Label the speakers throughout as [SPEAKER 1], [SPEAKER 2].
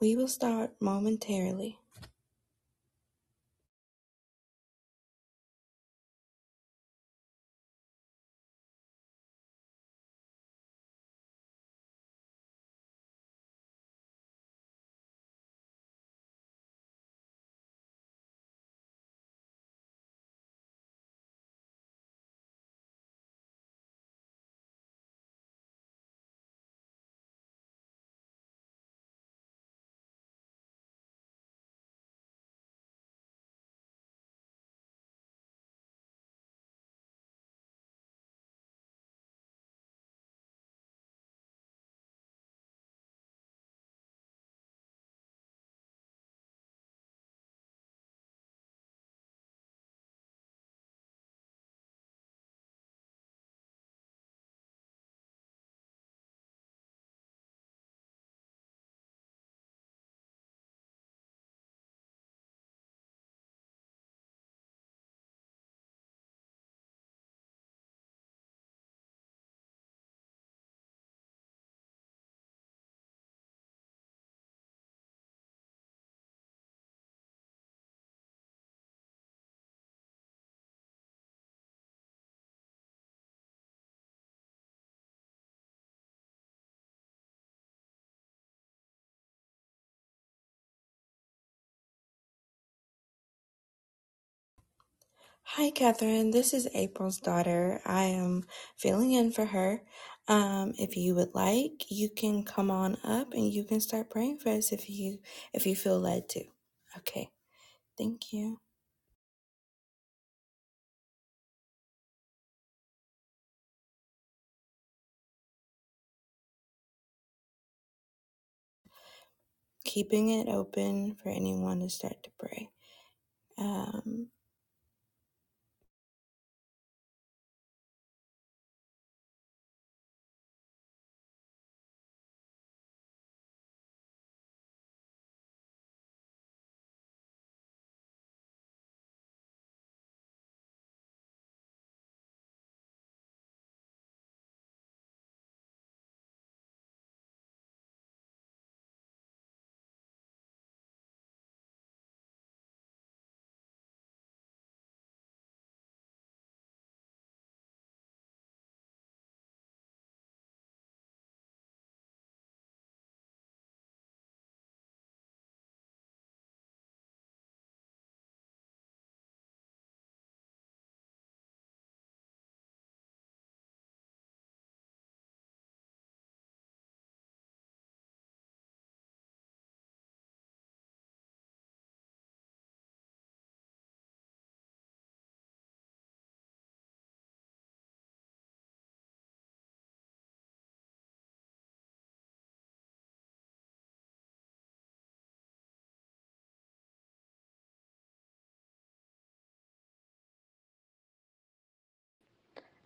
[SPEAKER 1] We will start momentarily. Hi, Catherine. This is April's daughter. I am filling in for her. Um, if you would like, you can come on up and you can start praying for us if you if you feel led to. Okay, thank you. Keeping it open for anyone to start to pray. Um,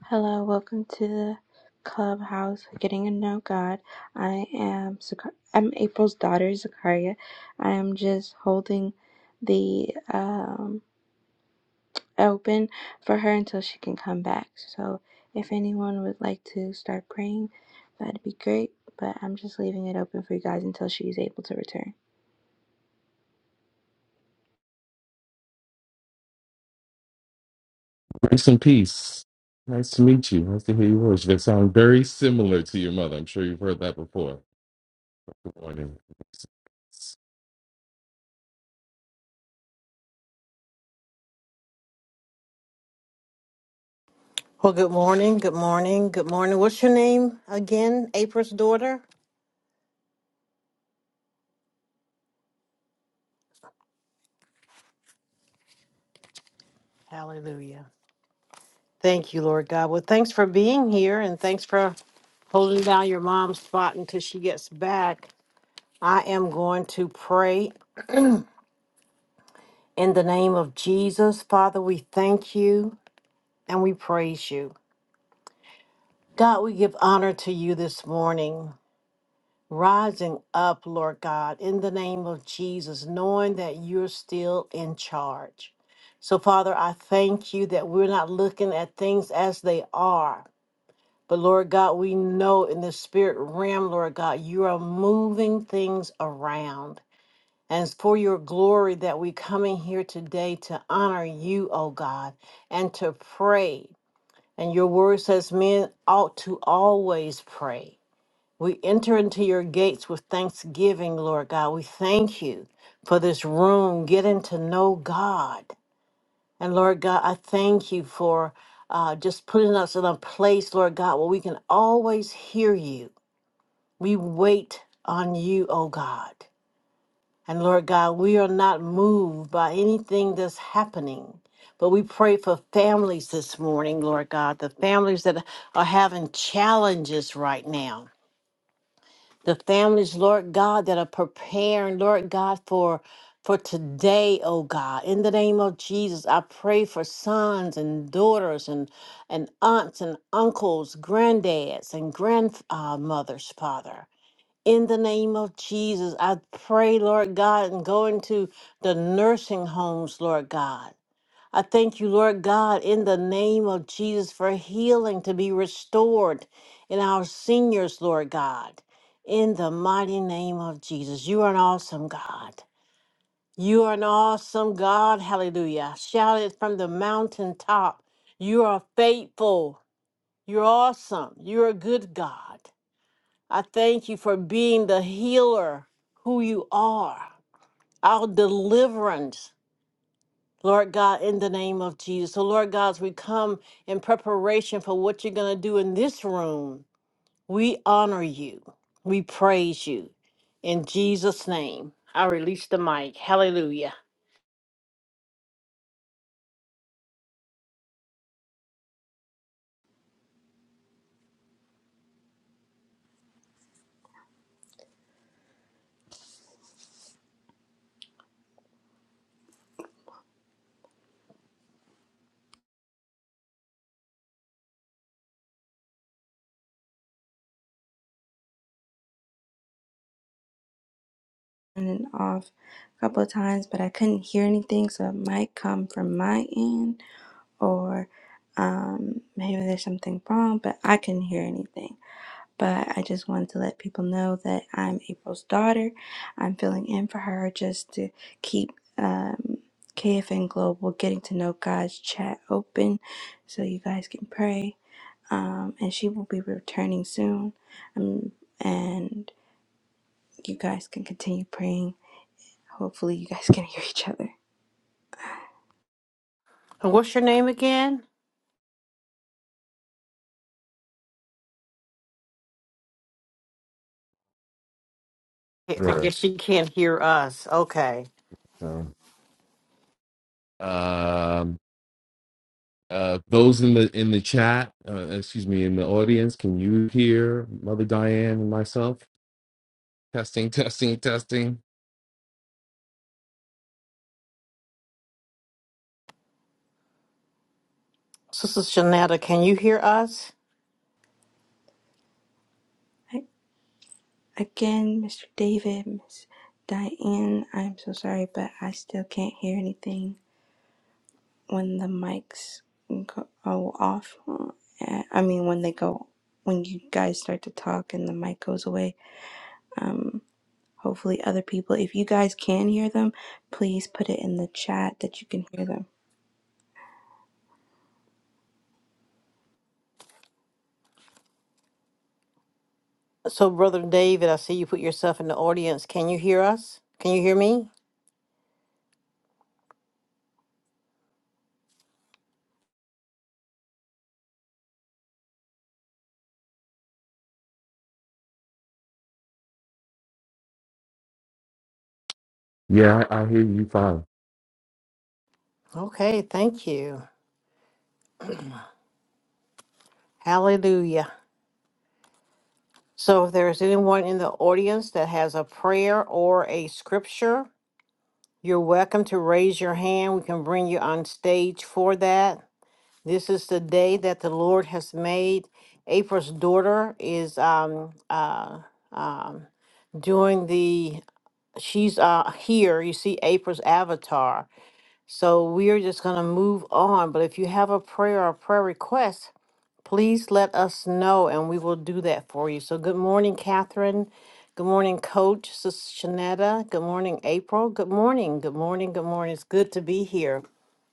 [SPEAKER 1] Hello, welcome to the clubhouse. Getting to know God. I am Zach- I'm April's daughter, Zakaria. I am just holding the um, open for her until she can come back. So, if anyone would like to start praying, that'd be great. But I'm just leaving it open for you guys until she's able to return.
[SPEAKER 2] Grace and peace. Nice to meet you. Nice to hear your voice. That sounds very similar to your mother. I'm sure you've heard that before. Good morning.
[SPEAKER 3] Well, good morning. Good morning. Good morning. What's your name again? April's daughter? Hallelujah. Thank you, Lord God. Well, thanks for being here and thanks for holding down your mom's spot until she gets back. I am going to pray in the name of Jesus. Father, we thank you and we praise you. God, we give honor to you this morning. rising up, Lord God, in the name of Jesus, knowing that you're still in charge. So, Father, I thank you that we're not looking at things as they are. But, Lord God, we know in the spirit realm, Lord God, you are moving things around. And it's for your glory that we come in here today to honor you, O God, and to pray. And your word says men ought to always pray. We enter into your gates with thanksgiving, Lord God. We thank you for this room, getting to know God. And Lord God, I thank you for uh, just putting us in a place, Lord God, where we can always hear you. We wait on you, oh God. And Lord God, we are not moved by anything that's happening. But we pray for families this morning, Lord God, the families that are having challenges right now. the families, Lord God, that are preparing, Lord God, for for today, oh God. In the name of Jesus, I pray for sons and daughters and and aunts and uncles, granddads and grandmothers, uh, Father. In the name of Jesus, I pray, Lord God, and go into the nursing homes, Lord God. I thank you, Lord God, in the name of Jesus for healing to be restored in our seniors, Lord God. In the mighty name of Jesus, you are an awesome God. You are an awesome God. Hallelujah. Shout it from the mountaintop. You are faithful. You're awesome. You're a good God. I thank you for being the healer who you are, our deliverance. Lord God, in the name of Jesus. So, Lord God, as we come in preparation for what you're going to do in this room, we honor you. We praise you. In Jesus' name, I release the mic. Hallelujah.
[SPEAKER 1] On and off a couple of times, but I couldn't hear anything, so it might come from my end. or um, maybe there's something wrong, but I couldn't hear anything. But I just wanted to let people know that I'm April's daughter. I'm filling in for her just to keep um, KFN Global Getting to Know God's chat open so you guys can pray. Um, and she will be returning soon. Um, and you guys can continue praying. Hopefully, you guys can hear each other.
[SPEAKER 3] And what's your name again? I
[SPEAKER 2] Sure.
[SPEAKER 3] guess she can't hear us. Okay.
[SPEAKER 2] So, um, uh, those in the in the chat, uh, excuse me, in the audience, can you hear Mother Diane and myself? Testing, testing, testing.
[SPEAKER 3] Sister Shanetta, can you hear us?
[SPEAKER 1] Right? Again, Mr. David, Miss Diane, I'm so sorry, but I still can't hear anything when the mics go off. Uh, I mean, when they go, when you guys start to talk and the mic goes away. Um, hopefully, other people, if you guys can hear them, please put it in the chat that you can hear them.
[SPEAKER 3] So, Brother David, I see you put yourself in the audience. Can you hear us? Can you hear me?
[SPEAKER 2] Yeah, I, I hear you fine.
[SPEAKER 3] Okay, thank you. Hallelujah. So if there is anyone in the audience that has a prayer or a scripture, you're welcome to raise your hand. We can bring you on stage for that. This is the day that the Lord has made. April's daughter is um uh um doing the she's uh here you see april's avatar so we are just going to move on but if you have a prayer or prayer request Please let us know and we will do that for you. So, good morning, Catherine. Good morning, Coach Sis Shanetta. Good morning, April. Good morning. Good morning. Good morning. It's good to be here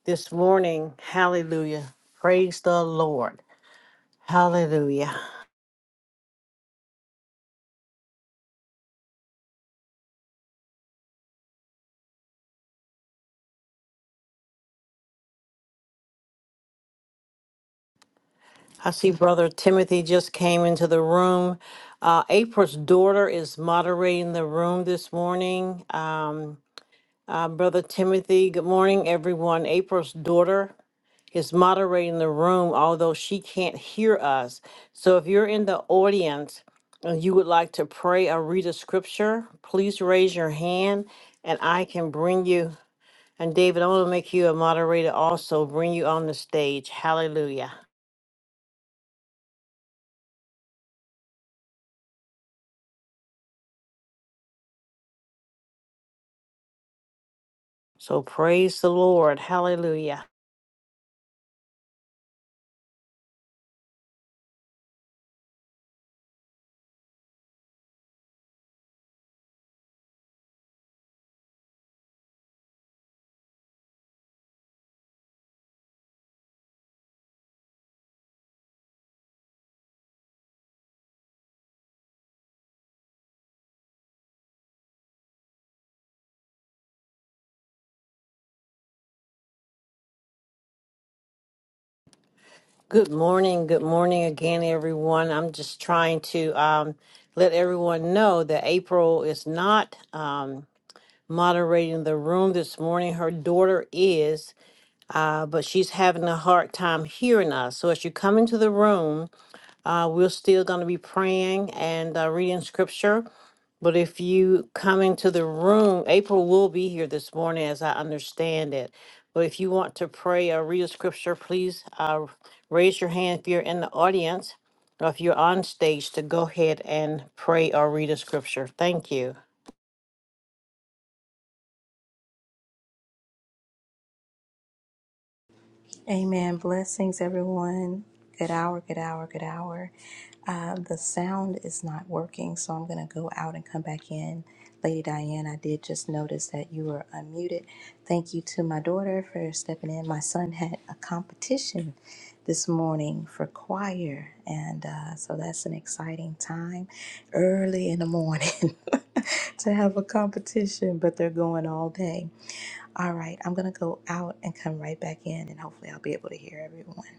[SPEAKER 3] this morning. Hallelujah. Praise the Lord. Hallelujah. I see Brother Timothy just came into the room. Uh, April's daughter is moderating the room this morning. Um, uh, Brother Timothy, good morning, everyone. April's daughter is moderating the room, although she can't hear us. So if you're in the audience and you would like to pray or read a scripture, please raise your hand and I can bring you. And David, I'm going to make you a moderator also, bring you on the stage. Hallelujah. So praise the Lord. Hallelujah. Good morning. Good morning again, everyone. I'm just trying to um, let everyone know that April is not. Um, moderating the room this morning. Her daughter is, uh, but she's having a hard time hearing us. So as you come into the room, uh, we're still going to be praying and uh, reading scripture. But if you come into the room, April will be here this morning, as I understand it. But if you want to pray or read a scripture, please uh, raise your hand if you're in the audience or if you're on stage to go ahead and pray or read a scripture. Thank you.
[SPEAKER 1] Amen. Blessings, everyone. Good hour, good hour, good hour. Uh, the sound is not working, so I'm going to go out and come back in. Lady Diane, I did just notice that you were unmuted. Thank you to my daughter for stepping in. My son had a competition this morning for choir, and uh, so that's an exciting time early in the morning to have a competition, but they're going all day. All right, I'm going to go out and come right back in, and hopefully, I'll be able to hear everyone.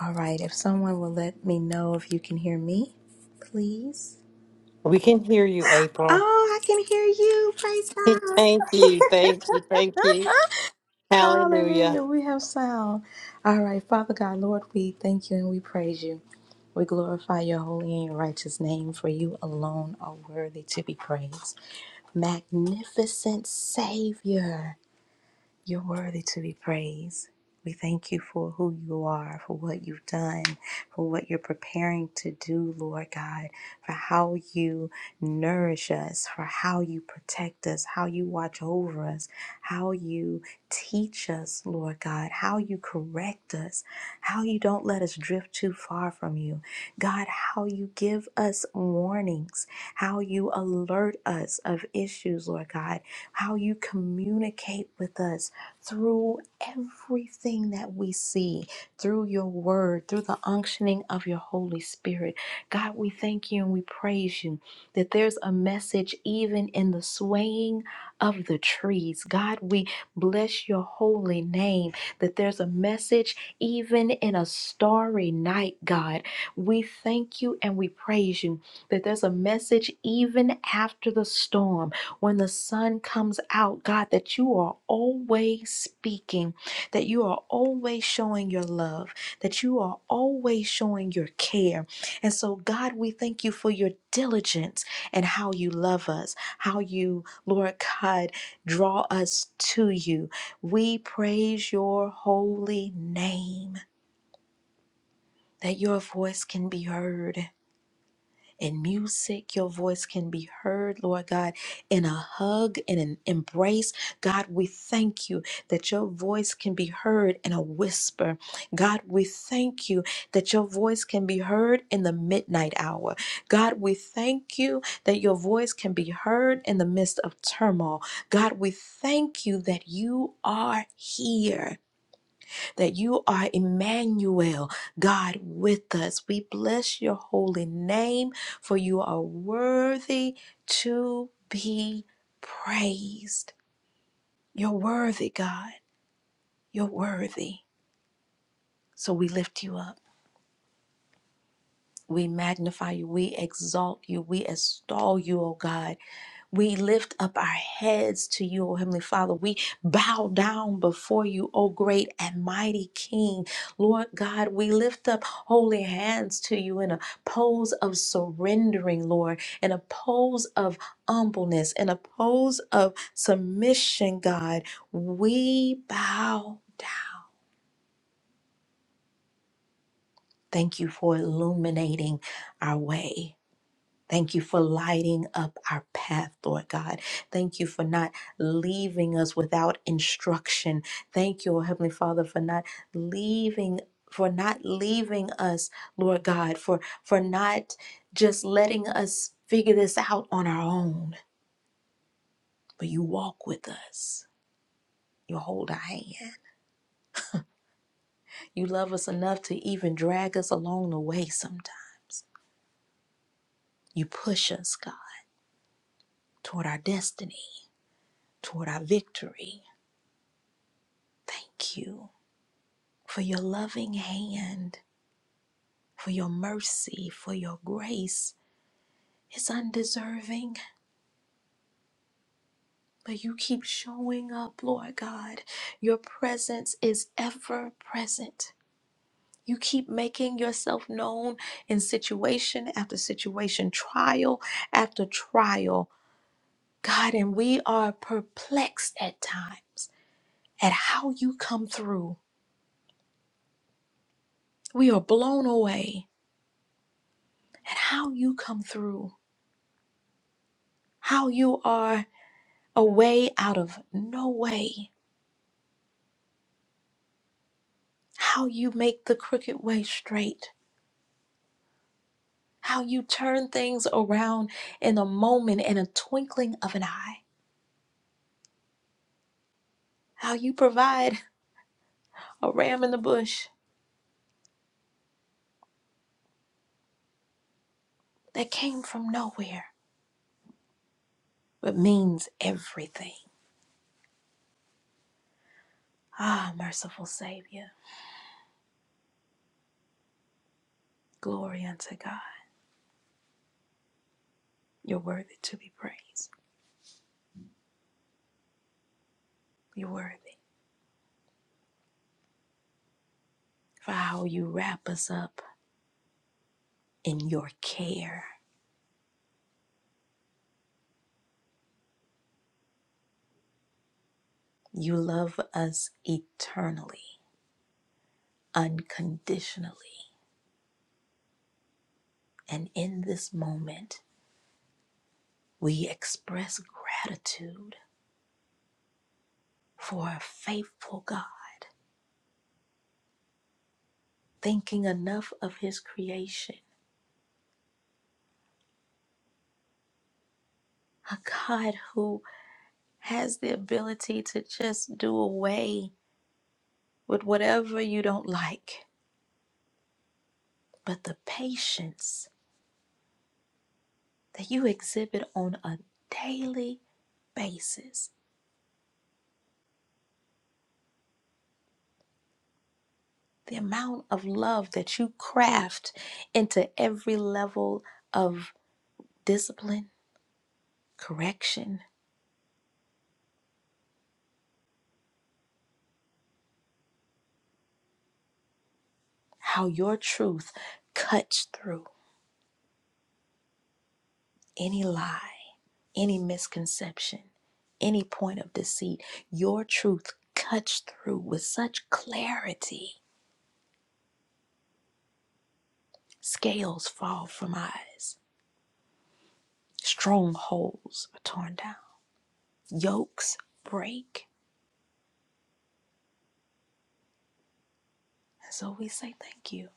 [SPEAKER 1] All right, if someone will let me know if you can hear me, please.
[SPEAKER 3] We can hear you, April.
[SPEAKER 1] Oh, I can hear you. Praise
[SPEAKER 3] Thank you, thank you, thank you.
[SPEAKER 1] God.
[SPEAKER 3] Hallelujah.
[SPEAKER 1] Hallelujah. We have sound. All right, Father God, Lord, we thank you and we praise you. We glorify your holy and righteous name, for you alone are worthy to be praised. Magnificent Savior. You're worthy to be praised. We thank you for who you are, for what you've done, for what you're preparing to do, Lord God, for how you nourish us, for how you protect us, how you watch over us, how you teach us, Lord God, how you correct us, how you don't let us drift too far from you. God, how you give us warnings, how you alert us of issues, Lord God, how you communicate with us through everything that we see, through your word, through the unctioning of your Holy Spirit. God, we thank you and we praise you that there's a message even in the swaying of the trees. God, we bless your holy name, that there's a message even in a starry night, God. We thank you and we praise you that there's a message even after the storm when the sun comes out, God, that you are always speaking, that you are always showing your love, that you are always showing your care. And so, God, we thank you for your diligence and how you love us, how you, Lord God, draw us to you. We praise your holy name. That your voice can be heard in music. Your voice can be heard, Lord God, in a hug, in an embrace. God, we thank you that your voice can be heard in a whisper. God, we thank you that your voice can be heard in the midnight hour. God, we thank you that your voice can be heard in the midst of turmoil. God, we thank you that you are here that you are Emmanuel, God with us. We bless your holy name, for you are worthy to be praised. You're worthy, God. You're worthy. So we lift you up. We magnify you. We exalt you. We extol you, O God. We lift up our heads to you, O Heavenly Father. We bow down before you, O great and mighty King. Lord God, we lift up holy hands to you in a pose of surrendering, Lord, in a pose of humbleness, in a pose of submission, God. We bow. Thank you for illuminating our way. Thank you for lighting up our path, Lord God. Thank you for not leaving us without instruction. Thank you, oh Heavenly Father, for not leaving for not leaving us, Lord God, for for not just letting us figure this out on our own. But you walk with us. You hold our hand. You love us enough to even drag us along the way sometimes. You push us, God, toward our destiny, toward our victory. Thank you. for your loving hand, for your mercy, for your grace. It's undeserving, but you keep showing up, Lord God. Your presence is ever present. You keep making yourself known in situation after situation, trial after trial, God, and we are perplexed at times at how you come through. We are blown away at how you come through, how you are. a way out of no way, how you make the crooked way straight, how you turn things around in a moment, in a twinkling of an eye, how you provide a ram in the bush that came from nowhere but means everything. Ah, merciful Savior, glory unto God. You're worthy to be praised. You're worthy for how you wrap us up in your care. You love us eternally, unconditionally And in this moment, we express gratitude for a faithful God, thinking enough of His creation, a God who has the ability to just do away with whatever you don't like. But the patience that you exhibit on a daily basis, the amount of love that you craft into every level of discipline, correction, how your truth cuts through any lie, any misconception, any point of deceit. Your truth cuts through with such clarity. Scales fall from eyes, strongholds are torn down, yokes break. And so we say thank you.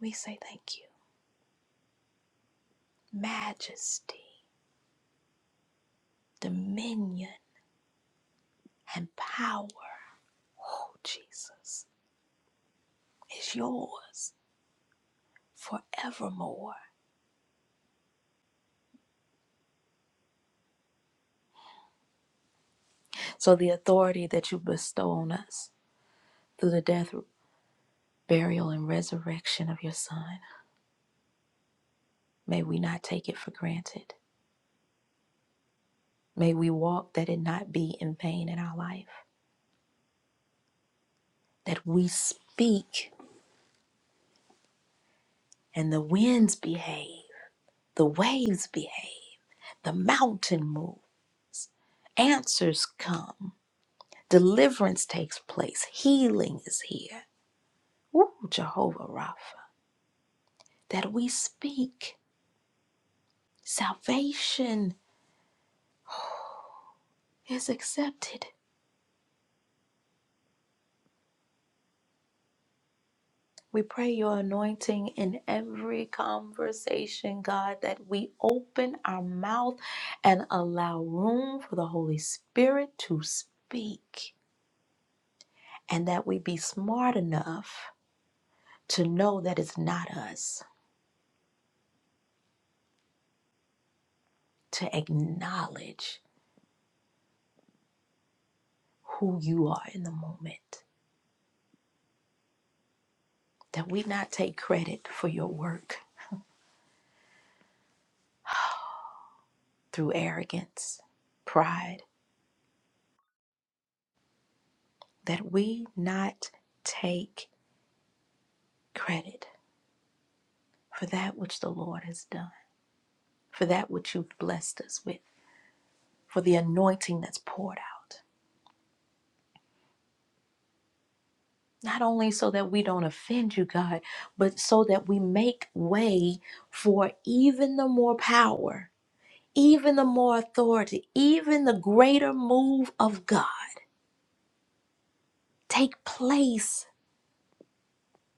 [SPEAKER 1] We say thank you. Majesty, dominion, and power. Oh, Jesus, is yours forevermore. So, the authority that you bestow on us through the death, burial, and resurrection of your Son, may we not take it for granted. May we walk that it not be in vain in our life, that we speak and the winds behave, the waves behave, the mountain move, answers come, deliverance takes place, healing is here. Ooh, Jehovah Rapha, that we speak, salvation is accepted We pray your anointing in every conversation, God, that we open our mouth and allow room for the Holy Spirit to speak, and that we be smart enough to know that it's not us, to acknowledge who you are in the moment, that we not take credit for your work through arrogance, pride, that we not take credit for that which the Lord has done for that which you've blessed us with, for the anointing that's poured out. Not only so that we don't offend you, God, but so that we make way for even the more power, even the more authority, even the greater move of God take place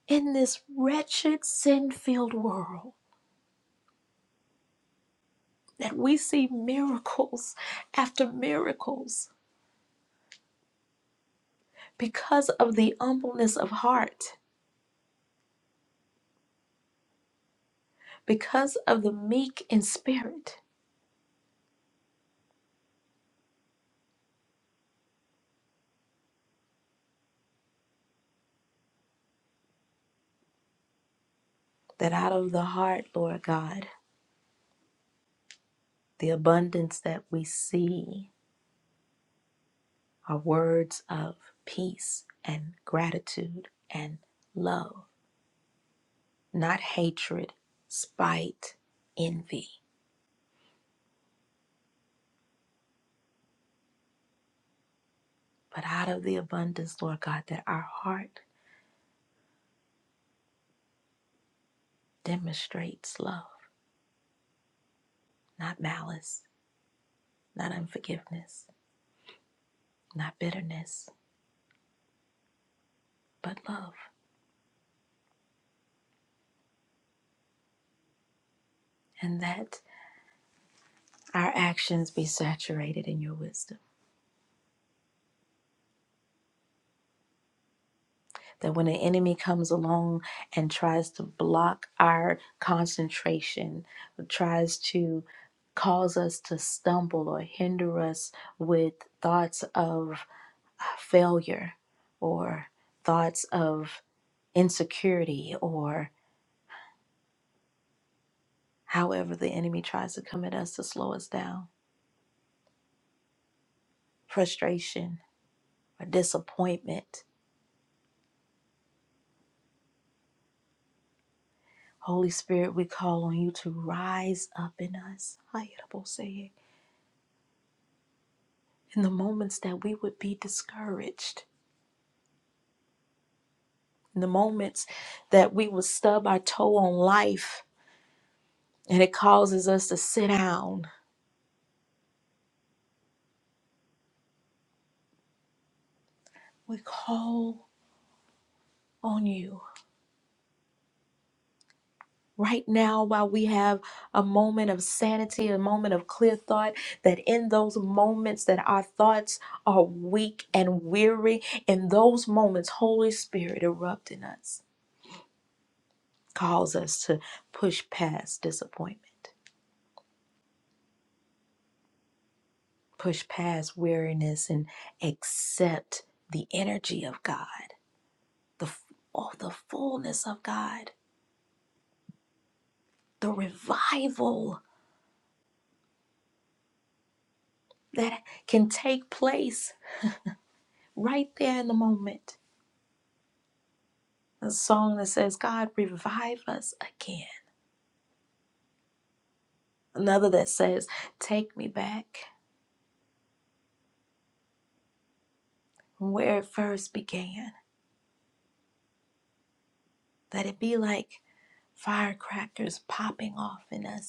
[SPEAKER 1] in this wretched, sin filled world. That we see miracles after miracles because of the humbleness of heart, because of the meek in spirit That out of the heart, Lord God, the abundance that we see are words of peace and gratitude and love, not hatred, spite, envy. But out of the abundance, Lord God, that our heart demonstrates love, not malice, not unforgiveness, not bitterness, but love. And that our actions be saturated in your wisdom That when an enemy comes along and tries to block our concentration, tries to cause us to stumble or hinder us with thoughts of uh, failure or thoughts of insecurity or however the enemy tries to come at us to slow us down, frustration or disappointment. Holy Spirit, we call on you to rise up in us. in the moments that we would be discouraged, in the moments that we would stub our toe on life and it causes us to sit down, we call on you. Right now, while we have a moment of sanity, a moment of clear thought, that in those moments that our thoughts are weak and weary, in those moments, Holy Spirit erupt in us, calls us to push past disappointment push past weariness and accept the energy of God, the oh, the fullness of God, the revival that can take place right there in the moment. A song that says, "God revive us again." Another that says, "Take me back from where it first began." Let it be like firecrackers popping off in us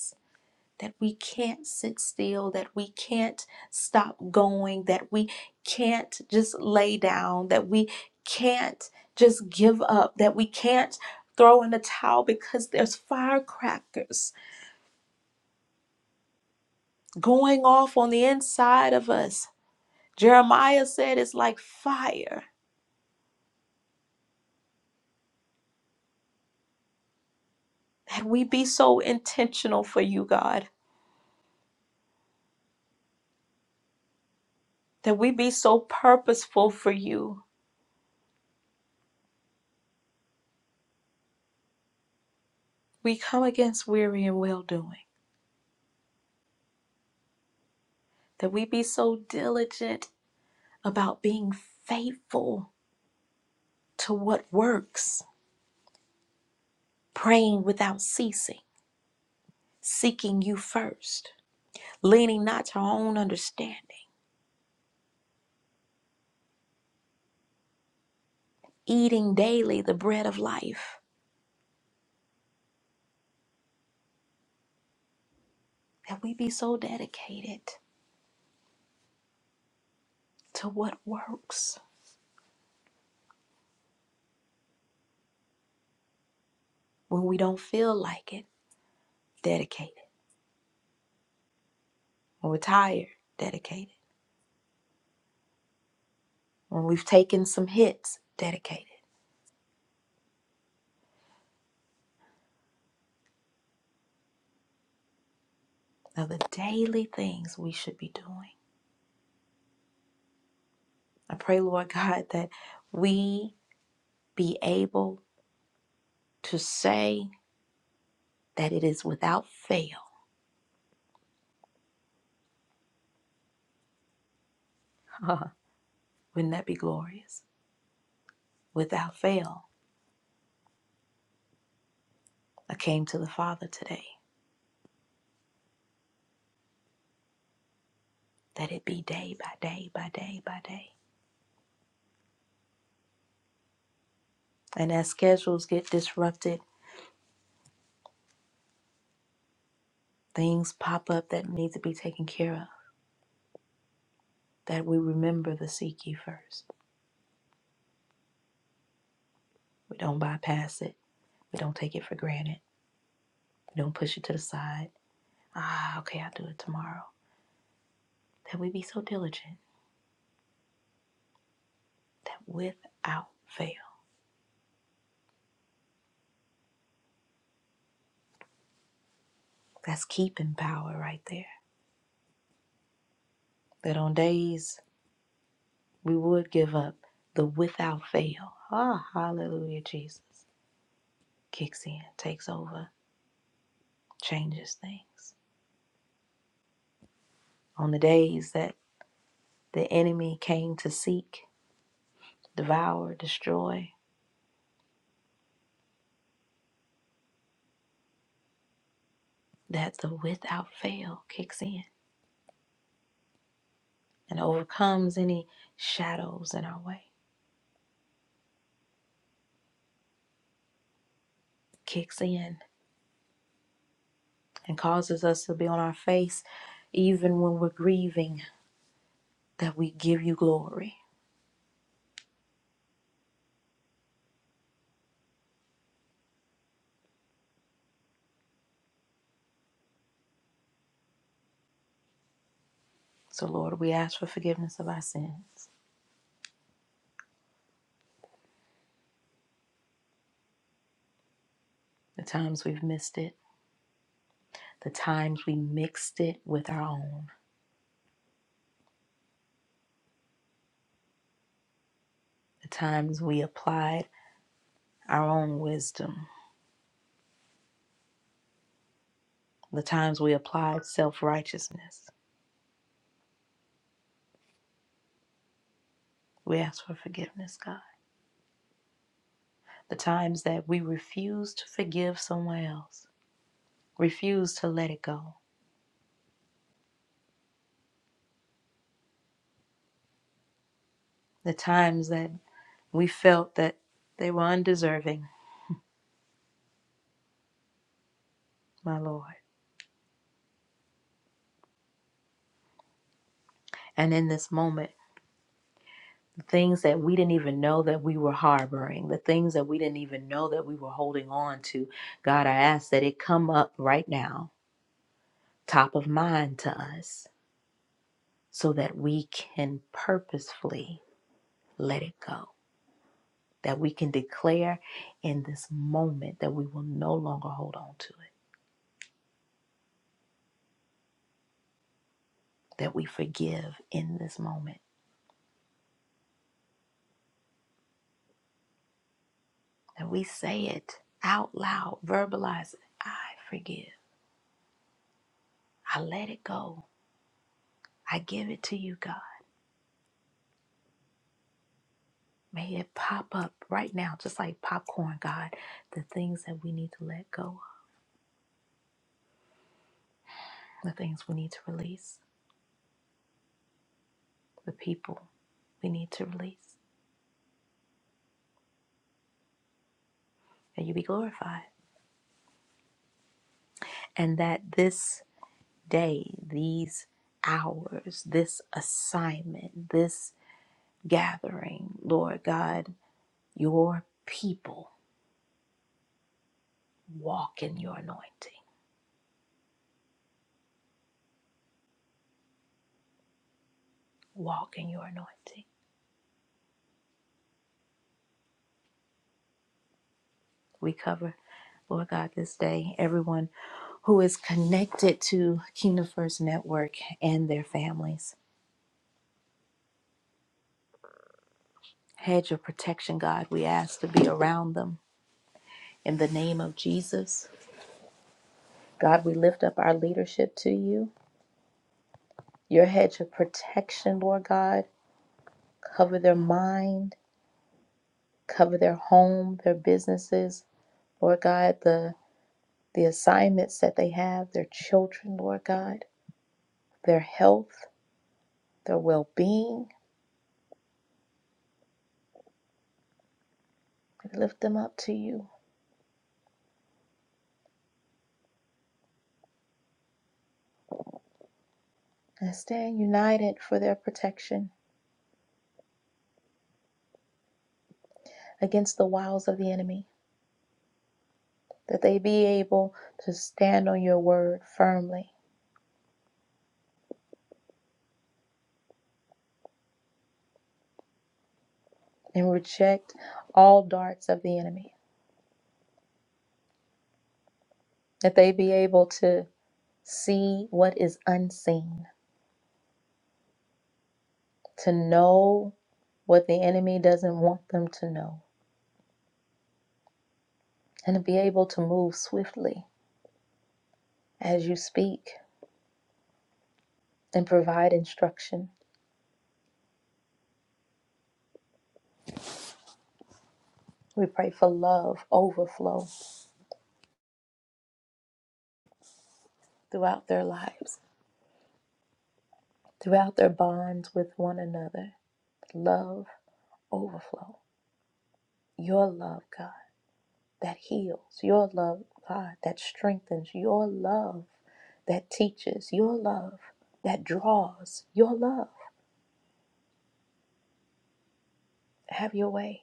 [SPEAKER 1] that we can't sit still, that we can't stop going, that we can't just lay down, that we can't just give up, that we can't throw in the towel because there's firecrackers going off on the inside of us. Jeremiah said it's like fire. That we be so intentional for you, God, that we be so purposeful for you. We come against weary and well doing, that we be so diligent about being faithful to what works, praying without ceasing, seeking you first, leaning not to our own understanding, eating daily the bread of life, that we be so dedicated to what works when we don't feel like it, dedicated. When we're tired, dedicated. When we've taken some hits, dedicated. Now, the daily things we should be doing. I pray, Lord God, that we be able to say, that it is without fail. Wouldn't that be glorious? Without fail, I came to the Father today. That it be day by day by day by day. And as schedules get disrupted, things pop up that need to be taken care of. That we remember the seek ye first. We don't bypass it. We don't take it for granted. We don't push it to the side. Ah, okay, I'll do it tomorrow. That we be so diligent that without fail. That's keeping power right there. That on days we would give up the without fail. Ah, hallelujah, Jesus kicks in, takes over, changes things. On the days that the enemy came to seek, devour, destroy, that the without fail kicks in and overcomes any shadows in our way, kicks in and causes us to be on our face even when we're grieving, that we give you glory. So, Lord, we ask for forgiveness of our sins, the times we've missed it the times we mixed it with our own, the times we applied our own wisdom, the times we applied self righteousness. We ask for forgiveness, God. The times that we refused to forgive someone else, refused to let it go, the times that we felt that they were undeserving, my Lord. And in this moment, the things that we didn't even know that we were harboring, the things that we didn't even know that we were holding on to, God, I ask that it come up right now top of mind to us so that we can purposefully let it go, that we can declare in this moment that we will no longer hold on to it, that we forgive in this moment, that we say it out loud, verbalize it. I forgive. I let it go. I give it to you, God. May it pop up right now, just like popcorn, God, the things that we need to let go of, the things we need to release, the people we need to release. and you be glorified. And that this day, these hours, this assignment, this gathering, Lord God, your people walk in your anointing. Walk in your anointing. We cover, Lord God, this day, everyone who is connected to Kingdom First Network and their families. Hedge of protection, God, we ask to be around them in the name of Jesus. God, we lift up our leadership to you. Your hedge of protection, Lord God, cover their mind, cover their home, their businesses, Lord God, the, the assignments that they have, their children, Lord God, their health, their well being. We lift them up to you and stand united for their protection against the wiles of the enemy, that they be able to stand on your word firmly and reject all darts of the enemy, that they be able to see what is unseen to know what the enemy doesn't want them to know, and to be able to move swiftly as you speak and provide instruction. We pray for love overflow throughout their lives, throughout their bonds with one another. Love overflow. Your love, God, that heals. Your love, God, that strengthens. Your love that teaches. Your love that draws. Your love. Have your way.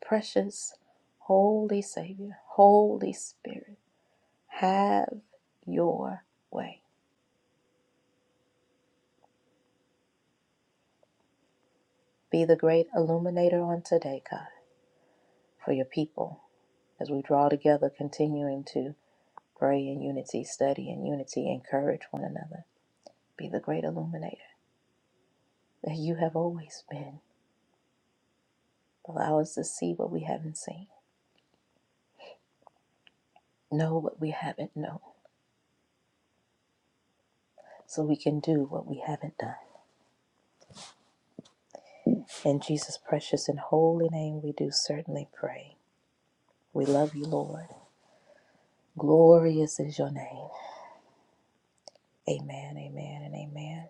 [SPEAKER 1] Precious Holy Savior, Holy Spirit, have your way. Be the great illuminator on today, God, for your people as we draw together, continuing to pray in unity, study in unity, encourage one another. Be the great illuminator that you have always been. Allow us to see what we haven't seen, know what we haven't known, so we can do what we haven't done. In Jesus' precious and holy name, we do certainly pray. We love you, Lord. Glorious is your name. Amen, amen, and amen.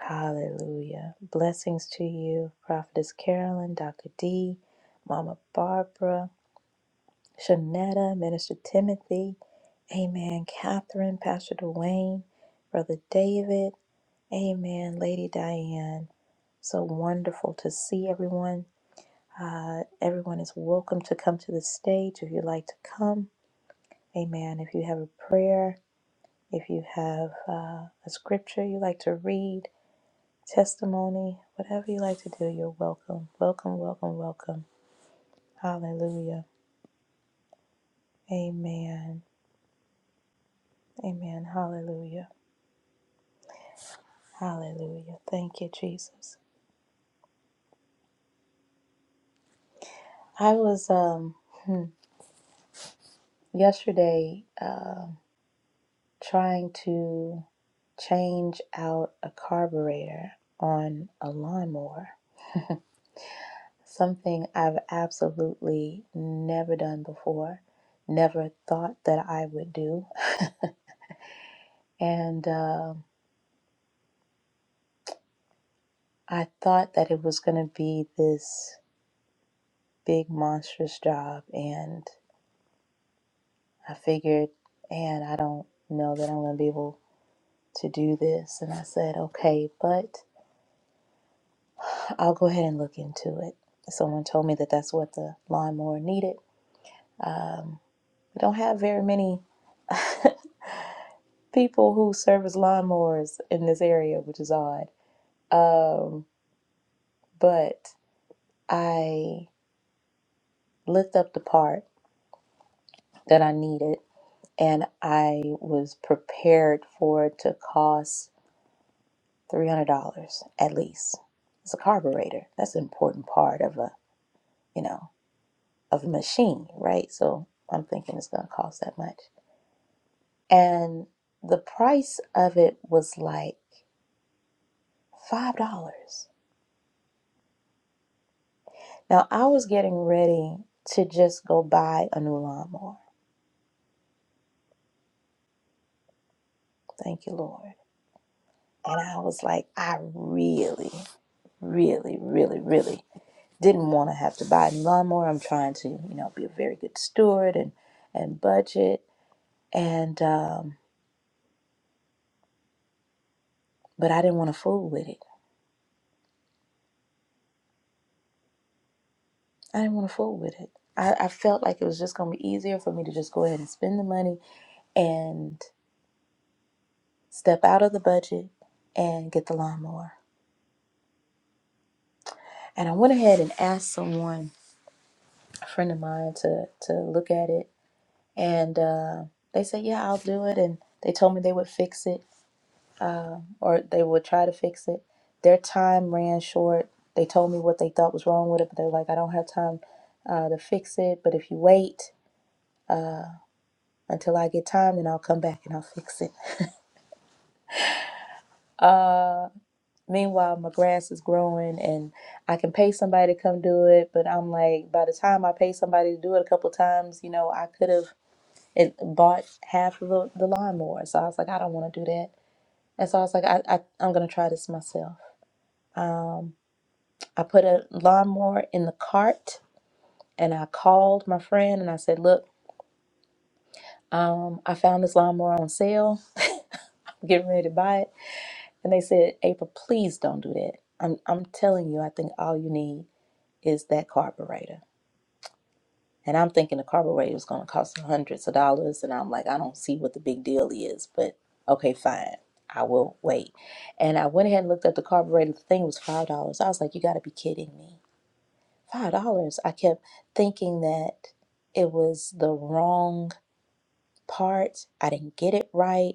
[SPEAKER 1] Hallelujah. Blessings to you, Prophetess Carolyn, Dr. D, Mama Barbara, Shanetta, Minister Timothy. Amen, Catherine, Pastor Dwayne, Brother David. Amen, Lady Diane. So wonderful to see everyone. Uh, everyone is welcome to come to the stage if you'd like to come. Amen. If you have a prayer, If you have uh, a scripture you like to read, testimony, whatever you like to do, you're welcome. Welcome, welcome, welcome. Hallelujah. Amen. Amen. Hallelujah. Hallelujah. Thank you, Jesus. I was um hmm, yesterday um trying to change out a carburetor on a lawnmower something I've absolutely never done before, never thought that I would do. And uh, I thought that it was going to be this big, monstrous job. And I figured, and I don't know that I'm going to be able to do this. And I said, okay, but I'll go ahead and look into it. Someone told me that that's what the lawnmower needed. Um, we don't have very many people who service lawnmowers in this area, which is odd. Um, but I looked up the part that I needed and I was prepared for it to cost $300 at least. It's a carburetor. That's an important part of a, you know, of a machine, right? So I'm thinking it's going to cost that much. And the price of it was like $5. Now, I was getting ready to just go buy a new lawnmower. Thank you, Lord. And I was like, I really, really, really, really didn't want to have to buy a new lawnmower. I'm trying to, you know, be a very good steward and and budget. And um, but I didn't want to fool with it. I didn't want to fool with it. I, I felt like it was just going to be easier for me to just go ahead and spend the money and step out of the budget and get the lawnmower. And I went ahead and asked someone a friend of mine to to look at it, and uh, they said, "Yeah, I'll do it." And they told me they would fix it, or they would try to fix it. Their time ran short. They told me what they thought was wrong with it, but they were like, "I don't have time uh, to fix it. But if you wait until I get time, then I'll come back and I'll fix it." Uh, meanwhile, my grass is growing, and I can pay somebody to come do it. But I'm like, by the time I pay somebody to do it a couple times, you know, I could have. It bought half of the, the lawnmower. So I was like, I don't want to do that. And so I was like, I, I, I'm going to try this myself. Um, I put a lawnmower in the cart and I called my friend and I said, Look, um, I found this lawnmower on sale. I'm getting ready to buy it. And they said, April, please don't do that. I'm, I'm telling you, I think all you need is that carburetor. And I'm thinking the carburetor is going to cost hundreds of dollars. And I'm like, I don't see what the big deal is, but okay, fine. I will wait. And I went ahead and looked up the carburetor. The thing was $5. I was like, you got to be kidding me. $5. I kept thinking that it was the wrong part. I didn't get it right.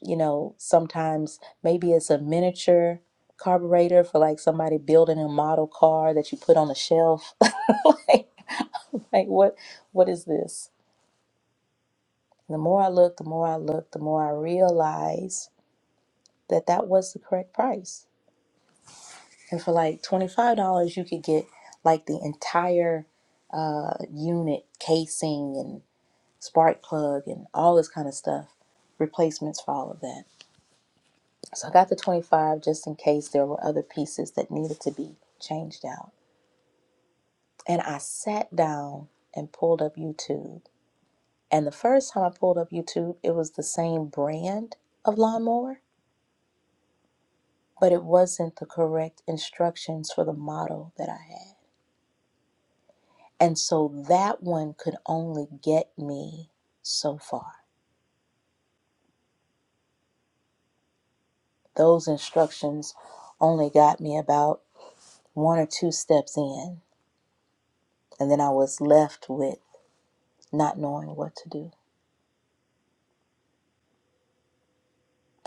[SPEAKER 1] You know, sometimes maybe it's a miniature carburetor for like somebody building a model car that you put on the shelf. like, like what what is this? The more I looked, the more I looked, the more I realized that that was the correct price. And for like $25, you could get like the entire uh, unit casing and spark plug and all this kind of stuff, replacements for all of that. So I got the 25 just in case there were other pieces that needed to be changed out. And I sat down and pulled up YouTube. And the first time I pulled up YouTube, it was the same brand of lawnmower but it wasn't the correct instructions for the model that I had. And so that one could only get me so far. Those instructions only got me about one or two steps in, and then I was left with not knowing what to do.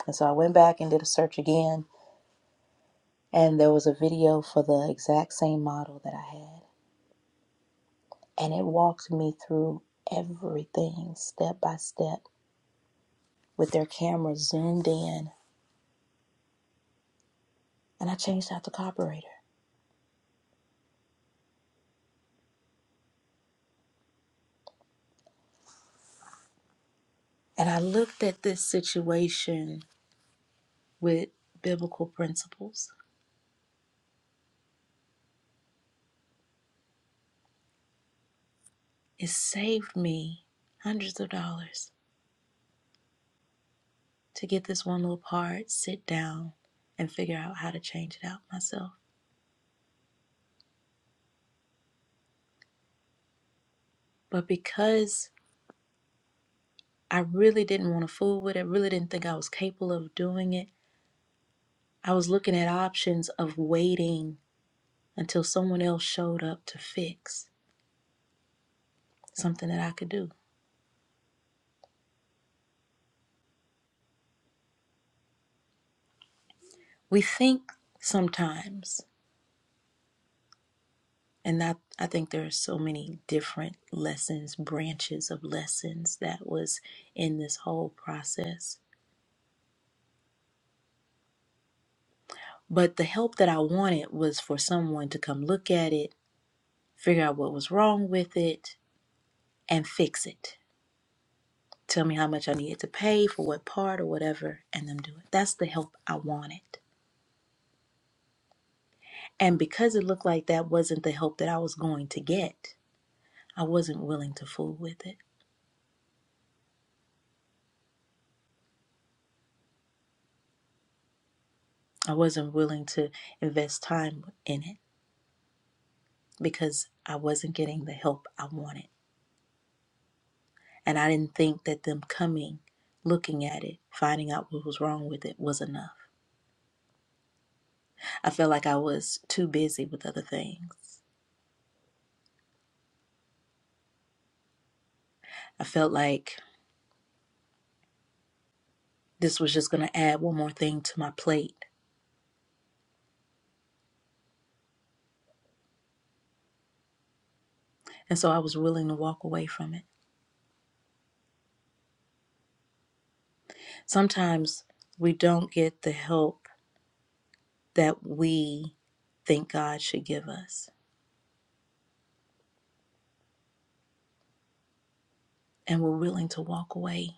[SPEAKER 1] And so I went back and did a search again, and there was a video for the exact same model that I had. And it walked me through everything step by step with their camera zoomed in, and I changed out the carburetor. And I looked at this situation with biblical principles. It saved me hundreds of dollars to get this one little part, sit down, and figure out how to change it out myself. But because I really didn't want to fool with it, I really didn't think I was capable of doing it, I was looking at options of waiting until someone else showed up to fix something that I could do. We think sometimes And that I think there are so many different lessons, branches of lessons that was in this whole process. But the help that I wanted was for someone to come look at it, figure out what was wrong with it, and fix it. Tell me how much I needed to pay for what part or whatever, and them do it. That's the help I wanted. And because it looked like that wasn't the help that I was going to get, I wasn't willing to fool with it. I wasn't willing to invest time in it. because I wasn't getting the help I wanted. And I didn't think that them coming, looking at it, finding out what was wrong with it was enough. I felt like I was too busy with other things. I felt like this was just going to add one more thing to my plate. And so I was willing to walk away from it. Sometimes we don't get the help that we think God should give us, and we're willing to walk away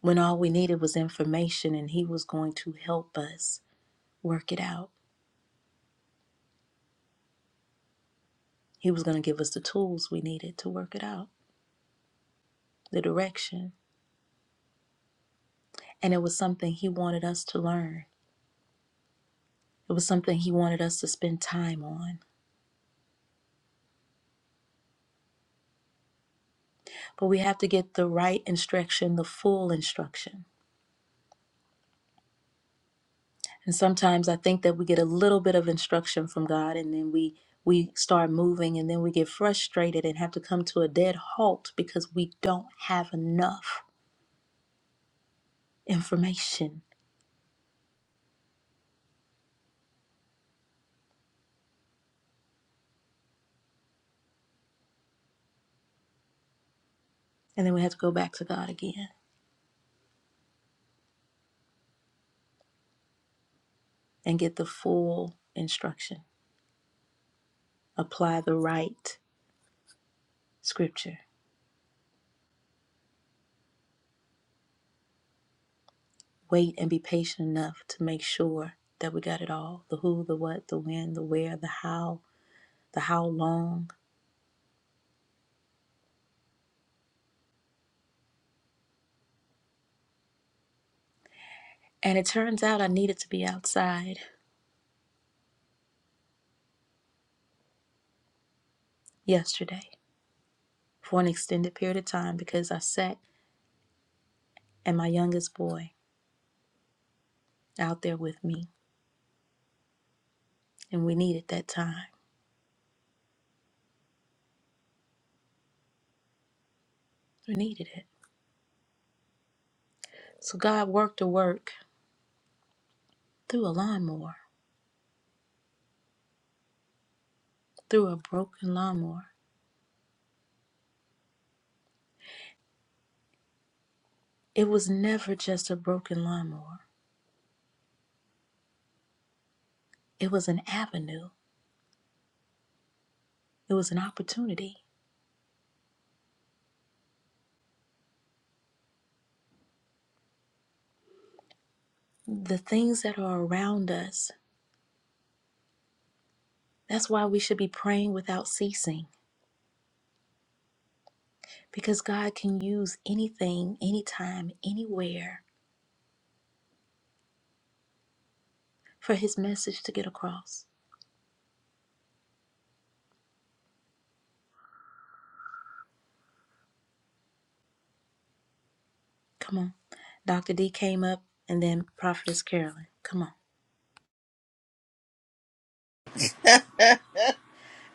[SPEAKER 1] when all we needed was information and He was going to help us work it out. He was going to give us the tools we needed to work it out, the direction. And it was something He wanted us to learn. It was something He wanted us to spend time on. But we have to get the right instruction, the full instruction. And sometimes I think that we get a little bit of instruction from God and then we we start moving and then we get frustrated and have to come to a dead halt because we don't have enough information. And then we have to go back to God again and get the full instruction. Apply the right scripture. Wait and be patient enough to make sure that we got it all the who, the what, the when, the where, the how, the how long. And it turns out I needed to be outside yesterday for an extended period of time because I sat and my youngest boy out there with me, and we needed that time. We needed it. So God worked a work through a lawnmower, through a broken lawnmower. It was never just a broken lawnmower, it was an avenue, it was an opportunity the things that are around us. That's why we should be praying without ceasing, because God can use anything, anytime, anywhere for his message to get across. Come on. Dr. D came up and then Prophetess Carolyn. Come on.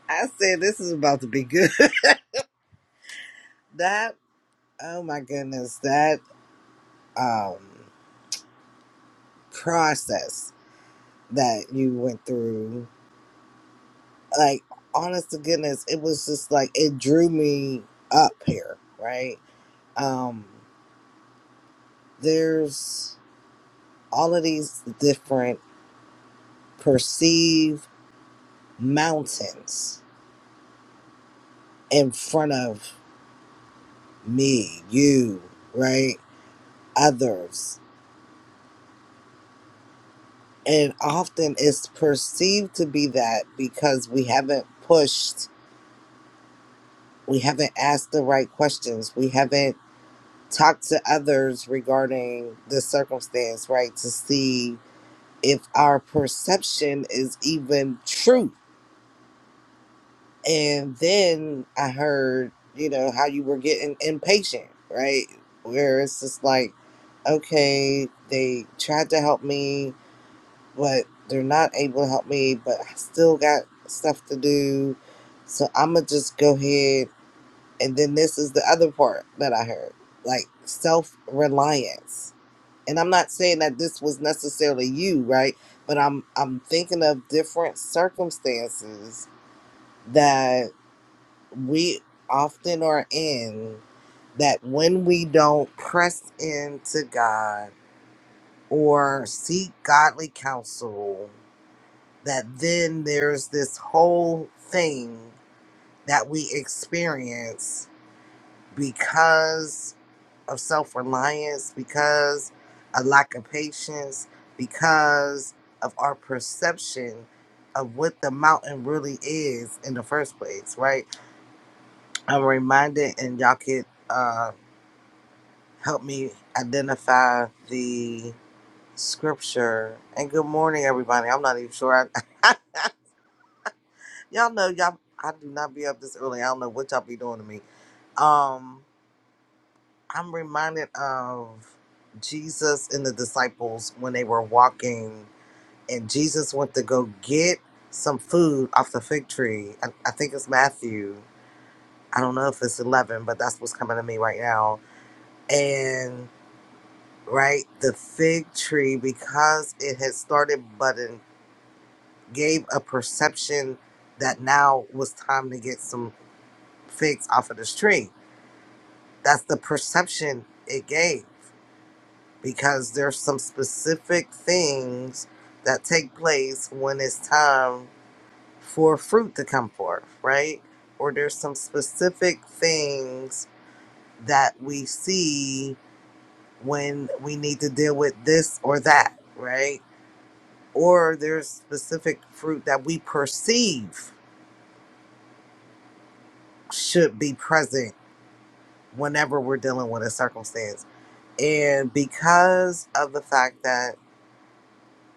[SPEAKER 4] I said this is about to be good. That oh my goodness, that um process that you went through, like honest to goodness, it was just like it drew me up here, right? Um there's all of these different perceived mountains in front of me, you, right? Others and often it's perceived to be that because we haven't pushed we haven't asked the right questions we haven't talked to others regarding the circumstance right to see if our perception is even true and then i heard you know how you were getting impatient right where it's just like okay they tried to help me but they're not able to help me. But I still got stuff to do, so I'm gonna just go ahead. And then this is the other part that I heard, like self reliance. And I'm not saying that this was necessarily you, right? But I'm I'm thinking of different circumstances that we often are in that when we don't press into God or seek godly counsel that then there's this whole thing that we experience because of self reliance, because a lack of patience, because of our perception of what the mountain really is in the first place, right? I'm reminded, and y'all could uh, help me identify the scripture. And good morning, everybody. I'm not even sure. Y'all know y'all I do not be up this early. I don't know what y'all be doing to me. Um I'm reminded of Jesus and the disciples when they were walking and Jesus went to go get some food off the fig tree. I, I think it's Matthew. I don't know if it's 11, but that's what's coming to me right now. And right, the fig tree, because it had started budding, gave a perception that now was time to get some figs off of this tree. that's the perception it gave because there's some specific things that take place when it's time for fruit to come forth, right? Or there's some specific things that we see when we need to deal with this or that, right? Or there's specific fruit that we perceive should be present whenever we're dealing with a circumstance. And because of the fact that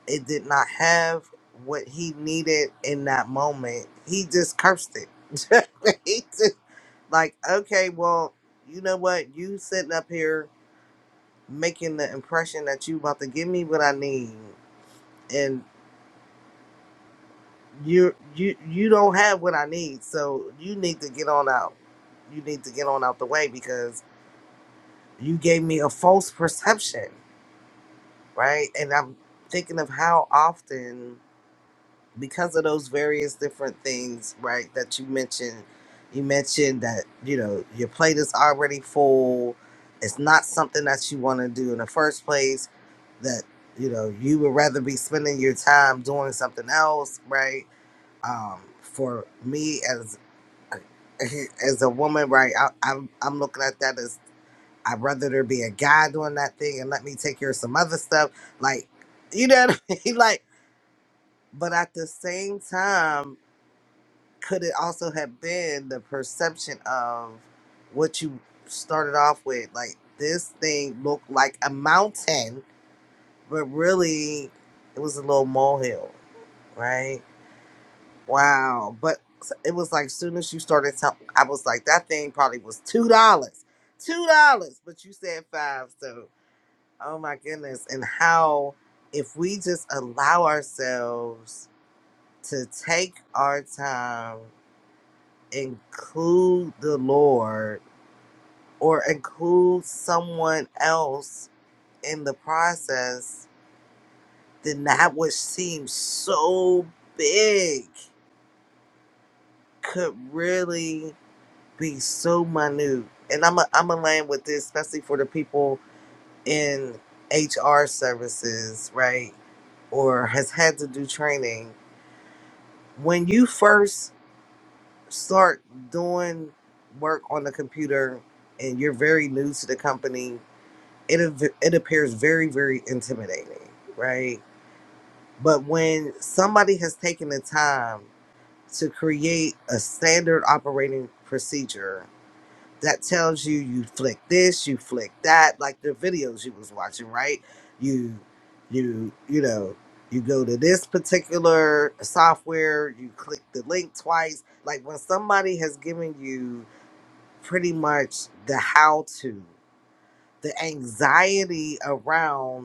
[SPEAKER 4] it did not have what he needed in that moment. He just cursed it. he just like, okay, well, you know what? You sitting up here making the impression that you about to give me what I need, and you you you don't have what I need, so you need to get on out. You need to get on out the way because you gave me a false perception, right? And I'm thinking of how often because of those various different things, right, that you mentioned, you mentioned that, you know, your plate is already full. It's not something that you want to do in the first place, that, you know, you would rather be spending your time doing something else, right? Um, for me as as a woman, right, I, I'm, I'm looking at that as I'd rather there be a guy doing that thing and let me take care of some other stuff. Like, you know what I mean? Like, but at the same time, could it also have been the perception of what you started off with? Like this thing looked like a mountain, but really it was a little molehill, right? Wow. But it was like soon as you started talking, I was like, that thing probably was two dollars. Two dollars, but you said five, so oh my goodness. And how if we just allow ourselves to take our time include the Lord or include someone else in the process, then that which seems so big could really be so minute. And I'm a, I'm a land with this, especially for the people in HR services, right? Or has had to do training. When you first start doing work on the computer and you're very new to the company, it av- it appears very very intimidating right but when somebody has taken the time to create a standard operating procedure that tells you you flick this you flick that like the videos you was watching right you you you know you go to this particular software you click the link twice like when somebody has given you pretty much the how to the anxiety around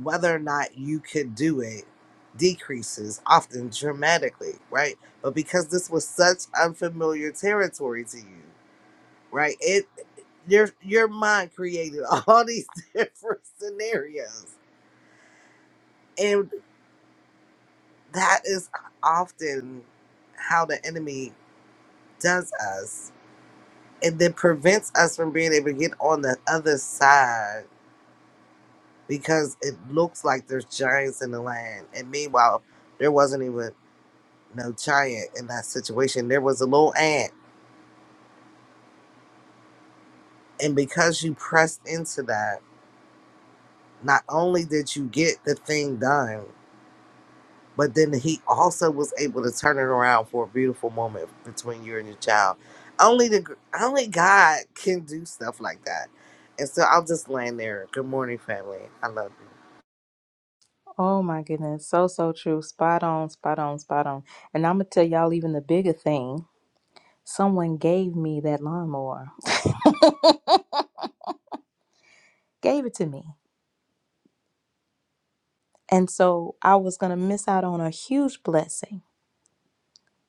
[SPEAKER 4] whether or not you could do it decreases often dramatically, right? But because this was such unfamiliar territory to you, right? It your your mind created all these different scenarios. And that is often how the enemy does us and then prevents us from being able to get on the other side because it looks like there's giants in the land. And meanwhile, there wasn't even no giant in that situation. There was a little ant. And because you pressed into that, not only did you get the thing done, but then he also was able to turn it around for a beautiful moment between you and your child. Only the gr- only God can do stuff like that. And so I'll just land there. Good morning, family. I love you.
[SPEAKER 1] Oh my goodness, so so true. Spot on, spot on, spot on. And I'm gonna tell y'all even the bigger thing. Someone gave me that lawnmower, gave it to me, and so I was gonna miss out on a huge blessing.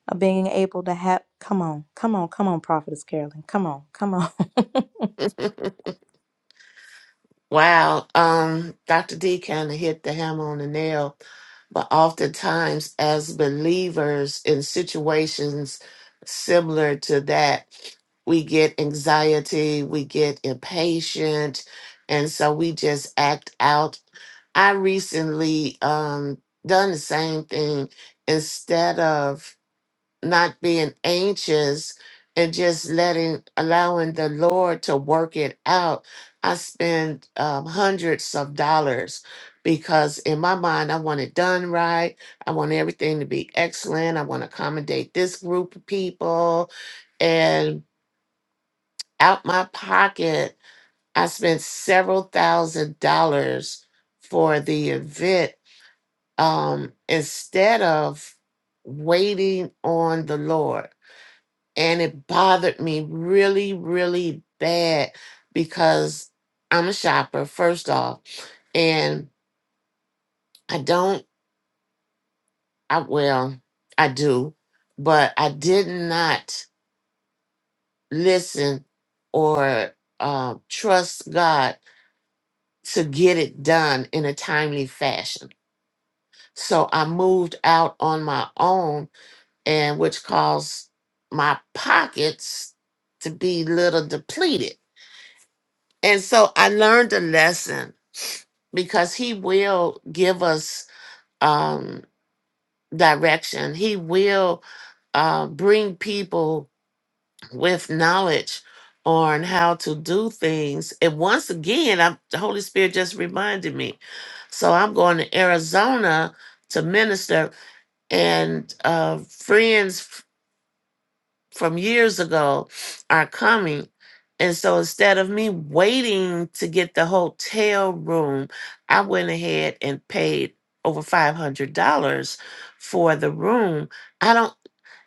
[SPEAKER 1] of being able to have come on come on come on prophetess carolyn come on come on
[SPEAKER 5] Wow, um, Dr. D kind of hit the hammer on the nail, but oftentimes as believers in situations similar to that, we get anxiety, we get impatient, and so we just act out. I recently um done the same thing instead of not being anxious and just letting allowing the lord to work it out i spend um, hundreds of dollars because in my mind i want it done right i want everything to be excellent i want to accommodate this group of people and out my pocket i spent several thousand dollars for the event um, instead of waiting on the lord and it bothered me really really bad because i'm a shopper first off and i don't i well i do but i did not listen or uh, trust god to get it done in a timely fashion so i moved out on my own and which caused my pockets to be little depleted and so i learned a lesson because he will give us um, direction. He will uh, bring people with knowledge on how to do things. And once again, I'm, the Holy Spirit just reminded me. So I'm going to Arizona to minister, and uh, friends from years ago are coming. And so instead of me waiting to get the hotel room, I went ahead and paid over $500 for the room. I don't,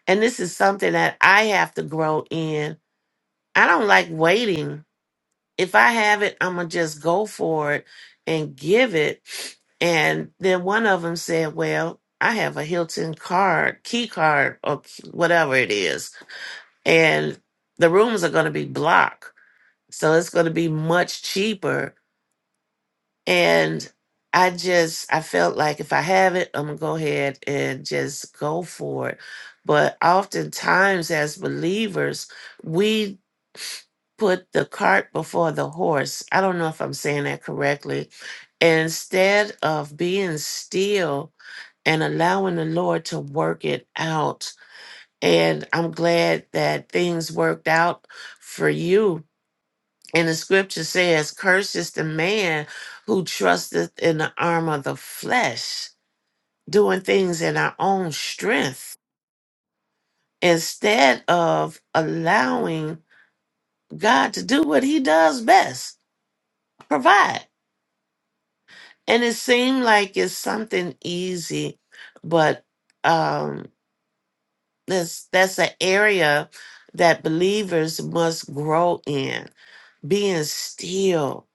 [SPEAKER 5] and this is something that I have to grow in. I don't like waiting. If I have it, I'm going to just go for it and give it. And then one of them said, Well, I have a Hilton card, key card, or whatever it is and the rooms are going to be block so it's going to be much cheaper and i just i felt like if i have it i'm going to go ahead and just go for it but oftentimes as believers we put the cart before the horse i don't know if i'm saying that correctly instead of being still and allowing the lord to work it out and i'm glad that things worked out for you And the scripture says, Cursed is the man who trusteth in the arm of the flesh, doing things in our own strength, instead of allowing God to do what he does best provide. And it seemed like it's something easy, but um, that's, that's an area that believers must grow in being still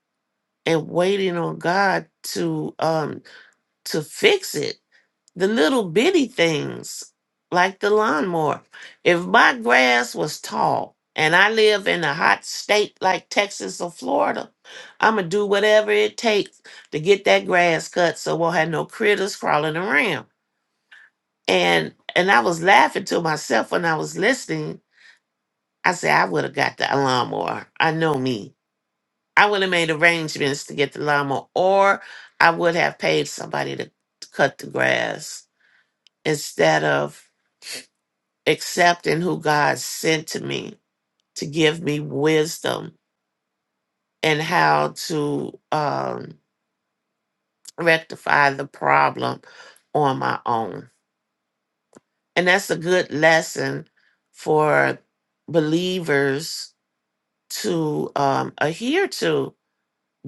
[SPEAKER 5] and waiting on God to um, to fix it the little bitty things like the lawnmower. If my grass was tall and I live in a hot state like Texas or Florida, I'm going to do whatever it takes to get that grass cut so we'll have no critters crawling around. And and I was laughing to myself when I was listening. I said, I would have got the lawnmower. I know me. I would have made arrangements to get the lawnmower, or I would have paid somebody to to cut the grass instead of accepting who God sent to me to give me wisdom and how to um, rectify the problem on my own. And that's a good lesson for believers to um, adhere to.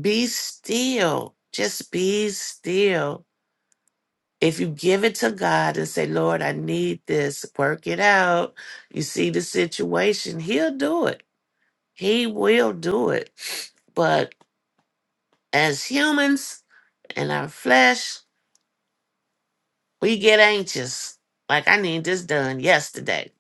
[SPEAKER 5] Be still, just be still. If you give it to God and say, Lord, I need this, work it out. You see the situation, He'll do it He will do it. But as humans in our flesh, we get anxious. Like, I need this done yesterday.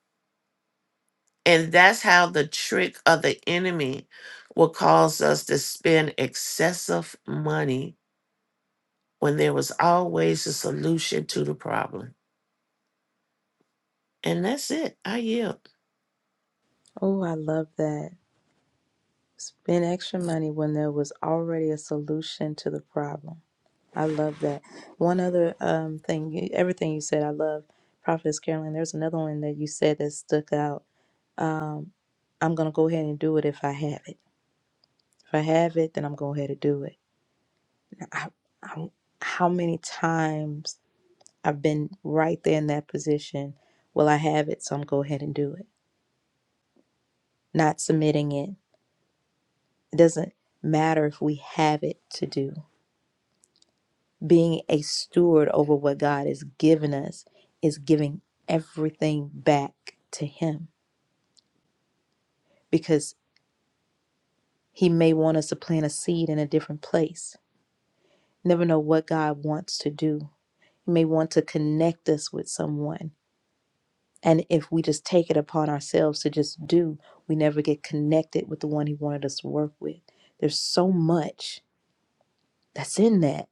[SPEAKER 5] And that's how the trick of the enemy will cause us to spend excessive money when there was always a solution to the problem. And that's it. I yield.
[SPEAKER 1] oh i love that spend extra money when there was already a solution to the problem i love that one other um thing you- everything you said i love prophetess carolyn there's another one that you said that stuck out um i'm gonna go ahead and do it if i have it if i have it then i'm going to go ahead and do it I, I, how many times i've been right there in that position well i have it so i'm go ahead and do it not submitting it. It doesn't matter if we have it to do. Being a steward over what God has given us is giving everything back to Him because He may want us to plant a seed in a different place. Never know what God wants to do. He may want to connect us with someone. And if we just take it upon ourselves to just do, we never get connected with the one He wanted us to work with. There's so much that's in that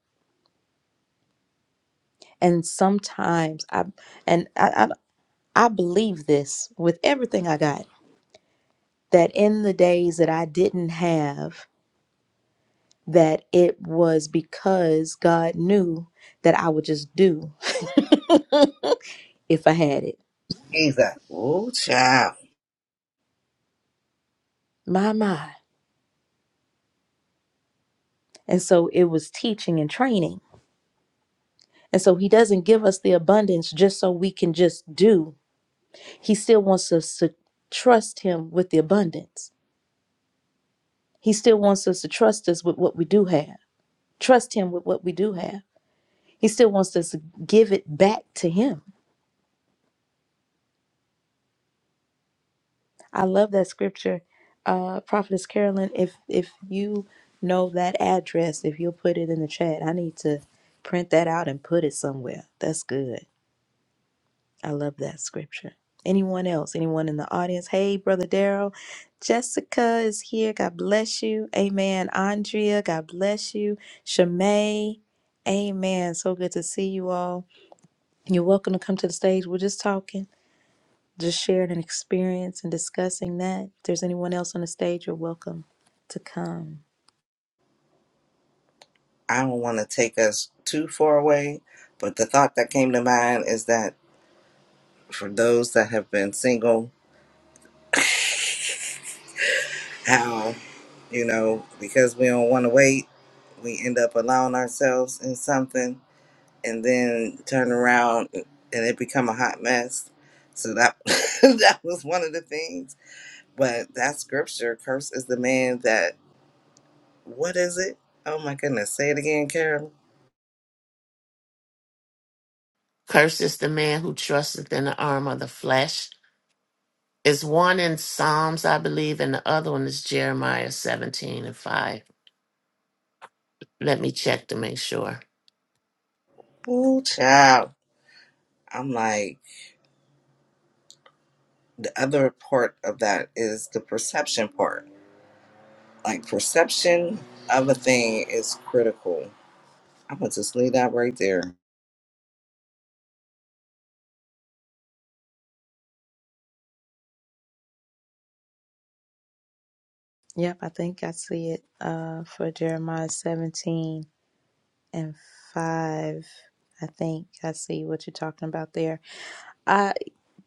[SPEAKER 1] And sometimes I and I, I I believe this with everything I got that in the days that I didn't have that it was because God knew that I would just do if I had it.
[SPEAKER 4] Jesus. Oh, child.
[SPEAKER 1] My my. And so it was teaching and training. And so he doesn't give us the abundance just so we can just do. He still wants us to trust him with the abundance. He still wants us to trust us with what we do have. trust him with what we do have. He still wants us to give it back to him. I love that scripture, uh, Prophetess Carolyn. If if you know that address, if you'll put it in the chat, I need to print that out and put it somewhere. That's good. I love that scripture. Anyone else? Anyone in the audience? Hey, Brother Daryl. Jessica is here. God bless you. Amen. Andrea, God bless you. Shamay, amen. So good to see you all. You're welcome to come to the stage. We're just talking, just sharing an experience and discussing that. If there's anyone else on the stage, you're welcome to come.
[SPEAKER 4] I don't want to take us too far away, but the thought that came to mind is that for those that have been single, you know, because we don't want to wait. We end up allowing ourselves in something and then turn around and it become a hot mess. So that that was one of the things. But that scripture, "Cursed is the man that what is it? Oh my goodness, say it again, Carol.
[SPEAKER 5] Cursed is the man who trusteth in the arm of the flesh. Is one in Psalms, I believe, and the other one is Jeremiah 17 and 5 Let me check to make sure.
[SPEAKER 4] Ooh, child. I'm like the other part of that is the perception part. Like perception of a thing is critical. I'm gonna just leave that right there. Come
[SPEAKER 1] Yep, I think I see it uh, for Jeremiah 17 and 5. I think I see what you're talking about there.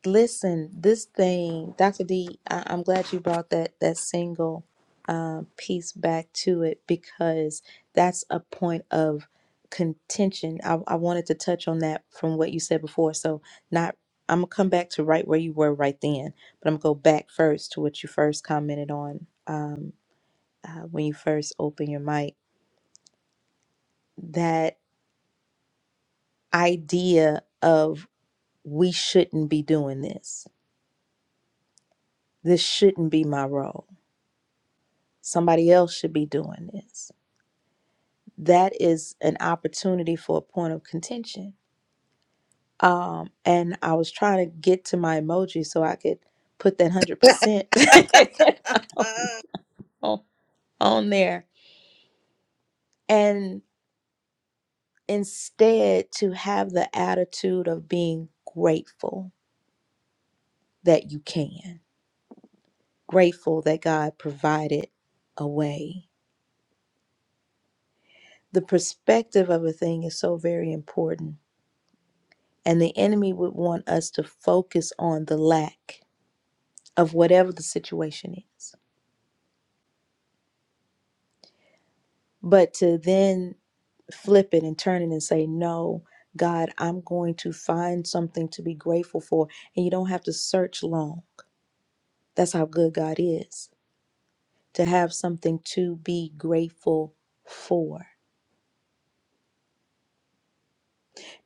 [SPEAKER 1] Listen, this thing, Dr. D, I- I'm glad you brought that that single um, piece back to it because that's a point of contention. I, I wanted to touch on that from what you said before. So not, I'm gonna come back to right where you were right then, but I'm gonna go back first to what you first commented on um, uh, when you first opened your mic. That idea of we shouldn't be doing this. This shouldn't be my role Somebody else should be doing this. That is an opportunity for a point of contention. Um, and I was trying to get to my emoji so I could put that 100% on, on there. And instead, to have the attitude of being grateful that you can, grateful that God provided a way. The perspective of a thing is so very important And the enemy would want us to focus on the lack of whatever the situation is. But to then flip it and turn it and say, No, God, I'm going to find something to be grateful for. And you don't have to search long. That's how good God is to have something to be grateful for.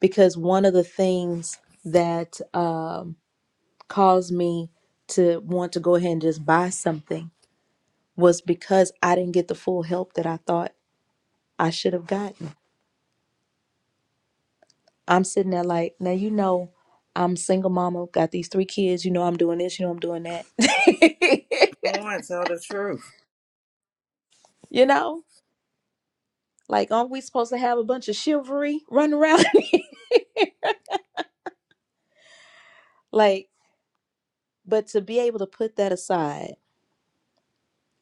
[SPEAKER 1] Because one of the things that um, caused me to want to go ahead and just buy something was because I didn't get the full help that I thought I should have gotten. I'm sitting there like, now you know, I'm single mama, got these three kids, you know I'm doing this, you know I'm doing that.
[SPEAKER 4] on, tell the truth.
[SPEAKER 1] you know? Like aren't we supposed to have a bunch of chivalry running around? like, but to be able to put that aside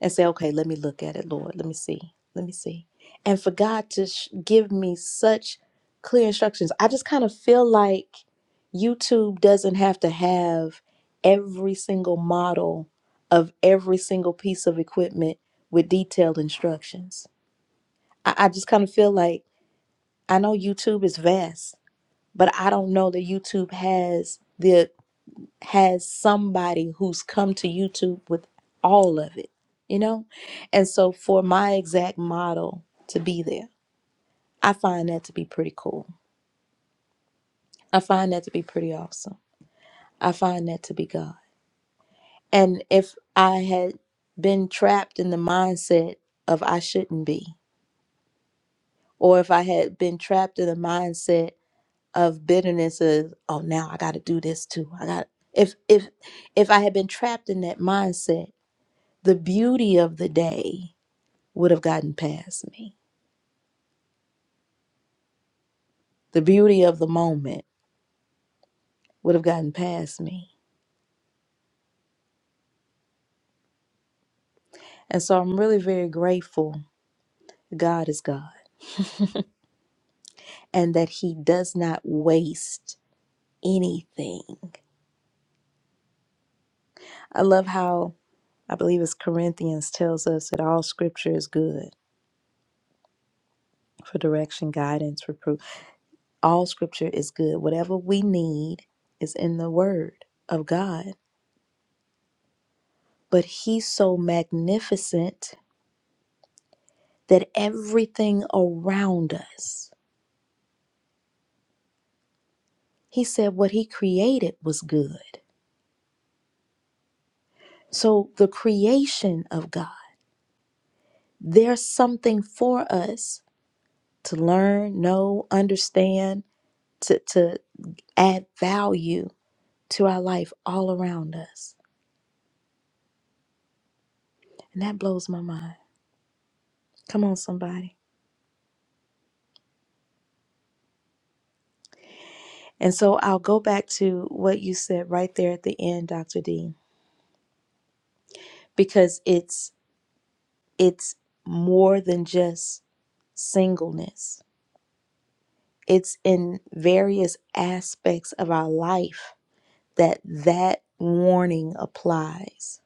[SPEAKER 1] and say, okay, let me look at it, Lord. Let me see. Let me see. And for God to sh- give me such clear instructions, I just kind of feel like YouTube doesn't have to have every single model of every single piece of equipment with detailed instructions. I, I just kind of feel like I know YouTube is vast, but I don't know that YouTube has the has somebody who's come to YouTube with all of it, you know? And so for my exact model to be there, I find that to be pretty cool. I find that to be pretty awesome. I find that to be God. And if I had been trapped in the mindset of I shouldn't be, or if I had been trapped in the mindset of bitterness of, oh now I gotta do this too. I got if if if I had been trapped in that mindset, the beauty of the day would have gotten past me. The beauty of the moment would have gotten past me. And so I'm really very grateful God is God and that He does not waste anything. I love how I believe it's Corinthians tells us that all scripture is good for direction, guidance, reproof. All scripture is good. Whatever we need is in the word of God. But He's so magnificent that everything around us He said what he created was good. So, the creation of God, there's something for us to learn, know, understand, to, to add value to our life all around us. And that blows my mind. Come on, somebody. And so I'll go back to what you said right there at the end, Dr. D, because it's it's more than just singleness. It's in various aspects of our life that that warning applies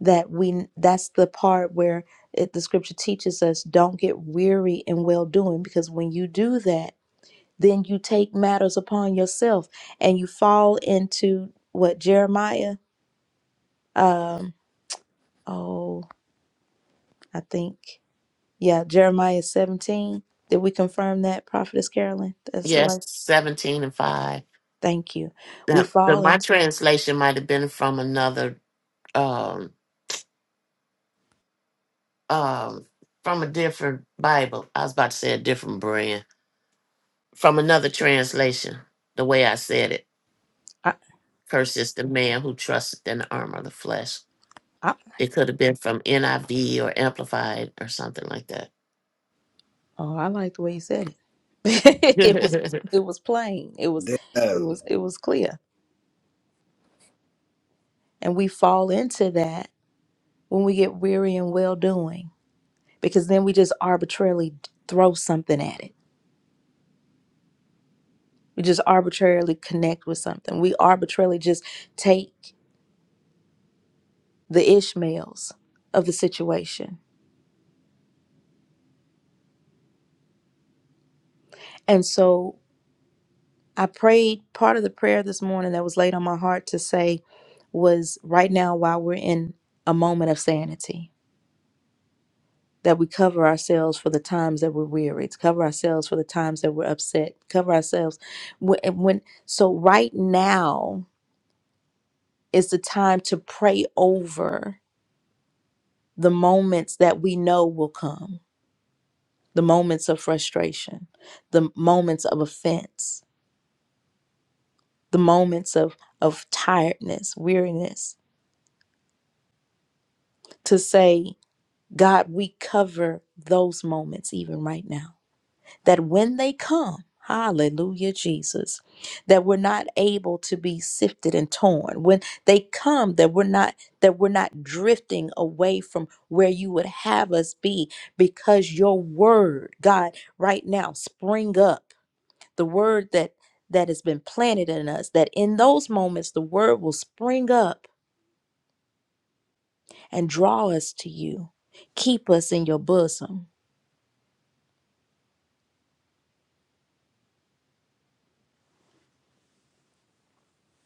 [SPEAKER 1] that we that's the part where it, the scripture teaches us don't get weary in well doing because when you do that then you take matters upon yourself and you fall into what jeremiah um oh i think yeah jeremiah 17 did we confirm that prophetess carolyn that's
[SPEAKER 5] Yes,
[SPEAKER 1] right
[SPEAKER 5] 17 and 5.
[SPEAKER 1] thank you we
[SPEAKER 5] Now, the,
[SPEAKER 1] fall
[SPEAKER 5] my
[SPEAKER 1] into
[SPEAKER 5] translation might have been from another, um, um, from a different Bible. I was about to say a different brand. From another translation, the way I said it.
[SPEAKER 1] I,
[SPEAKER 5] Cursed is the man who trusted in the armor of the flesh.
[SPEAKER 1] I
[SPEAKER 5] It could have been from NIV or Amplified or something like that.
[SPEAKER 1] Oh, I like the way you said it. it was it was plain. It was it
[SPEAKER 4] Damn.
[SPEAKER 1] was it was clear. And we fall into that when we get weary and well doing because then we just arbitrarily throw something at it. We just arbitrarily connect with something. We arbitrarily just take the Ishmaels of the situation. And so I prayed part of the prayer this morning that was laid on my heart to say was right now while we're in a moment of sanity that we cover ourselves for the times that we're weary, to cover ourselves for the times that we're upset, cover ourselves when, when so right now is the time to pray over the moments that we know will come, the moments of frustration, the moments of offense, the moments of of tiredness, weariness, to say, God, we cover those moments even right now. that when they come, hallelujah, Jesus, that we're not able to be sifted and torn. When they come, that we're not that we're not drifting away from where you would have us be because your word, God, right now spring up. The word that that has been planted in us, that in those moments the word will spring up and draw us to you. Keep us in your bosom.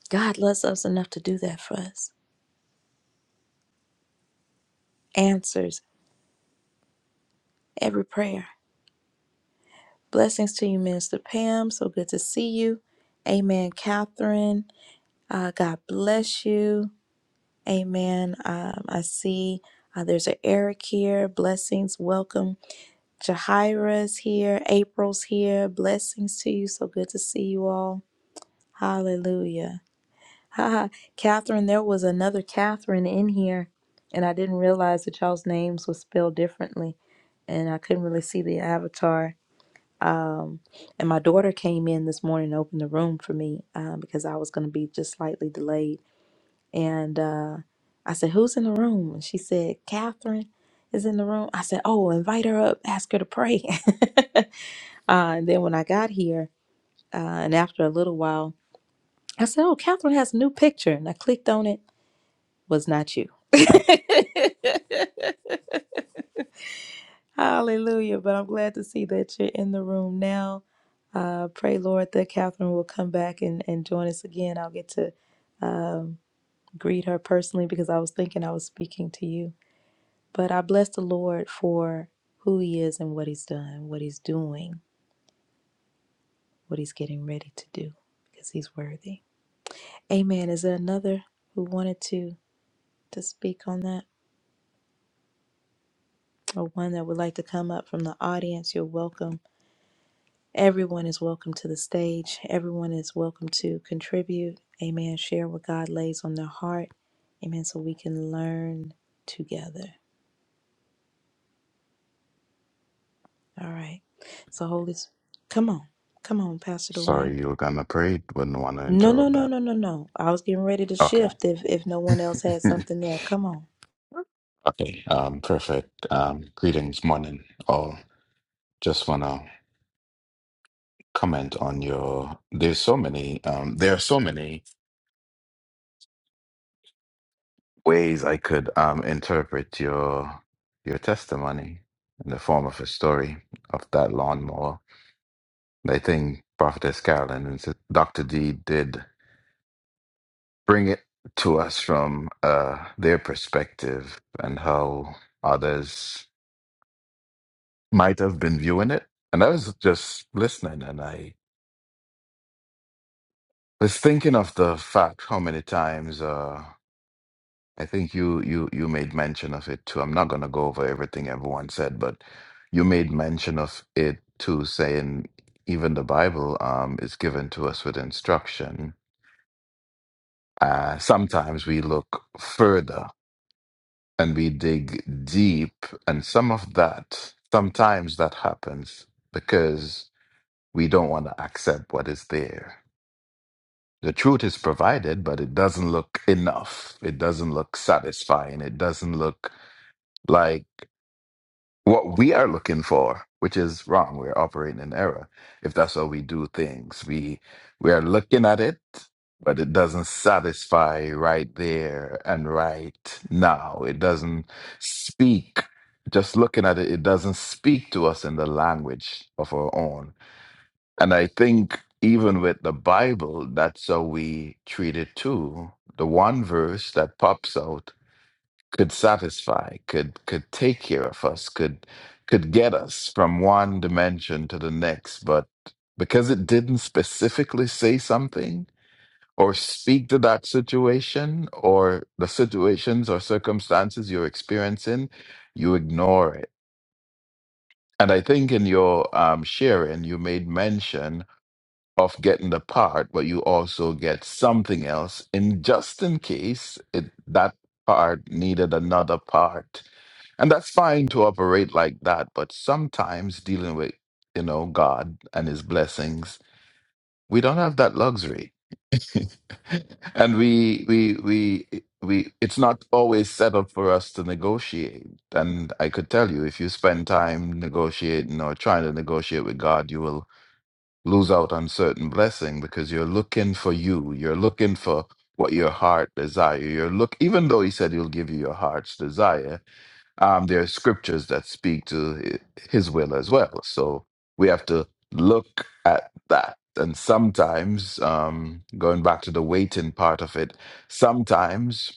[SPEAKER 1] God loves us enough to do that for us. Answers every prayer Blessings to you, Minister Pam. So good to see you. Amen, Catherine. Uh, God bless you. Amen. Um, I see uh, there's an Eric here. Blessings. Welcome. Jahira's here. April's here. Blessings to you. So good to see you all. Hallelujah. Haha. Catherine, there was another Catherine in here, and I didn't realize that y'all's names were spelled differently, and I couldn't really see the avatar. Um, and my daughter came in this morning and opened the room for me um, because I was going to be just slightly delayed. And uh, I said, Who's in the room? And she said, Catherine is in the room. I said, Oh, invite her up, ask her to pray. uh, and then when I got here, uh, and after a little while, I said, Oh, Catherine has a new picture. And I clicked on it, was not you. Hallelujah. But I'm glad to see that you're in the room now. Uh, pray, Lord, that Catherine will come back and, and join us again. I'll get to um, greet her personally because I was thinking I was speaking to you. But I bless the Lord for who he is and what he's done, what he's doing, what he's getting ready to do because he's worthy. Amen. Is there another who wanted to, to speak on that or one that would like to come up from the audience? You're welcome Everyone is welcome to the stage. Everyone is welcome to contribute. Amen. Share what God lays on their heart. Amen. So we can learn together. All right. So, Holy, S- come on. Come on, Pastor Dwayne.
[SPEAKER 6] Sorry, you were gonna pray. Wouldn't want to
[SPEAKER 1] No, no,
[SPEAKER 6] interrupt
[SPEAKER 1] no,
[SPEAKER 6] that.
[SPEAKER 1] no, no, no. I was getting ready to
[SPEAKER 6] Okay.
[SPEAKER 1] shift if, if no one else had something there. Come on.
[SPEAKER 6] Okay. Um, perfect. Um, greetings, morning, all. Just wanna comment on your. There's so many. Um, there are so many ways I could um interpret your your testimony in the form of a story of that lawnmower. And I think Prophetess Carolyn and Sis- Dr. D did bring it to us from uh their perspective and how others. might have been viewing it. And I was just listening and I was thinking of the fact how many times uh I think you you you made mention of it too. I'm not gonna go over everything everyone said, but you made mention of it too, saying even the Bible um is given to us with instruction. Uh sometimes we look further and we dig deep and some of that sometimes that happens because we don't want to accept what is there The truth is provided, but it doesn't look enough. It doesn't look satisfying. It doesn't look like what we are looking for, which is wrong. We're operating in error if that's how we do things. We we are looking at it, but it doesn't satisfy right there and right now. It doesn't speak. Just looking at it, it doesn't speak to us in the language of our own. And I think even with the Bible, that's how we treat it too. The one verse that pops out could satisfy, could could take care of us, could could get us from one dimension to the next. But because it didn't specifically say something or speak to that situation or the situations or circumstances you're experiencing, you ignore it. And I think in your um, sharing, you made mention of getting the part, but you also get something else in just in case it, that part needed another part. And that's fine to operate like that, but sometimes dealing with, you know, God and his blessings, we don't have that luxury. and we we we we it's not always set up for us to negotiate. And I could tell you if you spend time negotiating or trying to negotiate with God, you will lose out on certain blessing because you're looking for you. You're looking for what your heart desire. You're look even though he said he'll give you your heart's desire, um, there are scriptures that speak to hi- his will as well. So we have to look at that. And sometimes, um, going back to the waiting part of it, sometimes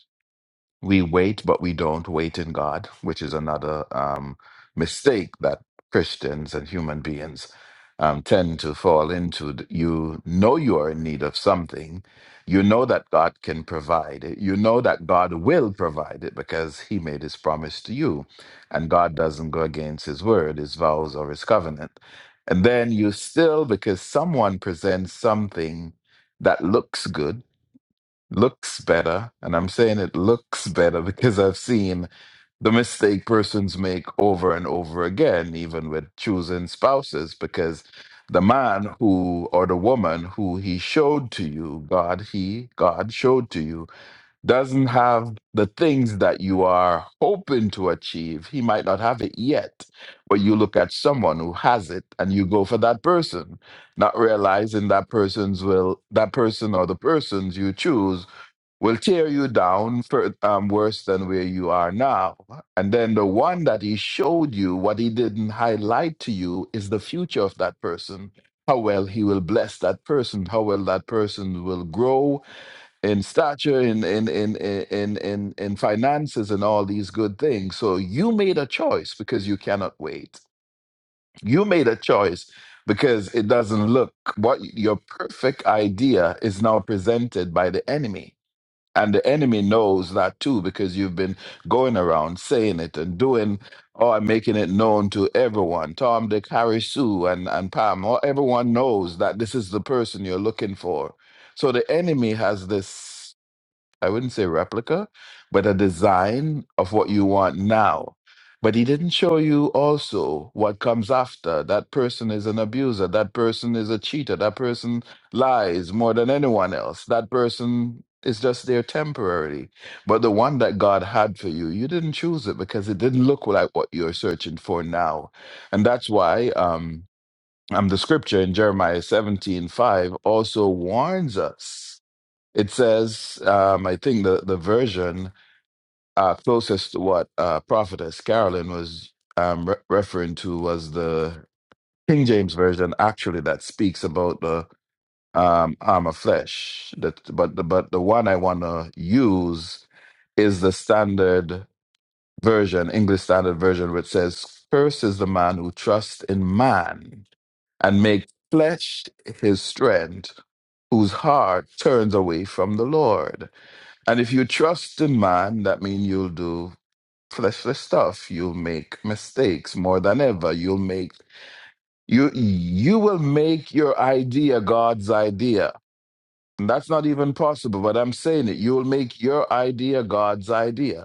[SPEAKER 6] we wait, but we don't wait in God, which is another um, mistake that Christians and human beings um, tend to fall into. D- You know you are in need of something. You know that God can provide it. You know that God will provide it because He made His promise to you. And God doesn't go against His word, His vows, or His covenant. And then you still, because someone presents something that looks good looks better, and I'm saying it looks better because I've seen the mistake persons make over and over again, even with choosing spouses, because the man who or the woman who he showed to you, God, he, God showed to you, doesn't have the things that you are hoping to achieve. He might not have it yet, but you look at someone who has it and you go for that person not realizing that person's will that person or the persons you choose will tear you down for, um, worse than where you are now. And then the one that he showed you, what he didn't highlight to you, is the future of that person. How well he will bless that person. How well that person will grow in stature, in in in in in in finances, and all these good things. So you made a choice because you cannot wait. You made a choice because it doesn't look what your perfect idea is now presented by the enemy and the enemy knows that too, because you've been going around saying it and doing or making it known to everyone. Tom, Dick, Harry, Sue, and, and Pam, or everyone knows that this is the person you're looking for. So the enemy has this. I wouldn't say replica, but a design of what you want now. But he didn't show you also what comes after. That person is an abuser. That person is a cheater. That person lies more than anyone else. That person is just there temporarily. But the one that God had for you, you didn't choose it because it didn't look like what you're searching for now. And that's why um, um, the scripture in Jeremiah seventeen five also warns us it says, um, I think the, the version uh, closest to what uh, Prophetess Carolyn was um, re- referring to was the King James version, actually, that speaks about the um, arm of flesh. That, but the but the one I want to use is the standard version, English standard version, which says, "Curse is the man who trusts in man and makes flesh his strength, whose heart turns away from the Lord." And if you trust in man, that means you'll do fleshly stuff. You'll make mistakes more than ever. You'll make you you will make your idea God's idea. And that's not even possible, but I'm saying it. You will make your idea God's idea.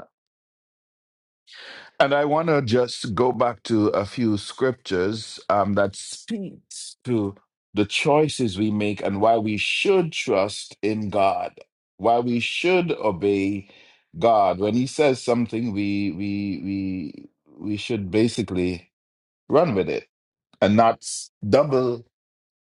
[SPEAKER 6] And I want to just go back to a few scriptures um, that speaks to the choices we make and why we should trust in God, why we should obey God. When He says something, we we we we should basically run with it and not s- double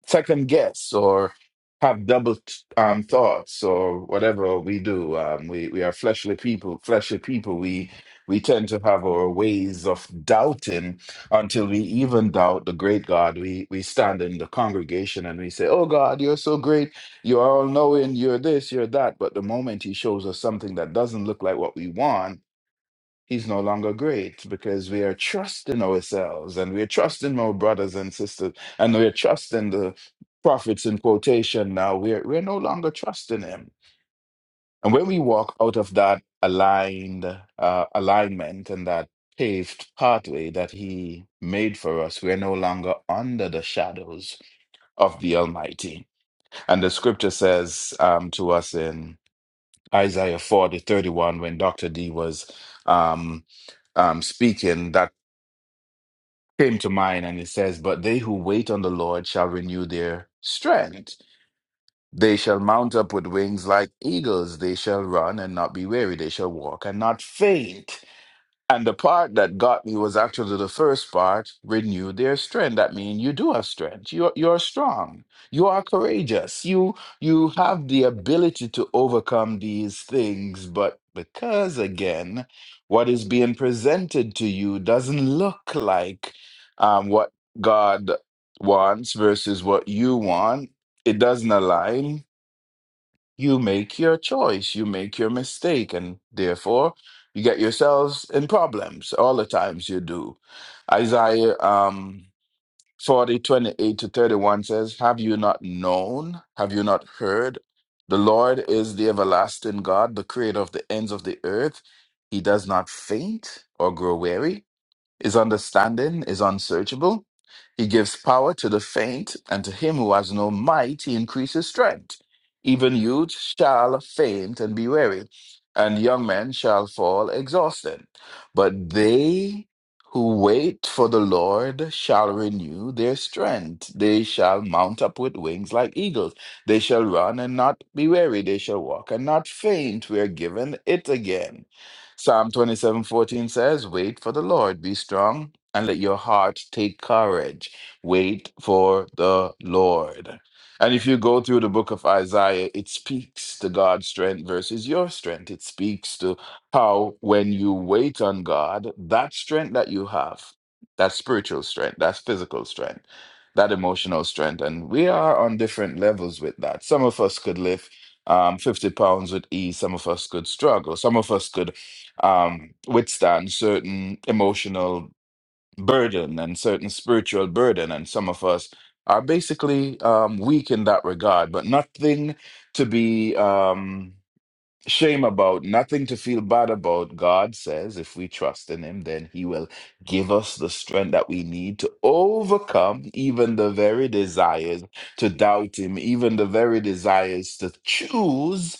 [SPEAKER 6] second guess or have double t- um, thoughts or whatever we do. Um, we we are fleshly people. Fleshly people. We we tend to have our ways of doubting until we even doubt the great God. We we stand in the congregation and we say, "Oh God, you're so great. You are all knowing. You're this. You're that." But the moment He shows us something that doesn't look like what we want he's no longer great because we are trusting ourselves and we're trusting our brothers and sisters and we're trusting the prophets in quotation now we're we're no longer trusting him and when we walk out of that aligned uh, alignment and that paved pathway that he made for us we're no longer under the shadows of the almighty and the scripture says um, to us in. Isaiah 40 31. when Dr. D was um, um, speaking, that came to mind. And it says, But they who wait on the Lord shall renew their strength. They shall mount up with wings like eagles. They shall run and not be weary. They shall walk and not faint. And the part that got me was actually the first part, renew their strength. That means you do have strength. You're you're strong. You are courageous. You you have the ability to overcome these things, but because again, what is being presented to you doesn't look like um, what God wants versus what you want. It doesn't align you make your choice, you make your mistake, and therefore you get yourselves in problems all the times you do. Isaiah um, 40 28 to 31 says, Have you not known? Have you not heard? The Lord is the everlasting God, the creator of the ends of the earth. He does not faint or grow weary. His understanding is unsearchable. He gives power to the faint, and to him who has no might, he increases strength. Even youth shall faint and be weary, and young men shall fall exhausted. But they who wait for the Lord shall renew their strength. They shall mount up with wings like eagles. They shall run and not be weary. They shall walk and not faint. We are given it again. Psalm 27 14 says, Wait for the Lord, be strong, and let your heart take courage. Wait for the Lord. And if you go through the book of Isaiah, it speaks to God's strength versus your strength. It speaks to how, when you wait on God, that strength that you have, that spiritual strength, that physical strength, that emotional strength, and we are on different levels with that. Some of us could lift um, 50 pounds with ease, some of us could struggle, some of us could um, withstand certain emotional burden and certain spiritual burden. And some of us are basically um, weak in that regard, but nothing to be um, shame about, nothing to feel bad about. God says if we trust in Him, then He will give us the strength that we need to overcome even the very desires to doubt Him, even the very desires to choose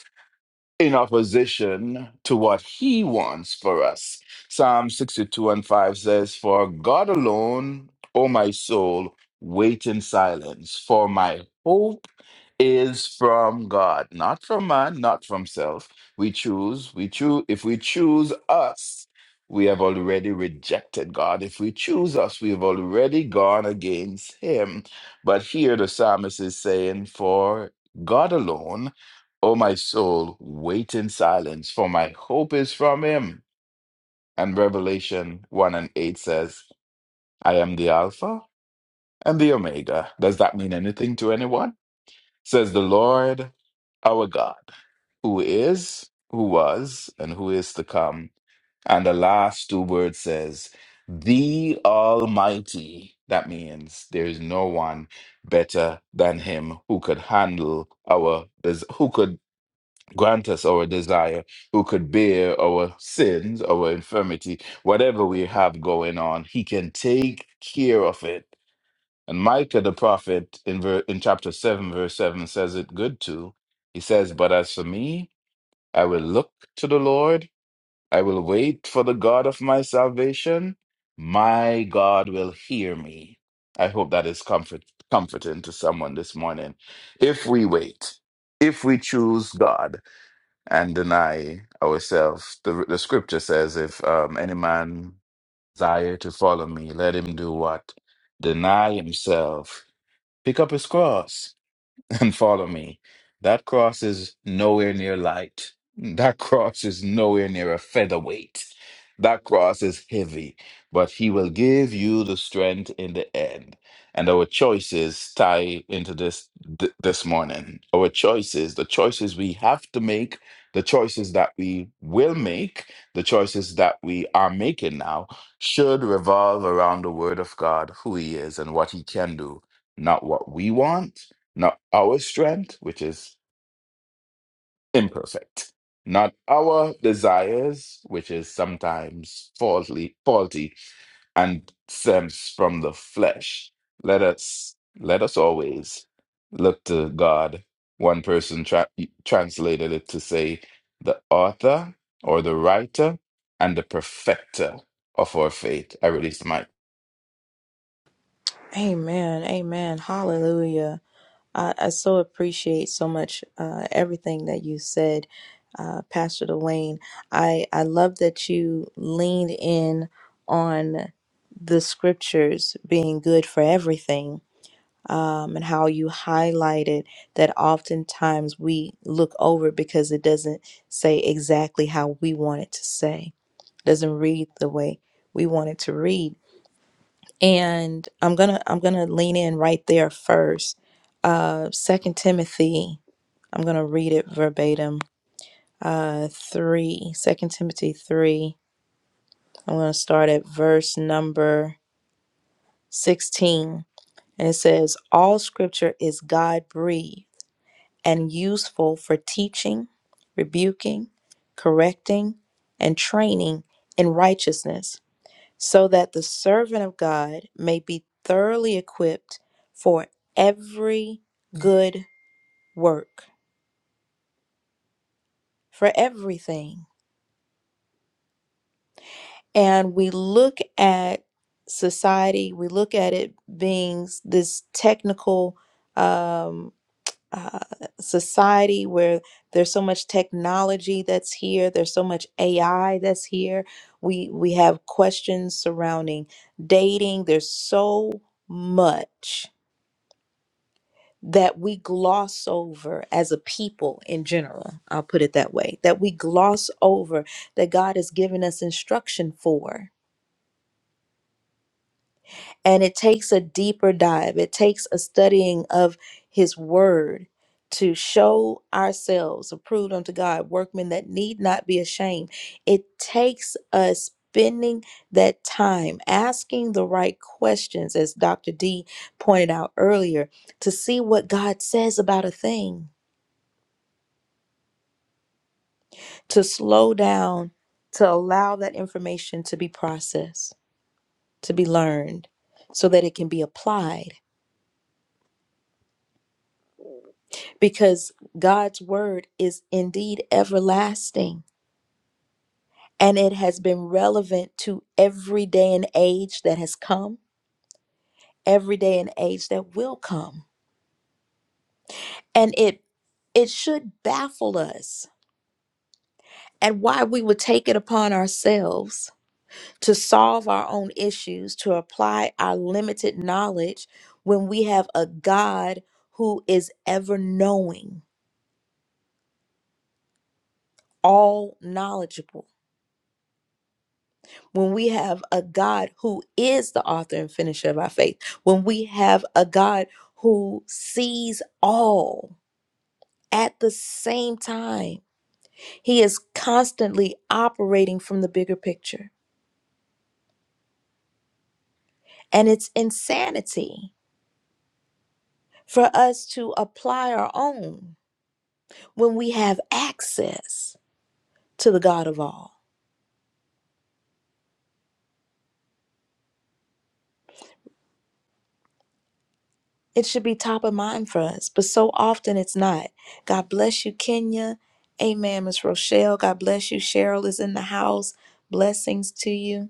[SPEAKER 6] in opposition to what he wants for us. Psalm 62 and 5 says, For God alone, O my soul, wait in silence, for my hope is from God, not from man, not from self. We choose, we choose, if we choose us, we have already rejected God. If we choose us, we have already gone against Him. But here the psalmist is saying, For God alone, O my soul, wait in silence, for my hope is from him. And Revelation 1 and 8 says, I am the Alpha and the Omega. Does that mean anything to anyone? Says the Lord our God, who is, who was, and who is to come. And the last two words says, the Almighty. That means there is no one better than him who could handle our, des- who could Grant us our desire, who could bear our sins, our infirmity, whatever we have going on. He can take care of it. And Micah the prophet in, ver- in chapter 7, verse 7 says it good too. He says, But as for me, I will look to the Lord, I will wait for the God of my salvation. My God will hear me. I hope that is comfort- comforting to someone this morning. If we wait, if we choose God, and deny ourselves. The, the scripture says, if um, any man desire to follow me, let him do what? Deny himself, pick up his cross, and follow me. That cross is nowhere near light. That cross is nowhere near a featherweight. That cross is heavy, but he will give you the strength in the end. And our choices tie into this th- this morning. Our choices, the choices we have to make, the choices that we will make, the choices that we are making now should revolve around the word of God, who he is and what he can do, not what we want not our strength, which is imperfect, not our desires, which is sometimes faulty, faulty and stems from the flesh. Let us let us always look to God. One person tra- translated it to say, "The author or the writer and the perfecter of our faith." I released my.
[SPEAKER 1] Amen. Amen. Hallelujah. I, I so appreciate so much uh, everything that you said, uh, Pastor Dwayne. I, I love that you leaned in on the scriptures being good for everything um, and how you highlighted that oftentimes we look over because it doesn't say exactly how we want it to say, doesn't read the way we want it to read and i'm gonna i'm gonna lean in right there first uh second timothy i'm gonna read it verbatim uh 3 second timothy 3 i'm gonna start at verse number 16 and it says all scripture is god breathed and useful for teaching rebuking correcting and training in righteousness so that the servant of God may be thoroughly equipped for every good work, for everything. And we look at society, we look at it being this technical um, uh, society where there's so much technology that's here, there's so much AI that's here. We we have questions surrounding dating. There's so much that we gloss over as a people in general. I'll put it that way that we gloss over that God has given us instruction for. And it takes a deeper dive, it takes a studying of His Word to show ourselves approved unto God, workmen that need not be ashamed. It takes us spending that time asking the right questions, as Dr. D pointed out earlier, to see what God says about a thing to slow down, to allow that information to be processed, to be learned, so that it can be applied. Because God's word is indeed everlasting and it has been relevant to every day and age that has come, every day and age that will come. And it it should baffle us and why we would take it upon ourselves to solve our own issues, to apply our limited knowledge when we have a God who is ever knowing, all knowledgeable. When we have a God who is the author and finisher of our faith. When we have a God who sees all at the same time. He is constantly operating from the bigger picture. And it's insanity for us to apply our own. when we have access to the God of all. It should be top of mind for us, but so often it's not. God bless you, Kenya. Amen, Miss Rochelle. God bless you. Cheryl is in the house. Blessings to you.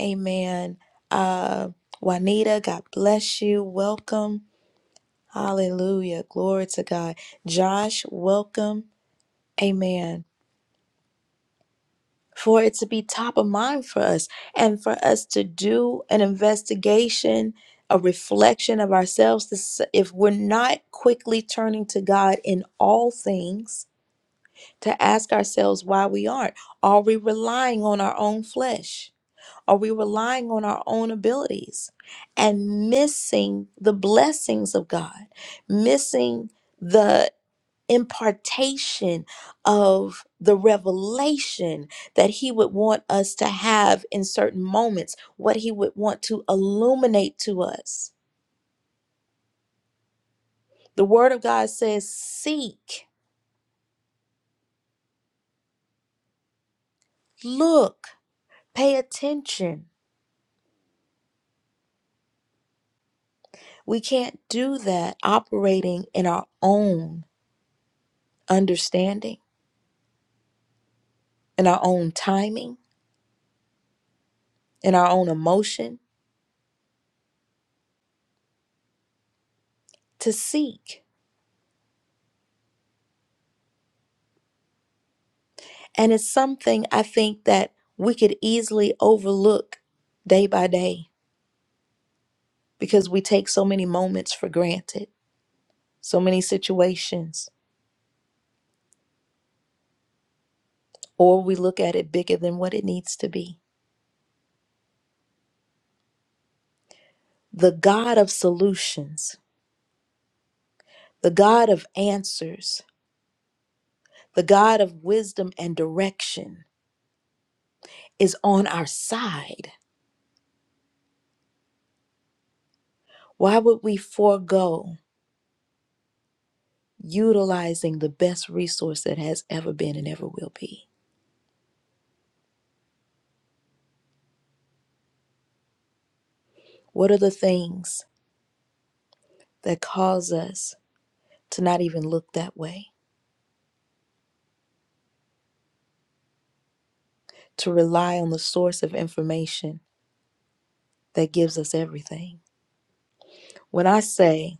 [SPEAKER 1] Amen. Uh, Juanita, God bless you. Welcome. Hallelujah. Glory to God. Josh, welcome. Amen. for it to be top of mind for us and for us to do an investigation, a reflection of ourselves. To, s- if we're not quickly turning to God in all things, to ask ourselves why we aren't. Are we relying on our own flesh? Are we relying on our own abilities and missing the blessings of God, missing? the? impartation of the revelation that he would want us to have in certain moments, what he would want to illuminate to us. The word of God says, seek, look, pay attention. We can't do that operating in our own understanding, in our own timing, in our own emotion to seek. And it's something I think that we could easily overlook day by day because we take so many moments for granted, so many situations, or we look at it bigger than what it needs to be. The God of solutions, the God of answers, the God of wisdom and direction is on our side. Why would we forego utilizing the best resource that has ever been and ever will be? What are the things that cause us to not even look that way, to rely on the source of information? that gives us everything. When I say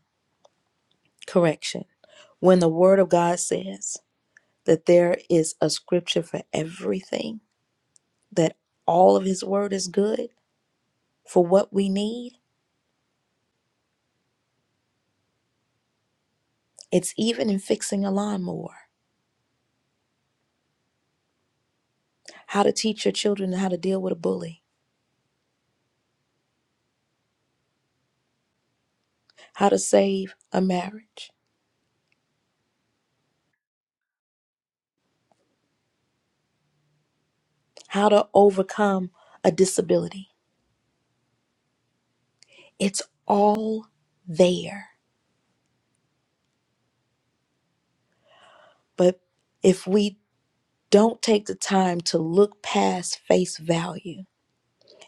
[SPEAKER 1] correction, when the Word of God says that there is a scripture for everything, that all of His Word is good for what we need, it's even in fixing a lawnmower, how to teach your children how to deal with a bully, how to save a marriage, how to overcome a disability. It's all there. But if we don't take the time to look past face value,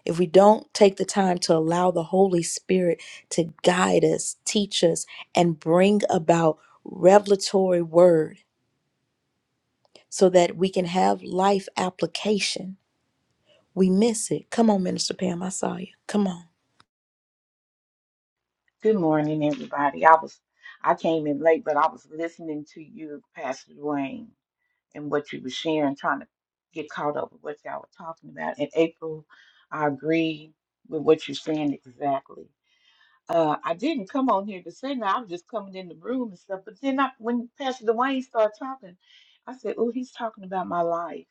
[SPEAKER 1] if we don't take the time to allow the Holy Spirit to guide us, teach us, and bring about revelatory word so that we can have life application, we miss it. Come on, Minister Pam, I saw you. Come on.
[SPEAKER 7] Good morning, everybody. I was I came in late, but I was listening to you, Pastor Dwayne, and what you were sharing, trying to get caught up with what y'all were talking about. And April, I agree with what you're saying exactly. Uh, I didn't come on here to say that. I was just coming in the room and stuff. But then I, when Pastor Dwayne started talking, I said, "Oh, he's talking about my life."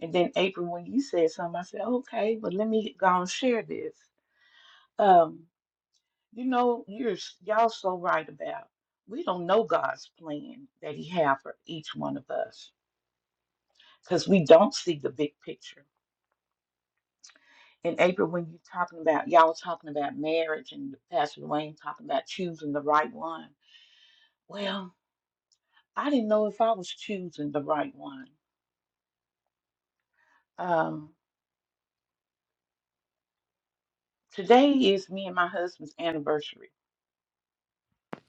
[SPEAKER 7] And then April, when you said something, I said, "Okay, but let me go and share this." Um, you know, you're s- y'all so right about. We don't know God's plan that He have for each one of us because we don't see the big picture. And April, when you're talking about y'all was talking about marriage and Pastor Wayne talking about choosing the right one. Well, I didn't know if I was choosing the right one. Um, today is me and my husband's anniversary.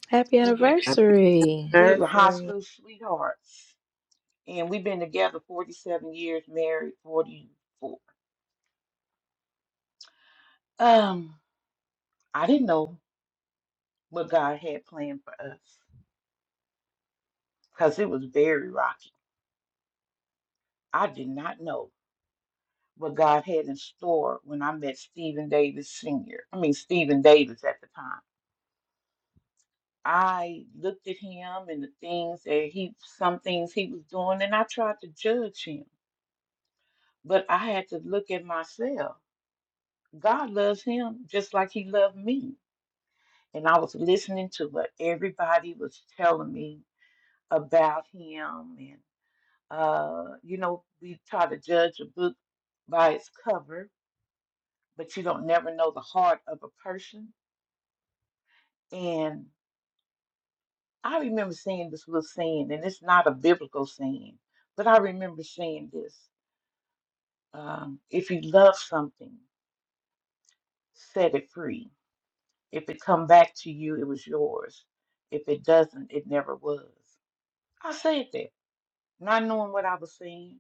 [SPEAKER 1] Happy
[SPEAKER 7] We've been
[SPEAKER 4] Happy
[SPEAKER 1] anniversary.
[SPEAKER 7] we were high
[SPEAKER 4] birthday.
[SPEAKER 7] school sweethearts, and we've been together 47 years, married 44. Um I didn't know what God had planned for us because it was very rocky. I did not know what God had in store when I met Stephen Davis Sr. I mean, Stephen Davis at the time. I looked at him and the things that he, some things he was doing, and I tried to judge him. But I had to look at myself. God loves him just like he loved me. And I was listening to what everybody was telling me about him and. Uh, you know, we try to judge a book by its cover, but you don't never know the heart of a person. And I remember seeing this little scene, and it's not a biblical scene, but I remember seeing this. Um, if you love something, set it free. If it come back to you, it was yours. If it doesn't, it never was. I said that, not knowing what I was saying.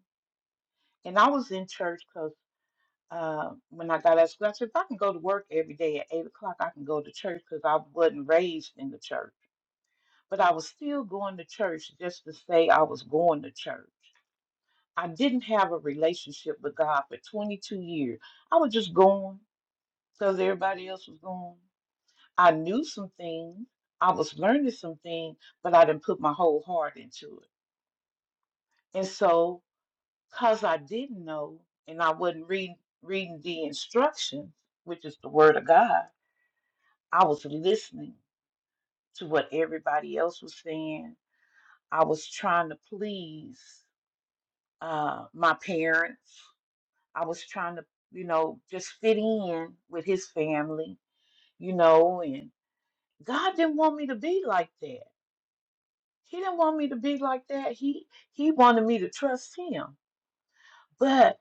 [SPEAKER 7] And I was in church Uh, when I got out of school, I said, if I can go to work every day at 8 o'clock, I can go to church because I wasn't raised in the church. But I was still going to church just to say I was going to church. I didn't have a relationship with God for 22 years. I was just going because everybody else was going. I knew some things, I was learning some things, but I didn't put my whole heart into it. And so, because I didn't know and I wasn't reading, reading the instructions, which is the Word of God. I was listening to what everybody else was saying. I was trying to please uh, my parents. I was trying to, you know, just fit in with his family, you know, and God didn't want me to be like that. He didn't want me to be like that. He he wanted me to trust him. But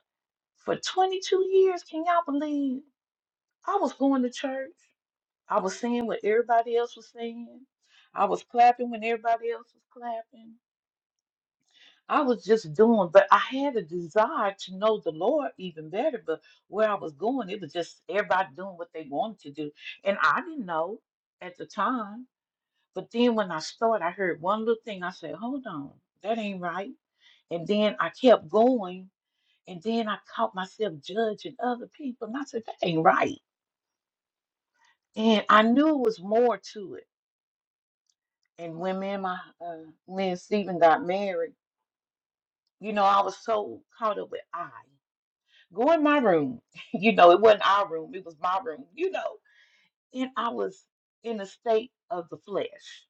[SPEAKER 7] for 22 years, can y'all believe I was going to church? I was saying what everybody else was saying. I was clapping when everybody else was clapping. I was just doing, but I had a desire to know the Lord even better. But where I was going, it was just everybody doing what they wanted to do. And I didn't know at the time. But then when I started, I heard one little thing. I said, hold on, that ain't right. And then I kept going. And then I caught myself judging other people. And I said, that ain't right. And I knew it was more to it. And when me and my, uh, me and Stephen got married, you know, I was so caught up with I. Go in my room. You know, it wasn't our room, it was my room, you know. And I was in a state of the flesh.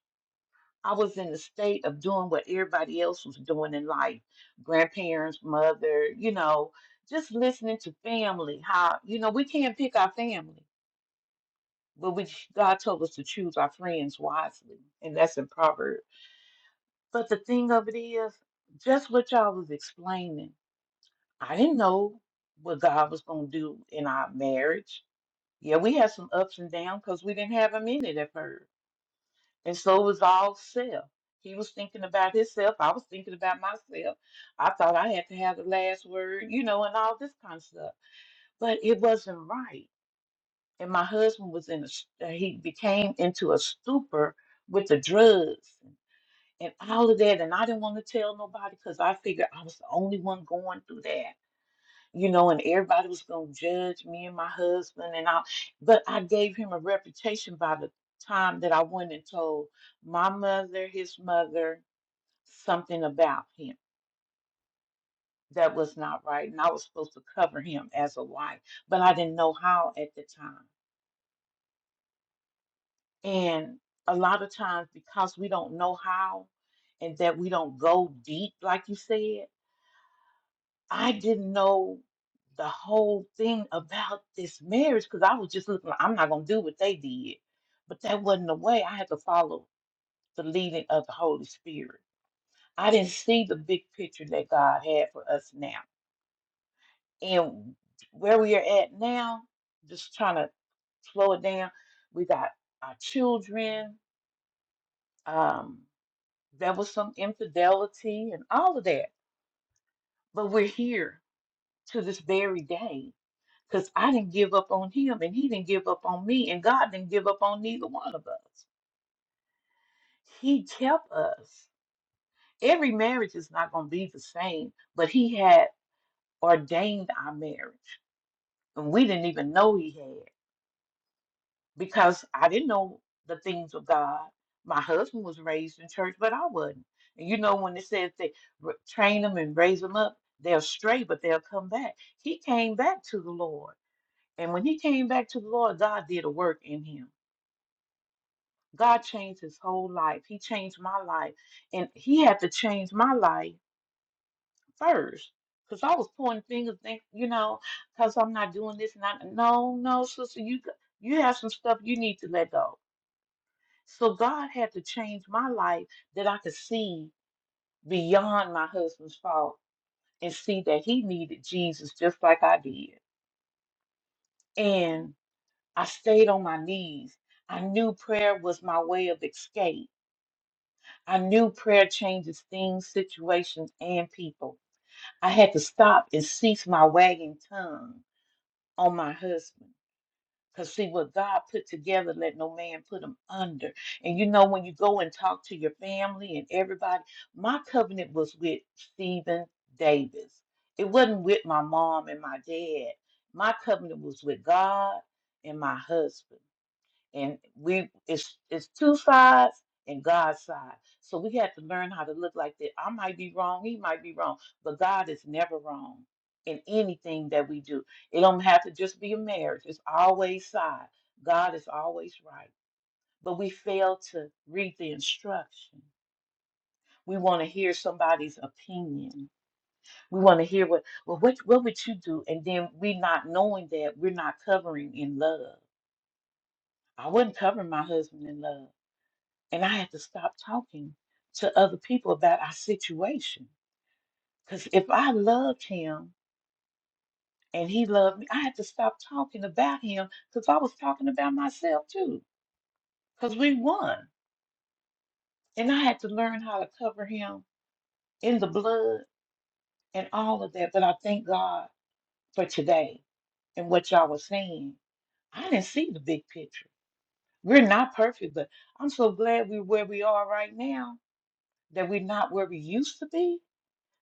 [SPEAKER 7] I was in a state of doing what everybody else was doing in life grandparents, mother, you know, just listening to family. How, you know, we can't pick our family, but we, God told us to choose our friends wisely. And that's in Proverbs. But the thing of it is, just what y'all was explaining, I didn't know what God was going to do in our marriage. Yeah, we had some ups and downs because we didn't have a minute at first. And so it was all self. He was thinking about himself. I was thinking about myself. I thought I had to have the last word, you know, and all this kind of stuff. But it wasn't right. And my husband was in a, s- uh, he became into a stupor with the drugs and all of that. And I didn't want to tell nobody because I figured I was the only one going through that you know, and everybody was going to judge me and my husband and all. But I gave him a reputation by the time that I went and told my mother, his mother, something about him that was not right. And I was supposed to cover him as a wife, but I didn't know how at the time. And a lot of times, because we don't know how and that we don't go deep, like you said, I didn't know the whole thing about this marriage because I was just looking, like, I'm not going to do what they did. But that wasn't the way. I had to follow the leading of the Holy Spirit. I didn't see the big picture that God had for us now. And where we are at now, just trying to slow it down, we got our children. Um, there was some infidelity and all of that. But we're here to this very day. because I didn't give up on him and he didn't give up on me and God didn't give up on neither one of us. He kept us. Every marriage is not going to be the same, but he had ordained our marriage and we didn't even know he had because I didn't know the things of God. My husband was raised in church, but I wasn't. And you know, when it says they r- train them and raise them up, they'll stray, but they'll come back. He came back to the Lord. And when he came back to the Lord, God did a work in him God changed his whole life. He changed my life. And he had to change my life first. Because I was pointing fingers, think, you know, because I'm not doing this and I no, no, sister, you g- you have some stuff you need to let go. So God had to change my life that I could see beyond my husband's fault and see that he needed Jesus just like I did. And I stayed on my knees. I knew prayer was my way of escape I knew prayer changes things, situations, and people. I had to stop and cease my wagging tongue on my husband. Because, see, what God put together, let no man put him under. And you know, when you go and talk to your family and everybody, my covenant was with Stephen Davis. It wasn't with my mom and my dad. My covenant was with God and my husband and we it's it's two sides and God's side. So we have to learn how to look like that. I might be wrong, he might be wrong, but God is never wrong in anything that we do. It don't have to just be a marriage. It's always side. God is always right. But we fail to read the instruction. We want to hear somebody's opinion. We want to hear what well what what would you do? And then we not knowing that we're not covering in love. I wouldn't cover my husband in love. and I had to stop talking to other people about our situation. Because if I loved him and he loved me, I had to stop talking about him because I was talking about myself too. Because we won. And I had to learn how to cover him in the blood and all of that. But I thank God for today and what y'all were saying. I didn't see the big picture. We're not perfect, but I'm so glad we're where we are right now that we're not where we used to be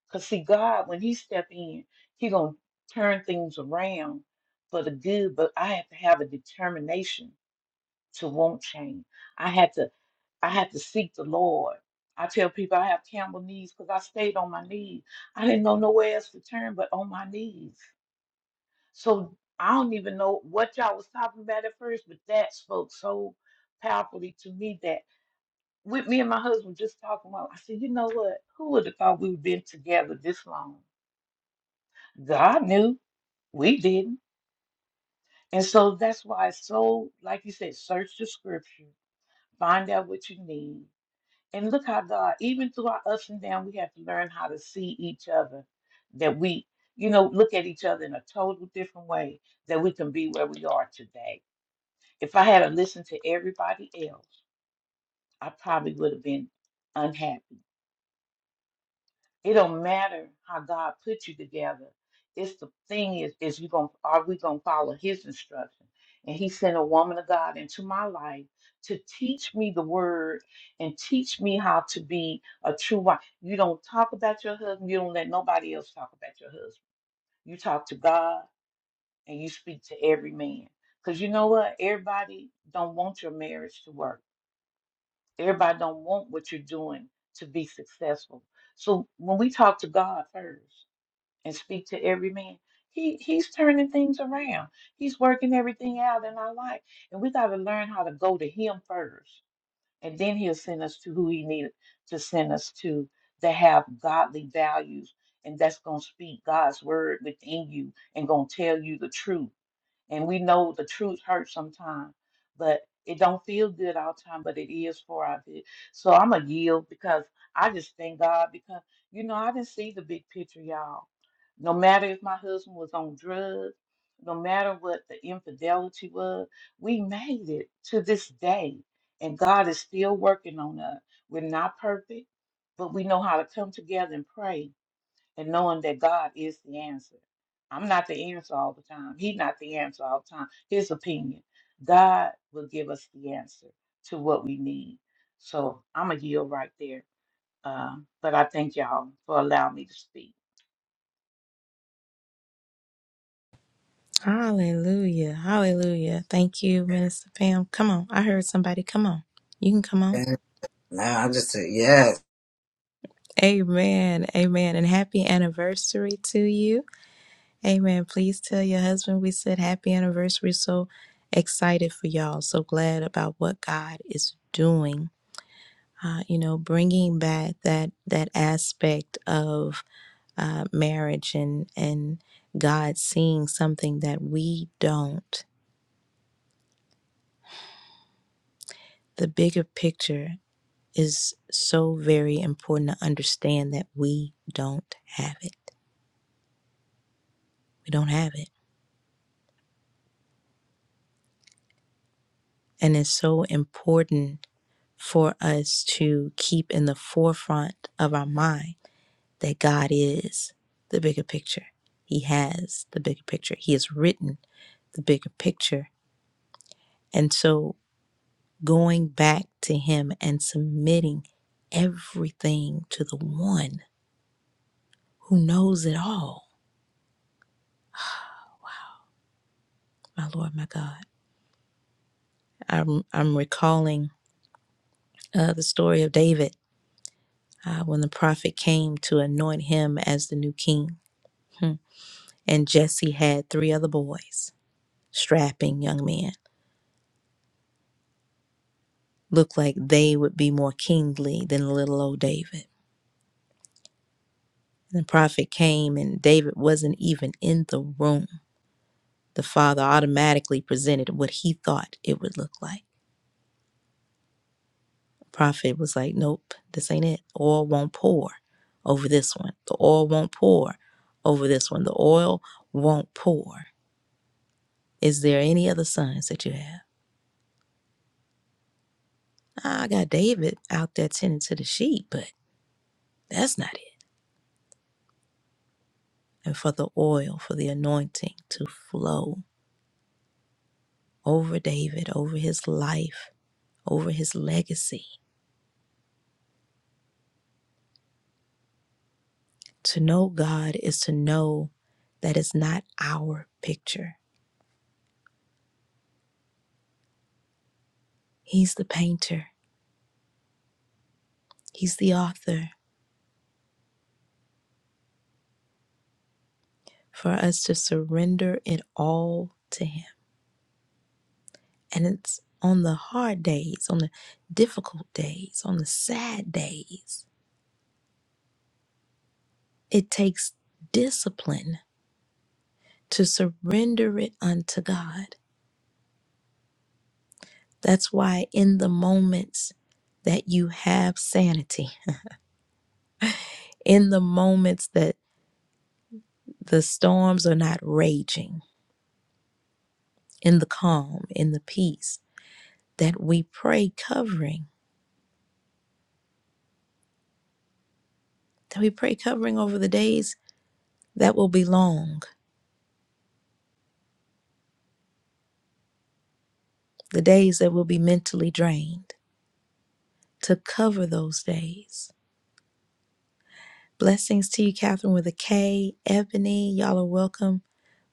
[SPEAKER 7] Because see, God, when He step in, He gonna turn things around for the good. But I have to have a determination to want change. I had to, I had to seek the Lord. I tell people I have camel knees because I stayed on my knees. I didn't know nowhere else to turn but on my knees. So I don't even know what y'all was talking about at first, but that spoke so powerfully to me that with me and my husband just talking about, I said, you know what? Who would have thought we would been together this long? God knew, we didn't. And so that's why it's so, like you said, search the scripture, find out what you need. And look how God, even through our ups and downs, we have to learn how to see each other, that we, you know, look at each other in a total different way, that we can be where we are today. If I had to listen to everybody else, I probably would have been unhappy It don't matter how God put you together. It's the thing is, is you gonna are we gonna follow His instruction? And He sent a woman of God into my life to teach me the word and teach me how to be a true wife. You don't talk about your husband. You don't let nobody else talk about your husband. You talk to God and you speak to every man. Cause you know what? Everybody don't want your marriage to work. Everybody don't want what you're doing to be successful. So when we talk to God first and speak to every man. He he's turning things around. He's working everything out in our life. And we gotta learn how to go to him first. And then he'll send us to who he needed to send us to that have godly values and that's gonna speak God's word within you and gonna tell you the truth and we know the truth hurts sometimes, but it don't feel good all the time, but it is for our good. So I'm a yield because I just thank God because you know I didn't see the big picture, y'all. No matter if my husband was on drugs, no matter what the infidelity was, we made it to this day, and God is still working on us. We're not perfect, but we know how to come together and pray and knowing that God is the answer. I'm not the answer all the time. He's not the answer all the time. His opinion. God will give us the answer to what we need. So I'm a yield right there. Um, but I thank y'all for allowing me to speak.
[SPEAKER 1] Hallelujah. Hallelujah. Thank you, Minister Pam. Come on. I heard somebody. Come on. You can come on.
[SPEAKER 4] And Now I just said yes.
[SPEAKER 1] Amen. Amen. And happy anniversary to you. Amen. Please tell your husband we said happy anniversary. So excited for y'all. So glad about what God is doing. Uh, you know, bringing back that that aspect of uh, marriage and and God seeing something that we don't. The bigger picture is so very important to understand that we don't have it. We don't have it. And it's so important for us to keep in the forefront of our mind that God is the bigger picture. He has the bigger picture. He has written the bigger picture. And so going back to Him and submitting everything to the one who knows it all, my Lord, my God. I'm, I'm recalling uh, the story of David uh, when the prophet came to anoint him as the new king. Hmm. and Jesse had three other boys, strapping young men. Looked like they would be more kingly than little old David. The prophet came, and David wasn't even in the room. The father automatically presented what he thought it would look like. The prophet was like, Nope, this ain't it. Oil won't pour over this one. The oil won't pour over this one. The oil won't pour. Is there any other sons that you have? I got David out there tending to the sheep, but that's not it. and for the oil, for the anointing to flow over David, over his life, over his legacy. To know God is to know that it's not our picture. He's the painter, He's the author. For us to surrender it all to Him. And it's on the hard days, on the difficult days, on the sad days. It takes discipline to surrender it unto God That's why, in the moments that you have sanity, in the moments that the storms are not raging, in the calm, in the peace, that we pray covering, that we pray covering over the days that will be long, the days that will be mentally drained, to cover those days. Blessings to you, Catherine, with a K. Ebony, y'all are welcome.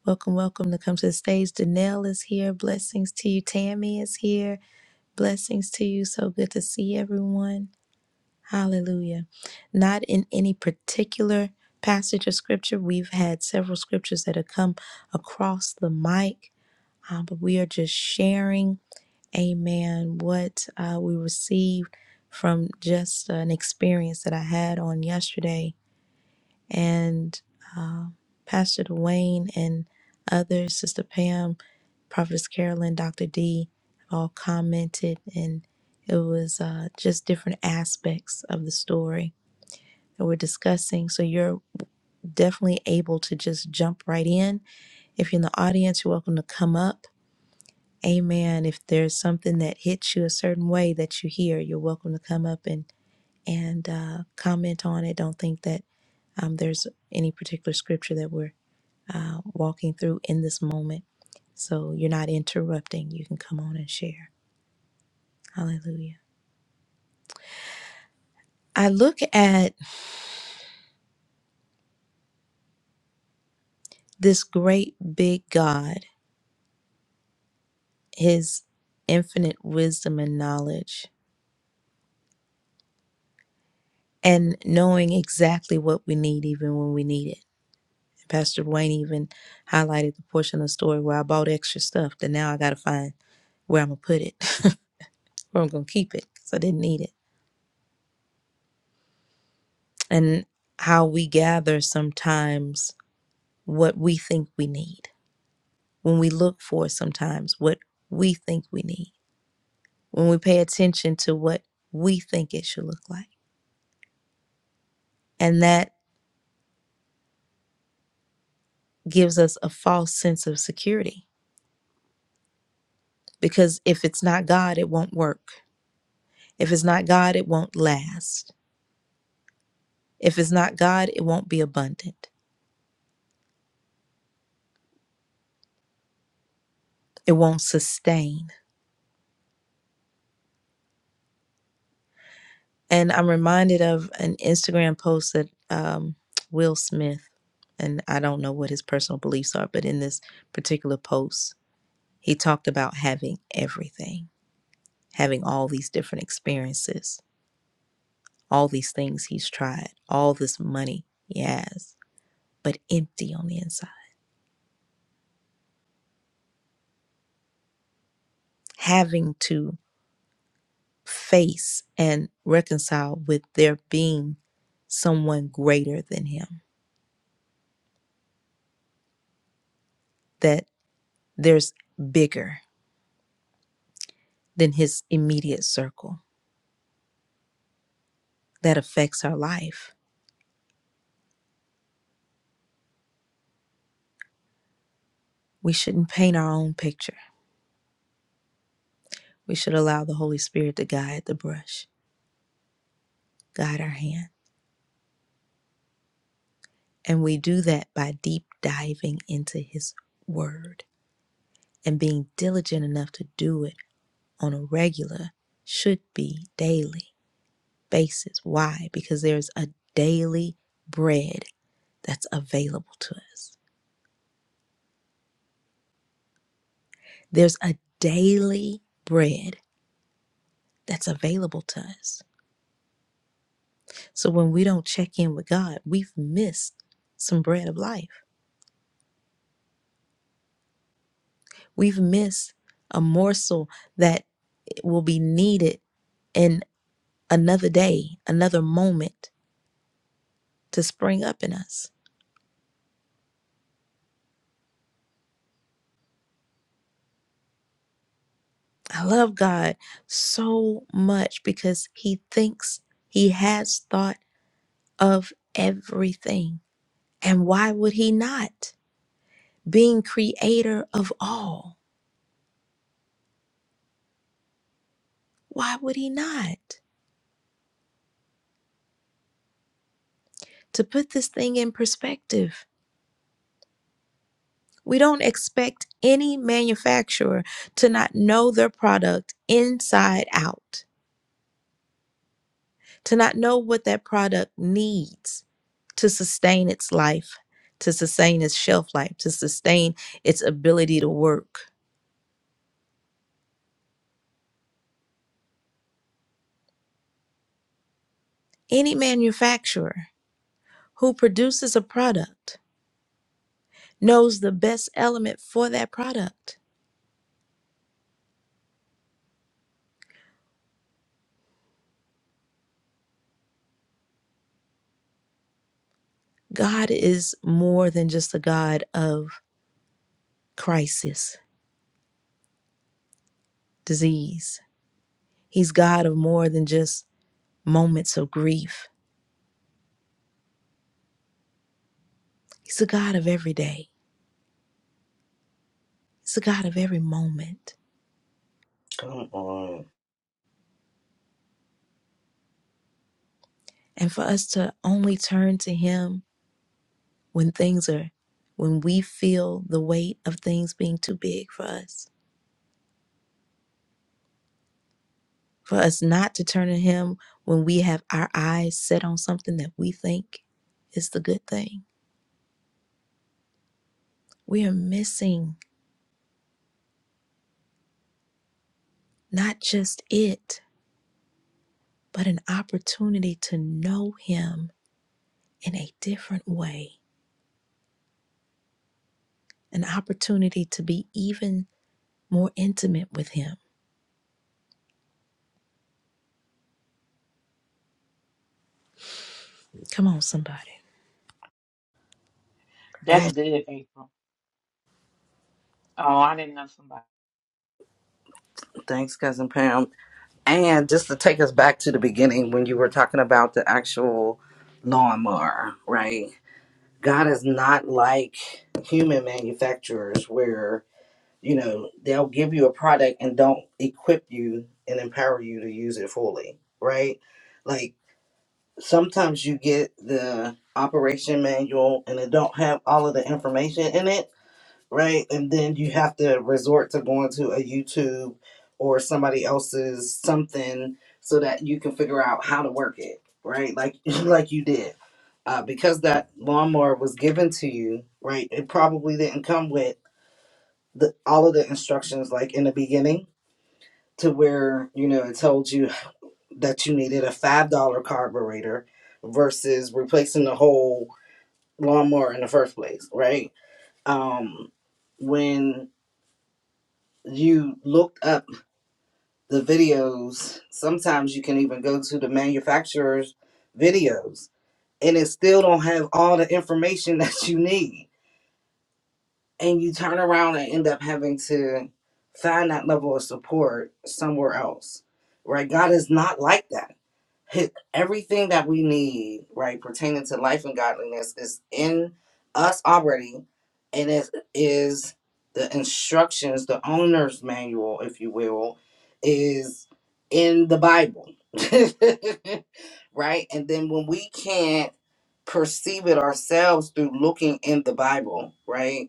[SPEAKER 1] Welcome, welcome to come to the stage. Danelle is here. Blessings to you. Tammy is here. Blessings to you. So good to see everyone. Hallelujah. Not in any particular passage of scripture. We've had several scriptures that have come across the mic, uh, but we are just sharing, amen, what uh, we received from just an experience that I had on yesterday. And uh, Pastor Dwayne and others, Sister Pam, Prophetess Carolyn, Dr. D all commented, and it was uh, just different aspects of the story that we're discussing. So you're definitely able to just jump right in. If you're in the audience, you're welcome to come up. Amen. If there's something that hits you a certain way that you hear, you're welcome to come up and and uh, comment on it. Don't think that um, there's any particular scripture that we're uh, walking through in this moment. So you're not interrupting. You can come on and share. Hallelujah. I look at this great big God, his infinite wisdom and knowledge, and knowing exactly what we need even when we need it. Pastor Wayne even highlighted the portion of the story where I bought extra stuff that now I got to find where I'm going to put it, where I'm going to keep it because I didn't need it. And how we gather sometimes what we think we need, when we look for sometimes what we think we need when we pay attention to what we think it should look like. And that gives us a false sense of security because if it's not God, it won't work. If it's not God, it won't last. If it's not God, it won't be abundant. It won't sustain. And I'm reminded of an Instagram post that um, Will Smith, and I don't know what his personal beliefs are, but in this particular post, he talked about having everything, having all these different experiences All these things he's tried, all this money he has, but empty on the inside. Having to face and reconcile with there being someone greater than him, that there's bigger than his immediate circle that affects our life. We shouldn't paint our own picture. We should allow the Holy Spirit to guide the brush, guide our hand. And we do that by deep diving into his word and being diligent enough to do it on a regular, should be daily basis. Why? Because there's a daily bread that's available to us. There's a daily bread that's available to us. So when we don't check in with God, we've missed some bread of life. We've missed a morsel that will be needed in another day, another moment to spring up in us. I love God so much because He thinks He has thought of everything. And why would He not? Being creator of all, why would He not? To put this thing in perspective, we don't expect any manufacturer to not know their product inside out. to not know what that product needs to sustain its life, to sustain its shelf life, to sustain its ability to work. Any manufacturer who produces a product knows the best element for that product. God is more than just a God of crisis, disease. He's God of more than just moments of grief. He's a God of every day. He's a God of every moment. And for us to only turn to Him when things are when we feel the weight of things being too big for us for us not to turn to him when we have our eyes set on something that we think is the good thing we are missing not just it but an opportunity to know him in a different way an opportunity to be even more intimate with him come on somebody
[SPEAKER 7] That's
[SPEAKER 4] And
[SPEAKER 7] good, April. Oh, I didn't know somebody.
[SPEAKER 4] thanks, cousin Pam. And just to take us back to the beginning when you were talking about the actual lawnmower, right? God is not like human manufacturers where, you know, they'll give you a product and don't equip you and empower you to use it fully, right? Like sometimes you get the operation manual and it don't have all of the information in it right? And then you have to resort to going to a YouTube or somebody else's something so that you can figure out how to work it, right? Like like you did. Uh, because that lawnmower was given to you, right? It probably didn't come with the, all of the instructions like in the beginning to where you know it told you that you needed a five dollar carburetor versus replacing the whole lawnmower in the first place, right? Um, when you looked up the videos sometimes you can even go to the manufacturer's videos and it still don't have all the information that you need and you turn around and end up having to find that level of support somewhere else right god is not like that His, everything that we need right pertaining to life and godliness is in us already and it is the instructions the owner's manual if you will is in the bible right and then when we can't perceive it ourselves through looking in the bible right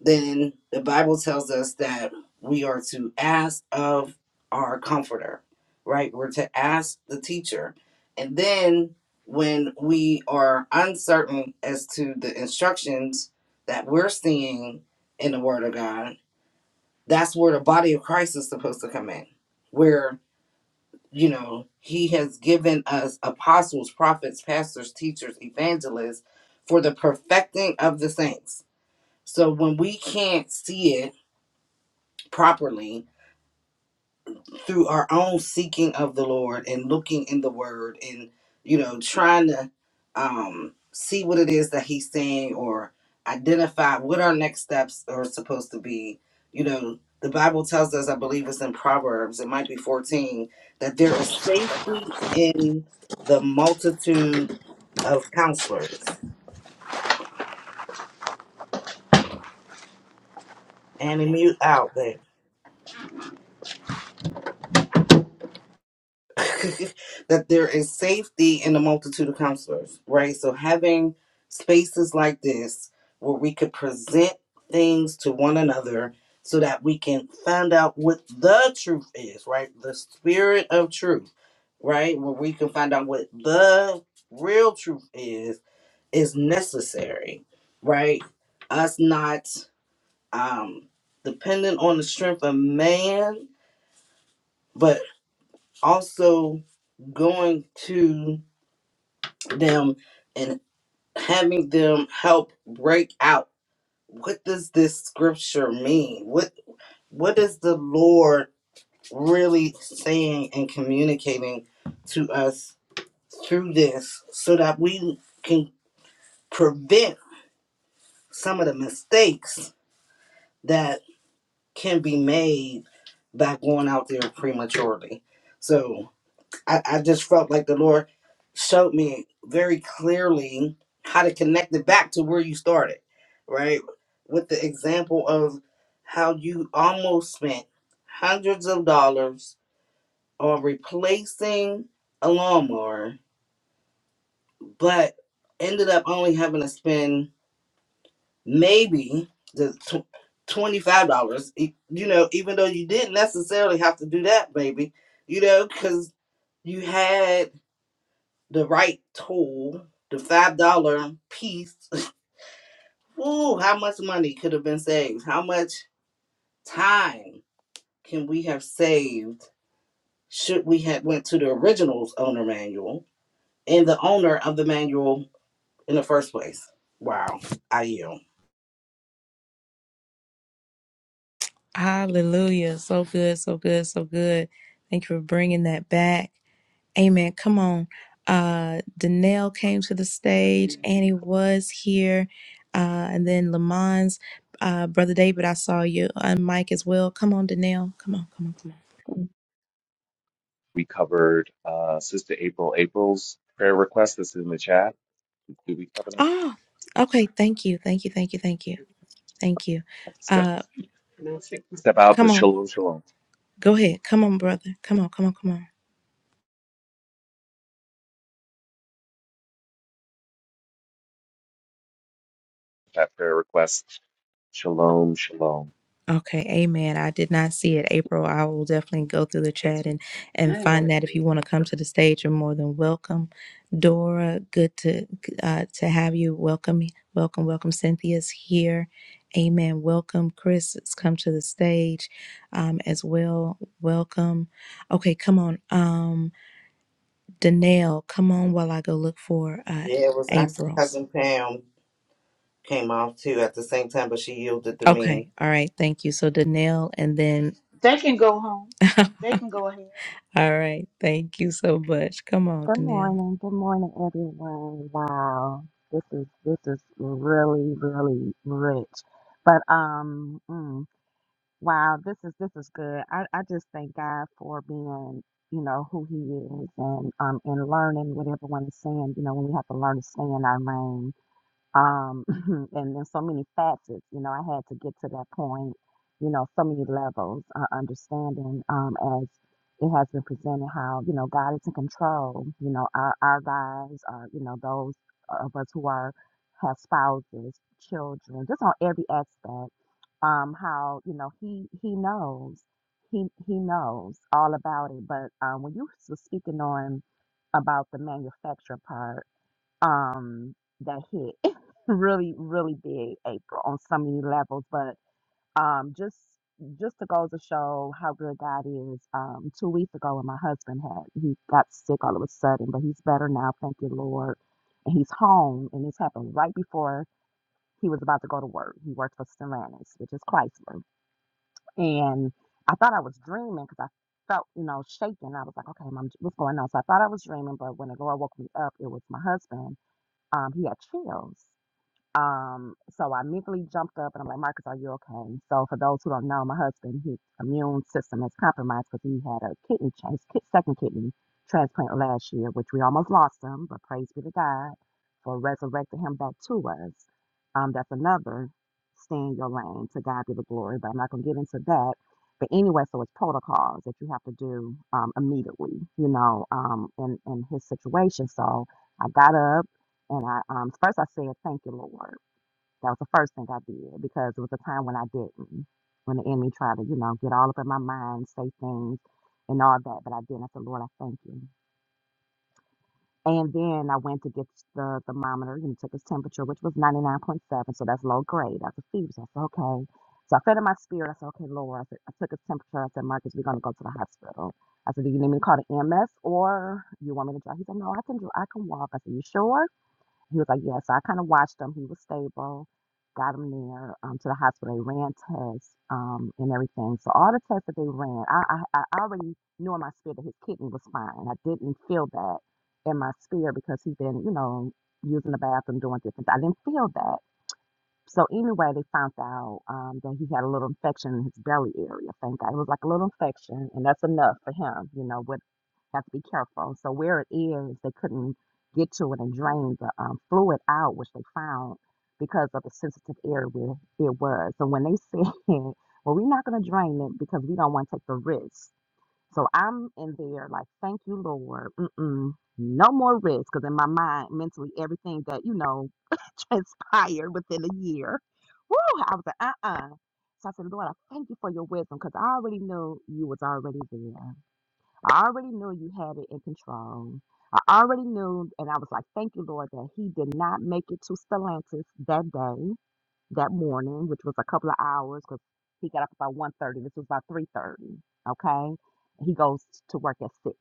[SPEAKER 4] then the Bible tells us that we are to ask of our comforter, right? We're to ask the teacher. And then when we are uncertain as to the instructions that we're seeing in the Word of God, that's where the body of Christ is supposed to come in, where, you know, He has given us apostles, prophets, pastors, teachers, evangelists for the perfecting of the saints. So when we can't see it, properly through our own seeking of the Lord and looking in the Word and you know trying to um, see what it is that He's saying or identify what our next steps are supposed to be. You know, the Bible tells us, I believe it's in Proverbs, it might be fourteen, that there is safety in the multitude of counselors. And mute out, baby. that there is safety in the multitude of counselors, right? So having spaces like this where we could present things to one another so that we can find out what the truth is, right? The spirit of truth, right? Where we can find out what the real truth is is necessary, right? Us not um dependent on the strength of man, but also going to them and having them help break out what does this scripture mean what what is the lord really saying and communicating to us through this so that we can prevent some of the mistakes that can be made by going out there prematurely so I, I just felt like the Lord showed me very clearly how to connect it back to where you started, right? With the example of how you almost spent hundreds of dollars on replacing a lawnmower, but ended up only having to spend maybe the tw- $25, e- you know, even though you didn't necessarily have to do that, baby, you know, because you had. the right tool, the five dollar piece. Ooh, how much money could have been saved? How much time can we have saved should we have went to the original's owner manual and the owner of the manual in the first place? Wow, I yield.
[SPEAKER 1] hallelujah so good so good so good thank you for bringing that back Amen. Come on. Uh Danelle came to the stage. Annie was here. Uh and then Lamont's uh brother David, I saw you on Mike as well. Come on, Danelle. Come on, come on, come on.
[SPEAKER 2] We covered uh, Sister April April's prayer request that's in the chat. Did we cover that?
[SPEAKER 1] Oh, okay. Thank you. Thank you. Thank you. Thank you. Thank you.
[SPEAKER 2] I have to step,
[SPEAKER 1] Uh
[SPEAKER 2] step out, but
[SPEAKER 1] come on.
[SPEAKER 2] shalom, shalom.
[SPEAKER 1] Go ahead. Come on, brother. Come on, come on, come on.
[SPEAKER 2] That prayer request. Shalom, shalom.
[SPEAKER 1] Okay, amen. I did not see it, April. I will definitely go through the chat and and find that. If you want to come to the stage, you're more than welcome. Dora, good to uh, to have you. Welcome, welcome, welcome. Cynthia's here. Amen. Welcome, Chris. has come to the stage um, as well. Welcome. Okay, come on, um, Danelle. Come on, while I go look for uh,
[SPEAKER 4] Yeah, it was actually
[SPEAKER 1] April's.
[SPEAKER 4] cousin Pam came off too at the same time, but she yielded to me.
[SPEAKER 1] Okay, all right. Thank you. So Danelle, and then
[SPEAKER 7] They can go home. They can go ahead.
[SPEAKER 1] All right. Thank you so much. Come on,
[SPEAKER 8] Good
[SPEAKER 1] Danelle.
[SPEAKER 8] morning, good morning, everyone. Wow, this is this is really, really rich. But um, mm, wow, this is this is good. I I just thank God for being, you know, who He is, and um, and learning what everyone is saying. You know, when we have to learn to stay in our lane um, and in so many facets. You know, I had to get to that point, you know, so many levels, uh, understanding um, as it has been presented how, you know, God is in control, you know, our, our lives, uh, you know, those of us who are, have spouses, children, just on every aspect, um, how, you know, he, he knows, he, he knows all about it. But um, when you were speaking on about the manufacturer part, um, that hit really, really big April on so many levels. But um, just just to go to show how good God is. Um, two weeks ago, when my husband had he got sick all of a sudden, but he's better now. Thank you, Lord. And he's home, and this happened right before he was about to go to work. He worked for Stellantis, which is Chrysler, and I thought I was dreaming because I felt, you know, shaking. I was like, okay, mom, what's going on? So I thought I was dreaming, but when the Lord woke me up, it was my husband um, he had chills. Um, so I mentally jumped up and I'm like, Marcus, are you okay? So for those who don't know, my husband, his immune system is compromised because he had a kidney, tra- his ki- second kidney transplant last year, which we almost lost him, but praise be to God for resurrecting him back to us. Um, that's another stay in your lane to God be the glory, but I'm not going to get into that. But anyway, so it's protocols that you have to do um, immediately, you know, um, in, in his situation. So I got up and I um first I said, Thank you, Lord. That was the first thing I did because it was a time when I didn't. When the enemy tried to, you know, get all up in my mind, say things and all that, but I didn't. I said, Lord, I thank you. And then I went to get the thermometer and took his temperature, which was 99.7. So that's low grade. That's a fever. So I said, okay. So I fed in my spirit. I said, okay, Lord. I, said, I took his temperature. I said, Marcus, we're going to go to the hospital. I said, do you need me to call the MS or you want me to drive? He said, no, I can, dri- I can walk. I said, you sure? He was like, yeah, so I kind of watched him. He was stable, got him there um, to the hospital. They ran tests um, and everything. So all the tests that they ran, I, I, I already knew in my spirit that his kidney was fine. I didn't feel that in my spirit because he'd been, you know, using the bathroom, doing different. I didn't feel that. So anyway, they found out um, that he had a little infection in his belly area. Thank God, it was like a little infection, and that's enough for him, you know, with have to be careful. So where it is, they couldn't get to it and drain the um, fluid out, which they found because of the sensitive area where it was. So when they said, "Well, we're not going to drain it because we don't want to take the risk," so I'm in there like, "Thank you, Lord, Mm-mm, no more risk," because in my mind, mentally, everything that you know transpired within a year. Woo! I was like, uh-uh. So I said, Lord, I thank you for your wisdom because I already knew you was already there. I already knew you had it in control. I already knew, and I was like, thank you, Lord, that he did not make it to Stellantis that day, that morning, which was a couple of hours because he got up about one thirty. This was about 3.30, okay? He goes to work at 6.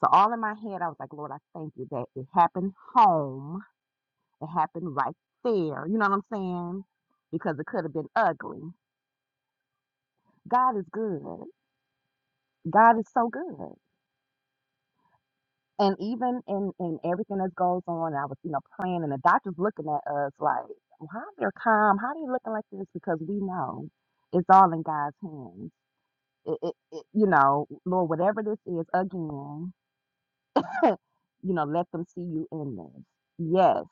[SPEAKER 8] So all in my head, I was like, Lord, I thank you that it happened home. It happened right there. You know what I'm saying? Because it could have been ugly. God is good. God is so good. And even in, in everything that goes on, I was, you know, praying and the doctor's looking at us like, why are they calm? How are you looking like this? Because we know it's all in God's hands. It, it, it, you know, Lord, whatever this is, again, you know, let them see you in this. Yes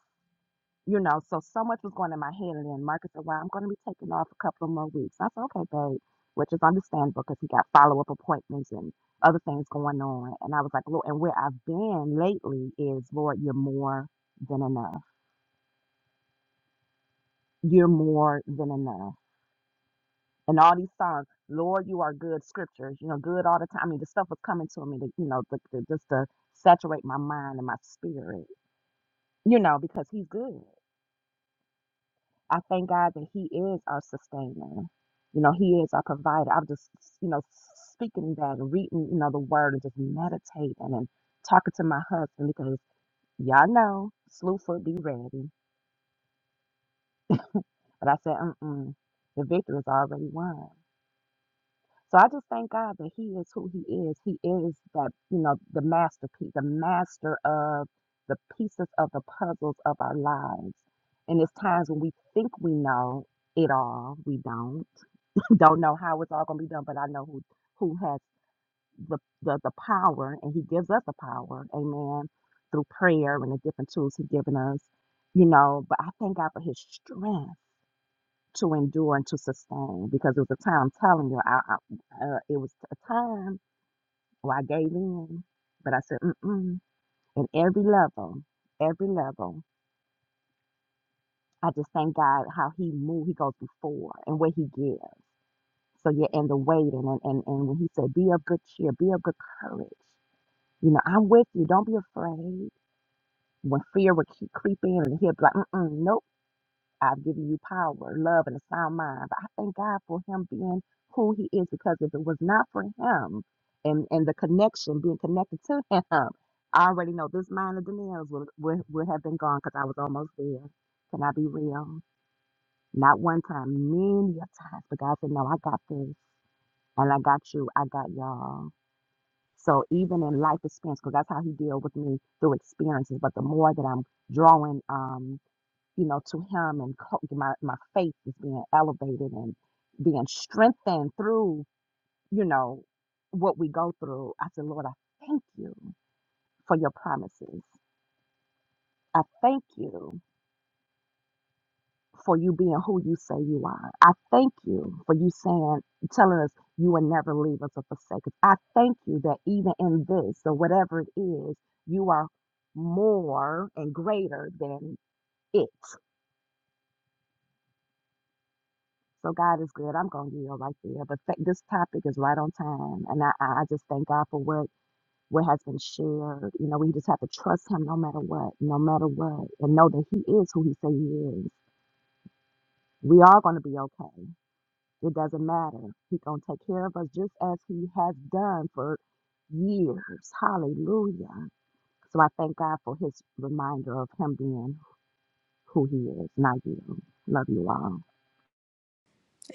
[SPEAKER 8] you know, so so much was going in my head. And then Marcus said, Well, I'm going to be taking off a couple of more weeks. I said, Okay, babe, which is understandable because he got follow up appointments and other things going on. And I was like, Lord, and where I've been lately is, Lord, you're more than enough. You're more than enough. And all these songs, Lord, you are good scriptures, you know, good all the time. I mean, the stuff was coming to me, to, you know, the, the, just to saturate my mind and my spirit, you know, because he's good. I thank God that He is our sustainer. You know, He is our provider. I'm just, you know, speaking that and reading, you know, the word and just meditating and talking to my husband because y'all know Slewfoot be ready. But I said, mm-mm, the victory is already won. So I just thank God that He is who He is. He is that, you know, the masterpiece, the master of the pieces of the puzzles of our lives. And it's times when we think we know it all, we don't don't know how it's all going to be done, but I know who who has the, the the power, and He gives us the power, Amen, through prayer and the different tools He's given us, you know. But I thank God for His strength to endure and to sustain, because it was a time I'm telling you, I, I uh, it was a time where I gave in, but I said, mm-mm. in every level, every level. I just thank God how He moved. He goes before and where He gives. So you're in the waiting. And, and, and when he said, be of good cheer, be of good courage. You know, I'm with you. Don't be afraid. When fear would keep creeping and he'll be like, Mm-mm, nope, I've given you power, love, and a sound mind. But I thank God for him being who he is because if it was not for him and, and the connection, being connected to him, I already know this mind of Daniels would, would, would have been gone because I was almost there. Can I be real? Not one time, many a times. But God said, no, I got this and I got you, I got y'all. So even in life experience, because that's how he deal with me through experiences. But the more that I'm drawing, um, you know, to him and co- my my faith is being elevated and being strengthened through, you know, what we go through. I said, Lord, I thank you for your promises. I thank you for you being who you say you are. I thank you for you saying, telling us you will never leave us or forsake us. I thank you that even in this or whatever it is, you are more and greater than it. So God is good. I'm going to yield right there. But th- this topic is right on time. And I, I I just thank God for what, what has been shared. You know, we just have to trust him no matter what, no matter what, and know that he is who he say he is. We are going to be okay It doesn't matter. He going to take care of us just as he has done for years. Hallelujah. So I thank God for his reminder of him being who he is, not you. Love you all.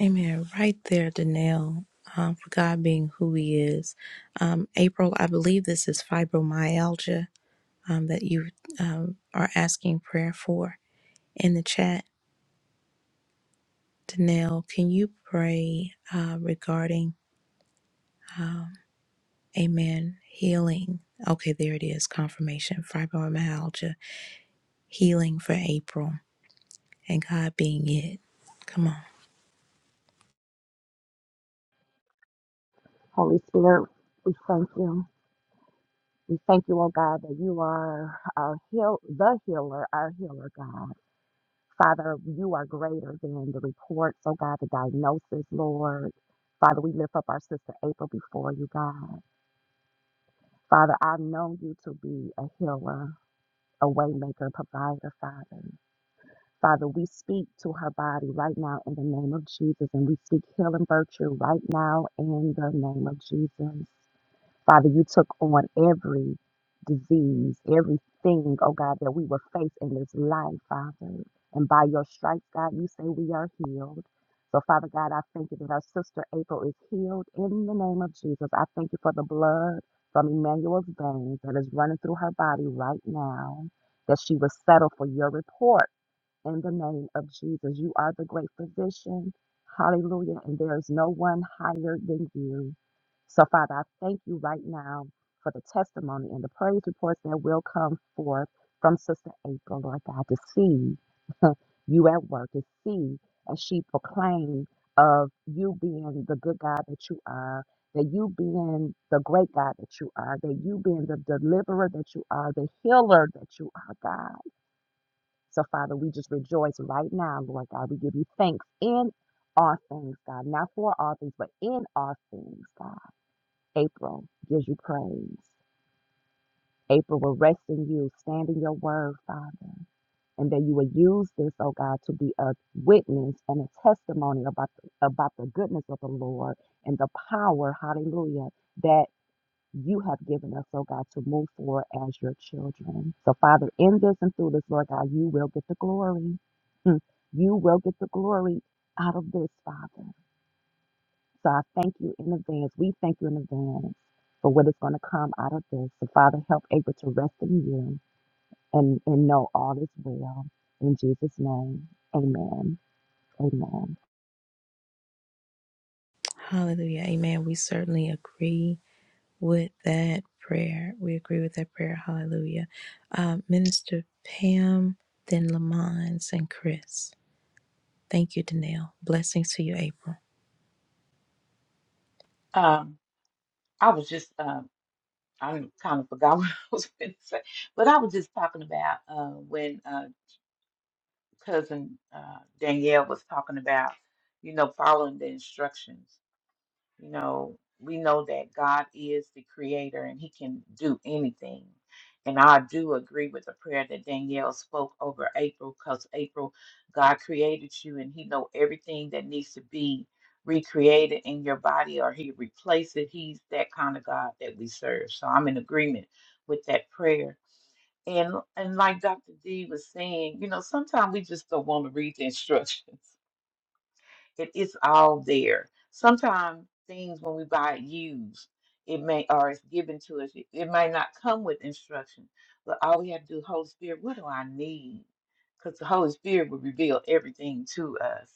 [SPEAKER 1] Amen. Right there, Danelle. Um, for God being who He is. Um, April, I believe this is fibromyalgia um, that you um, are asking prayer for in the chat. Danelle, can you pray uh, regarding, um, amen, healing? Okay, there it is. Confirmation. Fibromyalgia, healing for April, and God being it. Come on.
[SPEAKER 8] Holy Spirit, we thank you. We thank you, oh God, that you are our heal, the healer, our healer, God. Father, you are greater than the reports, oh God, the diagnosis, Lord. Father, we lift up our sister April before you, God. Father, I know you to be a healer. a waymaker, provider, Father. Father, we speak to her body right now in the name of Jesus, and we speak healing virtue right now in the name of Jesus. Father, you took on every disease, everything, oh God, that we will face in this life, Father. And by your stripes, God, you say we are healed. So, Father God, I thank you that our sister April is healed in the name of Jesus. I thank you for the blood from Emmanuel's veins that is running through her body right now, that she will settle for your report in the name of Jesus. You are the great physician. Hallelujah. And there is no one higher than you. So, Father, I thank you right now for the testimony and the praise reports that will come forth from Sister April, Lord God, to see you at work, to see as she proclaimed of you being the good God that you are, that you being the great God that you are, that you being the deliverer that you are, the healer that you are, God. So, Father, we just rejoice right now, Lord God. We give you thanks in all things, God. Not for all things, but in all things, God. April gives you praise. April will rest in you, stand in your word, Father. And that you will use this, oh God, to be a witness and a testimony about the, about the goodness of the Lord and the power, hallelujah, That you have given us, oh God, to move forward as your children. So, Father, in this and through this, Lord God, you will get the glory. Mm. You will get the glory out of this, Father. So I thank you in advance. We thank you in advance for what is going to come out of this. So, Father, help April to rest in you and, and know all is well. In Jesus' name, amen. Amen.
[SPEAKER 1] Hallelujah. Amen. We certainly agree with that prayer. We agree with that prayer. Hallelujah. Uh, Minister Pam, then Lamons and Chris. Thank you, Danelle. Blessings to you, April.
[SPEAKER 7] Um, I was just um, I kind of forgot what I was going to say, but I was just talking about uh, when uh, cousin uh, Danielle was talking about, you know, following the instructions. You know, we know that God is the creator and he can do anything. And I do agree with the prayer that Danielle spoke over April because April, God created you and he know everything that needs to be recreated in your body or he replaces it. He's that kind of God that we serve. So I'm in agreement with that prayer and and like Dr. D was saying, you know, sometimes we just don't want to read the instructions. it's all there. Sometimes things when we buy it used, it may or it's given to us. It, it may not come with instructions. but all we have to do, Holy Spirit, what do I need? Because the Holy Spirit will reveal everything to us,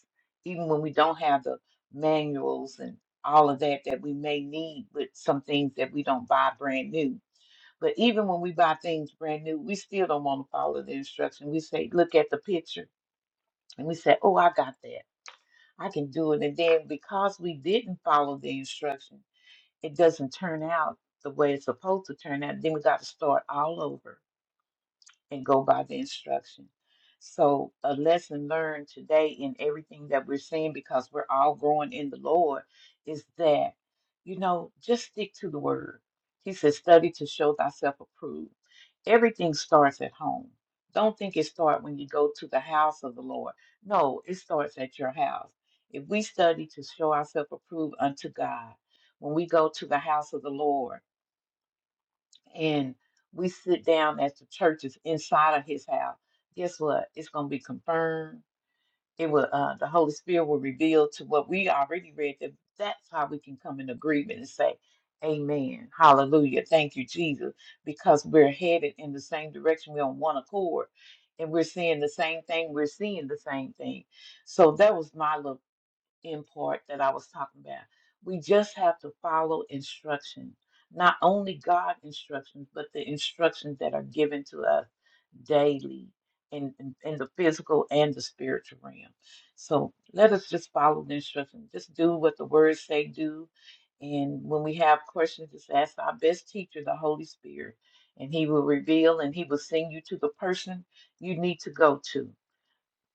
[SPEAKER 7] even when we don't have the manuals and all of that that we may need with some things that we don't buy brand new but even when we buy things brand new, we still don't want to follow the instruction. We say, look at the picture. And we say, oh, I got that. I can do it. And then because we didn't follow the instruction, it doesn't turn out the way it's supposed to turn out. Then we got to start all over and go by the instruction. So, a lesson learned today in everything that we're seeing, because we're all growing in the Lord, is that, you know, just stick to the word. He says, study to show thyself approved. Everything starts at home. Don't think it starts when you go to the house of the Lord. No, it starts at your house. If we study to show ourselves approved unto God, when we go to the house of the Lord, and we sit down at the churches inside of his house, guess what? It's going to be confirmed. It will. Uh, the Holy Spirit will reveal to what we already read. That that's how we can come in agreement and say, "Amen, Hallelujah, thank you, Jesus," because we're headed in the same direction. We're on one accord, and we're seeing the same thing. We're seeing the same thing. So that was my little in part that I was talking about. We just have to follow instruction, not only God instructions, but the instructions that are given to us daily in, in, in the physical and the spiritual realm. So let us just follow the instructions. Just do what the words say do. And when we have questions, just ask our best teacher, the Holy Spirit, and he will reveal and he will send you to the person you need to go to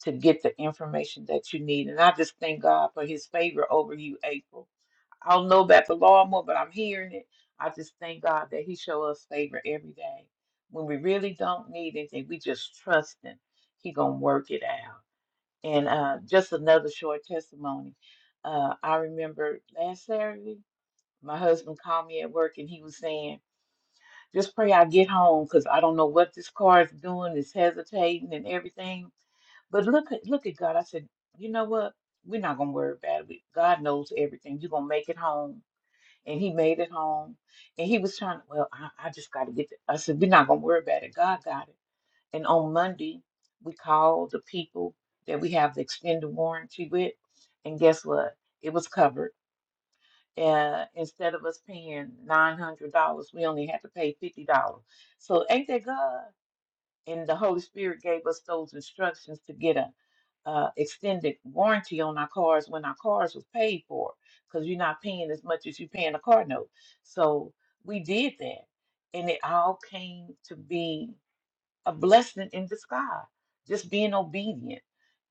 [SPEAKER 7] to get the information that you need. And I just thank God for his favor over you, April. I don't know about the law more, but I'm hearing it. I just thank God that he show us favor every day. When we really don't need anything, we just trust him. He gonna work it out. And uh, just another short testimony. Uh, I remember last Saturday, my husband called me at work and he was saying, just pray I get home because I don't know what this car is doing. It's hesitating and everything but look at look at God. I said, you know what? We're not gonna worry about it. God knows everything. You're gonna make it home. And he made it home. And he was trying to, well, I, I just gotta get it. I said, we're not gonna worry about it. God got it. And on Monday, we called the people that we have the extended warranty with. And guess what? It was covered. Uh, instead of us paying nine hundred dollars, we only had to pay fifty dollars. So ain't that God? and the Holy Spirit gave us those instructions to get a uh, extended warranty on our cars when our cars was paid for, because you're not paying as much as you're paying a car note. So we did that, and it all came to be a blessing in disguise, just being obedient.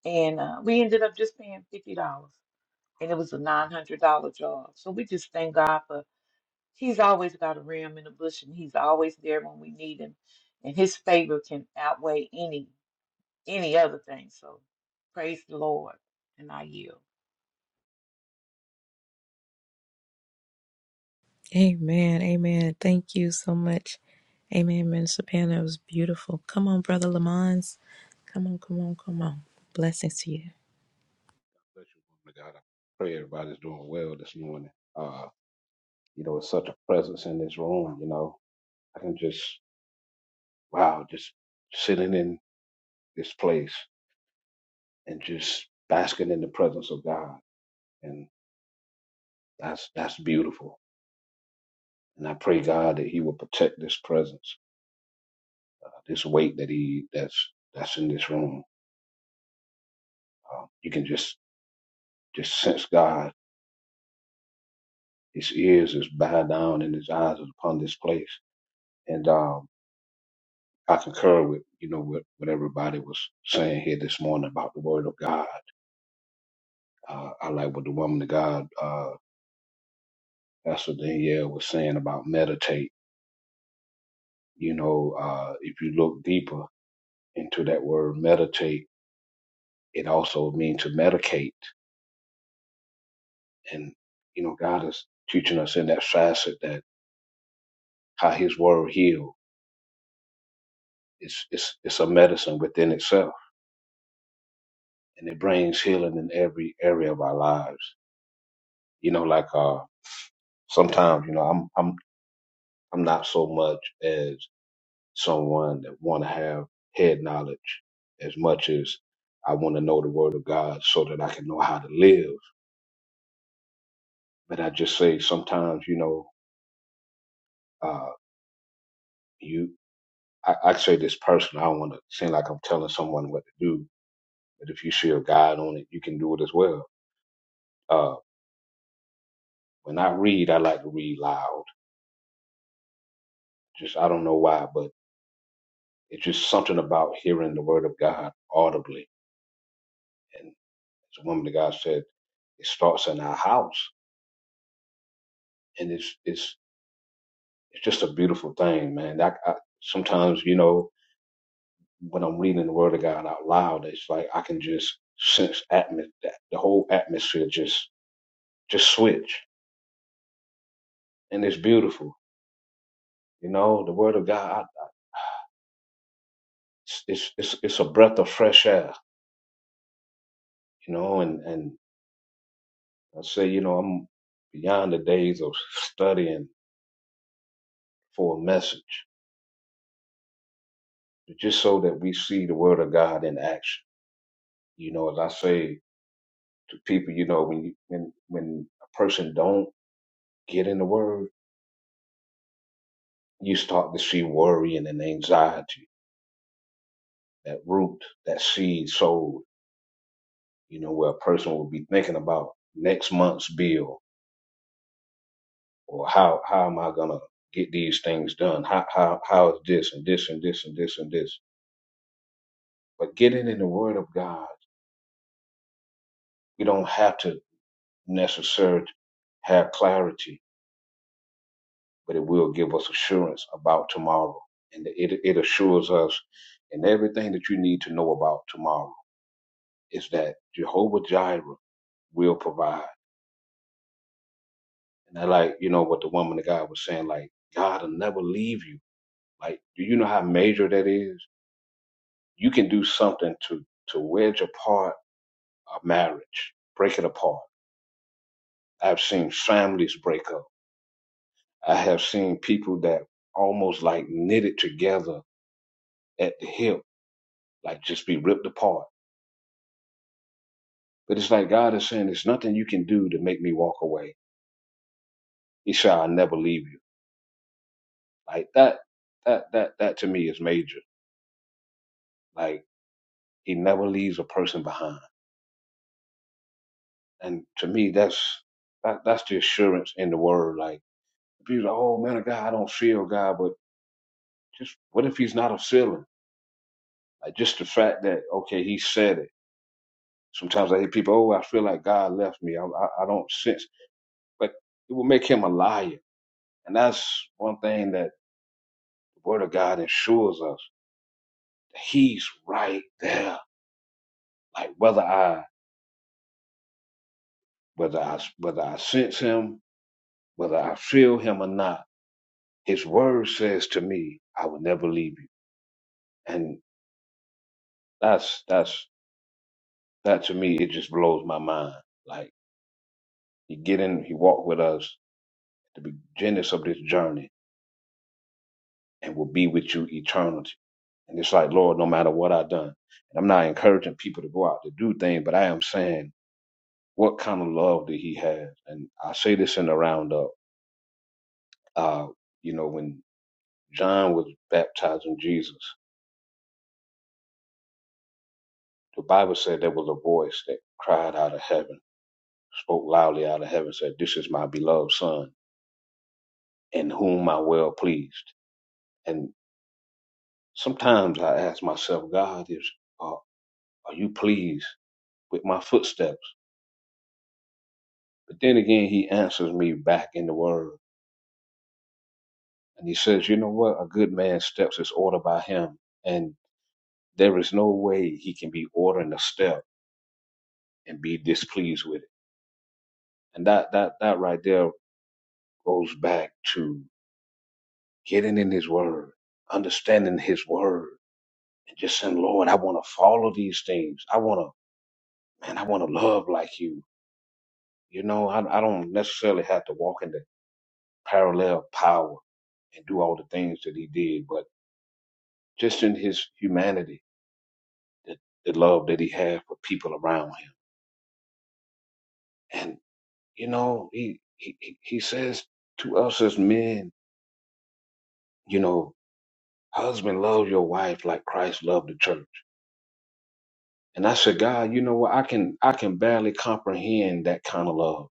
[SPEAKER 7] And uh, we ended up just paying fifty dollars, and it was a nine hundred dollar job. So we just thank God for He's always got a ram in the bush, and He's always there when we need Him, and His favor can outweigh any any other thing. So praise the Lord, and I yield.
[SPEAKER 1] Amen. Amen. Thank you so much. Amen, Minister Pam. That was beautiful. Come on, Brother Lamons. Come on, come on, come on. Blessings to you.
[SPEAKER 9] Bless you, woman of God. I pray everybody's doing well this morning. Uh, you know, it's such a presence in this room, you know. I can just wow, just sitting in this place and just basking in the presence of God. And that's that's beautiful. And I pray God that He will protect this presence, uh, this weight that He that's that's in this room. Um, you can just just sense God. His ears is bowed down and his eyes is upon this place. And um I concur with you know what, what everybody was saying here this morning about the word of God. Uh, I like what the woman of God, uh, Pastor Danielle, was saying about meditate. You know, uh, if you look deeper into that word meditate, it also means to medicate. And you know, God is teaching us in that facet that how His word heals. It's it's it's a medicine within itself, and it brings healing in every area of our lives. You know, like uh, sometimes you know I'm I'm I'm not so much as someone that want to have head knowledge as much as I want to know the word of God so that I can know how to live. But I just say sometimes, you know, uh, you, I, I say this personally, I don't want to seem like I'm telling someone what to do, but if you see a guide on it, you can do it as well. Uh, when I read, I like to read loud. Just, I don't know why, but it's just something about hearing the word of God audibly. And as a woman of God said, it starts in our house. and it's it's it's just a beautiful thing, man. I, I sometimes you know when I'm reading the Word of God out loud, it's like I can just sense atmos that the whole atmosphere just just switch, and it's beautiful. You know, the Word of God, it's it's it's, it's a breath of fresh air. You know, and and I say, you know, I'm beyond the days of studying for a message, but just so that we see the Word of God in action. You know, as I say to people, you know, when you when when a person don't get in the word, you start to see worry and an anxiety, that root, that seed sold, you know, where a person will be thinking about next month's bill or how, how am I going to get these things done? How, how, how is this and this and this and this and this? But getting in the word of God, we don't have to necessarily have clarity, but it will give us assurance about tomorrow. And it, it assures us in everything that you need to know about tomorrow is that Jehovah Jireh will provide. And I like, you know, what the woman of God was saying, like, God will never leave you. Like, do you know how major that is? You can do something to to wedge apart a marriage, break it apart. I've seen families break up. I have seen people that almost like knitted together at the hip, like just be ripped apart. But it's like God is saying, there's nothing you can do to make me walk away. He said, I'll never leave you. Like that, that, that, that to me is major. Like He never leaves a person behind. And to me, that's that, that's the assurance in the word. Like, if you're like, oh man, God, I don't feel God, but just what if he's not a feeling? Like, just the fact that okay, he said it. Sometimes I hear people, oh, I feel like God left me. I, I, I don't sense, but it will make him a liar. And that's one thing that the Word of God assures us. He's right there. Like whether I whether I whether I sense him, whether I feel him or not His word says to me, I will never leave you. And that's that's that to me, it just blows my mind. Like he get in, he walked with us at the beginnings of this journey and will be with you eternity. And it's like, Lord, no matter what I done. And I'm not encouraging people to go out to do things, but I am saying what kind of love did he have? And I say this in the roundup. Uh, you know, when John was baptizing Jesus, the Bible said there was a voice that cried out of heaven. spoke loudly out of heaven, said, This is my beloved son, in whom I well pleased. And sometimes I ask myself, God, is are are you pleased with my footsteps? But then again he answers me back in the word. And he says, You know what? A good man's steps is ordered by him. And there is no way he can be ordering a step and be displeased with it. And that that that right there goes back to getting in his word, understanding his word and just saying, Lord, I want to follow these things. I want to, man, I want to love like you. You know, I, I don't necessarily have to walk in the parallel power and do all the things that he did, but just in his humanity, the, the love that he had for people around him. And, you know, he, he, he he says to us as men, you know, husband, love your wife like Christ loved the church. And I said, God, you know what? I can, I can barely comprehend that kind of love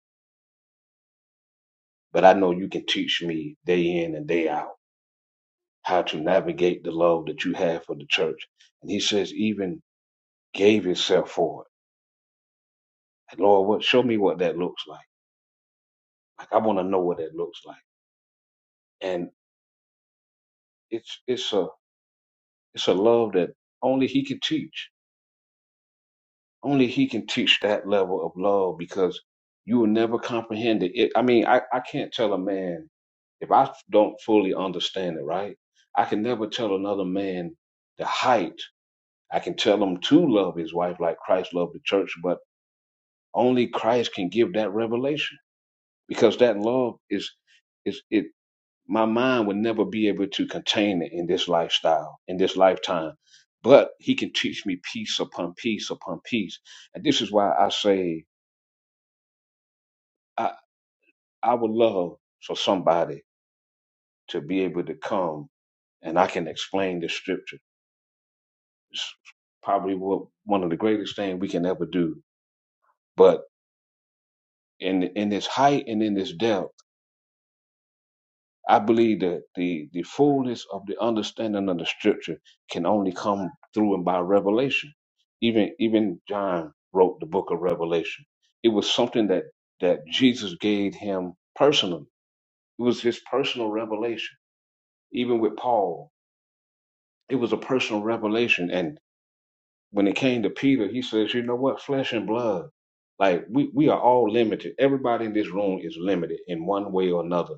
[SPEAKER 9] but I know you can teach me day in and day out how to navigate the love that you have for the church. And he says, even gave himself for it. And Lord, what show me what that looks like. Like I want to know what that looks like. And it's it's a it's a love that only he can teach. Only he can teach that level of love because you will never comprehend it. it I mean, I, I can't tell a man if I don't fully understand it, right? I can never tell another man the height I can tell him to love his wife like Christ loved the church, but only Christ can give that revelation because that love is is it my mind would never be able to contain it in this lifestyle, in this lifetime. But he can teach me piece upon piece upon piece. And this is why I say I, I would love for somebody to be able to come and I can explain the scripture. It's probably what, one of the greatest things we can ever do. But in in this height and in this depth, I believe that the, the fullness of the understanding of the scripture can only come through and by revelation. Even even John wrote the book of Revelation. It was something that that Jesus gave him personally. It was his personal revelation. Even with Paul, it was a personal revelation. And when it came to Peter, he says, You know what? Flesh and blood. Like we, we are all limited. Everybody in this room is limited in one way or another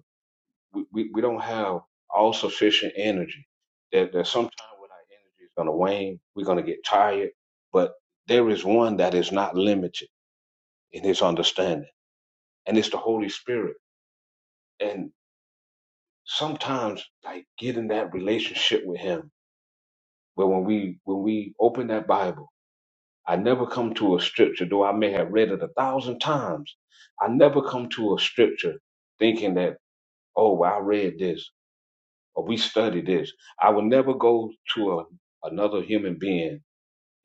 [SPEAKER 9] we, we, we don't have all sufficient energy. That that sometimes when our energy is gonna wane, we're gonna get tired. But there is one that is not limited in his understanding, and it's the Holy Spirit. And sometimes like get in that relationship with him, But when we when we open that Bible, I never come to a scripture, though I may have read it a thousand times, I never come to a scripture thinking that, oh well, I read this. or we study this. I will never go to a, another human being.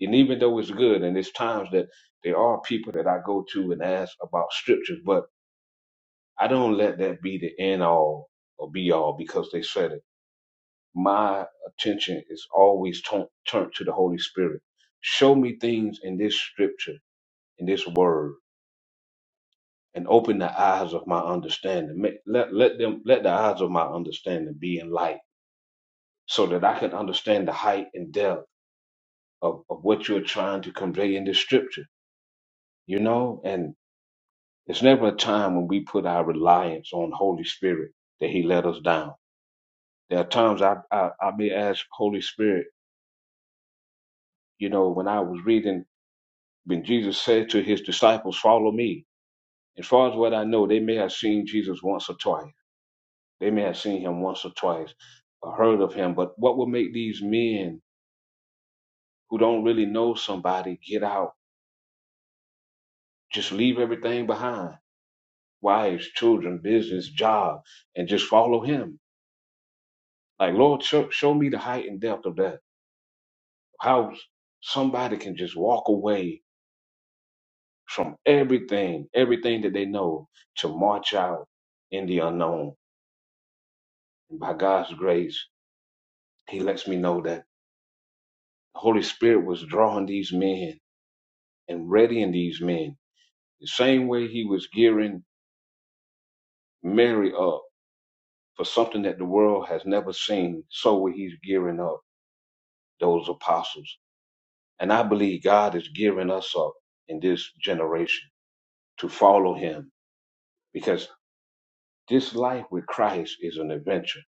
[SPEAKER 9] And even though it's good, and there's times that there are people that I go to and ask about scriptures, but I don't let that be the end all or be all because they said it. My attention is always ton- turned to the Holy Spirit. Show me things in this scripture, in this word, and open the eyes of my understanding. Make, let, let them, let the eyes of my understanding be enlightened so that I can understand the height and depth of, of what you're trying to convey in the scripture, you know? And it's never a time when we put our reliance on Holy Spirit that He let us down. There are times I, I, I may ask Holy Spirit, you know, when I was reading, when Jesus said to His disciples, Follow me. As far as what I know, they may have seen Jesus once or twice. They may have seen Him once or twice or heard of Him. But what will make these men who don't really know somebody get out, just leave everything behind? wives, children, business, job, and just follow him. Like, Lord, show, show me the height and depth of that. How somebody can just walk away from everything, everything that they know to march out in the unknown. And by God's grace, he lets me know that the Holy Spirit was drawing these men and readying these men the same way he was gearing Mary up for something that the world has never seen. So he's gearing up those apostles. And I believe God is gearing us up in this generation to follow him because this life with Christ is an adventure.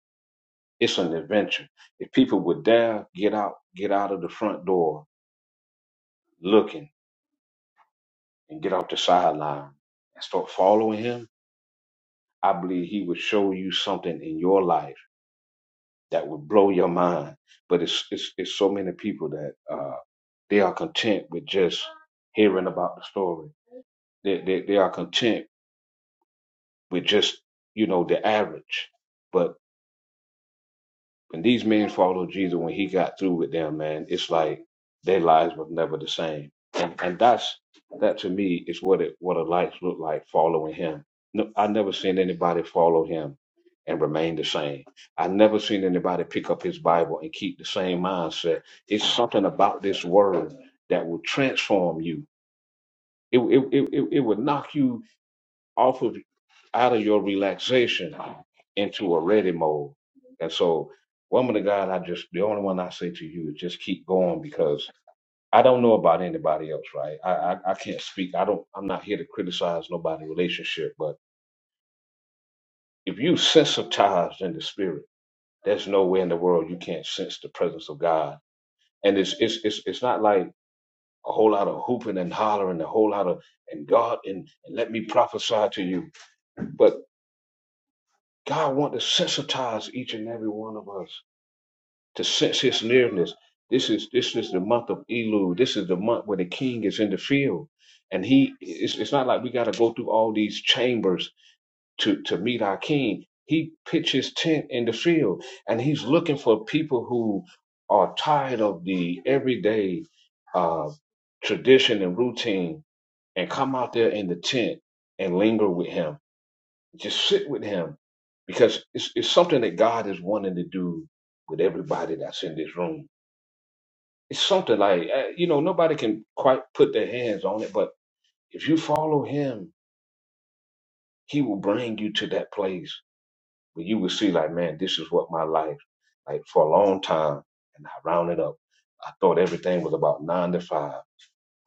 [SPEAKER 9] It's an adventure. If people would dare get out, get out of the front door looking and get off the sideline and start following him, I believe he would show you something in your life that would blow your mind. But it's it's, it's so many people that uh, they are content with just hearing about the story. They, they, they are content with just you know the average. But when these men follow Jesus, when he got through with them, man, it's like their lives were never the same. And and that's that to me is what it what a life looked like following him. No, I never seen anybody follow him and remain the same. I never seen anybody pick up his Bible and keep the same mindset. It's something about this word that will transform you. It it it, it it will knock you off of out of your relaxation into a ready mode. And so, woman of God, I just the only one I say to you is just keep going because I don't know about anybody else, right? I I, I can't speak. I don't. I'm not here to criticize nobody's relationship, but if you sensitized in the spirit, there's no way in the world you can't sense the presence of God. And it's it's it's it's not like a whole lot of hooping and hollering, a whole lot of and God and, and let me prophesy to you. But God wants to sensitize each and every one of us to sense his nearness. This is this is the month of Elul. This is the month where the king is in the field, and he it's, it's not like we got to go through all these chambers to to meet our king. He pitches his tent in the field, and he's looking for people who are tired of the everyday uh, tradition and routine, and come out there in the tent and linger with him, just sit with him, because it's it's something that God is wanting to do with everybody that's in this room it's something like uh, you know nobody can quite put their hands on it, but if you follow him, he will bring you to that place where you will see like, man, this is what my life like for a long time, and I rounded up. I thought everything was about nine to five.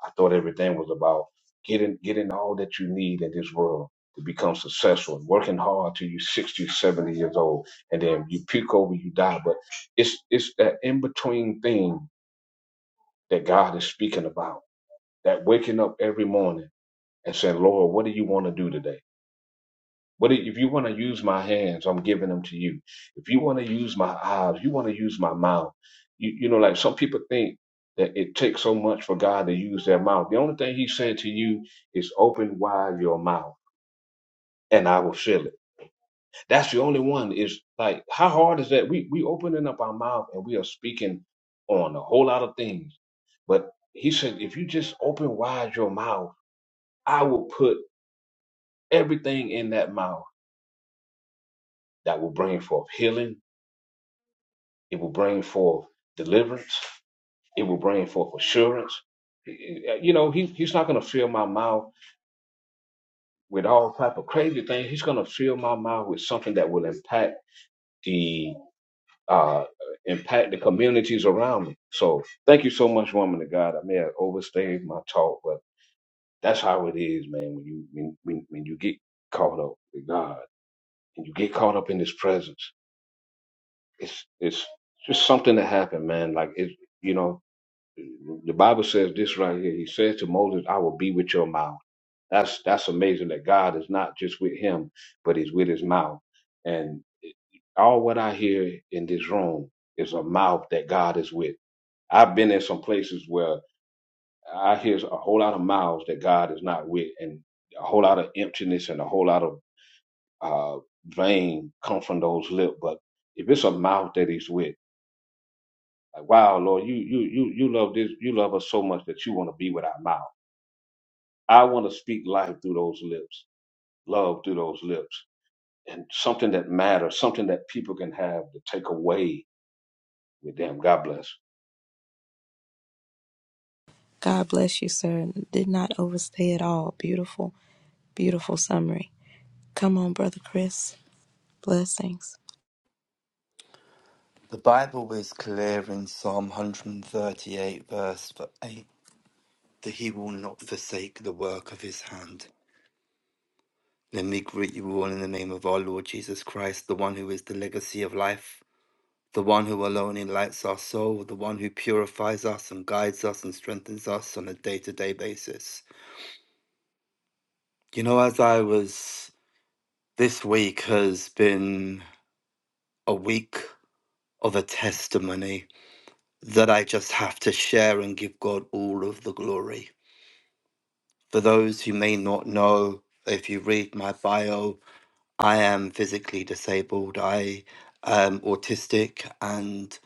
[SPEAKER 9] I thought everything was about getting getting all that you need in this world to become successful and working hard till you're 60, seventy years old, and then you puke over, you die. But it's it's that in between thing that God is speaking about that waking up every morning and saying, Lord, what do you want to do today? What do- if you want to use my hands, I'm giving them to you. If you want to use my eyes, you want to use my mouth. You, you know, like some people think that it takes so much for God to use their mouth. The only thing He's saying to you is open wide your mouth and I will fill it. That's the only one is like, how hard is that? We, we opening up our mouth and we are speaking on a whole lot of things. But He said, if you just open wide your mouth, I will put everything in that mouth that will bring forth healing. It will bring forth deliverance. It will bring forth assurance. You know, he, he's not going to fill my mouth with all type of crazy things. He's going to fill my mouth with something that will impact the uh, impact the communities around me. So thank you so much, woman of God. I may have overstayed my talk, but that's how it is, man. When you when, when, when you get caught up with God and you get caught up in His presence it's it's just something that happened, man. Like it, you know, the Bible says this right here. He said to Moses, "I will be with your mouth." That's that's amazing that God is not just with him, but He's with His mouth. And all what I hear in this room is a mouth that God is with. I've been in some places where I hear a whole lot of mouths that God is not with, and a whole lot of emptiness and a whole lot of uh, vain come from those lips. But if it's a mouth that He's with Like, wow, Lord, you you you you love this, you love us so much that you want to be with our mouth. I want to speak life through those lips, love through those lips, and something that matters, something that people can have to take away with them. God bless.
[SPEAKER 1] God bless you, sir. Did not overstay at all. Beautiful, beautiful summary. Come on, Brother Chris. Blessings.
[SPEAKER 10] The Bible is clear in Psalm 138, verse 8, that he will not forsake the work of his hand. Let me greet you all in the name of our Lord Jesus Christ, the one who is the legacy of life, the one who alone enlightens our soul, the one who purifies us and guides us and strengthens us on a day to day basis. You know, as I was, this week has been a week of a testimony that I just have to share and give God all of the glory For those who may not know, if you read my bio, I am physically disabled. I am autistic, and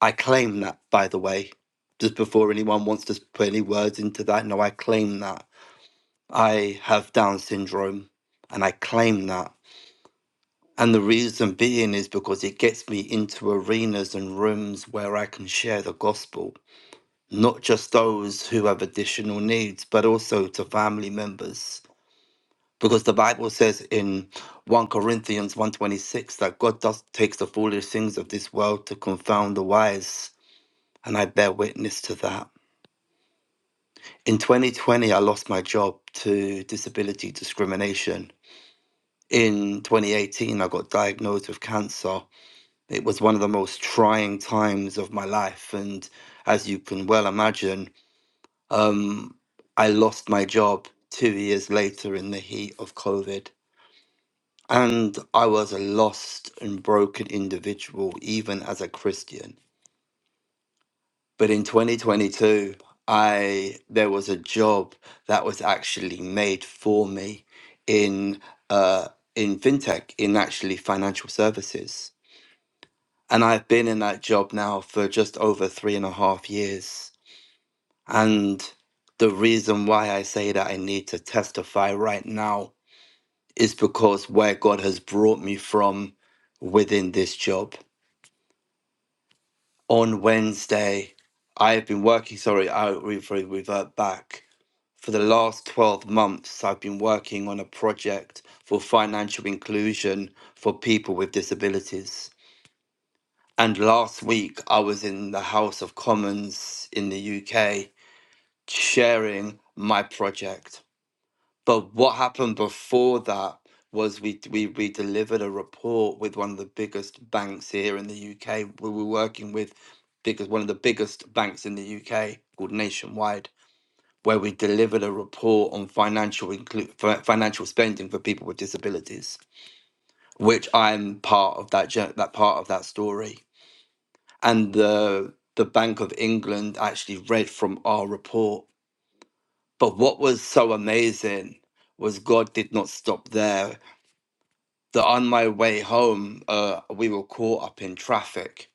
[SPEAKER 10] I claim that, by the way. Just before anyone wants to put any words into that, no, I claim that. I have Down syndrome, and I claim that. And the reason being is because it gets me into arenas and rooms where I can share the gospel, not just those who have additional needs, but also to family members because the bible says in 1 corinthians one twenty six that god does takes the foolish things of this world to confound the wise and i bear witness to that in 2020 i lost my job to disability discrimination in 2018 i got diagnosed with cancer it was one of the most trying times of my life and as you can well imagine um, i lost my job two years later in the heat of covid And I was a lost and broken individual, even as a Christian. But in 2022, I there was a job that was actually made for me in uh, in fintech, in actually financial services. And I've been in that job now for just over three and a half years. And the reason why I say that I need to testify right now is because where God has brought me from within this job on Wednesday. I have been working, sorry, I'll re- re- revert back. For the last 12 months, I've been working on a project for financial inclusion for people with disabilities. And last week, I was in the House of Commons in the UK sharing my project. But what happened before that was we we we delivered a report with one of the biggest banks here in the UK. We were working with because one of the biggest banks in the UK called Nationwide, where we delivered a report on financial inclu- fi- financial spending for people with disabilities, which I'm part of that jour- that part of that story. And the the Bank of England actually read from our report. But what was so amazing was God did not stop there. that on my way home, uh, we were caught up in traffic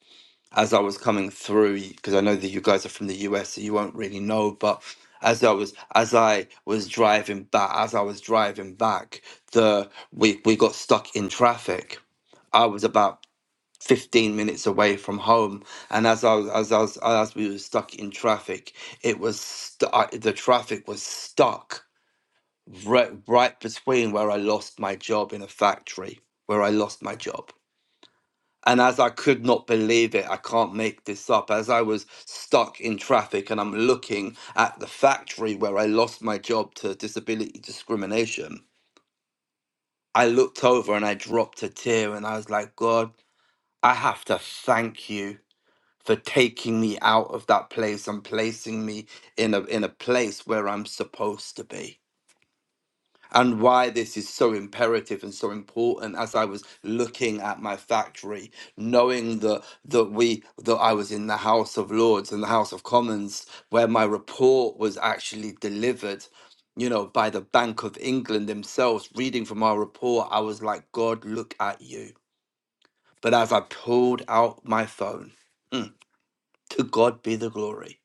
[SPEAKER 10] as I was coming through. Because I know that you guys are from the US, so you won't really know. But as I was as I was driving back, as I was driving back, the we we got stuck in traffic. I was about 15 minutes away from home and as I was as I was as we were stuck in traffic it was stu- I- the traffic was stuck right, right between where I lost my job in a factory where I lost my job and as I could not believe it, I can't make this up. As I was stuck in traffic and I'm looking at the factory where I lost my job to disability discrimination, I looked over and I dropped a tear and I was like, God, I have to thank you for taking me out of that place and placing me in a in a place where I'm supposed to be and why this is so imperative and so important as I was looking at my factory, knowing that that we that I was in the House of Lords and the House of Commons, where my report was actually delivered, you know, by the Bank of England themselves, reading from our report, I was like, God, look at you. But as I pulled out my phone, to God be the glory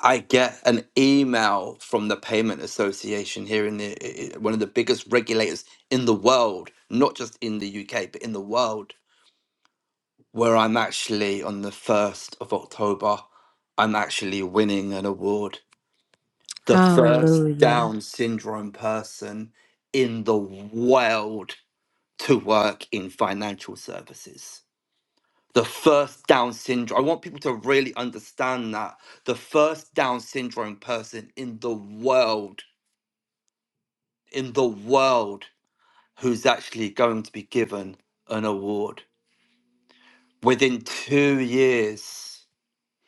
[SPEAKER 10] I get an email from the Payment Association here in the i- i- one of the biggest regulators in the world, not just in the UK, but in the world, where I'm actually on the 1st of October, I'm actually winning an award. The first
[SPEAKER 1] Hallelujah.
[SPEAKER 10] Down syndrome person in the world to work in financial services. The first Down syndrome. I want people to really understand that. The first Down syndrome person in the world, in the world, who's actually going to be given an award. Within two years,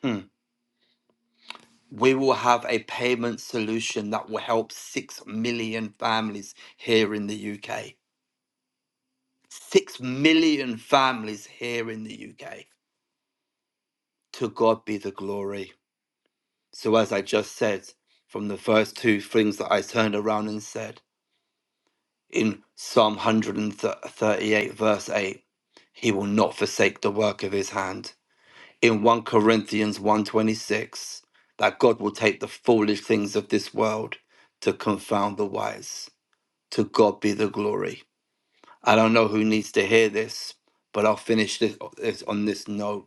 [SPEAKER 10] hmm, we will have a payment solution that will help 6 million families here in the UK. 6 million families here in the UK. To God be the glory. So, as I just said, from the first two things that I turned around and said in Psalm 138, verse 8, He will not forsake the work of His hand. In 1 Corinthians 126, that God will take the foolish things of this world to confound the wise. To God be the glory. I don't know who needs to hear this, but I'll finish this, this on this note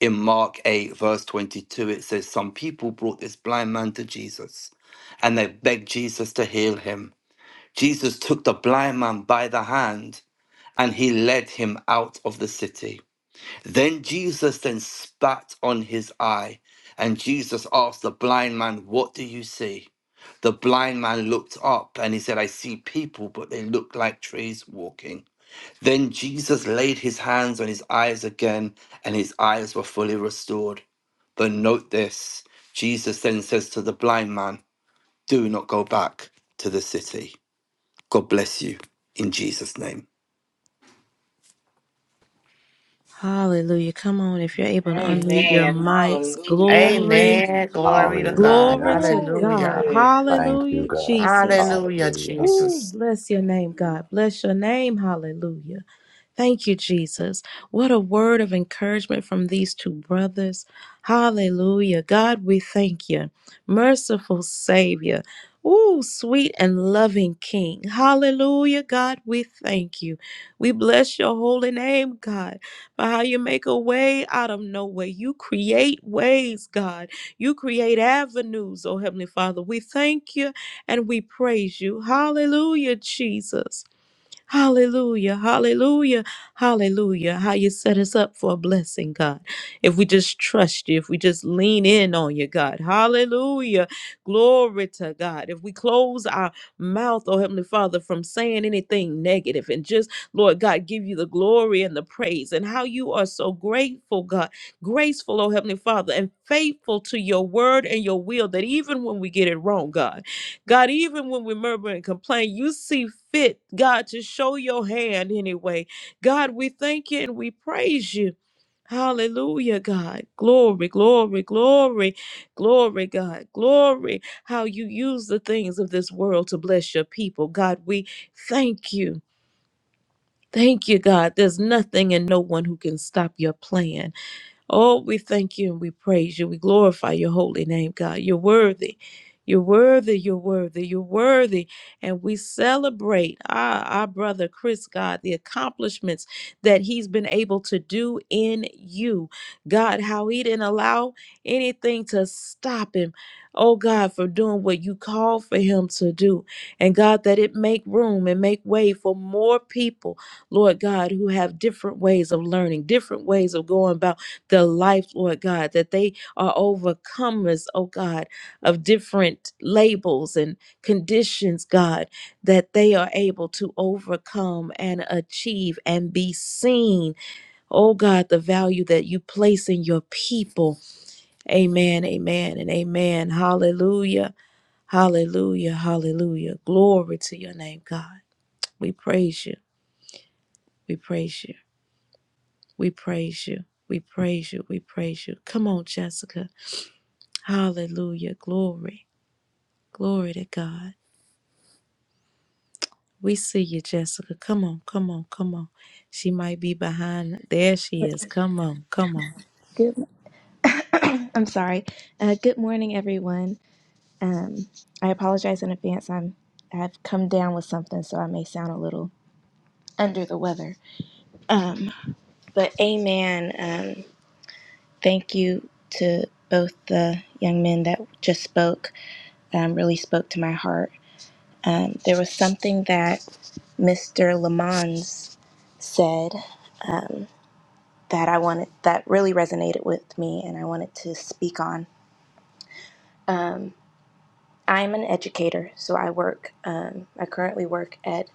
[SPEAKER 10] in Mark 8, verse 22, it says, Some people brought this blind man to Jesus and they begged Jesus to heal him. Jesus took the blind man by the hand and he led him out of the city. Then Jesus then spat on his eye and Jesus asked the blind man, What do you see? The blind man looked up and he said, I see people, but they look like trees walking. Then Jesus laid his hands on his eyes again, and his eyes were fully restored. But note this Jesus then says to the blind man, Do not go back to the city. God bless you in Jesus' name.
[SPEAKER 1] Hallelujah. Come on, if you're able to unmute your
[SPEAKER 7] Amen.
[SPEAKER 1] mics.
[SPEAKER 7] Hallelujah. Thank
[SPEAKER 1] Glory.
[SPEAKER 7] you,
[SPEAKER 5] Amen. Glory to
[SPEAKER 7] Jesus.
[SPEAKER 5] God.
[SPEAKER 1] Glory
[SPEAKER 6] Hallelujah!
[SPEAKER 1] to
[SPEAKER 7] Oh,
[SPEAKER 1] God.
[SPEAKER 5] Hallelujah.
[SPEAKER 7] yeah.
[SPEAKER 6] Thank you,
[SPEAKER 1] Hallelujah,
[SPEAKER 6] God.
[SPEAKER 1] Jesus.
[SPEAKER 5] Hallelujah,
[SPEAKER 6] Hallelujah!
[SPEAKER 1] Ooh,
[SPEAKER 5] Jesus.
[SPEAKER 1] bless your name, God. Bless your name. Hallelujah. Thank you, Jesus. What a word of encouragement from these two brothers. Hallelujah. God, we thank you. Merciful Savior. Ooh, sweet and loving King. Hallelujah. God, we thank you. We bless your holy name, God, for how you make a way out of no way. You create ways, God. You create avenues, oh Heavenly Father. We thank you and we praise you. Hallelujah, Jesus. Hallelujah, hallelujah, hallelujah. How you set us up for a blessing, God. If we just trust you, if we just lean in on you, God. Hallelujah. Glory to God. If we close our mouth, oh Heavenly Father, from saying anything negative and just, Lord God, give you the glory and the praise and how you are so grateful, God, graceful, oh Heavenly Father, and faithful to your word and your will that even when we get it wrong, God. God, even when we murmur and complain, you see fit, God, to show your hand anyway. God, we thank you and we praise you. Hallelujah, God. Glory, glory, glory, glory, God. Glory. How you use the things of this world to bless your people. God, we thank you. Thank you, God. There's nothing and no one who can stop your plan. Oh, we thank you and we praise you. We glorify your holy name, God. You're worthy. You're worthy. You're worthy. You're worthy. And we celebrate our, our brother Chris, God, the accomplishments that he's been able to do in you. God, how he didn't allow anything to stop him. Oh, God, for doing what you called for him to do. And God, that it make room and make way for more people, Lord God, who have different ways of learning, different ways of going about the life, Lord God, that they are overcomers, oh God, of different labels and conditions, God, that they are able to overcome and achieve and be seen, oh God, the value that you place in your people. Amen, amen, and amen. Hallelujah, hallelujah, hallelujah. Glory to your name, God. We praise you, we praise you, we praise you. We praise you. We praise you. Come on, Jessica. Hallelujah. Glory. Glory to God. We see you, Jessica. Come on, come on, come on. She might be behind. There she is. Come on, come on.
[SPEAKER 11] Good. I'm sorry. Uh, good morning, everyone. Um, I apologize in advance. I'm I've come down with something, so I may sound a little under the weather. Um, but amen. Um, thank you to both the young men that just spoke. Um, really spoke to my heart. Um, there was something that Mr. Lamons said um, that I wanted that really resonated with me, and I wanted to speak on. Um, I'm an educator, so I work, um, I currently work at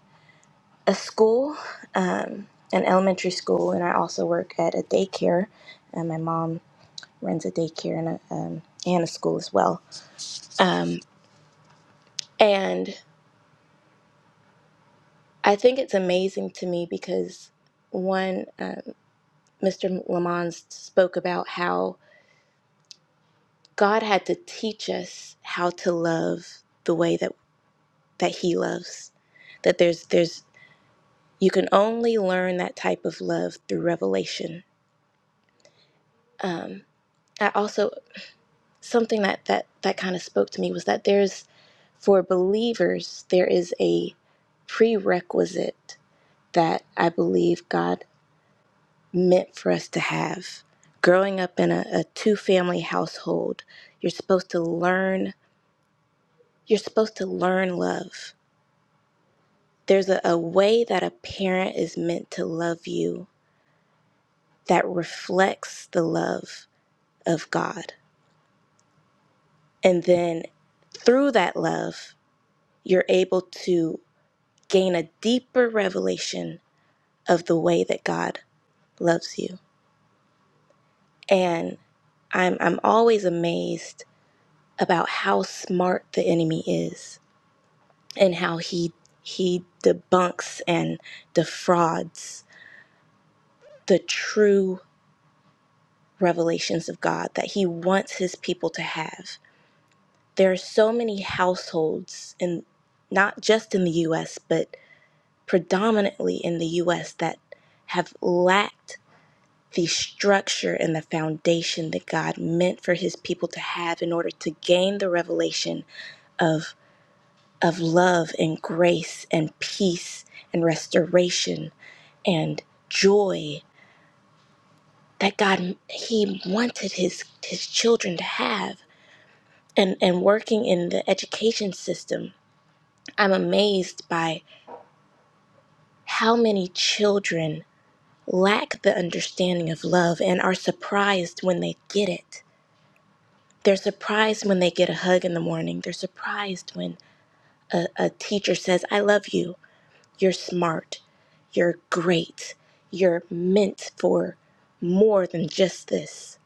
[SPEAKER 11] a school, um, an elementary school, and I also work at a daycare. And my mom runs a daycare and a, um, and a school as well. Um, and I think it's amazing to me because one, um, Mr. Lamont spoke about how God had to teach us how to love the way that, that He loves. That there's there's You can only learn that type of love through revelation. Um, I also something that that that kind of spoke to me was that there's for believers there is a prerequisite that I believe God meant for us to have. Growing up in a, a two family household, you're supposed to learn you're supposed to learn love. There's a, a way that a parent is meant to love you that reflects the love of God. And then through that love, you're able to gain a deeper revelation of the way that God loves you. And I'm, I'm always amazed about how smart the enemy is and how he, he debunks and defrauds the true revelations of God that he wants his people to have. There are so many households, and not just in the US, but predominantly in the US that have lacked the structure and the foundation that God meant for his people to have in order to gain the revelation of of love and grace and peace and restoration and joy that God he wanted his his children to have and and working in the education system I'm amazed by how many children lack the understanding of love and are surprised when they get it. They're surprised when they get a hug in the morning. They're surprised when a, a teacher says, I love you. You're smart. You're great. You're meant for more than just this.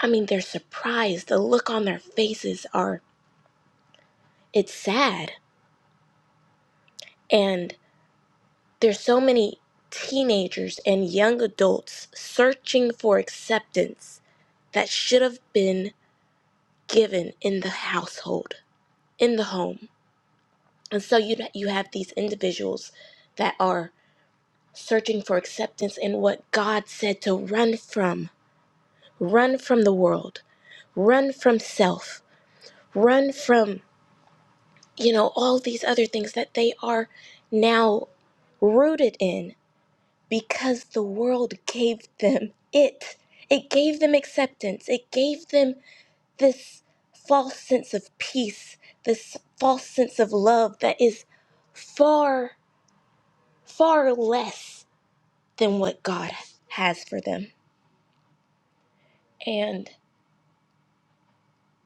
[SPEAKER 11] I mean, they're surprised. The look on their faces are, it's sad. And there's so many teenagers and young adults searching for acceptance that should have been given in the household, in the home. And so you you have these individuals that are searching for acceptance in what God said to run from, run from the world, run from self, run from, you know, all these other things that they are now rooted in because the world gave them it. It gave them acceptance. It gave them this false sense of peace, this false sense of love that is far, far less than what God has for them. And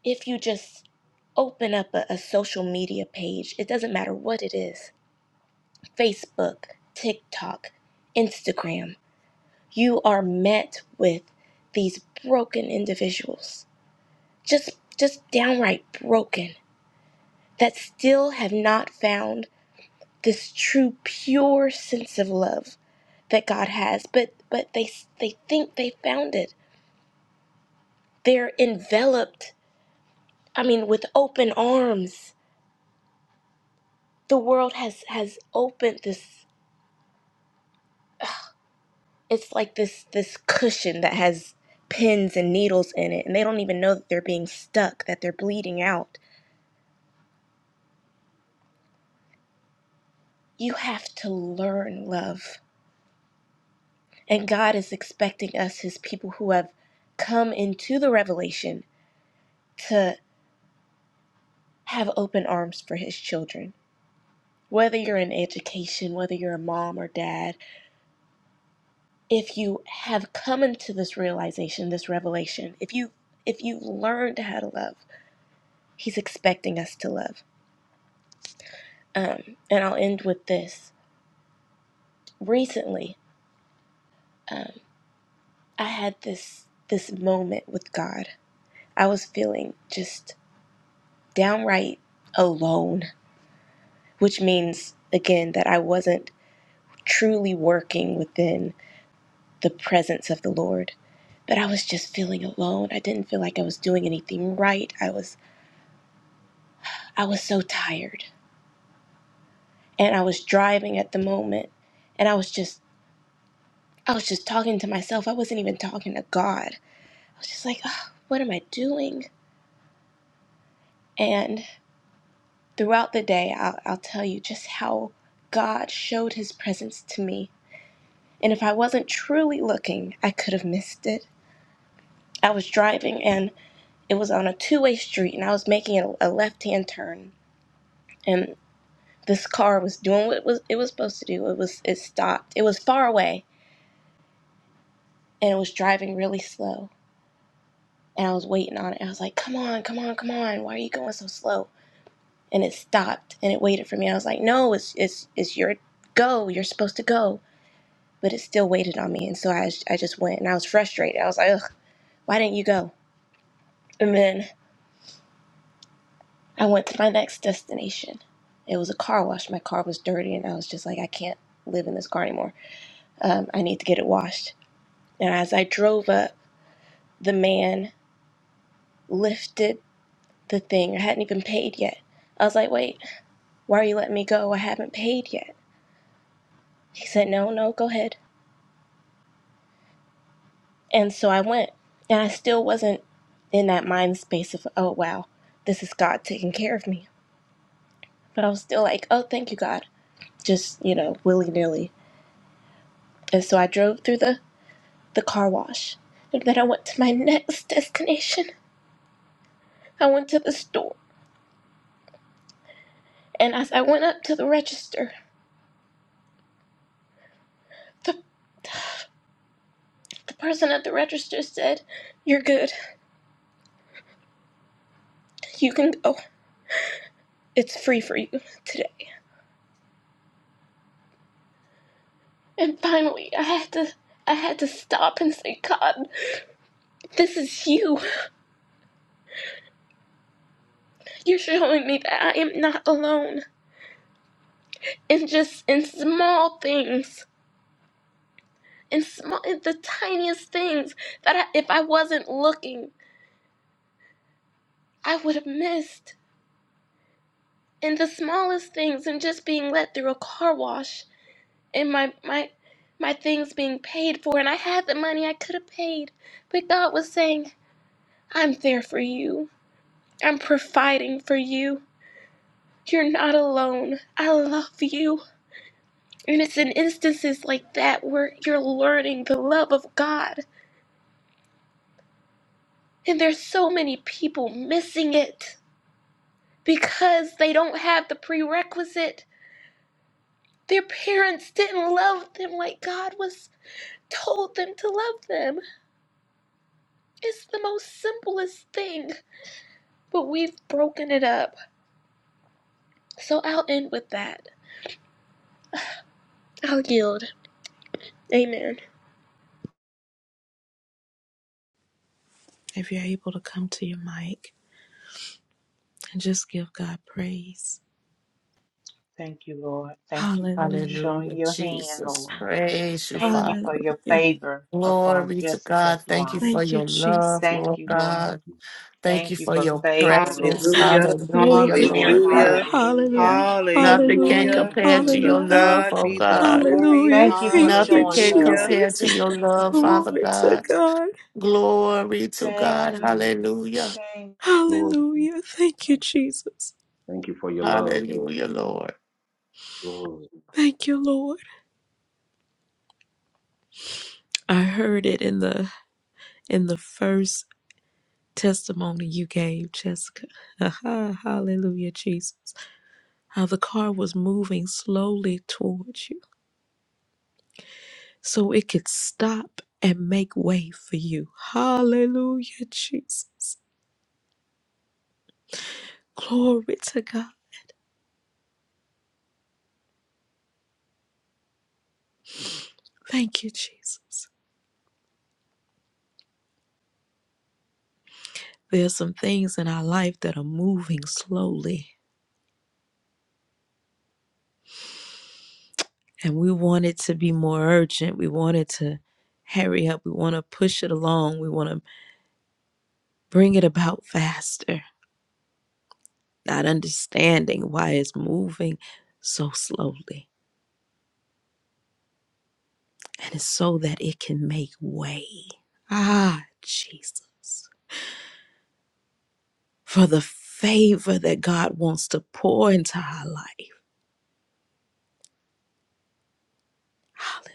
[SPEAKER 11] if you just open up a, a social media page, it doesn't matter what it is Facebook, TikTok, Instagram you are met with these broken individuals. Just just downright broken that still have not found this true pure sense of love that God has but but they they think they found it they're enveloped i mean with open arms the world has has opened this it's like this this cushion that has pins and needles in it and they don't even know that they're being stuck that they're bleeding out you have to learn love and god is expecting us his people who have come into the revelation to have open arms for his children whether you're in education, whether you're a mom or dad, if you have come into this realization, this revelation, if you if you've learned how to love, he's expecting us to love. Um, and I'll end with this. Recently, um, I had this this moment with God. I was feeling just downright alone, which means again that I wasn't truly working within the presence of the Lord. But I was just feeling alone. I didn't feel like I was doing anything right. I was I was so tired. And I was driving at the moment and I was just I was just talking to myself. I wasn't even talking to God. I was just like, oh, what am I doing? And throughout the day, I'll, I'll tell you just how God showed his presence to me. And if I wasn't truly looking, I could have missed it. I was driving and it was on a two way street and I was making a, a left hand turn. and this car was doing what it was it was supposed to do. It was it stopped. It was far away and it was driving really slow. And I was waiting on it. I was like, "Come on, come on, come on! Why are you going so slow?" And it stopped and it waited for me. I was like, "No, it's it's it's your go. You're supposed to go." But it still waited on me, and so I I just went and I was frustrated. I was like, "Ugh, why didn't you go?" And then I went to my next destination. It was a car wash. My car was dirty, and I was just like, "I can't live in this car anymore. Um, I need to get it washed." And as I drove up the man lifted the thing. I hadn't even paid yet. I was like, wait, why are you letting me go? I haven't paid yet. He said, no, no, go ahead. And so I went. And I still wasn't in that mind space of, oh, wow, this is God taking care of me. But I was still like, oh, thank you, God. Just, you know, willy nilly. And so I drove through the, the car wash. And then I went to my next destination. I went to the store. And as I went up to the register, the, the person at the register said, you're good. You can go. It's free for you today. And finally, I had to I had to stop and say, God, this is you. You're showing me that I am not alone. And just in small things, in small in the tiniest things that I, if I wasn't looking, I would have missed. In the smallest things and just being let through a car wash and my my my things being paid for and I had the money I could have paid. But God was saying, I'm there for you. I'm providing for you. You're not alone. I love you. And it's in instances like that where you're learning the love of God. And there's so many people missing it because they don't have the prerequisite. Their parents didn't love them like God was told them to love them. It's the most simplest thing, but we've broken it up. So I'll end with that. I'll yield. Amen.
[SPEAKER 1] If you're able to come to your mic and just give God praise.
[SPEAKER 7] Thank you, Lord. Thank you for
[SPEAKER 1] Hallelujah.
[SPEAKER 7] showing
[SPEAKER 5] Hallelujah,
[SPEAKER 7] your hand,
[SPEAKER 5] Jesus.
[SPEAKER 7] Lord.
[SPEAKER 5] Praise you,
[SPEAKER 7] Thank you
[SPEAKER 5] Father.
[SPEAKER 7] for your
[SPEAKER 1] Hallelujah.
[SPEAKER 7] favor upon
[SPEAKER 5] Glory to God.
[SPEAKER 7] Jessica's
[SPEAKER 5] Thank you
[SPEAKER 7] life.
[SPEAKER 5] for
[SPEAKER 1] Thank
[SPEAKER 5] your
[SPEAKER 1] you, Jesus.
[SPEAKER 5] love,
[SPEAKER 7] Thank
[SPEAKER 5] Lord
[SPEAKER 7] you, Lord.
[SPEAKER 9] What
[SPEAKER 5] God.
[SPEAKER 9] you've
[SPEAKER 5] Thank you
[SPEAKER 7] Thank you
[SPEAKER 5] for
[SPEAKER 7] for
[SPEAKER 5] your
[SPEAKER 7] favor,
[SPEAKER 5] presence.
[SPEAKER 7] Lord.
[SPEAKER 12] Hallelujah,
[SPEAKER 7] Thank
[SPEAKER 5] Hallelujah,
[SPEAKER 7] you,
[SPEAKER 1] Glory
[SPEAKER 7] Lord.
[SPEAKER 1] to
[SPEAKER 5] Lord
[SPEAKER 1] God.
[SPEAKER 5] God.
[SPEAKER 12] hallelujah,
[SPEAKER 7] Hallelujah.
[SPEAKER 1] Hallelujah.
[SPEAKER 5] Nothing can
[SPEAKER 7] Thank
[SPEAKER 1] Hallelujah.
[SPEAKER 12] hallelujah.
[SPEAKER 7] you,
[SPEAKER 5] compare to
[SPEAKER 7] Jesus.
[SPEAKER 12] To
[SPEAKER 5] your
[SPEAKER 1] Hallelujah.
[SPEAKER 5] love,
[SPEAKER 12] God
[SPEAKER 5] oh
[SPEAKER 9] done,
[SPEAKER 12] be the
[SPEAKER 9] God.
[SPEAKER 5] God.
[SPEAKER 7] Oh,
[SPEAKER 12] glory,
[SPEAKER 1] Hallelujah.
[SPEAKER 7] thank you for
[SPEAKER 1] Thank
[SPEAKER 5] Nothing
[SPEAKER 1] you,
[SPEAKER 7] showing
[SPEAKER 5] can
[SPEAKER 12] hallelujah.
[SPEAKER 7] love.
[SPEAKER 5] compare
[SPEAKER 1] Jesus.
[SPEAKER 5] to your
[SPEAKER 7] Thank you,
[SPEAKER 5] love, Father
[SPEAKER 7] Lord.
[SPEAKER 1] Glory to
[SPEAKER 5] God.
[SPEAKER 1] God.
[SPEAKER 5] Glory to
[SPEAKER 7] Thank
[SPEAKER 5] God.
[SPEAKER 7] you.
[SPEAKER 5] Hallelujah.
[SPEAKER 7] Thank
[SPEAKER 9] Glory.
[SPEAKER 1] Hallelujah. Thank you, Jesus.
[SPEAKER 9] Thank you for your love, Jesus.
[SPEAKER 5] Hallelujah, Lord.
[SPEAKER 9] Glory.
[SPEAKER 1] Thank you, Lord. I heard it in the in the first testimony you gave, Jessica. Aha, Hallelujah, Jesus. How the car was moving slowly towards you so it could stop and make way for you. Hallelujah, Jesus. Glory to God. Thank you, Jesus. There's some things in our life that are moving slowly, and we want it to be more urgent. We want it to hurry up. We want to push it along. We want to Bring it about faster, not understanding why it's moving so slowly. And it's so that it can make way. Ah, Jesus. For the favor that God wants to pour into our life. Hallelujah.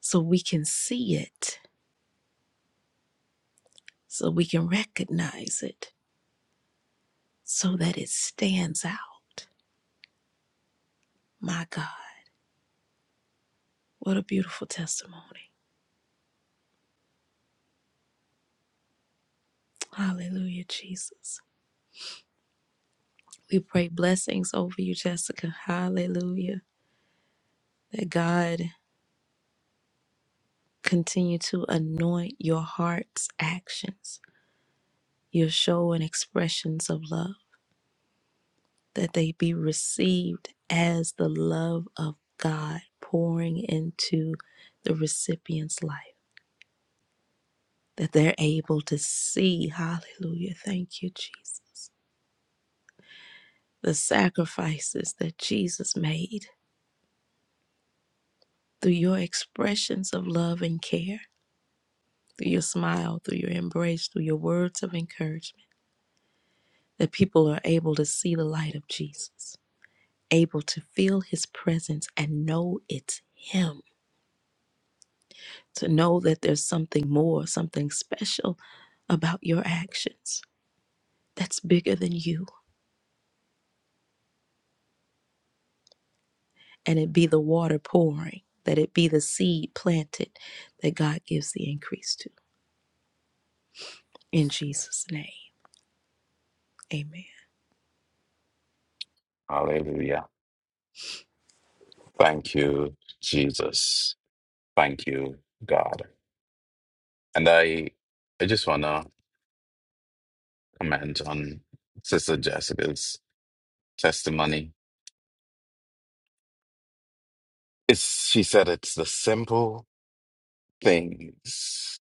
[SPEAKER 1] So we can see it, so we can recognize it, so that it stands out. My God, what a beautiful testimony. Hallelujah, Jesus. We pray blessings over you, Jessica. Hallelujah. That God continue to anoint your heart's actions, your show and expressions of love, that they be received as the love of God pouring into the recipient's life, that they're able to see, hallelujah, thank you, Jesus, the sacrifices that Jesus made through your expressions of love and care, through your smile, through your embrace, through your words of encouragement that people are able to see the light of Jesus, able to feel his presence and know it's him, to know that there's something more, something special about your actions that's bigger than you. And it be the water pouring, that it be the seed planted that God gives the increase to. In Jesus' name, amen.
[SPEAKER 6] Hallelujah! Thank you, Jesus. Thank you, God. And I, I just want to comment on Sister Jessica's testimony. It's, she said it's the simple things,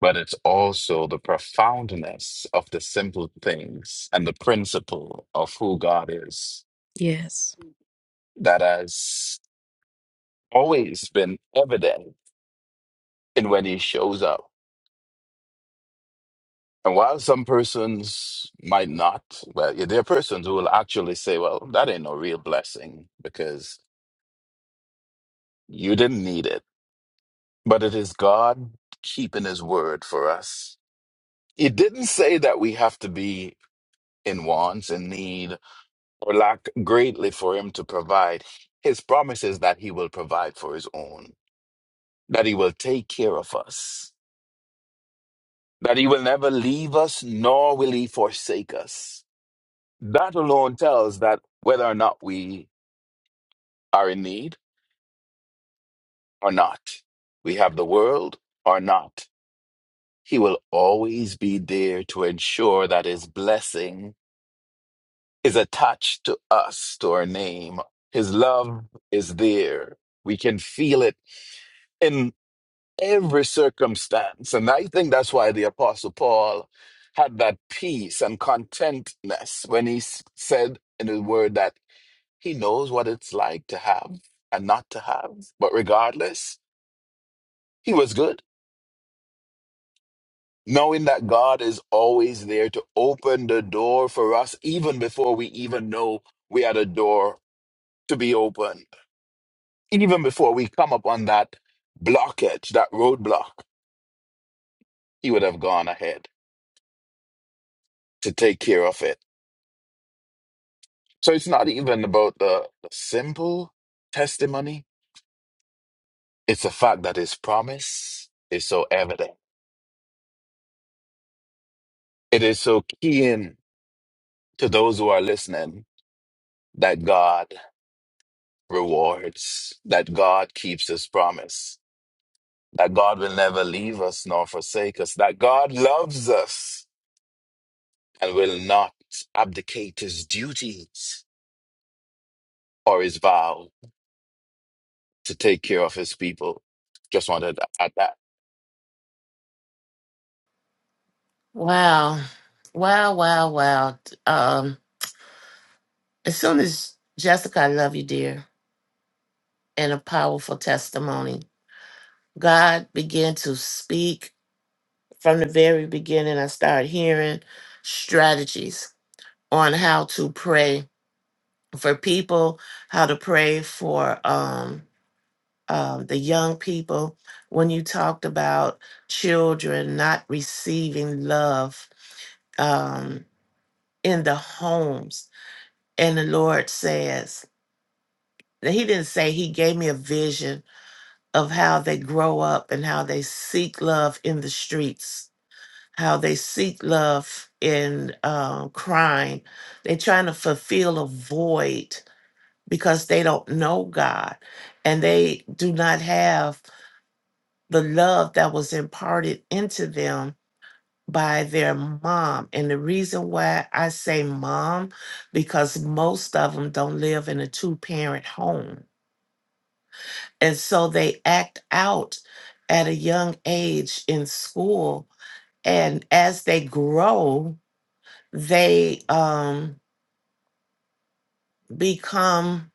[SPEAKER 6] but it's also the profoundness of the simple things and the principle of who God is
[SPEAKER 1] Yes,
[SPEAKER 6] that has always been evident in when He shows up And while some persons might not, well, yeah, there are persons who will actually say, well, that ain't no real blessing because you didn't need it. But it is God keeping his word for us. It didn't say that we have to be in wants and need or lack greatly for him to provide. His promise is that he will provide for his own, that he will take care of us, that he will never leave us, nor will he forsake us. That alone tells that whether or not we are in need or not. We have the world or not. He will always be there to ensure that his blessing is attached to us, to our name. His love is there. We can feel it in every circumstance. And I think that's why the Apostle Paul had that peace and contentness when he s- said in his word that he knows what it's like to have and not to have. But regardless, he was good. knowing that God is always there to open the door for us, even before we even know we had a door to be opened, even before we come upon that blockage, that roadblock, He would have gone ahead to take care of it. So it's not even about the, the simple testimony, it's the fact that His promise is so evident. It is so keen to those who are listening that God rewards, that God keeps His promise that God will never leave us nor forsake us, that God loves us and will not abdicate his duties or his vow to take care of his people. Just wanted to add that.
[SPEAKER 5] Wow. Wow, wow, wow. Um, as soon as Jessica, I love you, dear. and a powerful testimony. God began to speak from the very beginning. I started hearing strategies on how to pray for people, how to pray for um, um, the young people. When you talked about children not receiving love um, in the homes, and the Lord says, now, He didn't say He gave me a vision of how they grow up and how they seek love in the streets, how they seek love in um, crime. They're trying to fulfill a void because they don't know God and they do not have the love that was imparted into them by their mom. And the reason why I say mom, because most of them don't live in a two parent home And so they act out at a young age in school. And as they grow, they um, become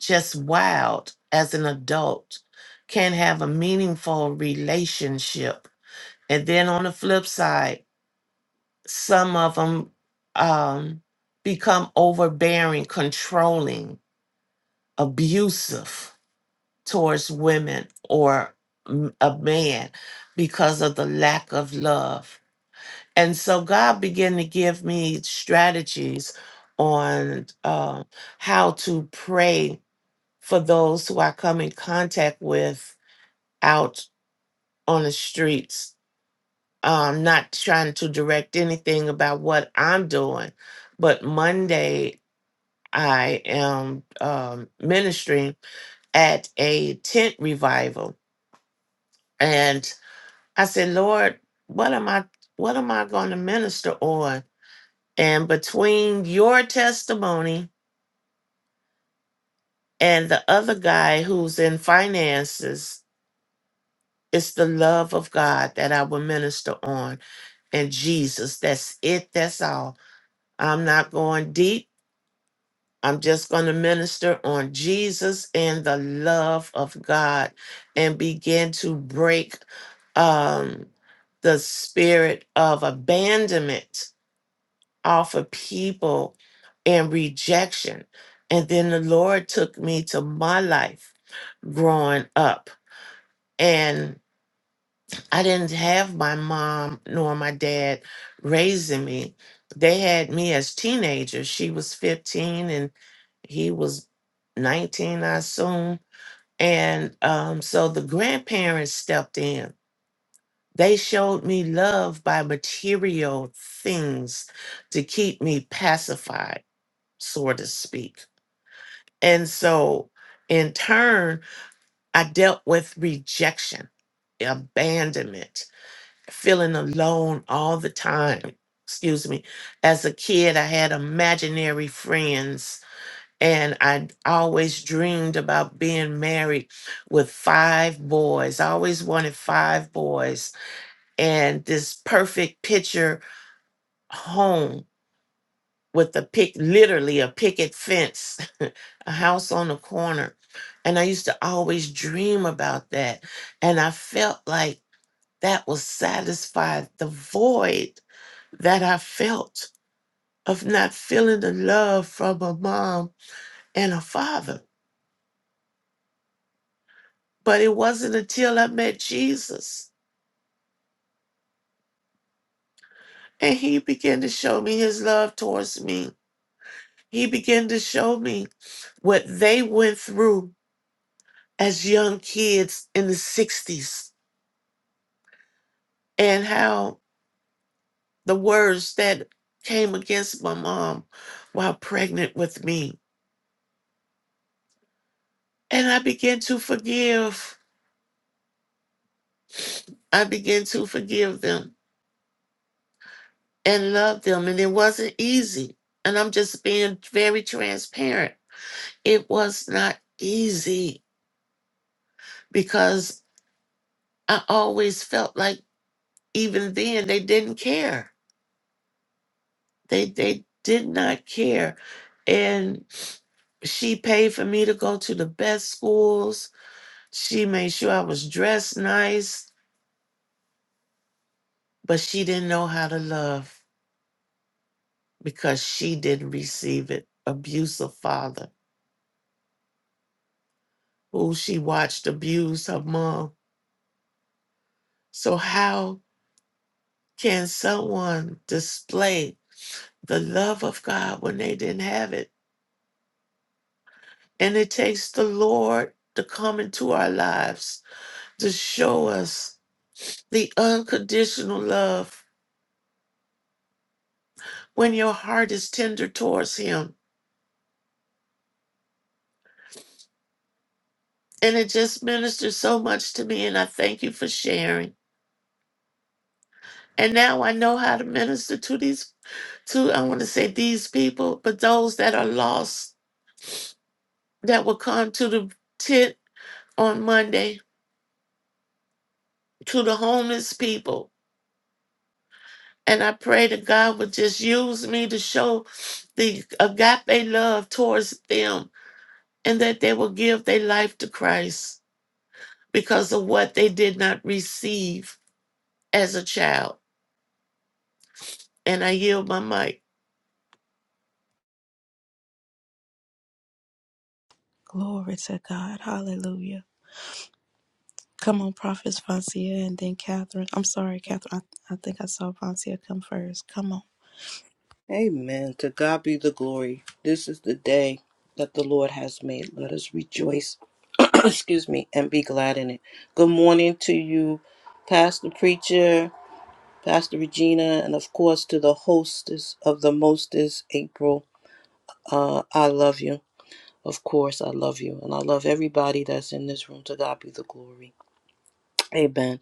[SPEAKER 5] just wild as an adult, can have a meaningful relationship. And then on the flip side, some of them um, become overbearing, controlling, abusive towards women or m- a man because of the lack of love. And so God began to give me strategies on uh, how to pray for those who I come in contact with out on the streets. Um, not trying to direct anything about what I'm doing, but Monday I am um, ministering at a tent revival. and. I said, Lord, what am I what am I going to minister on? And between your testimony and the other guy who's in finances, it's the love of God that I will minister on and Jesus. That's it. That's all. I'm not going deep. I'm just going to minister on Jesus and the love of God and begin to break um, the spirit of abandonment off of people and rejection. And then the Lord took me to my life growing up. And I didn't have my mom nor my dad raising me. They had me as teenagers. She was 15 and he was 19, I assume. And um, so the grandparents stepped in. They showed me love by material things to keep me pacified so to speak. And so, in turn, I dealt with rejection, abandonment, feeling alone all the time. Excuse me. As a kid, I had imaginary friends, and I always dreamed about being married with five boys. I always wanted five boys, and this perfect picture home with a pick, literally a picket fence a house on the corner. And I used to always dream about that. And I felt like that was satisfied the void that I felt of not feeling the love from a mom and a father. But it wasn't until I met Jesus and he began to show me his love towards me. He began to show me what they went through as young kids in the 60s and how the words that came against my mom while pregnant with me. And I began to forgive. I began to forgive them and love them. And it wasn't easy. And I'm just being very transparent. It was not easy because I always felt like even then they didn't care. They they did not care. And she paid for me to go to the best schools She made sure I was dressed nice, but she didn't know how to love because she didn't receive it. Abusive father who she watched abuse her mom. So, how can someone display the love of God when they didn't have it? And it takes the Lord to come into our lives to show us the unconditional love when your heart is tender towards Him And it just ministered so much to me. And I thank you for sharing. And now I know how to minister to these, to, I want to say these people, but those that are lost that will come to the tent on Monday, to the homeless people. And I pray that God would just use me to show the agape love towards them and that they will give their life to Christ because of what they did not receive as a child. And I yield my mic.
[SPEAKER 1] glory to God. Hallelujah. Come on, Prophets Vancia and then Catherine. I'm sorry, Catherine. I, I think I saw Vancia come first. Come on.
[SPEAKER 12] Amen. To God be the glory. This is the day that the Lord has made. Let us rejoice, excuse me, and be glad in it. Good morning to you, Pastor Preacher, Pastor Regina, and of course to the hostess of the mostest, April. Uh, I love you. Of course, I love you, and I love everybody that's in this room. To God be the glory. Amen.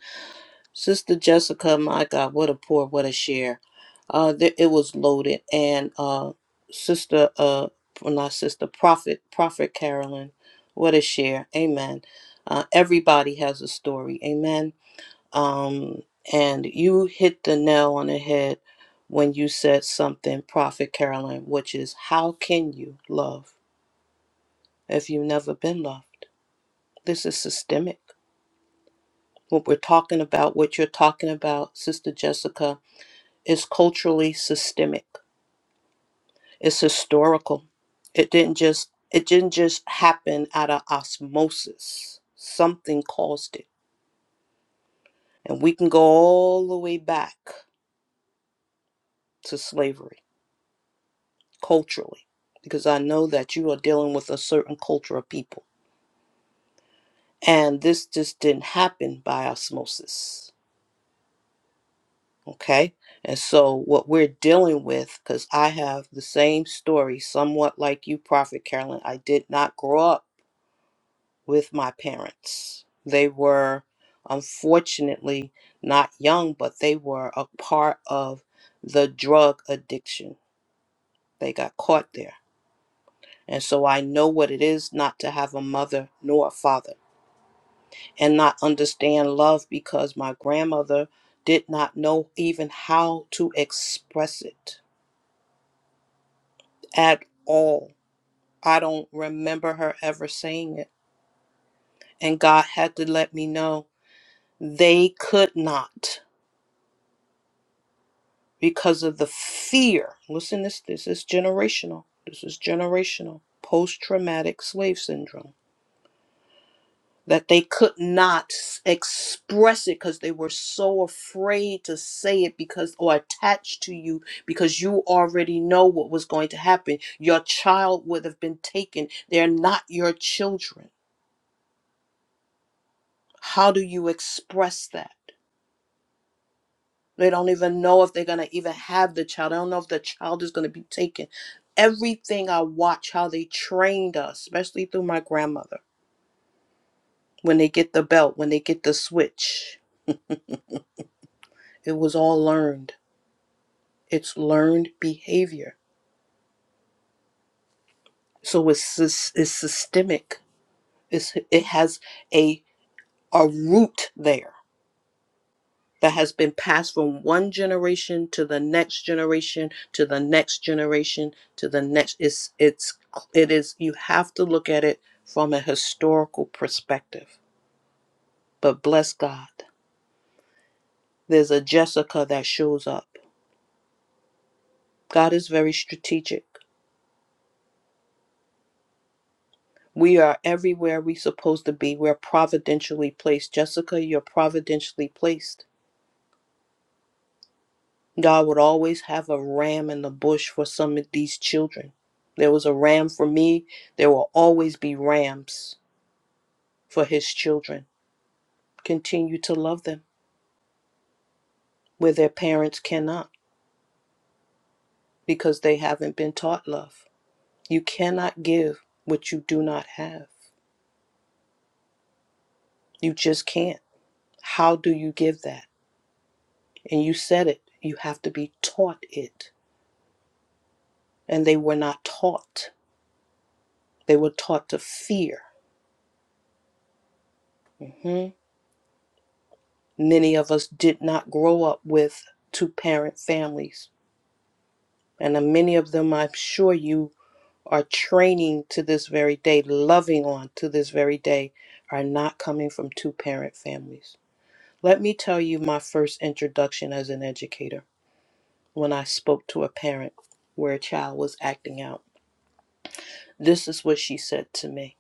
[SPEAKER 12] Sister Jessica, my God, what a pour, what a share. Uh, there, it was loaded, and uh, Sister, uh, well, not Sister, Prophet, Prophet Carolyn, what a share. Amen. Uh, everybody has a story. Amen. Um, and you hit the nail on the head when you said something, Prophet Carolyn, which is how can you love if you've never been loved? This is systemic. What we're talking about, what you're talking about, Sister Jessica, is culturally systemic. It's historical. It didn't just it didn't just happen out of osmosis. Something caused it. And we can go all the way back to slavery culturally because I know that you are dealing with a certain culture of people. And this just didn't happen by osmosis. Okay. And so, what we're dealing with, because I have the same story, somewhat like you, Prophet Carolyn, I did not grow up with my parents. They were unfortunately not young, but they were a part of the drug addiction. They got caught there. And so, I know what it is not to have a mother nor a father and not understand love because my grandmother did not know even how to express it at all. I don't remember her ever saying it. And God had to let me know they could not because of the fear. Listen, this this is generational. This is generational post-traumatic slave syndrome. That they could not s- express it because they were so afraid to say it because or attached to you because you already know what was going to happen. Your child would have been taken. They're not your children How do you express that? They don't even know if they're going to even have the child. They don't know if the child is going to be taken. Everything I watch, how they trained us, especially through my grandmother, when they get the belt, when they get the switch, it was all learned. It's learned behavior. So it's, sys- it's systemic, it's, it has a, a root there that has been passed from one generation to the next generation to the next generation to the next it's it's it is you have to look at it from a historical perspective but bless god there's a jessica that shows up god is very strategic we are everywhere we supposed to be we're providentially placed jessica you're providentially placed God would always have a ram in the bush for some of these children. There was a ram for me. There will always be rams for his children. Continue to love them where their parents cannot because they haven't been taught love. You cannot give what you do not have. You just can't. How do you give that? And you said it. You have to be taught it. And they were not taught. They were taught to fear. Mm-hmm. Many of us did not grow up with two parent families. And uh, many of them, I'm sure you are training to this very day, loving on to this very day, are not coming from two parent families. Let me tell you my first introduction as an educator when I spoke to a parent where a child was acting out. This is what she said to me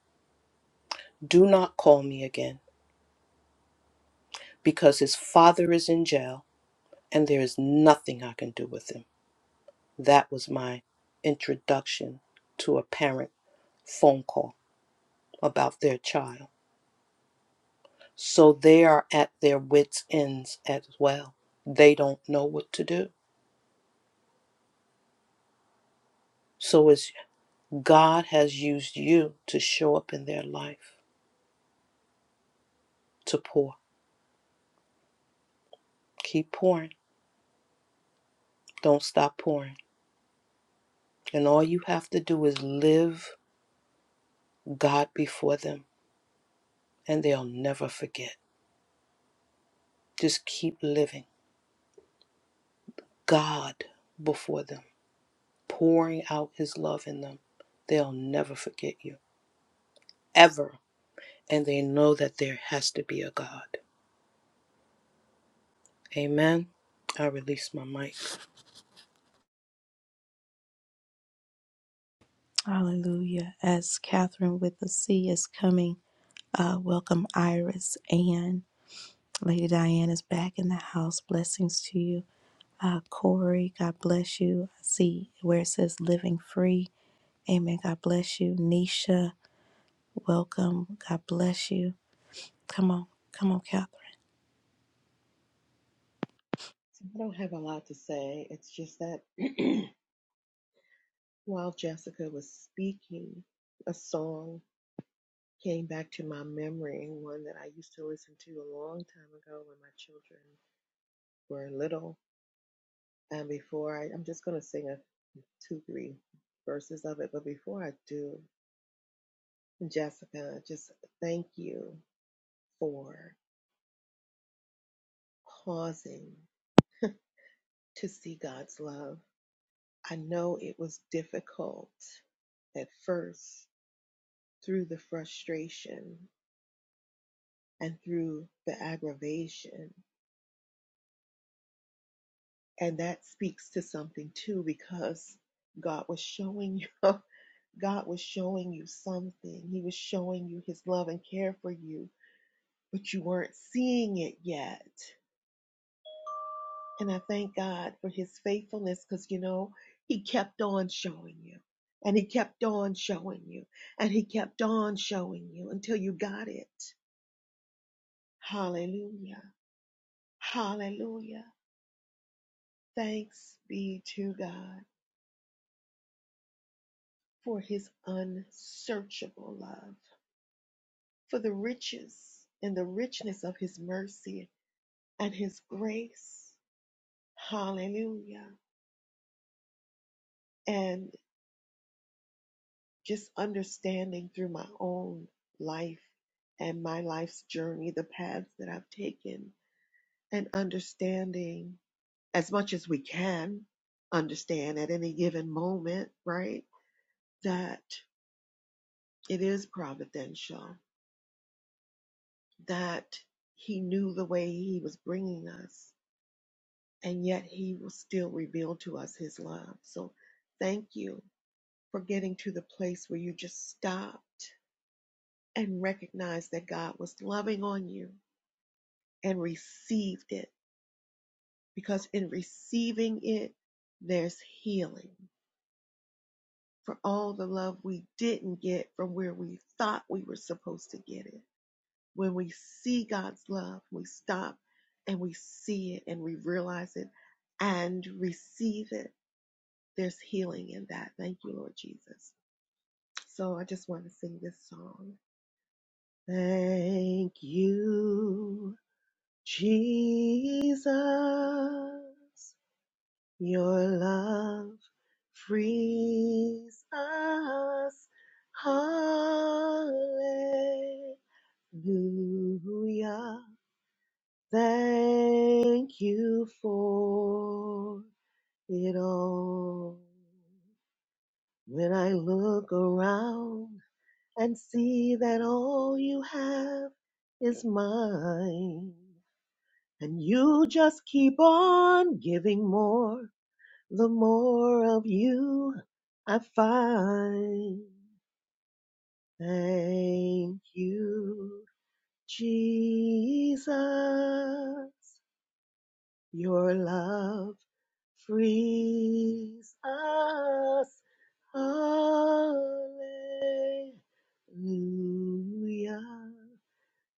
[SPEAKER 12] Do not call me again because his father is in jail and there is nothing I can do with him. That was my introduction to a parent phone call about their child. So they are at their wits' ends as well. They don't know what to do. So as God has used you to show up in their life to pour. Keep pouring. Don't stop pouring. And all you have to do is live God before them, and they'll never forget. Just keep living God before them pouring out his love in them, they'll never forget you, ever. And they know that there has to be a God. Amen. I release my mic.
[SPEAKER 1] Hallelujah. As Catherine with the C is coming, uh, welcome Iris and Lady Diane is back in the house. Blessings to you. Uh, Corey, God bless you. I see where it says living free. Amen. God bless you. Nisha, welcome. God bless you. Come on. Come on, Catherine.
[SPEAKER 13] So I don't have a lot to say. It's just that while Jessica was speaking, a song came back to my memory, one that I used to listen to a long time ago when my children were little. And before I, I'm just going to sing a two, three verses of it. But before I do, Jessica, just thank you for pausing to see God's love. I know it was difficult at first through the frustration and through the aggravation. And that speaks to something too, because God was showing you, God was showing you something. He was showing you his love and care for you, but you weren't seeing it yet. And I thank God for his faithfulness because, you know, he kept on showing you and he kept on showing you and he kept on showing you until you got it. Hallelujah. Hallelujah. Thanks be to God for his unsearchable love, for the riches and the richness of his mercy and his grace. Hallelujah. And just understanding through my own life and my life's journey, the paths that I've taken, and understanding as much as we can understand at any given moment, right? That it is providential that he knew the way he was bringing us, and yet he will still reveal to us his love. So thank you for getting to the place where you just stopped and recognized that God was loving on you and received it, because in receiving it, there's healing for all the love we didn't get from where we thought we were supposed to get it when we see God's love, we stop and we see it and we realize it and receive it. There's healing in that. Thank you, Lord Jesus. So I just want to sing this song. Thank you, Jesus. Your love frees us. Hallelujah. Thank you for it all. When I look around and see that all you have is mine, and you just keep on giving more, the more of you I find. Thank you, Jesus. Your love frees us. Hallelujah.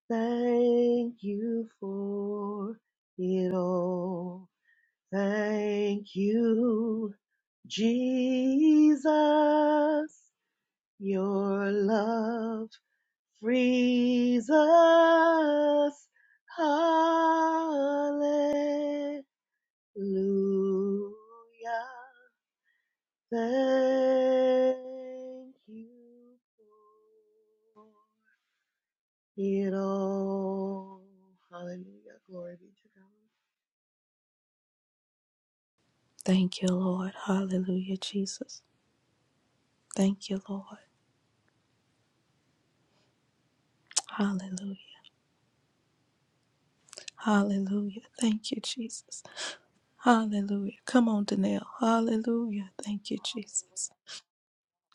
[SPEAKER 13] Thank you for it all. Thank you, Jesus. Your love frees us. Hallelujah. Hallelujah. Thank you for it all. Hallelujah. Glory be to God.
[SPEAKER 1] Thank you, Lord. Hallelujah, Jesus. Thank you, Lord. Hallelujah. Hallelujah. Thank you, Jesus. Hallelujah. Come on, Danelle. Hallelujah. Thank you, Jesus.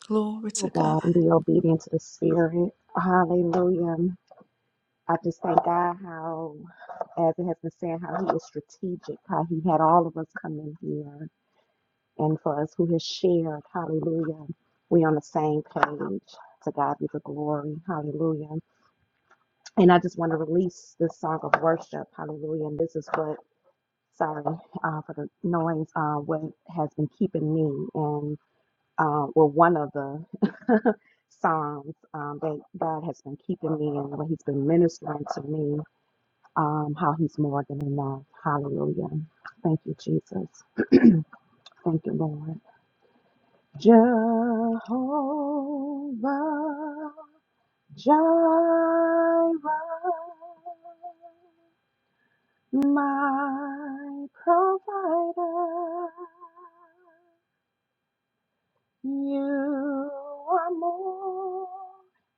[SPEAKER 1] Glory
[SPEAKER 8] Oh
[SPEAKER 1] to God.
[SPEAKER 8] God, and be obedient to the Spirit. Hallelujah. I just thank God how, as it has been said, how He is strategic, how He had all of us come in here, and for us who has shared, hallelujah, we on the same page. To God be the glory, hallelujah. And I just want to release this song of worship, hallelujah. And this is what, sorry uh, for the noise, uh, what has been keeping me, and uh, well, one of the Psalms um, that God has been keeping me and what He's been ministering to me. um, how he's more than enough. Hallelujah. Thank you, Jesus. Thank you, Lord. Jehovah Jireh, my provider. You are more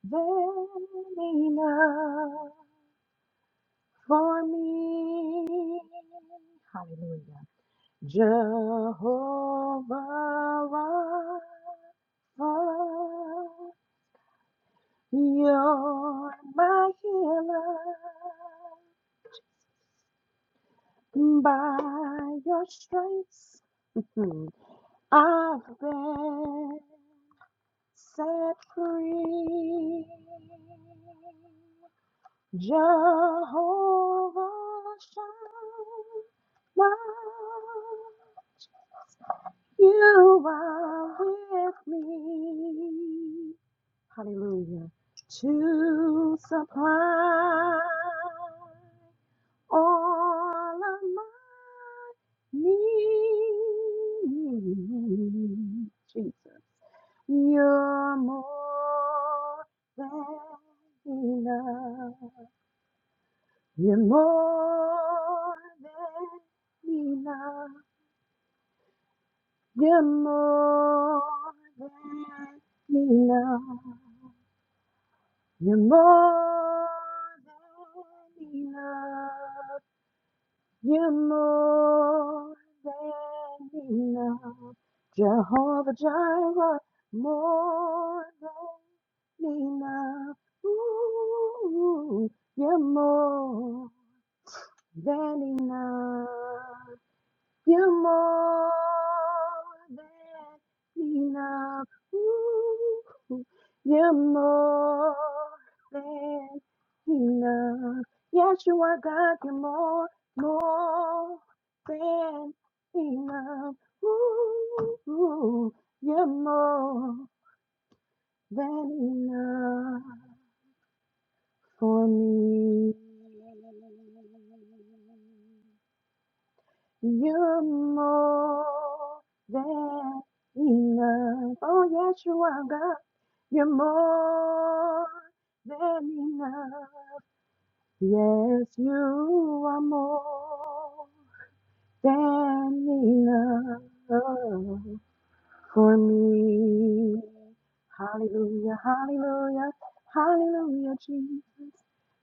[SPEAKER 8] than enough for me. Hallelujah. Jehovah Rapha, you're my healer. By your stripes, hmm, I've been set free. Jehovah Shammah, You are with me. Hallelujah. To supply all of my needs. Jesus. You're more than enough. You're more than enough. You're more than enough. You're more than enough. You're more than enough. Jehovah Jireh, more than enough. Ooh, you're more than enough. You're more than enough. Ooh, you're more than enough. Yes, you are God. You're more, more than enough. Ooh, you're more than enough for me. You're more than enough. Oh, yes, you are, God. You're more than enough. Yes, you are more than enough for me. Hallelujah, hallelujah, hallelujah, Jesus.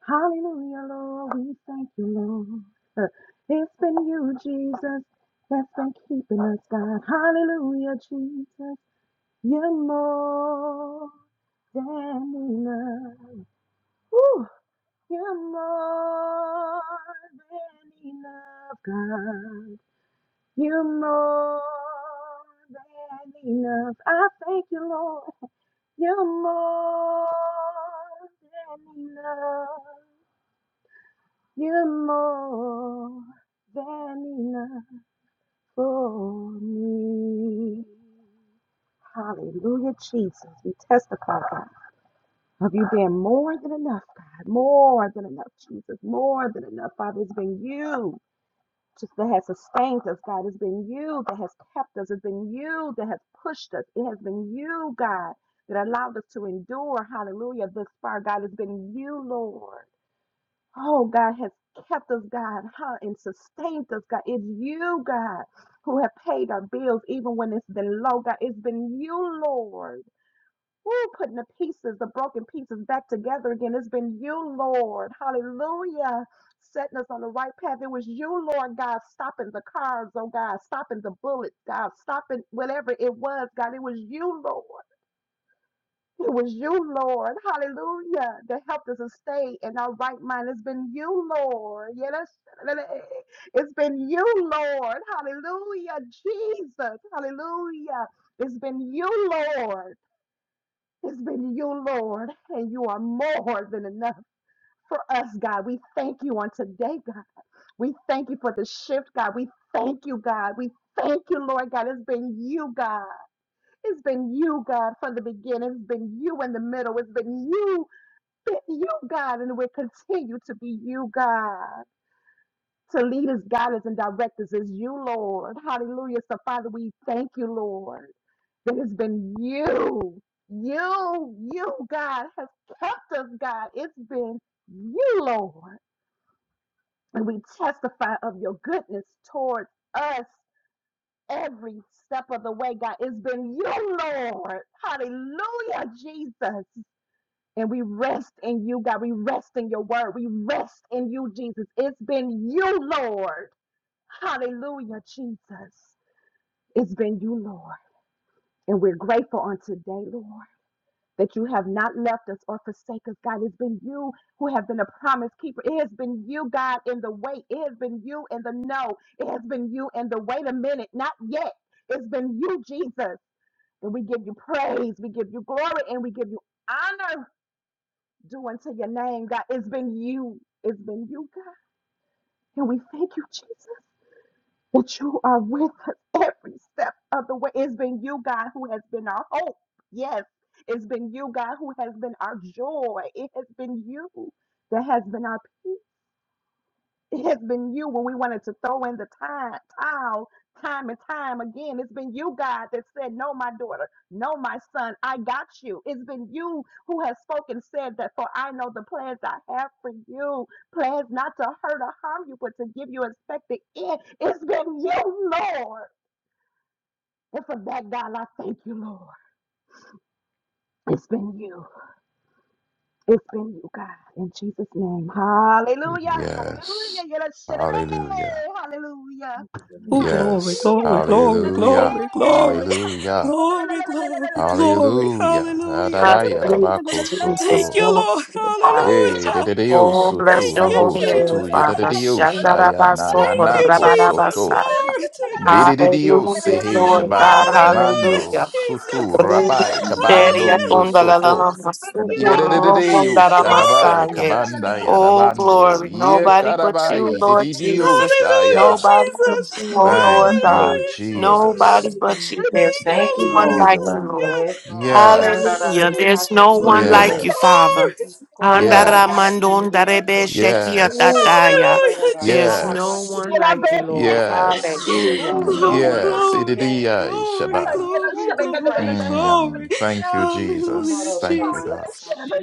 [SPEAKER 8] Hallelujah, Lord, we thank you, Lord. Uh, It's been you, Jesus, that's been keeping us, God. Hallelujah, Jesus, you're more than enough. Woo! You're more than enough, God. You're more than enough. I thank you, Lord. You're more than enough. You're more than enough for me. Hallelujah, Jesus. We testify, God, of you being more than enough, God. More than enough, Jesus. More than enough, Father. It's been you. just that has sustained us, God. It's been you that has kept us. It's been you that has pushed us. It has been you, God, that allowed us to endure, hallelujah, this far, God. It's been you, Lord. Oh, God has kept us, God, huh, and sustained us, God. It's you, God, who have paid our bills even when it's been low, God. It's been you, Lord. Woo, putting the pieces, the broken pieces back together again. It's been you, Lord. Hallelujah. Setting us on the right path. It was you, Lord God, stopping the cars, oh God, stopping the bullets, God, stopping whatever it was, God. It was you, Lord. It was you, Lord. Hallelujah. That helped us to stay in our right mind. It's been you, Lord. Yeah, that's, it's been you, Lord. Hallelujah. Jesus. Hallelujah. It's been you, Lord. It's been you, Lord, and you are more than enough for us, God. We thank you on today, God. We thank you for the shift, God. We thank you, God. We thank you, Lord God. It's been you, God. It's been you, God, from the beginning. It's been you in the middle. It's been you, been you, God, and it will continue to be you, God. To lead us, guide us, and direct us is you, Lord. Hallelujah. So, Father, we thank you, Lord that has been you, you, you, God, has kept us, God. It's been you, Lord. And we testify of your goodness towards us every step of the way, God. It's been you, Lord. Hallelujah, Jesus. And we rest in you, God. We rest in your word. We rest in you, Jesus. It's been you, Lord. Hallelujah, Jesus. It's been you, Lord. And we're grateful on today, Lord. that you have not left us or forsake us, God. It's been you who have been a promise keeper. It has been you, God, in the wait. It has been you in the no. It has been you in the wait a minute, not yet. It's been you, Jesus. And we give you praise, we give you glory, and we give you honor due unto your name, God. It's been you. It's been you, God. And we thank you, Jesus that you are with us every step of the way. It's been you, God, who has been our hope. Yes, it's been you, God, who has been our joy. It has been you that has been our peace. It has been you when we wanted to throw in the time, towel time and time again. It's been you, God, that said, No, my daughter, no, my son, I got you. It's been you who has spoken, said that, for I know the plans I have for you plans not to hurt or harm you, but to give you expected end. It's been you, Lord. And for that, God, I thank you, Lord. It's been you. It's been you, God. In Jesus' name. Hallelujah. Hallelujah.
[SPEAKER 6] Yes.
[SPEAKER 8] Yeah, let's shut it.
[SPEAKER 6] Hallelujah.
[SPEAKER 8] Hey, Hallelujah.
[SPEAKER 9] Thank you for
[SPEAKER 1] Oh, glory,
[SPEAKER 6] Yes.
[SPEAKER 8] Hallelujah.
[SPEAKER 1] glory,
[SPEAKER 8] Yes.
[SPEAKER 1] glory,
[SPEAKER 6] Hallelujah.
[SPEAKER 1] glory,
[SPEAKER 8] Hallelujah.
[SPEAKER 1] glory,
[SPEAKER 6] Hallelujah.
[SPEAKER 1] glory, glory, glory.
[SPEAKER 6] Hallelujah.
[SPEAKER 8] Yes.
[SPEAKER 1] Hallelujah.
[SPEAKER 6] Adadaya
[SPEAKER 5] Hallelujah,
[SPEAKER 6] dabako
[SPEAKER 5] Jesus.
[SPEAKER 1] Thank
[SPEAKER 6] soto.
[SPEAKER 1] you,
[SPEAKER 5] Glory
[SPEAKER 1] Lord.
[SPEAKER 5] to the Father.
[SPEAKER 6] Eh,
[SPEAKER 1] Hallelujah.
[SPEAKER 6] dededio
[SPEAKER 5] Oh,
[SPEAKER 9] your
[SPEAKER 6] soto,
[SPEAKER 5] bless
[SPEAKER 1] Thank
[SPEAKER 5] your
[SPEAKER 1] you,
[SPEAKER 6] rubo
[SPEAKER 5] holy
[SPEAKER 8] Yes.
[SPEAKER 5] name,
[SPEAKER 6] soto,
[SPEAKER 1] Jesus.
[SPEAKER 5] Father.
[SPEAKER 6] yededio shaya na
[SPEAKER 5] Shandarabaso,
[SPEAKER 1] Thank you,
[SPEAKER 6] nanako
[SPEAKER 1] Jesus.
[SPEAKER 6] soto.
[SPEAKER 5] Rabarabasa.
[SPEAKER 1] Glory to God.
[SPEAKER 6] Birididio
[SPEAKER 5] Hallelujah,
[SPEAKER 6] sehe
[SPEAKER 5] Lord
[SPEAKER 9] love.
[SPEAKER 5] God.
[SPEAKER 6] shabai
[SPEAKER 1] Hallelujah,
[SPEAKER 6] amando
[SPEAKER 5] Hallelujah.
[SPEAKER 6] sutu
[SPEAKER 1] Jesus.
[SPEAKER 6] rabai
[SPEAKER 5] Ruderia
[SPEAKER 6] kabando
[SPEAKER 1] Hallelujah,
[SPEAKER 6] osoto
[SPEAKER 1] Jesus.
[SPEAKER 5] kondalalamamasu,
[SPEAKER 6] yerededeyo shababai
[SPEAKER 1] Glory
[SPEAKER 5] kurokondalamasaye.
[SPEAKER 1] to
[SPEAKER 6] kabanda
[SPEAKER 1] God.
[SPEAKER 5] Oh,
[SPEAKER 6] yarabando
[SPEAKER 5] glory.
[SPEAKER 8] Oh,
[SPEAKER 6] ye
[SPEAKER 5] Nobody but you,
[SPEAKER 6] karabai
[SPEAKER 5] Lord
[SPEAKER 6] dididio
[SPEAKER 5] Jesus.
[SPEAKER 8] yes.
[SPEAKER 1] Hallelujah,
[SPEAKER 6] shaya.
[SPEAKER 5] Nobody
[SPEAKER 8] Hey,
[SPEAKER 5] but
[SPEAKER 1] Jesus.
[SPEAKER 5] you, oh Lord
[SPEAKER 6] Thank
[SPEAKER 5] God.
[SPEAKER 6] you,
[SPEAKER 1] Hallelujah, Jesus.
[SPEAKER 6] Jesus.
[SPEAKER 5] Nobody but
[SPEAKER 7] you.
[SPEAKER 5] you. There's
[SPEAKER 1] Thank
[SPEAKER 5] no
[SPEAKER 1] you,
[SPEAKER 7] Thank you,
[SPEAKER 1] Lord.
[SPEAKER 5] one
[SPEAKER 9] Worthy
[SPEAKER 1] I
[SPEAKER 9] is
[SPEAKER 7] Lord.
[SPEAKER 9] the
[SPEAKER 5] like you,
[SPEAKER 1] thank
[SPEAKER 9] Lamb.
[SPEAKER 1] you.
[SPEAKER 5] Lord.
[SPEAKER 7] Yes, Lord. Shanda da
[SPEAKER 6] Yes,
[SPEAKER 5] Hallelujah.
[SPEAKER 1] Hallelujah,
[SPEAKER 5] There's no one
[SPEAKER 1] Jesus.
[SPEAKER 9] Worthy,
[SPEAKER 5] like you,
[SPEAKER 9] Lord.
[SPEAKER 6] yes,
[SPEAKER 5] Father.
[SPEAKER 1] Glory to God.
[SPEAKER 8] God,
[SPEAKER 6] yes,
[SPEAKER 8] it's been years.
[SPEAKER 6] yes,
[SPEAKER 7] Oh, shanda
[SPEAKER 5] Handaramadondarebeshekiatataya.
[SPEAKER 1] Hallelujah,
[SPEAKER 5] There's
[SPEAKER 1] Jesus.
[SPEAKER 5] no
[SPEAKER 6] yes,
[SPEAKER 5] one
[SPEAKER 8] And I
[SPEAKER 5] like you,
[SPEAKER 8] barely know
[SPEAKER 5] Lord.
[SPEAKER 8] about it with you.
[SPEAKER 6] yes,
[SPEAKER 9] Glory to
[SPEAKER 5] Hallelujah.
[SPEAKER 9] your
[SPEAKER 7] Oh, no
[SPEAKER 9] name,
[SPEAKER 1] Glory,
[SPEAKER 9] Jesus.
[SPEAKER 7] one
[SPEAKER 6] yes.
[SPEAKER 7] like you,
[SPEAKER 1] glory,
[SPEAKER 7] Lord.
[SPEAKER 6] Ididia
[SPEAKER 1] glory,
[SPEAKER 8] Oh, you
[SPEAKER 6] shaba.
[SPEAKER 8] know, shit,
[SPEAKER 1] glory,
[SPEAKER 7] Oh,
[SPEAKER 8] I
[SPEAKER 7] we
[SPEAKER 8] got you.
[SPEAKER 1] glory,
[SPEAKER 7] praise you, God.
[SPEAKER 1] glory.
[SPEAKER 6] Mm, thank you,
[SPEAKER 7] Shanda
[SPEAKER 1] Hallelujah,
[SPEAKER 6] Jesus. Thank
[SPEAKER 8] Oh,
[SPEAKER 6] you,
[SPEAKER 8] you
[SPEAKER 6] God.
[SPEAKER 8] know,
[SPEAKER 1] Jesus.
[SPEAKER 8] shit, I got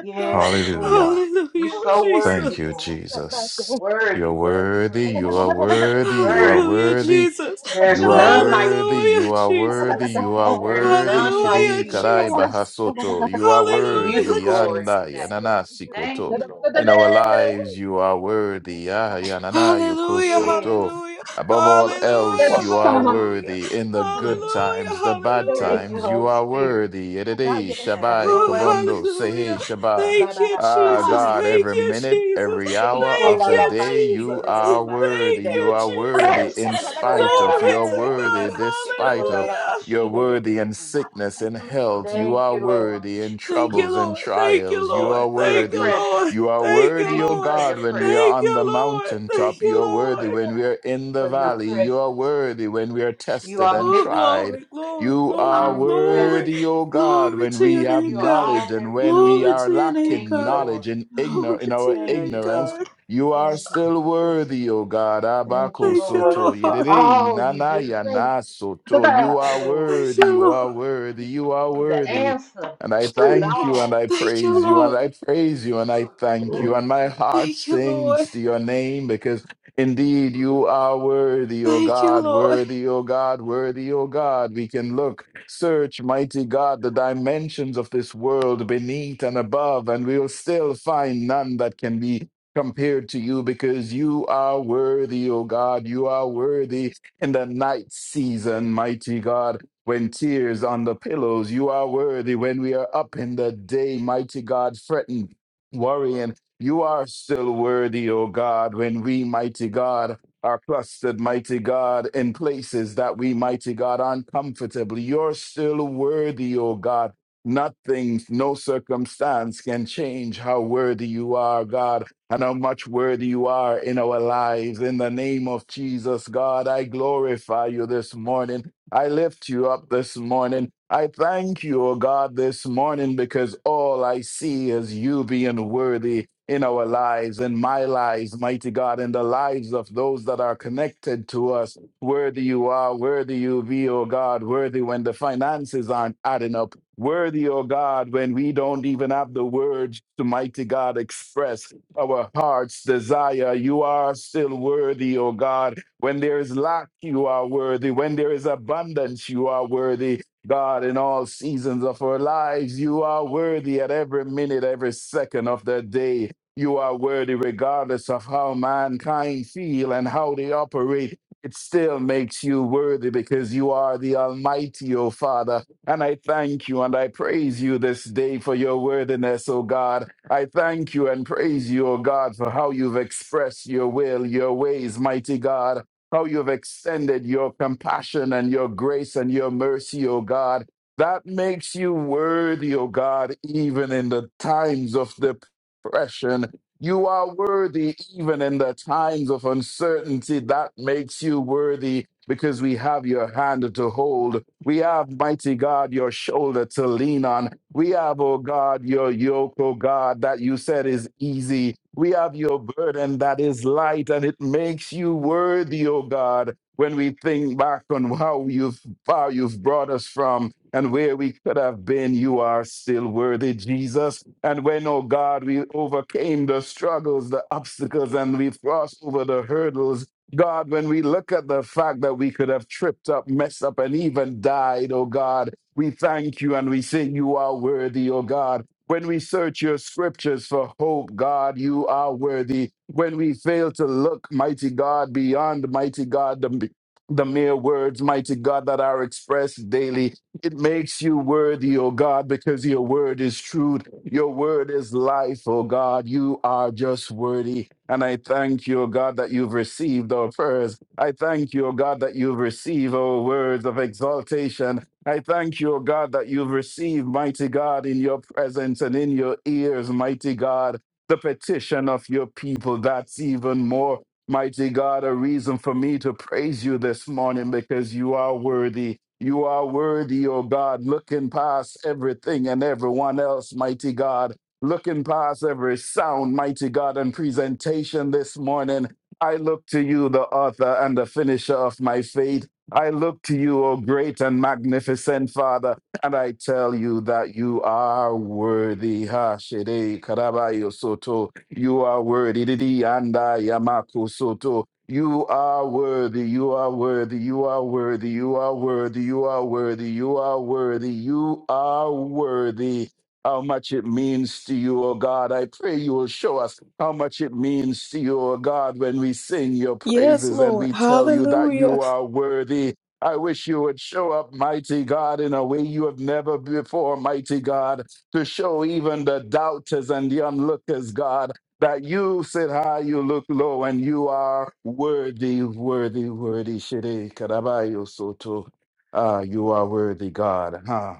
[SPEAKER 7] Yes,
[SPEAKER 8] you.
[SPEAKER 6] Hallelujah.
[SPEAKER 7] Lord. You're
[SPEAKER 1] Hallelujah,
[SPEAKER 8] Oh,
[SPEAKER 7] so
[SPEAKER 1] Jesus.
[SPEAKER 6] Thank
[SPEAKER 7] worthy,
[SPEAKER 6] you,
[SPEAKER 7] God.
[SPEAKER 8] shit, back there.
[SPEAKER 6] Jesus. You're
[SPEAKER 7] Worthy, worthy,
[SPEAKER 6] worthy, you
[SPEAKER 7] worthy.
[SPEAKER 6] are
[SPEAKER 7] You're
[SPEAKER 6] worthy, you are
[SPEAKER 7] worthy.
[SPEAKER 1] Hallelujah,
[SPEAKER 6] worthy,
[SPEAKER 1] Jesus.
[SPEAKER 7] There's
[SPEAKER 6] you are
[SPEAKER 7] none like
[SPEAKER 6] worthy,
[SPEAKER 7] you.
[SPEAKER 6] you
[SPEAKER 1] Hallelujah,
[SPEAKER 6] are worthy,
[SPEAKER 1] Jesus.
[SPEAKER 6] you are
[SPEAKER 7] There's
[SPEAKER 6] worthy,
[SPEAKER 7] none like
[SPEAKER 1] Hallelujah,
[SPEAKER 6] Shidi
[SPEAKER 7] you.
[SPEAKER 6] Karai
[SPEAKER 1] Jesus.
[SPEAKER 8] Oh, shit.
[SPEAKER 6] Bahasoto, you are
[SPEAKER 7] We give you the
[SPEAKER 1] Hallelujah,
[SPEAKER 6] worthy,
[SPEAKER 7] glory
[SPEAKER 6] Yanda
[SPEAKER 1] Jesus.
[SPEAKER 7] today.
[SPEAKER 6] Yananasi
[SPEAKER 7] Thank
[SPEAKER 6] Koto.
[SPEAKER 7] you, Lord.
[SPEAKER 6] In our lives, you are worthy, Ah Yanana
[SPEAKER 1] Hallelujah,
[SPEAKER 7] Yes.
[SPEAKER 6] Yokosoto.
[SPEAKER 1] hallelujah,
[SPEAKER 6] Above all else,
[SPEAKER 7] Hmm.
[SPEAKER 1] hallelujah,
[SPEAKER 6] you are
[SPEAKER 1] hallelujah,
[SPEAKER 6] worthy. In the
[SPEAKER 7] Hmm.
[SPEAKER 6] good
[SPEAKER 1] hallelujah,
[SPEAKER 6] times, the bad
[SPEAKER 7] Thank
[SPEAKER 1] hallelujah.
[SPEAKER 7] you,
[SPEAKER 6] times, you
[SPEAKER 7] Holy
[SPEAKER 6] are
[SPEAKER 7] Spirit.
[SPEAKER 6] worthy. Edede
[SPEAKER 7] Have
[SPEAKER 6] Shabai
[SPEAKER 7] your
[SPEAKER 1] Oh,
[SPEAKER 7] way.
[SPEAKER 6] Kobondo Sehe
[SPEAKER 1] hallelujah.
[SPEAKER 6] shaba.
[SPEAKER 1] Thank you,
[SPEAKER 6] Ah,
[SPEAKER 1] Jesus.
[SPEAKER 6] God,
[SPEAKER 7] Shandarabashide.
[SPEAKER 1] Thank
[SPEAKER 6] every
[SPEAKER 1] you,
[SPEAKER 6] minute,
[SPEAKER 1] Jesus.
[SPEAKER 6] every hour of
[SPEAKER 1] Thank
[SPEAKER 6] the
[SPEAKER 1] you,
[SPEAKER 6] day, you
[SPEAKER 1] Jesus.
[SPEAKER 6] are
[SPEAKER 1] Thank
[SPEAKER 6] worthy. You
[SPEAKER 1] you,
[SPEAKER 6] are
[SPEAKER 7] Ikolalabashide.
[SPEAKER 6] worthy
[SPEAKER 1] Jesus.
[SPEAKER 6] in spite of, you
[SPEAKER 7] Shandororara.
[SPEAKER 1] Glory
[SPEAKER 6] are
[SPEAKER 1] to God.
[SPEAKER 6] worthy despite of,
[SPEAKER 1] Hallelujah.
[SPEAKER 6] you're worthy in
[SPEAKER 7] Ikolalabashide.
[SPEAKER 6] sickness and health. You
[SPEAKER 7] Thank
[SPEAKER 6] are
[SPEAKER 7] you, Lord.
[SPEAKER 6] worthy in
[SPEAKER 1] Thank you,
[SPEAKER 6] troubles and
[SPEAKER 1] Lord. Thank you,
[SPEAKER 6] trials. You
[SPEAKER 7] Thank you
[SPEAKER 6] are
[SPEAKER 1] Lord.
[SPEAKER 7] for your
[SPEAKER 1] Thank you,
[SPEAKER 6] worthy.
[SPEAKER 1] Lord.
[SPEAKER 6] You
[SPEAKER 7] presence.
[SPEAKER 6] are
[SPEAKER 1] Thank you,
[SPEAKER 6] worthy,
[SPEAKER 7] Thank
[SPEAKER 6] O
[SPEAKER 7] you
[SPEAKER 1] Lord.
[SPEAKER 7] for your
[SPEAKER 6] God, when we are
[SPEAKER 7] presence.
[SPEAKER 1] Thank
[SPEAKER 6] on the
[SPEAKER 1] you, Lord.
[SPEAKER 6] mountaintop.
[SPEAKER 1] Thank
[SPEAKER 7] Thank
[SPEAKER 6] You
[SPEAKER 1] you,
[SPEAKER 7] you,
[SPEAKER 6] are
[SPEAKER 7] Lord,
[SPEAKER 6] worthy
[SPEAKER 1] Lord.
[SPEAKER 6] when we are in the
[SPEAKER 7] for your
[SPEAKER 6] valley. You are
[SPEAKER 7] presence.
[SPEAKER 6] worthy when we are
[SPEAKER 7] You
[SPEAKER 6] tested
[SPEAKER 7] are
[SPEAKER 6] and
[SPEAKER 1] Oh,
[SPEAKER 7] omnipotent.
[SPEAKER 6] tried.
[SPEAKER 1] glory, glory,
[SPEAKER 6] You
[SPEAKER 7] You
[SPEAKER 6] are
[SPEAKER 1] glory, glory,
[SPEAKER 7] omnipresent.
[SPEAKER 6] worthy, O God,
[SPEAKER 1] glory
[SPEAKER 6] when
[SPEAKER 1] to
[SPEAKER 6] we
[SPEAKER 1] your
[SPEAKER 6] have
[SPEAKER 1] name,
[SPEAKER 7] You are
[SPEAKER 1] God.
[SPEAKER 6] knowledge
[SPEAKER 7] all
[SPEAKER 6] and
[SPEAKER 7] that we
[SPEAKER 6] when we
[SPEAKER 1] Glory
[SPEAKER 7] need.
[SPEAKER 6] are
[SPEAKER 1] to your name,
[SPEAKER 7] Thank
[SPEAKER 6] lacking
[SPEAKER 7] you,
[SPEAKER 1] God.
[SPEAKER 6] knowledge
[SPEAKER 7] Lord.
[SPEAKER 6] in ignor-
[SPEAKER 1] Glory
[SPEAKER 6] in
[SPEAKER 1] to
[SPEAKER 6] our
[SPEAKER 1] your
[SPEAKER 7] Thank
[SPEAKER 1] name,
[SPEAKER 7] you,
[SPEAKER 6] ignorance.
[SPEAKER 7] Lord.
[SPEAKER 1] God.
[SPEAKER 6] You are
[SPEAKER 7] Thank you,
[SPEAKER 6] still
[SPEAKER 7] Jesus.
[SPEAKER 6] worthy, O God.
[SPEAKER 7] Thank you,
[SPEAKER 6] Abako
[SPEAKER 1] Thank you,
[SPEAKER 7] Lord,
[SPEAKER 6] soto
[SPEAKER 7] for
[SPEAKER 1] Lord.
[SPEAKER 6] yedede
[SPEAKER 7] all you
[SPEAKER 6] nana
[SPEAKER 7] do.
[SPEAKER 6] yana soto. You
[SPEAKER 7] Thank you,
[SPEAKER 6] are
[SPEAKER 7] Lord.
[SPEAKER 1] Thank
[SPEAKER 6] worthy.
[SPEAKER 1] you,
[SPEAKER 6] You
[SPEAKER 1] Lord.
[SPEAKER 6] are worthy. You are
[SPEAKER 7] You are the
[SPEAKER 6] worthy.
[SPEAKER 7] answer
[SPEAKER 6] And I
[SPEAKER 7] to it
[SPEAKER 6] thank you and
[SPEAKER 7] all.
[SPEAKER 6] I
[SPEAKER 1] Thank you,
[SPEAKER 6] praise you and I
[SPEAKER 1] Lord.
[SPEAKER 6] praise you and
[SPEAKER 7] Ooh,
[SPEAKER 6] I thank
[SPEAKER 7] thank
[SPEAKER 6] you.
[SPEAKER 7] you,
[SPEAKER 6] And my
[SPEAKER 7] Jesus.
[SPEAKER 6] heart
[SPEAKER 1] Thank you, Lord.
[SPEAKER 6] sings to your name because. Indeed, you are worthy, O God, worthy, O God, worthy, O God. We can look, search, mighty God, the dimensions of this world beneath and above, and we'll still find none that can be compared to you because you are worthy, O God. You are worthy in the night season, mighty God. When tears on the pillows, you are worthy. When we are up in the day, mighty God, fretting, worrying you are still worthy, O God, when we, mighty God, are clustered, mighty God, in places that we, mighty God, uncomfortably. You're still worthy, O God. Nothing, no circumstance can change how worthy you are, God, and how much worthy you are in our lives. In the name of Jesus, God, I glorify you this morning. I lift you up this morning. I thank you, O God, this morning because all I see is you being worthy in our lives, in my lives, mighty God, in the lives of those that are connected to us. Worthy you are, worthy you be, O God, worthy when the finances aren't adding up. Worthy, O God, when we don't even have the words to mighty God express our heart's desire. You are still worthy, O God. When there is lack, you are worthy. When there is abundance, you are worthy. God, in all seasons of our lives, you are worthy at every minute, every second of the day. You are worthy regardless of how mankind feel and how they operate. It still makes you worthy because you are the Almighty, O Father. And I thank you and I praise you this day for your worthiness, O God. I thank you and praise you, O God, for how you've expressed your will, your ways, mighty God how you have extended your compassion and your grace and your mercy, O God. That makes you worthy, O God, even in the times of depression. You are worthy even in the times of uncertainty. That makes you worthy because we have your hand to hold. We have, mighty God, your shoulder to lean on. We have, oh God, your yoke, oh God, that you said is easy. We have your burden that is light and it makes you worthy, oh God, when we think back on how you've, how you've brought us from and where we could have been. You are still worthy, Jesus. And when, oh God, we overcame the struggles, the obstacles, and we crossed over the hurdles, God, when we look at the fact that we could have tripped up, messed up, and even died, oh God, we thank you and we say you are worthy, oh God. When we search your scriptures for hope, God, you are worthy. When we fail to look, mighty God, beyond mighty God, the, the mere words, mighty God, that are expressed daily, it makes you worthy, O God, because your word is truth. Your word is life, O God. You are just worthy. And I thank you, O God, that you've received our prayers. I thank you, O God, that you've received our words of exaltation. I thank you, O God, that you've received, mighty God, in your presence and in your ears, mighty God, the petition of your people. That's even more. Mighty God, a reason for me to praise you this morning because you are worthy. You are worthy, oh God, looking past everything and everyone else, mighty God, looking past every sound, mighty God, and presentation this morning. I look to you, the author and the finisher of my faith. I look to you, O great and magnificent Father, and I tell you that you are worthy. Ha, shede, karabayo, soto. You are worthy. Didi yanda yamako soto. You are worthy. You are worthy. You are worthy. You are worthy. You are worthy. You are worthy. You are worthy. How much it means to you, O God. I pray you will show us how much it means to you, O God, when we sing your
[SPEAKER 1] Yes,
[SPEAKER 6] praises and
[SPEAKER 1] Lord.
[SPEAKER 6] we tell you that you
[SPEAKER 1] Hallelujah.
[SPEAKER 6] are worthy. I wish you would show up, mighty God, in a way you have never before, mighty God, to show even the doubters and the onlookers, God, that you sit high, you look low, and you are worthy, worthy, worthy. Shiri karabayo soto. Ah, you are worthy, God. Huh?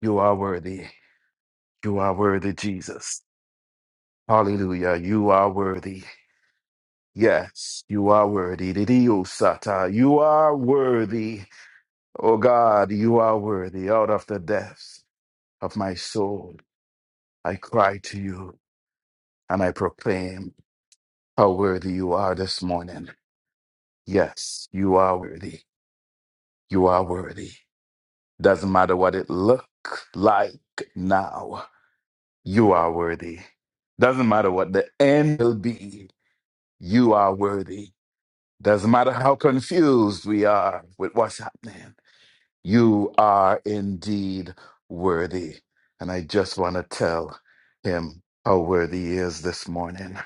[SPEAKER 6] You are worthy. You are worthy, Jesus. Hallelujah. You are worthy. Yes, you are worthy. Didio sata. You are worthy. Oh God, you are worthy. Out of the depths of my soul, I cry to you and I proclaim how worthy you are this morning. Yes, you are worthy. You are worthy. Doesn't matter what it look like now. You are worthy. Doesn't matter what the end will be. You are worthy. Doesn't matter how confused we are with what's happening. You are indeed worthy. And I just want to tell him how worthy he is this morning,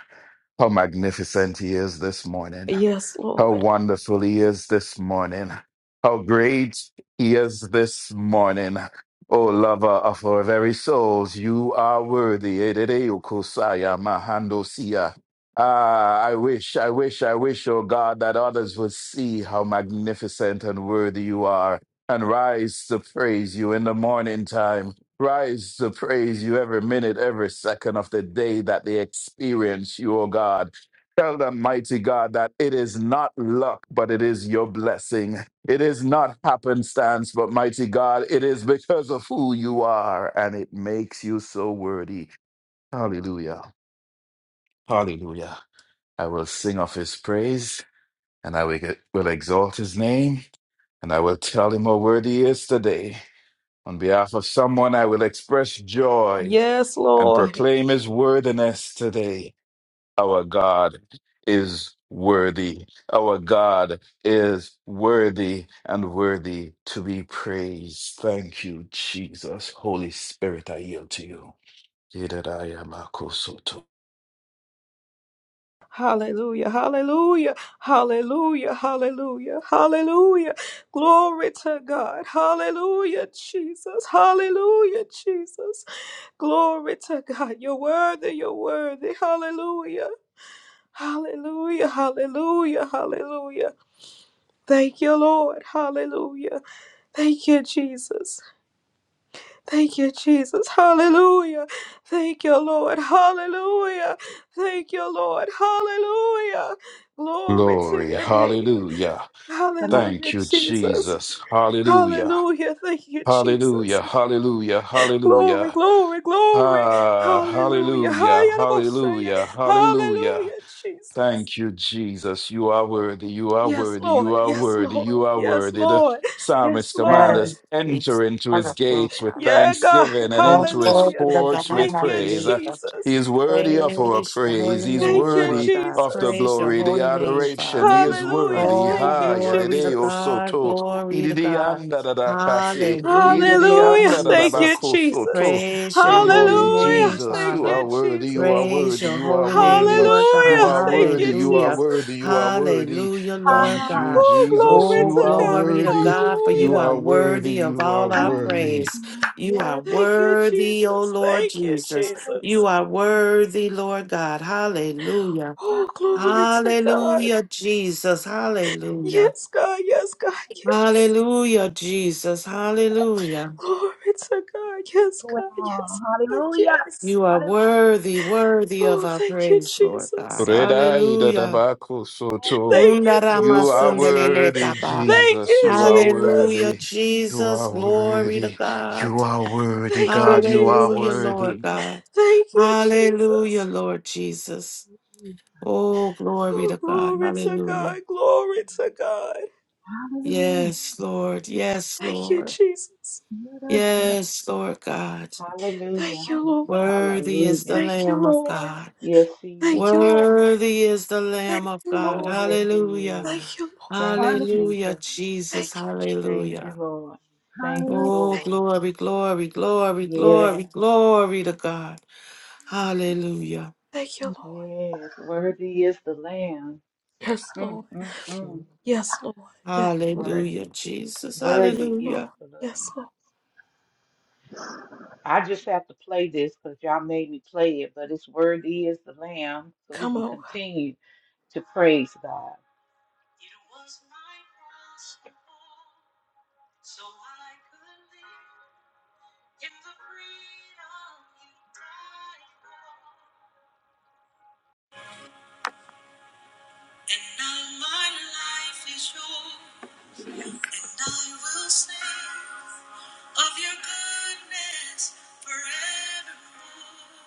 [SPEAKER 6] how magnificent he is this morning.
[SPEAKER 1] Yes,
[SPEAKER 6] How
[SPEAKER 1] Lord.
[SPEAKER 6] wonderful he is this morning. How great he is this morning. O lover of our very souls, you are worthy. Edede okosaya mahandosia. Ah, I wish, I wish, I wish, O God, that others would see how magnificent and worthy you are and rise to praise you in the morning time. Rise to praise you every minute, every second of the day that they experience you, O God. Tell them, mighty God, that it is not luck, but it is your blessing. It is not happenstance, but mighty God, it is because of who you are, and it makes you so worthy. Hallelujah. Hallelujah. I will sing of his praise, and I will will exalt his name, and I will tell him how worthy he is today. On behalf of someone, I will express joy
[SPEAKER 1] Yes,
[SPEAKER 6] and
[SPEAKER 1] Lord.
[SPEAKER 6] proclaim his worthiness today. Our God is worthy. Our God is worthy and worthy to be praised. Thank you, Jesus. Holy Spirit, I yield to you. Yidadayamakosoto.
[SPEAKER 1] Hallelujah, hallelujah, hallelujah, hallelujah, hallelujah. Glory to God. Hallelujah, Jesus. Hallelujah, Jesus. Glory to God. You're worthy, you're worthy. Hallelujah, hallelujah, hallelujah, hallelujah. Thank you, Lord. Hallelujah. Thank you, Jesus. Thank you, Jesus. Hallelujah. Thank you, Lord. Hallelujah. Thank you, Lord. Hallelujah. Glory to
[SPEAKER 6] Glory.
[SPEAKER 1] your name.
[SPEAKER 6] Hallelujah. Thank
[SPEAKER 1] Hallelujah,
[SPEAKER 6] you,
[SPEAKER 1] Jesus.
[SPEAKER 6] Jesus. Hallelujah.
[SPEAKER 1] Hallelujah. Thank you, Jesus.
[SPEAKER 6] Hallelujah. Hallelujah.
[SPEAKER 1] Glory,
[SPEAKER 6] Hallelujah.
[SPEAKER 1] glory, glory.
[SPEAKER 6] Ah,
[SPEAKER 1] Hallelujah.
[SPEAKER 6] hallelujah.
[SPEAKER 1] Hayarabosaya.
[SPEAKER 6] Hallelujah. Hallelujah.
[SPEAKER 1] Hallelujah, Jesus.
[SPEAKER 6] Thank you, Jesus. You are worthy. You are
[SPEAKER 1] Yes,
[SPEAKER 6] worthy.
[SPEAKER 1] Lord.
[SPEAKER 6] You are
[SPEAKER 1] Yes,
[SPEAKER 6] worthy.
[SPEAKER 1] Lord.
[SPEAKER 6] You are
[SPEAKER 1] Yes,
[SPEAKER 6] worthy. The
[SPEAKER 1] Lord. Yes,
[SPEAKER 6] psalmist commands
[SPEAKER 1] Lord.
[SPEAKER 5] And
[SPEAKER 6] us enter
[SPEAKER 5] it's
[SPEAKER 6] into his gates with
[SPEAKER 5] hallelujah.
[SPEAKER 1] Yeah, God.
[SPEAKER 6] thanksgiving and
[SPEAKER 5] Lord,
[SPEAKER 6] into his
[SPEAKER 5] Glory
[SPEAKER 1] Hallelujah.
[SPEAKER 5] to
[SPEAKER 6] courts
[SPEAKER 5] God.
[SPEAKER 6] with
[SPEAKER 1] Thank you,
[SPEAKER 6] praise. Uh,
[SPEAKER 5] Hallelujah.
[SPEAKER 6] He
[SPEAKER 1] Jesus.
[SPEAKER 6] is worthy of our
[SPEAKER 5] Praise your
[SPEAKER 6] praise.
[SPEAKER 5] holy
[SPEAKER 6] He is
[SPEAKER 1] Thank
[SPEAKER 5] name,
[SPEAKER 1] you,
[SPEAKER 5] Lord
[SPEAKER 6] worthy
[SPEAKER 5] God.
[SPEAKER 6] of the
[SPEAKER 1] Jesus.
[SPEAKER 5] Praise your
[SPEAKER 6] glory, the
[SPEAKER 5] holy name,
[SPEAKER 6] adoration.
[SPEAKER 5] Father.
[SPEAKER 6] He is
[SPEAKER 1] Hallelujah.
[SPEAKER 6] worthy.
[SPEAKER 5] Oh,
[SPEAKER 1] Thank
[SPEAKER 6] Ha,
[SPEAKER 1] you,
[SPEAKER 5] glory to
[SPEAKER 6] yadideo
[SPEAKER 1] Jesus.
[SPEAKER 5] God.
[SPEAKER 6] soto.
[SPEAKER 5] Glory to
[SPEAKER 6] Ididi
[SPEAKER 5] God.
[SPEAKER 6] anda da da kasi.
[SPEAKER 5] Hallelujah,
[SPEAKER 6] Ididi
[SPEAKER 5] Lord
[SPEAKER 1] Hallelujah.
[SPEAKER 6] anda da da
[SPEAKER 1] Thank you,
[SPEAKER 5] Jesus.
[SPEAKER 6] bako
[SPEAKER 1] Jesus.
[SPEAKER 6] soto.
[SPEAKER 5] Praise your holy
[SPEAKER 6] Hey,
[SPEAKER 1] Hallelujah.
[SPEAKER 5] name,
[SPEAKER 6] Jesus,
[SPEAKER 1] Thank
[SPEAKER 6] you
[SPEAKER 5] Father.
[SPEAKER 1] you,
[SPEAKER 6] are worthy. You are
[SPEAKER 1] Jesus.
[SPEAKER 5] Praise
[SPEAKER 6] worthy.
[SPEAKER 5] your
[SPEAKER 6] You are
[SPEAKER 5] holy name,
[SPEAKER 6] worthy.
[SPEAKER 5] Lord God.
[SPEAKER 6] You
[SPEAKER 1] Hallelujah.
[SPEAKER 6] are
[SPEAKER 1] Thank
[SPEAKER 6] worthy,
[SPEAKER 1] you,
[SPEAKER 6] you are
[SPEAKER 5] Hallelujah.
[SPEAKER 6] worthy,
[SPEAKER 1] Jesus.
[SPEAKER 6] you are worthy.
[SPEAKER 5] Hallelujah, Lord
[SPEAKER 6] Thank you,
[SPEAKER 5] God.
[SPEAKER 1] Oh,
[SPEAKER 6] Jesus.
[SPEAKER 1] glory
[SPEAKER 5] Oh,
[SPEAKER 6] You
[SPEAKER 1] to
[SPEAKER 6] are
[SPEAKER 1] God.
[SPEAKER 5] glory to
[SPEAKER 6] worthy,
[SPEAKER 5] God, for
[SPEAKER 6] you
[SPEAKER 5] you are
[SPEAKER 1] Hallelujah.
[SPEAKER 6] are worthy,
[SPEAKER 5] worthy of
[SPEAKER 6] you are
[SPEAKER 5] all our
[SPEAKER 6] worthy.
[SPEAKER 5] praise. You are
[SPEAKER 1] Thank you,
[SPEAKER 5] worthy, oh
[SPEAKER 1] Jesus.
[SPEAKER 5] Lord
[SPEAKER 1] Thank you,
[SPEAKER 5] Jesus. You
[SPEAKER 1] Jesus.
[SPEAKER 5] are worthy, Lord God. Hallelujah.
[SPEAKER 1] Oh, glory to God.
[SPEAKER 5] Hallelujah, Jesus. Hallelujah.
[SPEAKER 1] Yes, God. Yes, God. Yes.
[SPEAKER 5] Hallelujah, Jesus. Hallelujah.
[SPEAKER 1] Glory to God. Yes,
[SPEAKER 8] going
[SPEAKER 1] God.
[SPEAKER 8] on.
[SPEAKER 1] Yes, God.
[SPEAKER 8] Hallelujah.
[SPEAKER 1] Yes.
[SPEAKER 5] You are
[SPEAKER 8] Hallelujah.
[SPEAKER 5] worthy, worthy of
[SPEAKER 1] Oh,
[SPEAKER 5] our
[SPEAKER 1] thank you,
[SPEAKER 5] praise, Lord God.
[SPEAKER 1] Jesus.
[SPEAKER 6] Redai
[SPEAKER 5] Hallelujah.
[SPEAKER 6] dadabako Soto.
[SPEAKER 1] Thank you,
[SPEAKER 6] You are
[SPEAKER 1] Jesus.
[SPEAKER 5] Undaramasundelele
[SPEAKER 6] worthy,
[SPEAKER 5] Baba.
[SPEAKER 1] Thank
[SPEAKER 6] Jesus.
[SPEAKER 1] you,
[SPEAKER 6] You are
[SPEAKER 1] Jesus.
[SPEAKER 5] Hallelujah,
[SPEAKER 6] worthy. You
[SPEAKER 5] Jesus.
[SPEAKER 6] are
[SPEAKER 5] Glory to
[SPEAKER 6] worthy. You
[SPEAKER 5] God.
[SPEAKER 6] are worthy,
[SPEAKER 1] Thank
[SPEAKER 6] God.
[SPEAKER 1] you,
[SPEAKER 6] You are
[SPEAKER 5] Hallelujah,
[SPEAKER 1] Jesus.
[SPEAKER 5] Lord
[SPEAKER 6] worthy.
[SPEAKER 5] God.
[SPEAKER 1] Thank you,
[SPEAKER 5] Hallelujah,
[SPEAKER 1] Jesus.
[SPEAKER 5] Lord Jesus. Oh, glory
[SPEAKER 1] Oh,
[SPEAKER 5] to God.
[SPEAKER 1] glory to
[SPEAKER 5] Hallelujah.
[SPEAKER 1] God. Glory to God.
[SPEAKER 8] Hallelujah.
[SPEAKER 5] Yes, Lord. Yes,
[SPEAKER 1] Thank you,
[SPEAKER 5] Lord.
[SPEAKER 1] Jesus.
[SPEAKER 8] should
[SPEAKER 5] Yes, Lord God.
[SPEAKER 7] Hallelujah.
[SPEAKER 1] Thank you, Lord.
[SPEAKER 5] Worthy is the
[SPEAKER 7] Hallelujah.
[SPEAKER 1] Thank you,
[SPEAKER 5] Lamb of
[SPEAKER 1] Lord.
[SPEAKER 5] God.
[SPEAKER 7] Yes,
[SPEAKER 1] Thank
[SPEAKER 7] He
[SPEAKER 1] you,
[SPEAKER 7] is.
[SPEAKER 1] Lord.
[SPEAKER 5] Worthy is the Lamb
[SPEAKER 1] Thank
[SPEAKER 5] of
[SPEAKER 1] you,
[SPEAKER 5] God.
[SPEAKER 7] Oh,
[SPEAKER 1] Lord.
[SPEAKER 7] yes,
[SPEAKER 5] Hallelujah.
[SPEAKER 7] He is.
[SPEAKER 1] Thank you, Lord.
[SPEAKER 7] Thank you,
[SPEAKER 8] Hallelujah.
[SPEAKER 5] Hallelujah,
[SPEAKER 7] Jesus.
[SPEAKER 5] Jesus.
[SPEAKER 1] Thank you. Je-
[SPEAKER 7] Thank you,
[SPEAKER 5] Hallelujah.
[SPEAKER 7] Lord. Thank you,
[SPEAKER 8] Hallelujah.
[SPEAKER 5] Oh,
[SPEAKER 7] Lord.
[SPEAKER 5] glory, glory, glory, glory,
[SPEAKER 7] Yes.
[SPEAKER 5] glory to God. Hallelujah.
[SPEAKER 1] Thank you, Lord.
[SPEAKER 7] Yes, worthy is the Lamb.
[SPEAKER 1] Yes,
[SPEAKER 7] Mm,
[SPEAKER 1] Lord.
[SPEAKER 7] mm, mm.
[SPEAKER 1] Yes, Lord. Yes, Lord.
[SPEAKER 5] Hallelujah,
[SPEAKER 7] Worthy,
[SPEAKER 5] Jesus.
[SPEAKER 1] Yes,
[SPEAKER 7] worthy
[SPEAKER 1] Lord.
[SPEAKER 7] is
[SPEAKER 5] Hallelujah.
[SPEAKER 7] the Lamb.
[SPEAKER 1] Yes, Lord.
[SPEAKER 7] I just have to play this because y'all made me play it, but it's worthy is the Lamb, so we
[SPEAKER 1] Come
[SPEAKER 7] can
[SPEAKER 1] on.
[SPEAKER 7] continue to praise God. of your goodness forevermore.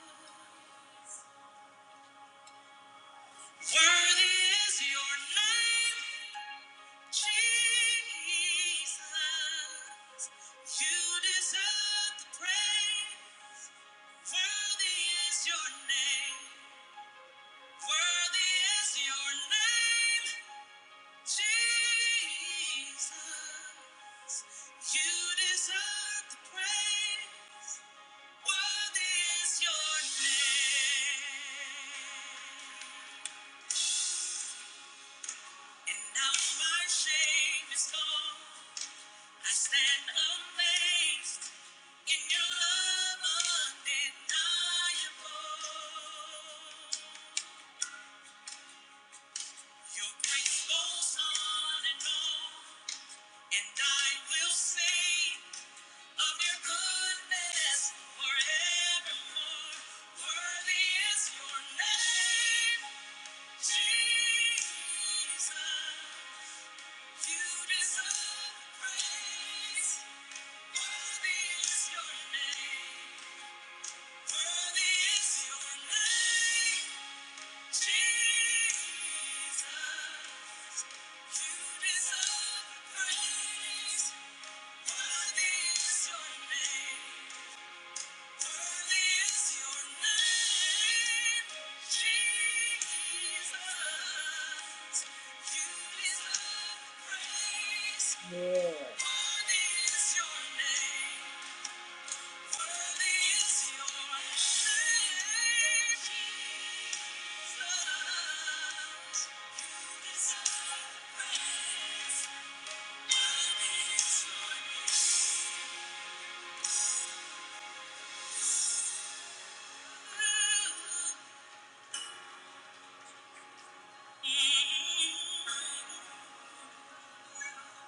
[SPEAKER 7] Worthy is your name, Jesus. You deserve the praise. Worthy is your name. Worthy is your name, Jesus. You deserve the praise. Worthy is your name. And now my shame is gone. I stand amazed in your love undeniable. Your grace goes on and on, and I will sing of your goodness forevermore. Worthy is your name. Thank you. Yeah. Worthy is your name. Worthy is your name, Jesus. You deserve praise. Worthy is your name. Ooh. Mm. Be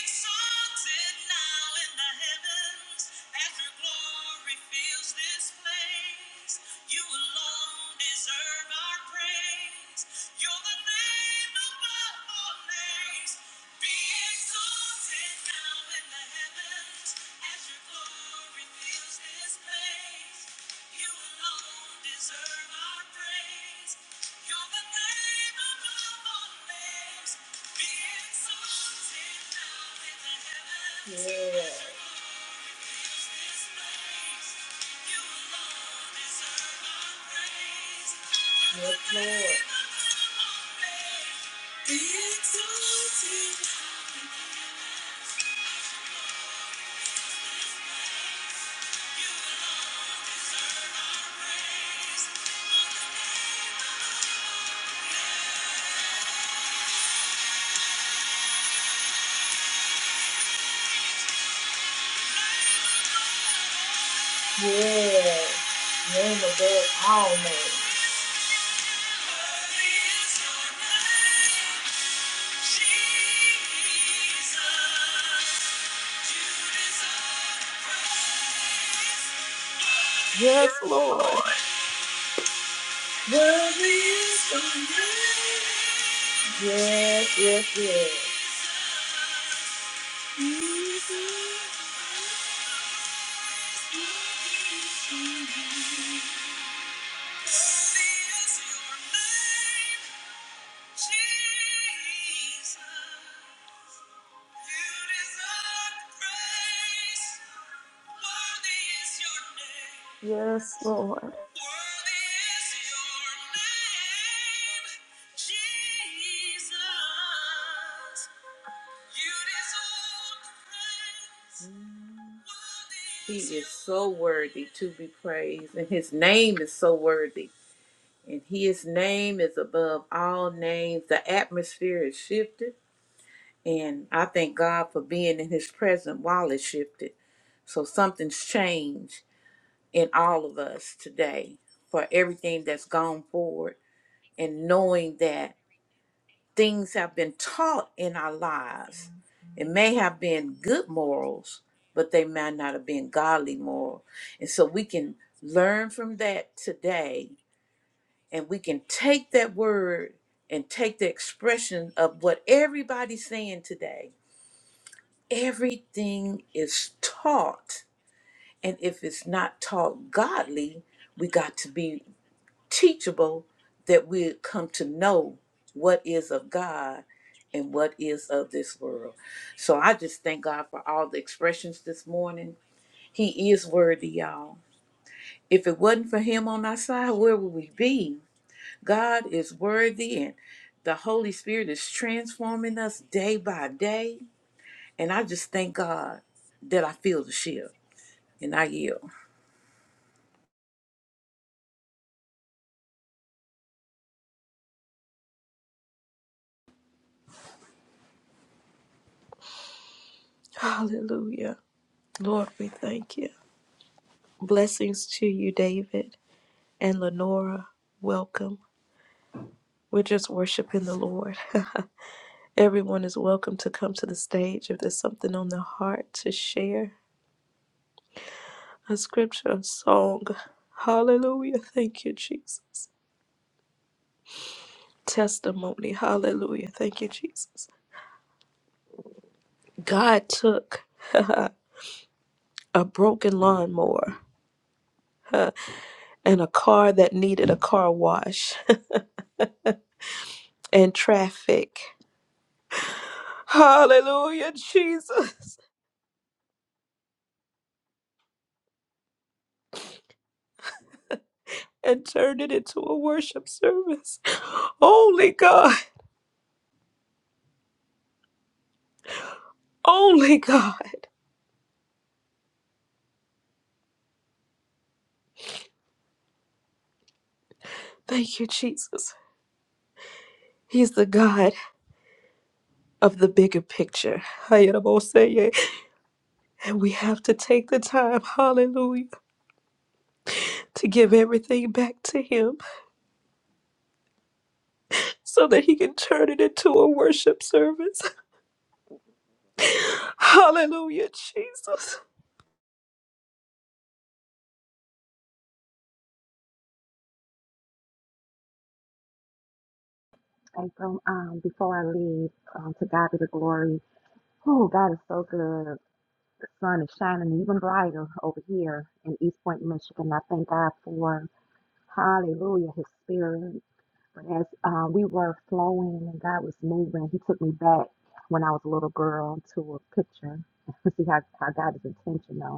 [SPEAKER 7] exalted now in the heavens as your glory fills this place. You alone deserve our praise. You're the name above all names. Be exalted now in the heavens as your glory fills this place. You alone deserve our praise. You're the name above all names. Yeah. Yes, Lord. Yeah. Name above all names. Worthy is
[SPEAKER 1] Yes, Lord.
[SPEAKER 7] the Lamb. Yes, yes, yes.
[SPEAKER 1] Yes, Lord.
[SPEAKER 7] He is so worthy to be praised, and his name is so worthy. And his name is above all names. The atmosphere is shifted. And I thank God for being in his presence while it shifted. So something's changed in all of us today for everything that's gone forward and knowing that things have been taught in our lives. It may have been good morals, but they might not have been godly moral. And so we can learn from that today and we can take that word and take the expression of what everybody's saying today everything is taught. And if it's not taught godly, we got to be teachable that we come to know what is of God and what is of this world. So I just thank God for all the expressions this morning. He is worthy, y'all. If it wasn't for Him on our side, where would we be? God is worthy, and the Holy Spirit is transforming us day by day. And I just thank God that I feel the shift. and I yield.
[SPEAKER 1] Hallelujah. Lord, we thank you. Blessings to you, David. and Lenora, welcome. We're just worshiping the Lord. Everyone is welcome to come to the stage if there's something on their heart to share a scripture, a song. Hallelujah. Thank you, Jesus. Testimony. Hallelujah. Thank you, Jesus. God took uh, a broken lawnmower and a car that needed a car wash and traffic. Hallelujah, Jesus. And turned it into a worship service. Only God. only God. Thank you, Jesus. He's the God of the And we have to take the time, hallelujah, to give everything back to Him so that He can turn it into a worship service. Hallelujah, Jesus.
[SPEAKER 8] And so, um, before I leave, um, to God be the glory. Oh, God is so good. The sun is shining even brighter over here in East Point, Michigan. I thank God for, hallelujah, his spirit. But as um, we were flowing and God was moving, he took me back when I was a little girl to a picture. See how, how God is intentional.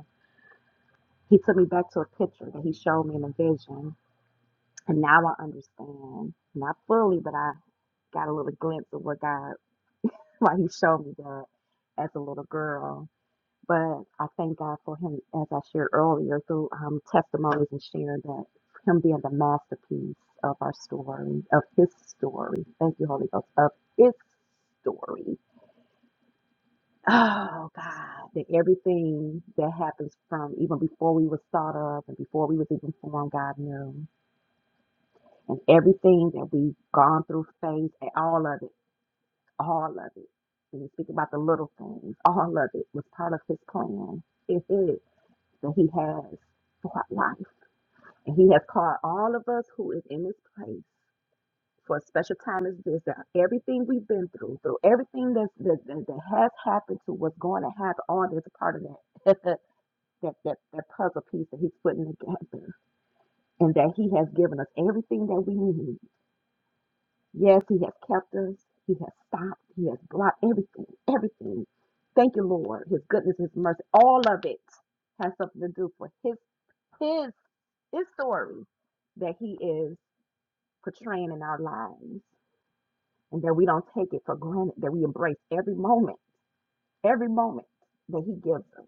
[SPEAKER 8] He took me back to a picture that he showed me in a vision. And now I understand, not fully, but I got a little glimpse of what God, why he showed me that as a little girl. But I thank God for him, as I shared earlier, through um, testimonies and sharing that, him being the masterpiece of our story, of his story. Thank you, Holy Ghost, of his story. Oh God, that everything that happens from even before we was thought of and before we was even formed, God knew. and everything that we've gone through, faced, and all of it, all of it. When you speak about the little things, all of it was part of his plan. It is that he has for our life. And he has called all of us who is in this place for a special time as this, that everything we've been through, through everything that's, that, that, that has happened to what's going to happen, all that's a part of that, that, that, that puzzle piece that he's putting together. And that he has given us everything that we need Yes, He has kept us. He has stopped. He has blocked everything, everything. Thank you, Lord. His goodness, His mercy, all of it has something to do for His His His story that He is portraying in our lives, and that we don't take it for granted. That we embrace every moment, every moment that He gives us.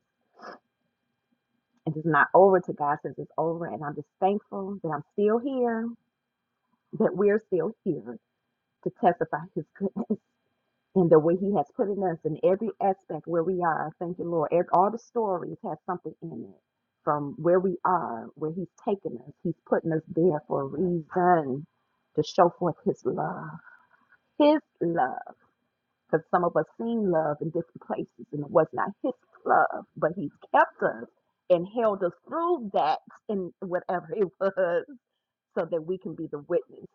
[SPEAKER 8] And it's not over to God says it's over. And I'm just thankful that I'm still here, that we're still here to testify His goodness. and the way he has put in us in every aspect where we are. Thank you, Lord. Ev- all the stories have something in it from where we are, where he's taken us. He's putting us there for a reason to show forth his love. His love. Because some of us seen love in different places and it was not his love, but he's kept us and held us through that and whatever it was so that we can be the witness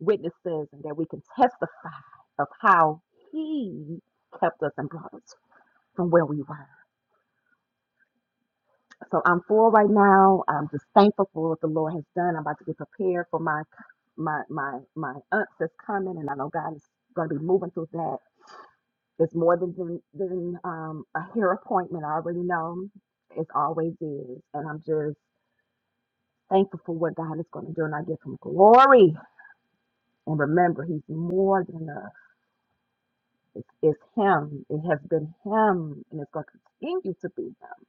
[SPEAKER 8] witnesses and that we can testify of how he kept us and brought us from where we were. So I'm full right now. I'm just thankful for what the Lord has done. I'm about to get prepared for my my my my aunt's that's coming and I know God is gonna be moving through that. It's more than than, than um a hair appointment. I already know it always is. And I'm just thankful for what God is gonna do and I give him glory. And remember he's more than enough. It's, it's Him. It has been Him, and it's going to continue to be Him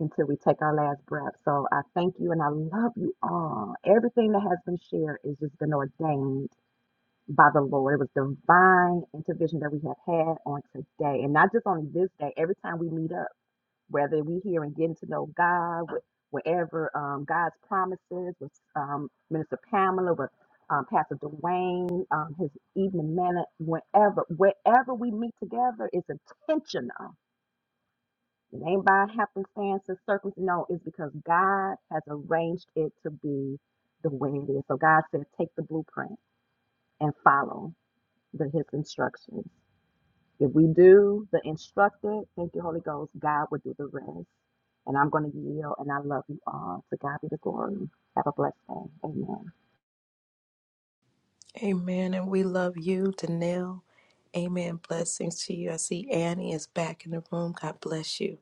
[SPEAKER 8] until we take our last breath. So I thank you, and I love you all. Everything that has been shared has just been ordained by the Lord. It was divine intervention that we have had on today, and not just on this day. Every time we meet up whether we here and getting to know God, wh- wherever um, God's promises with um, Minister Pamela, with um, Pastor Dwayne, um, his evening minute, whenever, wherever we meet together, it's intentional. It ain't by happenstance or circumstance. No, it's because God has arranged it to be the way it is. So God said, take the blueprint and follow the, his instructions. If we do the instructed, thank you, Holy Ghost, God will do the rest. And I'm going to yield, and I love you all. To God be the glory. Have a blessed day. Amen.
[SPEAKER 1] Amen. And we love you, Danelle. Amen. Blessings to you. I see Annie is back in the room. God bless you.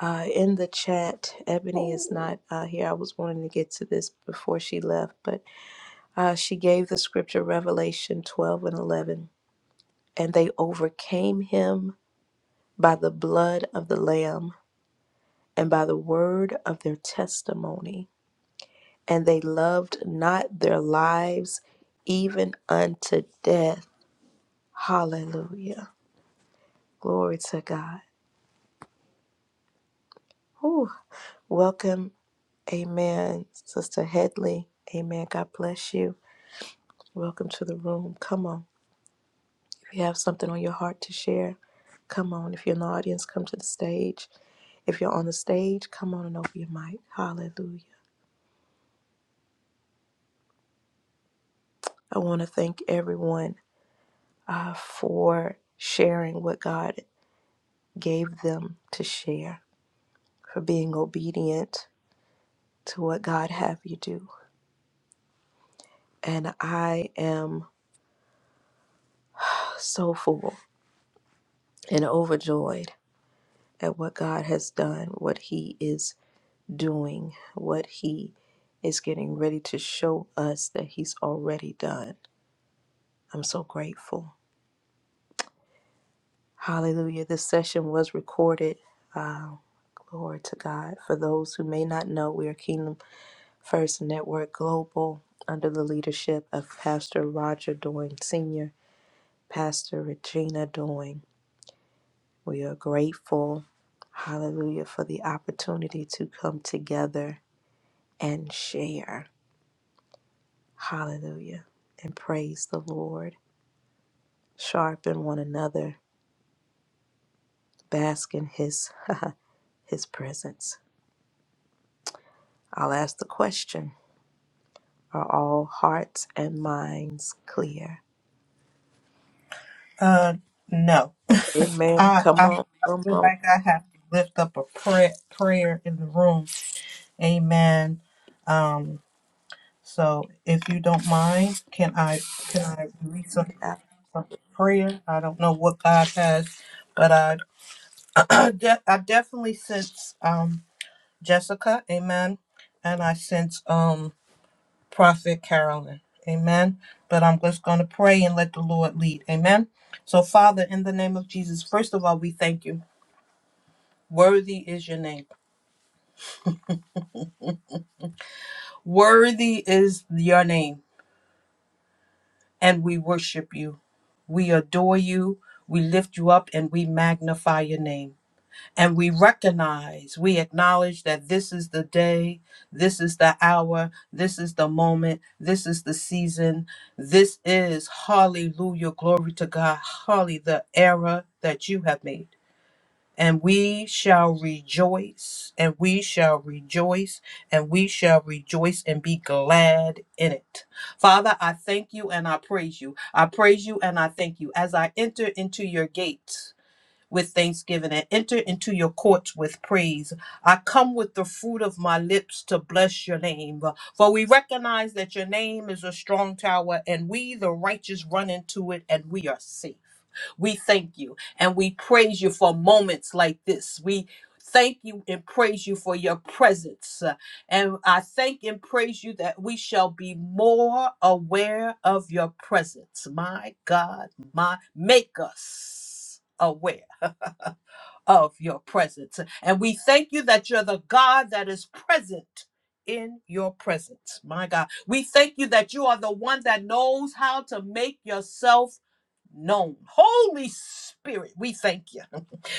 [SPEAKER 1] Uh, in the chat, Ebony is not uh, here. I was wanting to get to this before she left, but Uh, she gave the scripture Revelation 12 and 11. And they overcame him by the blood of the Lamb and by the word of their testimony. And they loved not their lives even unto death. Hallelujah. Glory to God. Whew. Welcome. Amen. Sister Headley. Amen. God bless you. Welcome to the room. Come on. If you have something on your heart to share, come on. If you're in the audience, come to the stage If you're on the stage, come on and open your mic. Hallelujah. I want to thank everyone uh, for sharing what God gave them to share, for being obedient to what God have you do. And I am so full and overjoyed at what God has done, what He is doing, what He is getting ready to show us that He's already done. I'm so grateful. Hallelujah. This session was recorded Um, Glory to God. For those who may not know, we are Kingdom First Network Global under the leadership of Pastor Roger Doyne Sr., Pastor Regina Doyne. We are grateful, hallelujah, for the opportunity to come together and share, hallelujah, and praise the Lord, sharpen one another, bask in His, his presence. I'll ask the question Are all hearts and minds clear?
[SPEAKER 12] Uh, no.
[SPEAKER 1] Amen.
[SPEAKER 12] I,
[SPEAKER 1] Come
[SPEAKER 12] I
[SPEAKER 1] on. Come
[SPEAKER 12] feel
[SPEAKER 1] on.
[SPEAKER 12] like I have to lift up a prayer, prayer in the room. Amen. Um, so if you don't mind, can I can I release a, a prayer? I don't know what God has, but I I, de- I definitely sense. um. Jessica, amen. And I sense um Prophet Carolyn, amen. But I'm just going to pray and let the Lord lead, amen. So, Father, in the name of Jesus, first of all, we thank you. Worthy is your name. Worthy is your name. And we worship you. We adore you. We lift you up and we magnify your name. And we recognize, we acknowledge that this is the day, this is the hour, this is the moment, this is the season. This is, hallelujah, glory to God, holly, the era that you have made. And we shall rejoice, and we shall rejoice, and we shall rejoice and be glad in it. Father, I thank you and I praise you. I praise you and I thank you as I enter into your gates with thanksgiving and enter into your courts with praise. I come with the fruit of my lips to bless your name. For we recognize that your name is a strong tower, and we, the righteous, run into it and we are safe. We thank you and we praise you for moments like this. We thank you and praise you for your presence. Uh, And I thank and praise you that we shall be more aware of your presence. My God, my make us. aware of your presence. And we thank you that you're the God that is present in your presence. My God, we thank you that you are the one that knows how to make yourself known. Holy Spirit, we thank you.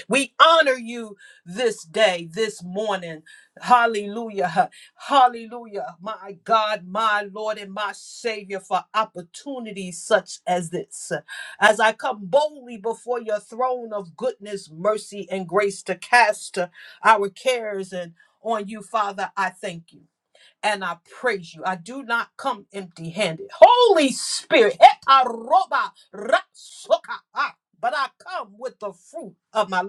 [SPEAKER 12] We honor you this day, this morning. Hallelujah. Hallelujah. My God, my Lord, and my Savior, for opportunities such as this. As I come boldly before your throne of goodness, mercy, and grace to cast uh, our cares and on you, Father, I thank you. And I praise you. I do not come empty handed. Holy Spirit, but I come with the fruit of my lips.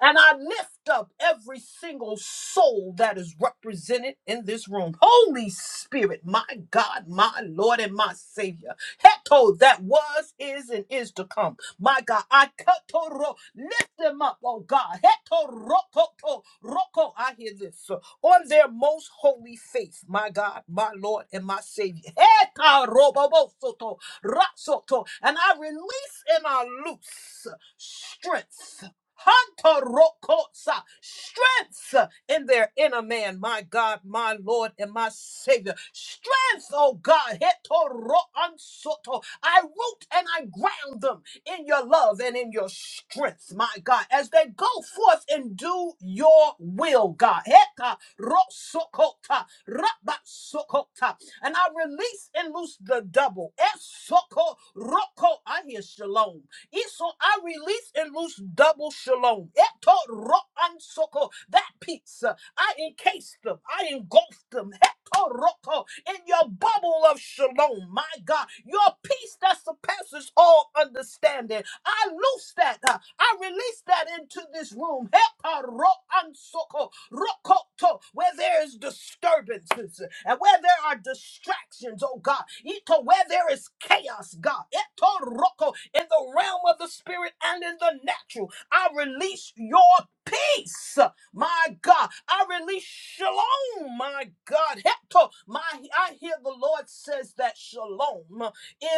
[SPEAKER 12] And I lift up every single soul that is represented in this room. Holy Spirit, my God, my Lord, and my Savior. Heto, that was, is, and is to come. My God, I katoro, lift them up, oh God. Heto, roko, to, roko, I hear this. uh, On their most holy faith, my God, my Lord, and my Savior. Heta, robo, bo, soto, rasoto. And I release and I loose strength. Hantarokotsa, strength in their inner man, my God, my Lord, and my Savior. Strength, oh God, hetoroansoto. I root and I ground them in your love and in your strength, my God, as they go forth and do your will, God. Hetarosokota, rabasokota. And I release and loose the double. Esokoroko. I hear shalom. Iso, I release and loose double shalom. Eto ro an soko. That peace, uh, I encased them, I engulfed them. Etoroko, in your bubble of shalom, my God, your peace that surpasses all understanding. I loose that. uh, I release that into this room. Hetaroansoko, rokoto, Where there is disturbances and where there are distractions, oh God. Ito, where there is chaos, God. Etoroko, In the realm of the spirit and in the natural, I release your peace. My God, I release shalom. My God, Hector, my I hear the Lord says that shalom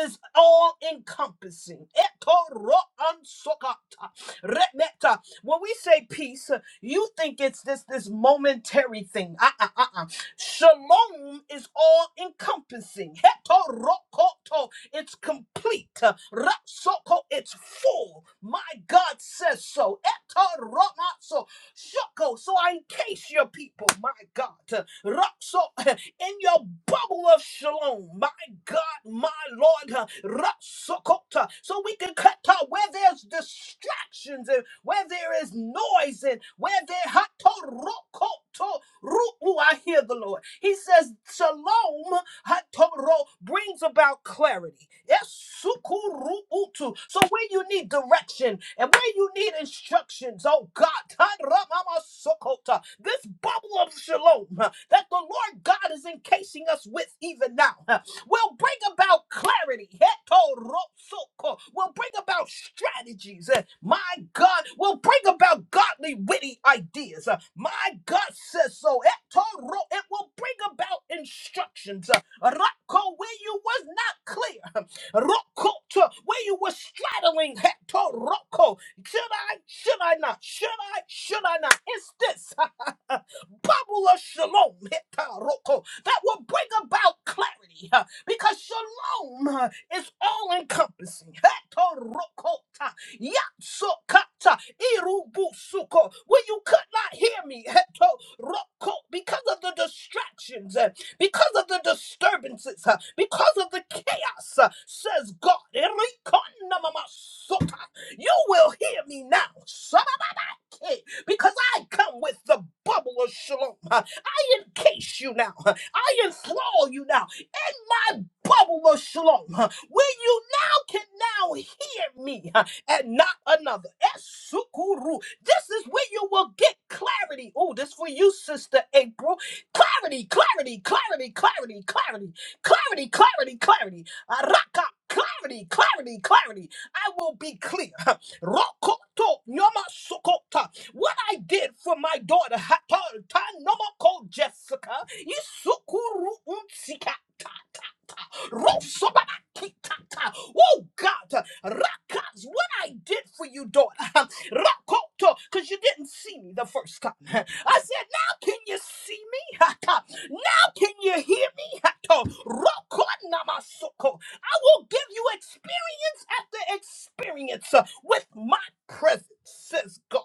[SPEAKER 12] is all encompassing. When we say peace, you think it's this this momentary thing. Uh-uh, uh-uh. Shalom is all encompassing. It's complete. Ratsoko, it's full. My God says so. Shoko, so I encase your people, my God. Rock so in your bubble of shalom, my God, my Lord. huh, Rock so we can cut out where there's distractions and where there is noise and where there hato rokoto ru. Ooh, I hear the Lord. He says, Shalom Hatoro brings about clarity. Yes, sukuruutu. So where you need direction and where you need instructions, oh God, Taramasokota, this bubble of shalom huh, that the Lord God is encasing us with even now huh, will bring about clarity. Hetorosoko, Will bring about strategies. eh, My God, will bring about godly, witty ideas. uh, My God says so. Etoro, It will bring about instructions. uh, Rocco, where you was not clear. Rocco, to where you were straddling Hector Rocco. Should I, should I not? Should I, should I not? It's this bubble of shalom Hector Rocco that will bring about clarity huh, because shalom huh, is all encompassing. Hector Rocco, ta, Yatsukata Irubusuko. where you could not hear me, Heto Roko, because of the distractions because of the disturbances, uh, because of the chaos, uh, says God. Erikana mama sota. You will hear me now. Because I come with the bubble of shalom. I encase you now. I enthrall you now in my bubble of shalom. Where you now can now hear me and not another. Esukuru. This is where you will get clarity. Oh, this for you, Sister April. Clarity, clarity, clarity, clarity, clarity, clarity, clarity, clarity. Araka. Clarity, clarity, clarity. I will be clear. Rokoto nyama sokota. What I did for my daughter, Hatar Tanomoko Jessica, Isukuru Unsikata. Rosobarakitata. Oh God, Rakas, what I did for you, daughter, Rakoto, because you didn't see me the first time. I said, now can you see me? Hata. Now can you hear me? Hato. Rokonamasoko. I will give you experience after experience uh, with my presence, says God.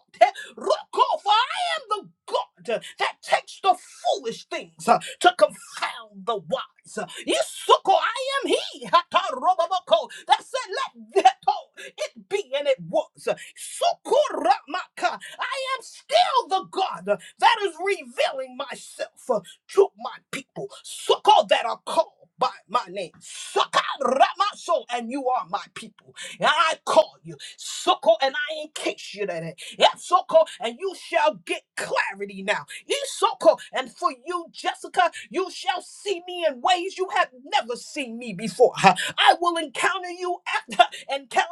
[SPEAKER 12] Roko, am the God uh, that takes the foolish things uh, to confound the wise. Uh, Yisuko, I am He Hatarobaboko, that said, Let that oh, it be, and it was. Uh, Sukuramaka, I am still the God uh, that is revealing myself uh, to my people, Suko, that are called. By my name, Sakaramaso, and you are my people. And I call you, Suko, and I encase you. That Esoko, and you shall get clarity now. Isoko, and for you, Jessica, you shall see me in ways you have never seen me before. Ha. I will encounter you after encounter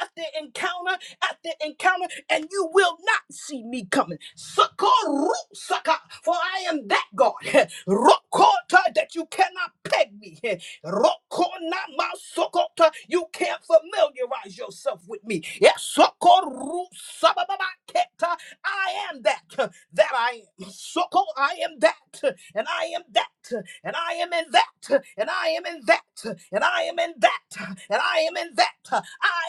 [SPEAKER 12] after encounter after encounter, and you will not see me coming. Sokoru Saka, for I am that God. Rokota that you cannot peg me. Rokona masokota. You can't familiarize yourself with me. Yes, sokoru sabababaketa. I am that. That I am. Soko, I am that. And I am that. And I am in that. And I am in that. And I am in that. And I am in that. I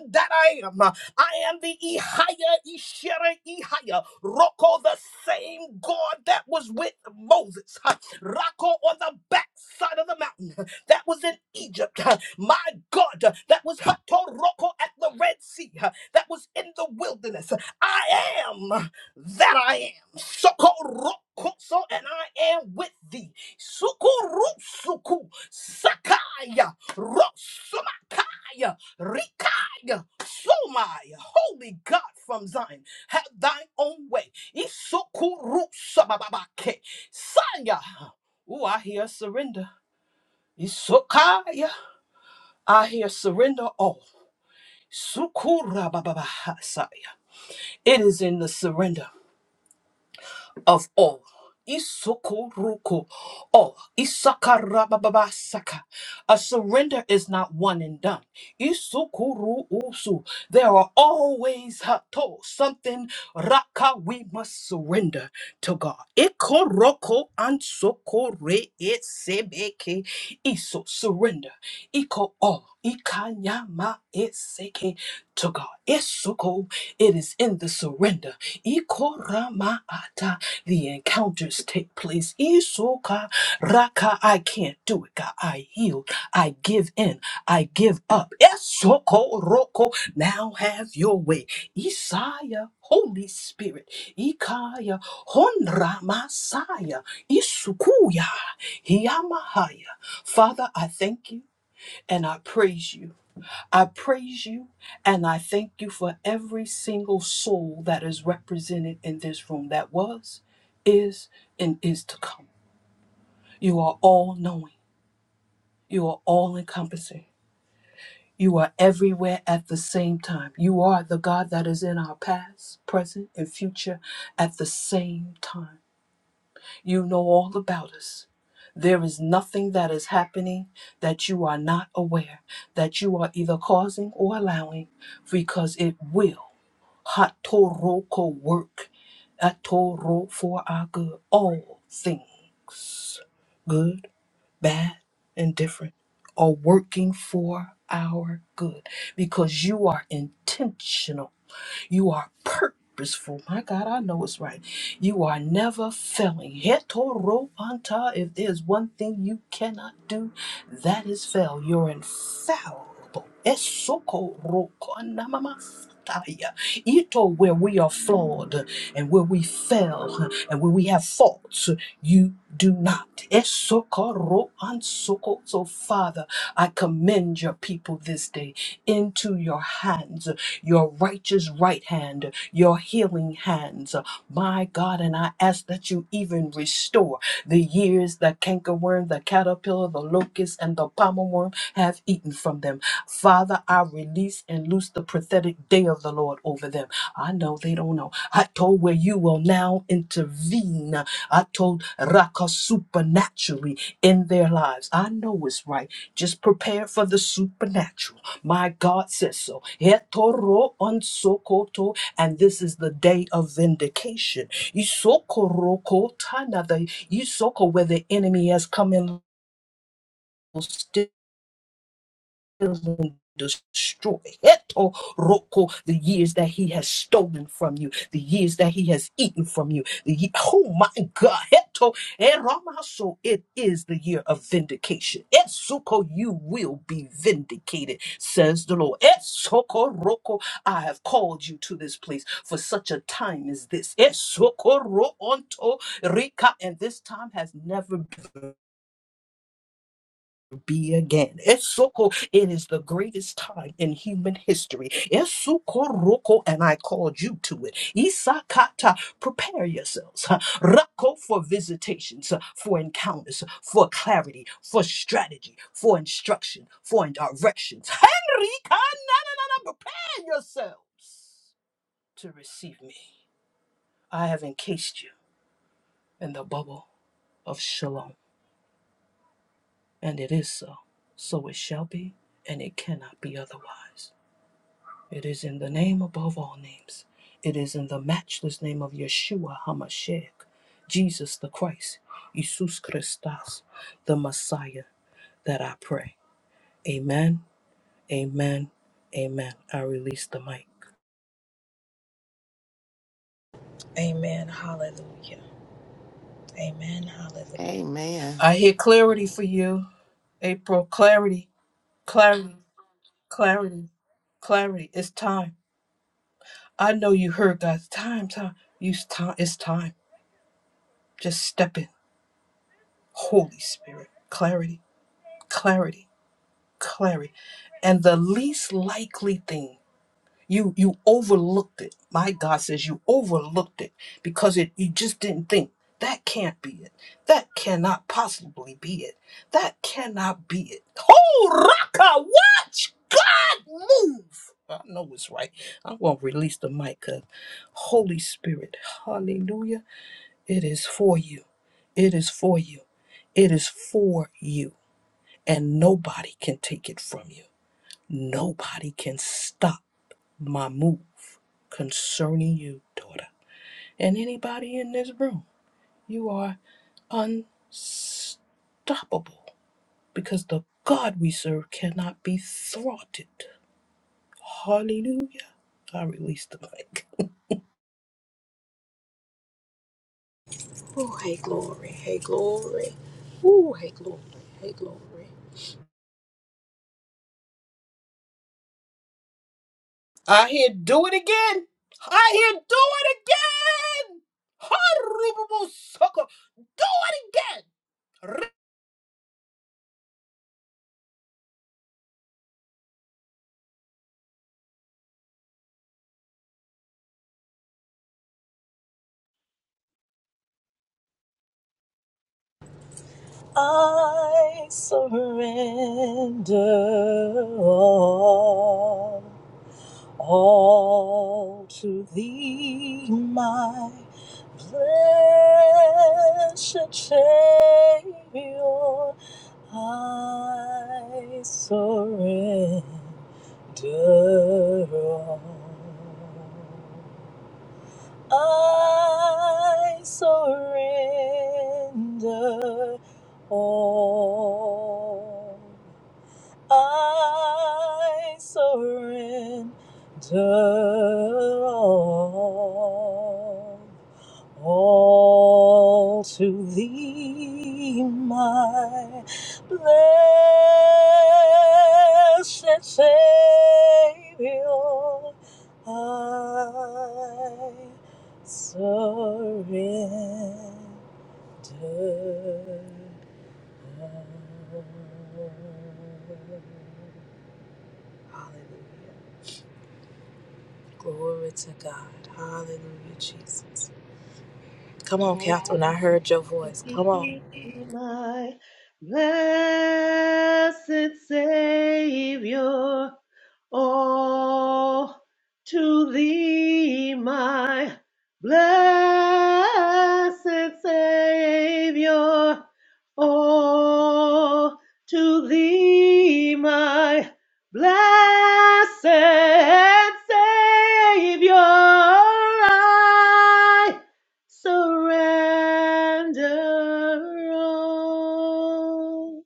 [SPEAKER 12] am that I am. I am the Ehaya Ishera Ehaya Roko, the same God that was with Moses. Rocco on the backside of the mountain that was in Egypt. My God, that was Hatoroko at the Red Sea, that was in the wilderness. I am that I am. Sokoroko, so and I am with thee. Sukurusuku, Sakaya, Rosumakaya, Rikaya, Somaya. Holy God from Zion, have thine own way. Isukurusababake, Saya. Ooh, I hear surrender. Isokaya. I hear surrender all. Sukura bababahasaya. It is in the surrender. of all. Isukuruku, all. Isakarababasaka. A surrender is not one and done. Isukuruusu. There are always hato, something raka we must surrender to God. Ikoroko ansokore sebeke iso surrender. Iko all ikanyama eseke to God. Isuko, it is in the surrender. Ikoramata. The encounters take place. Isoka Raka, I can't do it, God. I yield. I give in. I give up. Esoko Roko, now have your way. Isaiah, Holy Spirit. Ikaya, Honra Masaya. Isukuya, Hiyamahaya. Father, I thank you and I praise you. I praise you and I thank you for every single soul that is represented in this room that was, is, and is to come. You are all knowing, you are all encompassing, you are everywhere at the same time. You are the God that is in our past, present, and future at the same time. You know all about us. There is nothing that is happening that you are not aware, that you are either causing or allowing, because it will. Hatoroko work. Atoro for our good. All things, good, bad, and different, are working for our good because you are intentional you are purposeful. My God, I know it's right. You are never failing. Hetoro anta. If there's one thing you cannot do, that is fail. You're infallible. Esoko roko namamasataya. Ito, where we are flawed and where we fail and where we have faults, you do not. Esoko ro ansoko. So, Father, I commend your people this day into your hands your righteous right hand, your healing hands. My God, and I ask that you even restore the years the cankerworm, the caterpillar, the locust, and the palmer worm have eaten from them. Father, I release and loose the prophetic day of the Lord over them. I know they don't know. I told where you will now intervene. I told Raka supernaturally in their lives. I know it's right. Just prepare for the supernatural. My God says so. Hetoro onsokoto, and this is the day of vindication. Isokoroko the isoko where the enemy has come in and destroy Heto roko, the years that he has stolen from you, the years that he has eaten from you. The ye- oh my God, Heto eramaso, it is the year of vindication. Etsuko, you will be vindicated, says the Lord. Etsoko roko, I have called you to this place for such a time as this. Etsoko ro onto rika, and this time has never been be again. Esoko, it is the greatest time in human history. Esoko, Esukoroko, and I called you to it. Isakata, prepare yourselves. huh? Rako for visitations, huh? for encounters, huh? for clarity, for strategy, for instruction, for directions. Henrika, na, na, na, na, prepare yourselves to receive me. I have encased you in the bubble of shalom. And it is so. So it shall be, and it cannot be otherwise. It is in the name above all names. It is in the matchless name of Yeshua HaMashiach, Jesus the Christ, Jesus Christus, the Messiah, that I pray. Amen, amen, amen. I release the mic.
[SPEAKER 1] Amen. Hallelujah.
[SPEAKER 5] Amen.
[SPEAKER 12] I hear clarity for you, April. Clarity, clarity, clarity, clarity. It's time. I know you heard God's time, time. You, time. It's time. Just step in. Holy Spirit, clarity, clarity, clarity. And the least likely thing, you you overlooked it. My God says you overlooked it because it you just didn't think. That can't be it. That cannot possibly be it. That cannot be it. Oh Raka, watch God move. I know it's right. I'm gonna release the mic 'cause Holy Spirit, hallelujah. It is for you. It is for you. It is for you. And nobody can take it from you. Nobody can stop my move concerning you, daughter. And anybody in this room, you are unstoppable because the God we serve cannot be thwarted. Hallelujah. I released the mic. Again, I hear do it again. Do it again.
[SPEAKER 1] I surrender all, all to thee, my blessed Savior. I surrender all. I surrender all. I surrender all. All to thee, my blessed Savior, I surrender. Hallelujah. Glory to God. Hallelujah, Jesus. Come on,
[SPEAKER 13] Oh,
[SPEAKER 1] Catherine. I heard your voice. Come on.
[SPEAKER 13] be my blessed Savior, oh, to thee, my blessed Savior, oh, to thee, my blessed Savior, I Surrender all.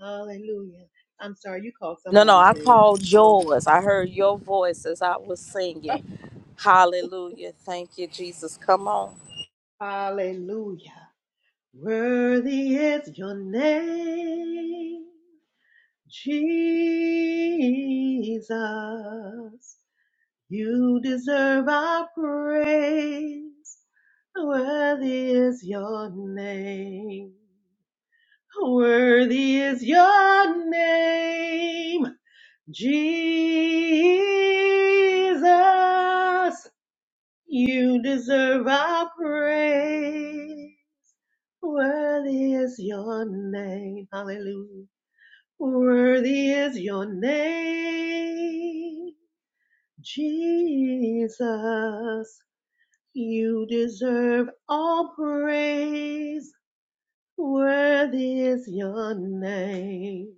[SPEAKER 13] Hallelujah. I'm sorry, you called
[SPEAKER 1] No, no,
[SPEAKER 13] somebody's
[SPEAKER 1] I
[SPEAKER 13] name.
[SPEAKER 1] called
[SPEAKER 13] I don't know.
[SPEAKER 1] yours. I heard your voice as I was singing. Hallelujah. Thank you, Jesus. Come on.
[SPEAKER 13] Hallelujah. Worthy is your name, Jesus. You deserve our praise. Worthy is your name. Worthy is your name, Jesus. You deserve our praise. Worthy is your name. Hallelujah. Worthy is your name, Jesus. You deserve all praise. Worthy is your name.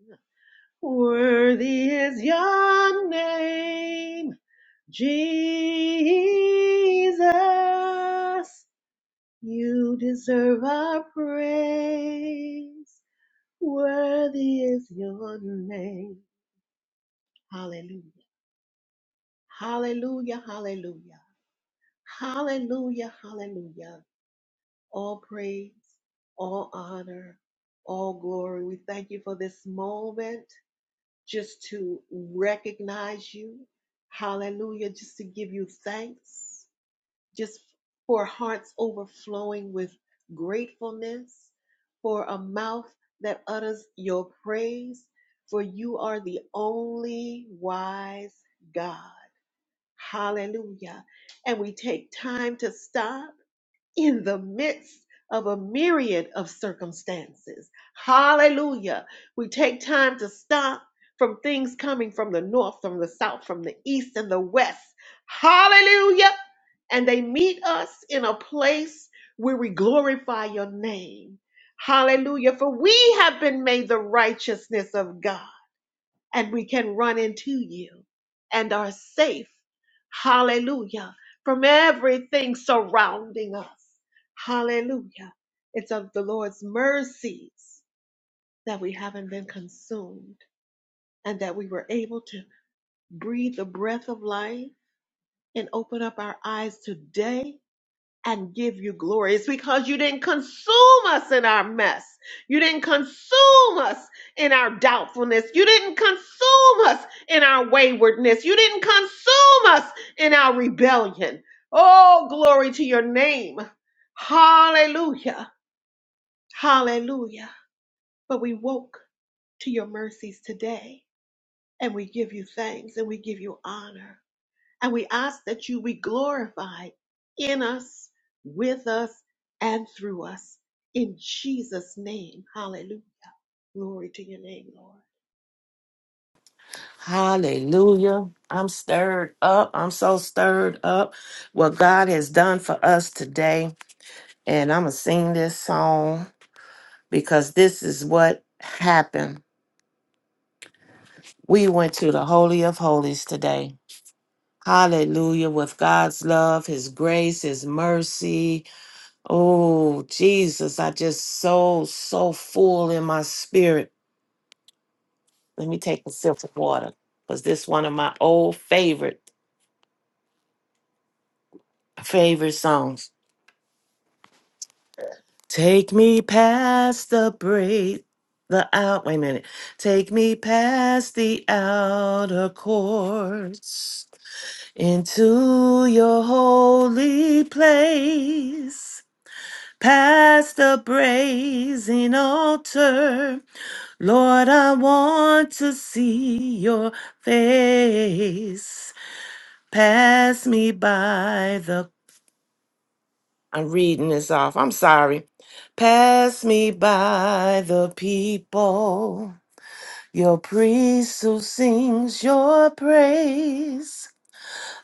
[SPEAKER 13] Worthy is your name, Jesus. You deserve our praise. Worthy is your name. Hallelujah. Hallelujah. Hallelujah. Hallelujah. Hallelujah. All praise, all honor, all glory. We thank you for this moment. just to recognize you. Hallelujah. Just to give you thanks, just for hearts overflowing with gratefulness, for a mouth that utters your praise, for you are the only wise God. Hallelujah. And we take time to stop in the midst of a myriad of circumstances. Hallelujah. We take time to stop from things coming from the north, from the south, from the east, and the west. Hallelujah. And they meet us in a place where we glorify your name. Hallelujah. For we have been made the righteousness of God and we can run into you and are safe. Hallelujah. From everything surrounding us. Hallelujah. It's of the Lord's mercies that we haven't been consumed and that we were able to breathe the breath of life and open up our eyes today and give you glory. It's because you didn't consume us in our mess. You didn't consume us in our doubtfulness. You didn't consume us in our waywardness. You didn't consume us in our rebellion. Oh, glory to your name. Hallelujah. Hallelujah. But we woke to your mercies today and we give you thanks and we give you honor. And we ask that you be glorified in us, with us, and through us. In Jesus' name. Hallelujah. Glory to your name, Lord.
[SPEAKER 5] Hallelujah. I'm stirred up. I'm so stirred up what God has done for us today. And I'm going to sing this song because this is what happened. We went to the Holy of Holies today. Hallelujah. With God's love, His grace, His mercy. Oh, Jesus, I just so, so full in my spirit. Let me take a sip of water because this one of my old favorite, favorite songs. Take me past the break, the out. Wait a minute. Take me past the outer courts into your holy place, past the brazen altar Lord, I want to see your face. Pass me by the. I'm reading this off. I'm sorry. Pass me by the people. Your priest who sings your praise.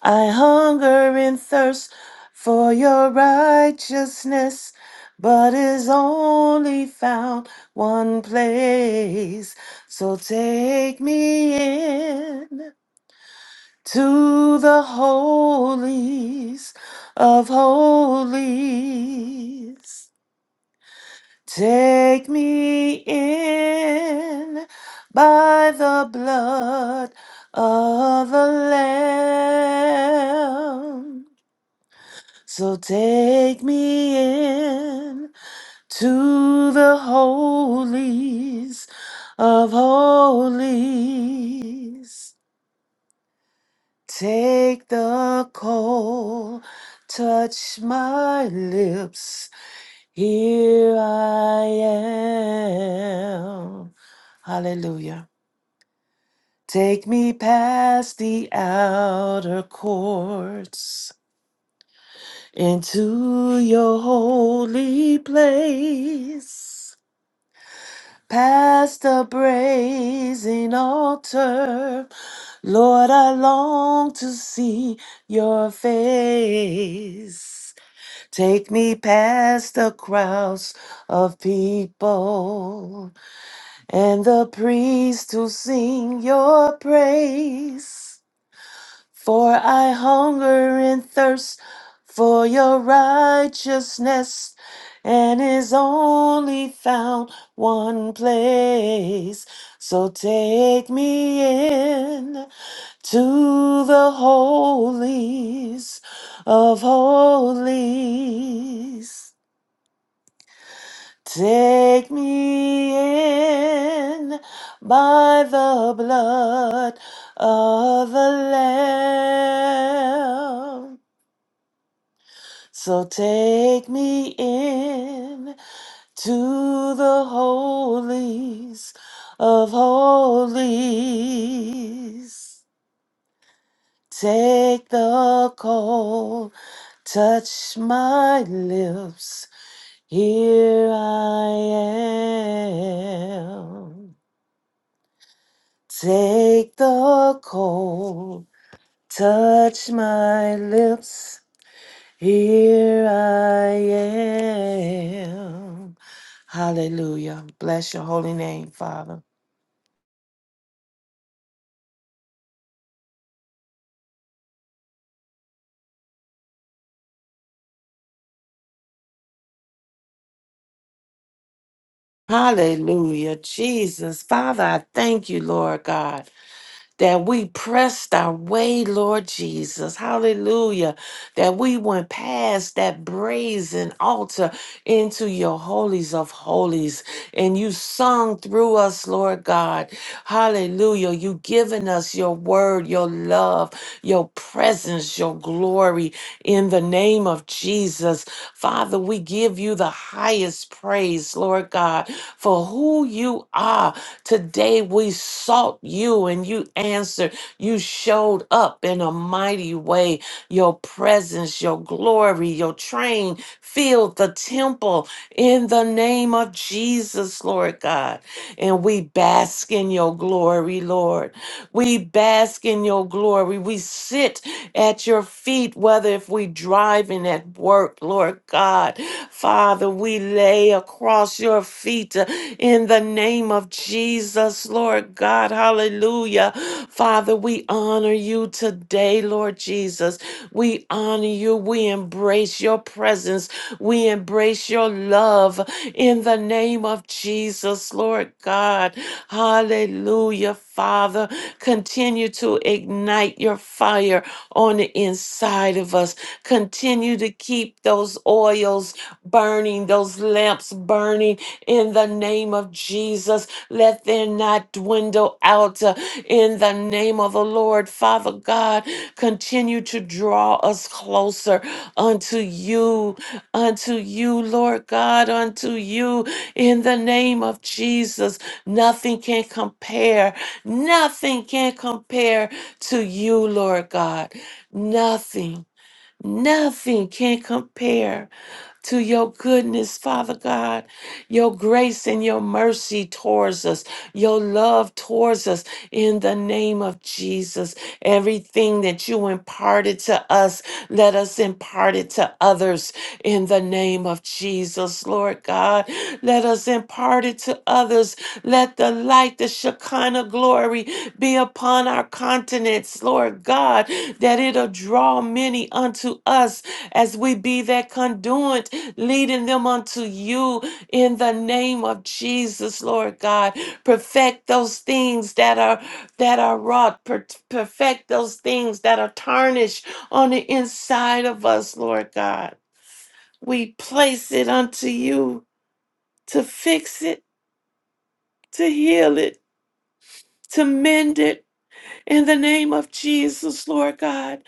[SPEAKER 5] I hunger and thirst for your righteousness, but is only found one place. So take me in to the holies of holies. Take me in by the blood of the Lamb. So take me in to the holies of holies. Take the coal, touch my lips. Here I am. Hallelujah. Take me past the outer courts into your holy place. Past the brazen altar, Lord, I long to see your face. Take me past the crowds of people and the priests to sing your praise. For I hunger and thirst for your righteousness, and is only found one place. So take me in to the holies of holies. Take me in by the blood of the Lamb. So take me in to the holies of holies. Take the coal, touch my lips. Here I am. Take the cold, touch my lips. Here I am. Hallelujah. Bless your holy name, Father. Hallelujah, Jesus. Father, I thank you, Lord God. that we pressed our way, Lord Jesus. Hallelujah. That we went past that brazen altar into your holies of holies. And you sung through us, Lord God. Hallelujah. You given us your word, your love, your presence, your glory in the name of Jesus. Father, we give you the highest praise, Lord God, for who you are. Today we sought you and you answered. You showed up in a mighty way. Your presence, your glory, your train filled the temple in the name of Jesus, Lord God. And we bask in your glory, Lord. We bask in your glory. We sit at your feet, whether if we driving at work, Lord God. Father, we lay across your feet in the name of Jesus, Lord God. Hallelujah. Father, we honor you today, Lord Jesus. We honor you. We embrace your presence. We embrace your love in the name of Jesus, Lord God. Hallelujah, Father. Continue to ignite your fire on the inside of us. Continue to keep those oils burning, those lamps burning in the name of Jesus. Let there not dwindle out uh, in the name of the Lord. Father God, continue to draw us closer unto you, unto you, Lord God, unto you in the name of Jesus. Nothing can compare. Nothing can compare to you, Lord God. Nothing. Nothing can compare to your goodness, Father God, your grace and your mercy towards us, your love towards us in the name of Jesus. Everything that you imparted to us, let us impart it to others in the name of Jesus, Lord God. Let us impart it to others. Let the light, the Shekinah glory be upon our continents, Lord God, that it'll draw many unto us as we be that conduit leading them unto you in the name of Jesus, Lord God. Perfect those things that are that are wrought, per- perfect those things that are tarnished on the inside of us, Lord God. We place it unto you to fix it, to heal it, to mend it. In the name of Jesus, Lord God,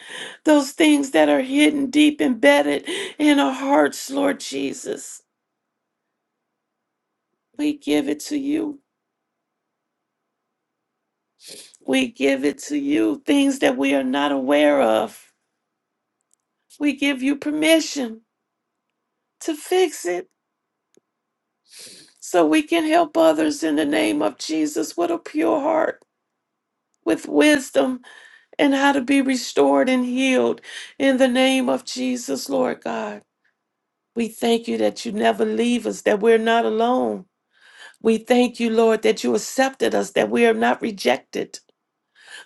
[SPEAKER 5] those things that are hidden deep embedded in our hearts, Lord Jesus, we give it to you. We give it to you, things that we are not aware of. We give you permission to fix it so we can help others in the name of Jesus with a pure heart, with wisdom, and how to be restored and healed in the name of Jesus, Lord God. We thank you that you never leave us, that we're not alone. We thank you, Lord, that you accepted us, that we are not rejected.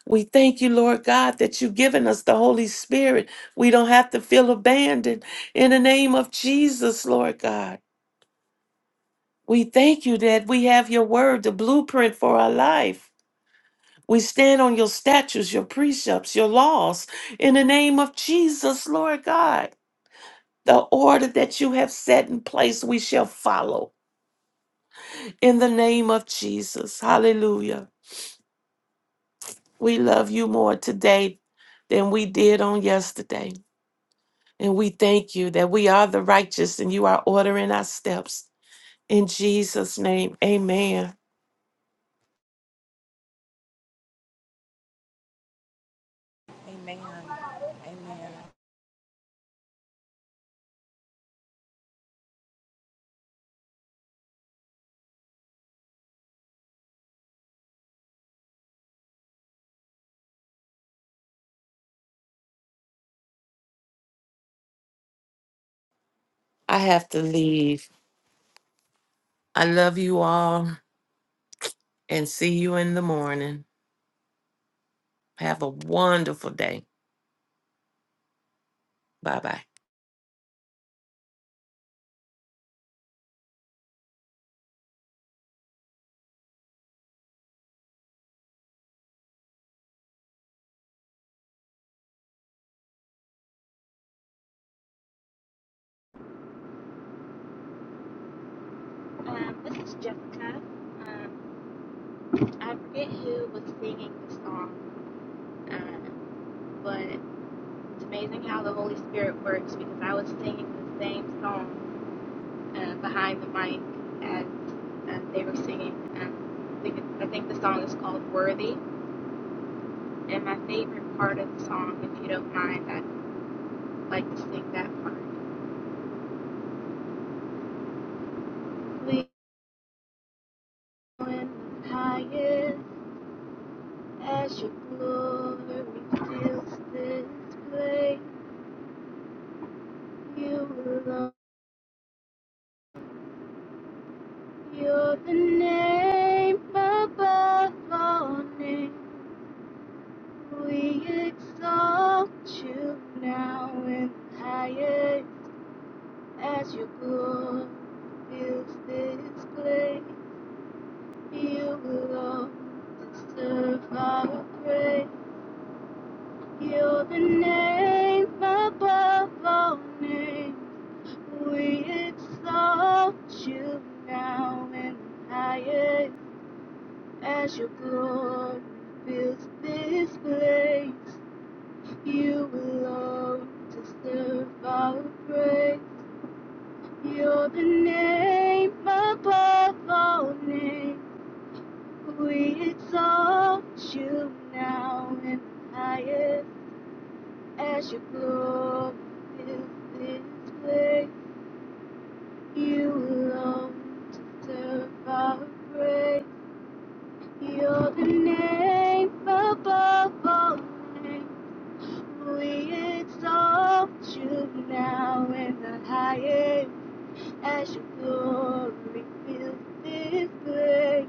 [SPEAKER 5] We thank you, Lord God, that you've given us the Holy Spirit. We don't have to feel abandoned. In the name of Jesus, Lord God, we thank you that we have your word, the blueprint for our life. We stand on your statutes, your precepts, your laws. In the name of Jesus, Lord God, the order that you have set in place, we shall follow. In the name of Jesus, hallelujah. We love you more today than we did on yesterday. And we thank you that we are the righteous and you are ordering our steps. In Jesus' name, amen. I have to leave. I love you all and see you in the morning. Have a wonderful day. Bye bye.
[SPEAKER 11] But It's amazing how the Holy Spirit works because I was singing the same song uh, behind the mic and, and they were singing. and I, think it's, I think the song is called Worthy. And my favorite part of the song, if you don't mind, I'd like to sing that part. Lean in the highest as your glory fills this place. You alone, you're the name above all names. We exalt you now and higher as your glory fills this place. You alone deserve our praise. You're the name above all names. We exalt you now and higher as your glory fills this place. You alone deserve our praise. You're the name above all names, above and deserve. You're the name above all names. It's you and the highest as your glory fills this place.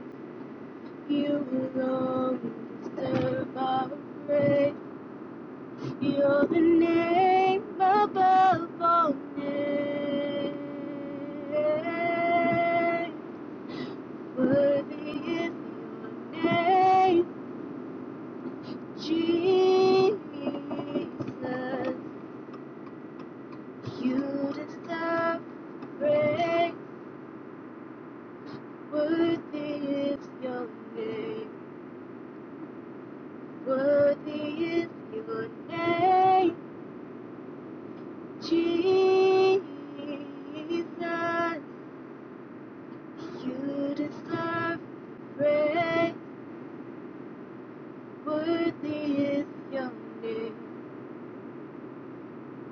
[SPEAKER 11] You alone deserve our praise. You're the name above all names. Worthy is your name, Jesus. You deserve praise. Worthy is your name. Worthy is your name, Jesus. You deserve praise. Worthy is your name.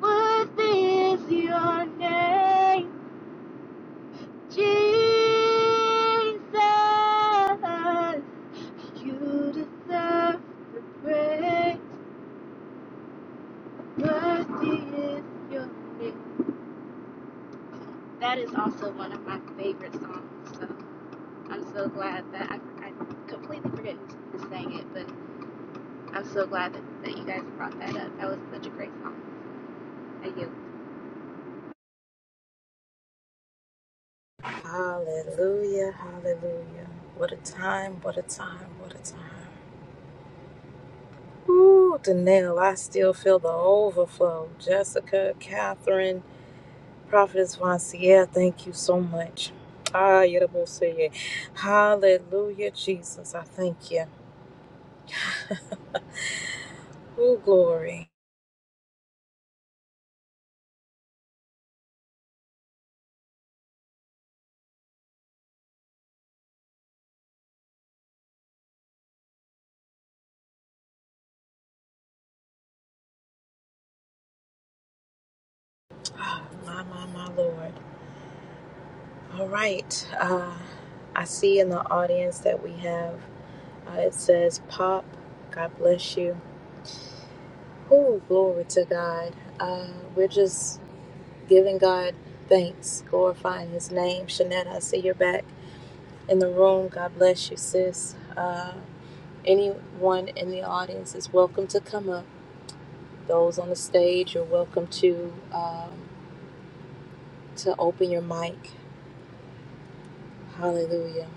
[SPEAKER 11] Worthy is your name, Jesus. You deserve the praise. Worthy is your name. That is also one of my favorite songs. So I'm so glad that I, I completely forget who sang it, but I'm so glad that, that you guys brought that up. That was such a great song. I yield.
[SPEAKER 1] Hallelujah. Hallelujah. What a time. What a time. What a time. Ooh, Danelle, I still feel the overflow. Jessica, Catherine, Prophetess Vancier, thank you so much. Ah, Yerobo'am. Hallelujah, my Lord. All right. Uh, I see in the audience that we have. Uh, it says, Pop, God bless you. Oh, glory to God. Uh, we're just giving God thanks, glorifying His name. Shanette, I see you're back in the room. God bless you, sis. Uh, anyone in the audience is welcome to come up. Those on the stage, you're welcome to um, to open your mic. Hallelujah.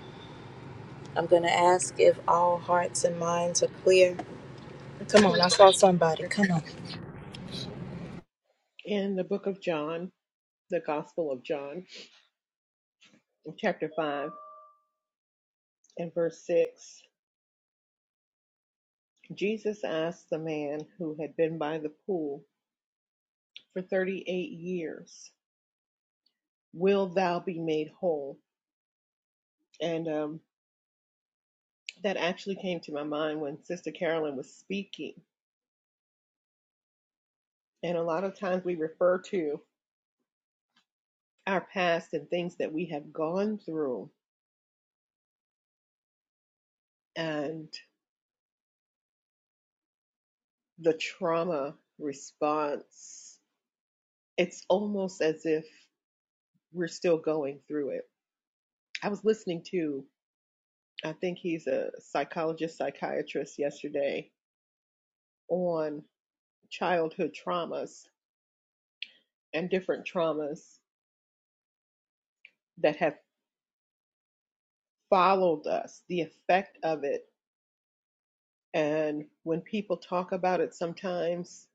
[SPEAKER 1] I'm gonna ask if all hearts and minds are clear.
[SPEAKER 13] I
[SPEAKER 1] Come
[SPEAKER 13] just
[SPEAKER 1] on,
[SPEAKER 13] want
[SPEAKER 1] I
[SPEAKER 13] to
[SPEAKER 1] saw somebody.
[SPEAKER 13] share
[SPEAKER 1] come.
[SPEAKER 13] in the book of John, the Gospel of John, in chapter 5 and verse 6. Jesus asked the man who had been by the pool for 38 years, Will thou be made whole? And um, that actually came to my mind when Sister Carolyn was speaking And a lot of times we refer to our past and things that we have gone through and the trauma response. It's almost as if we're still going through it. I was listening to, I think he's a psychologist, psychiatrist yesterday on childhood traumas and different traumas that have followed us, the effect of it. And when people talk about it, sometimes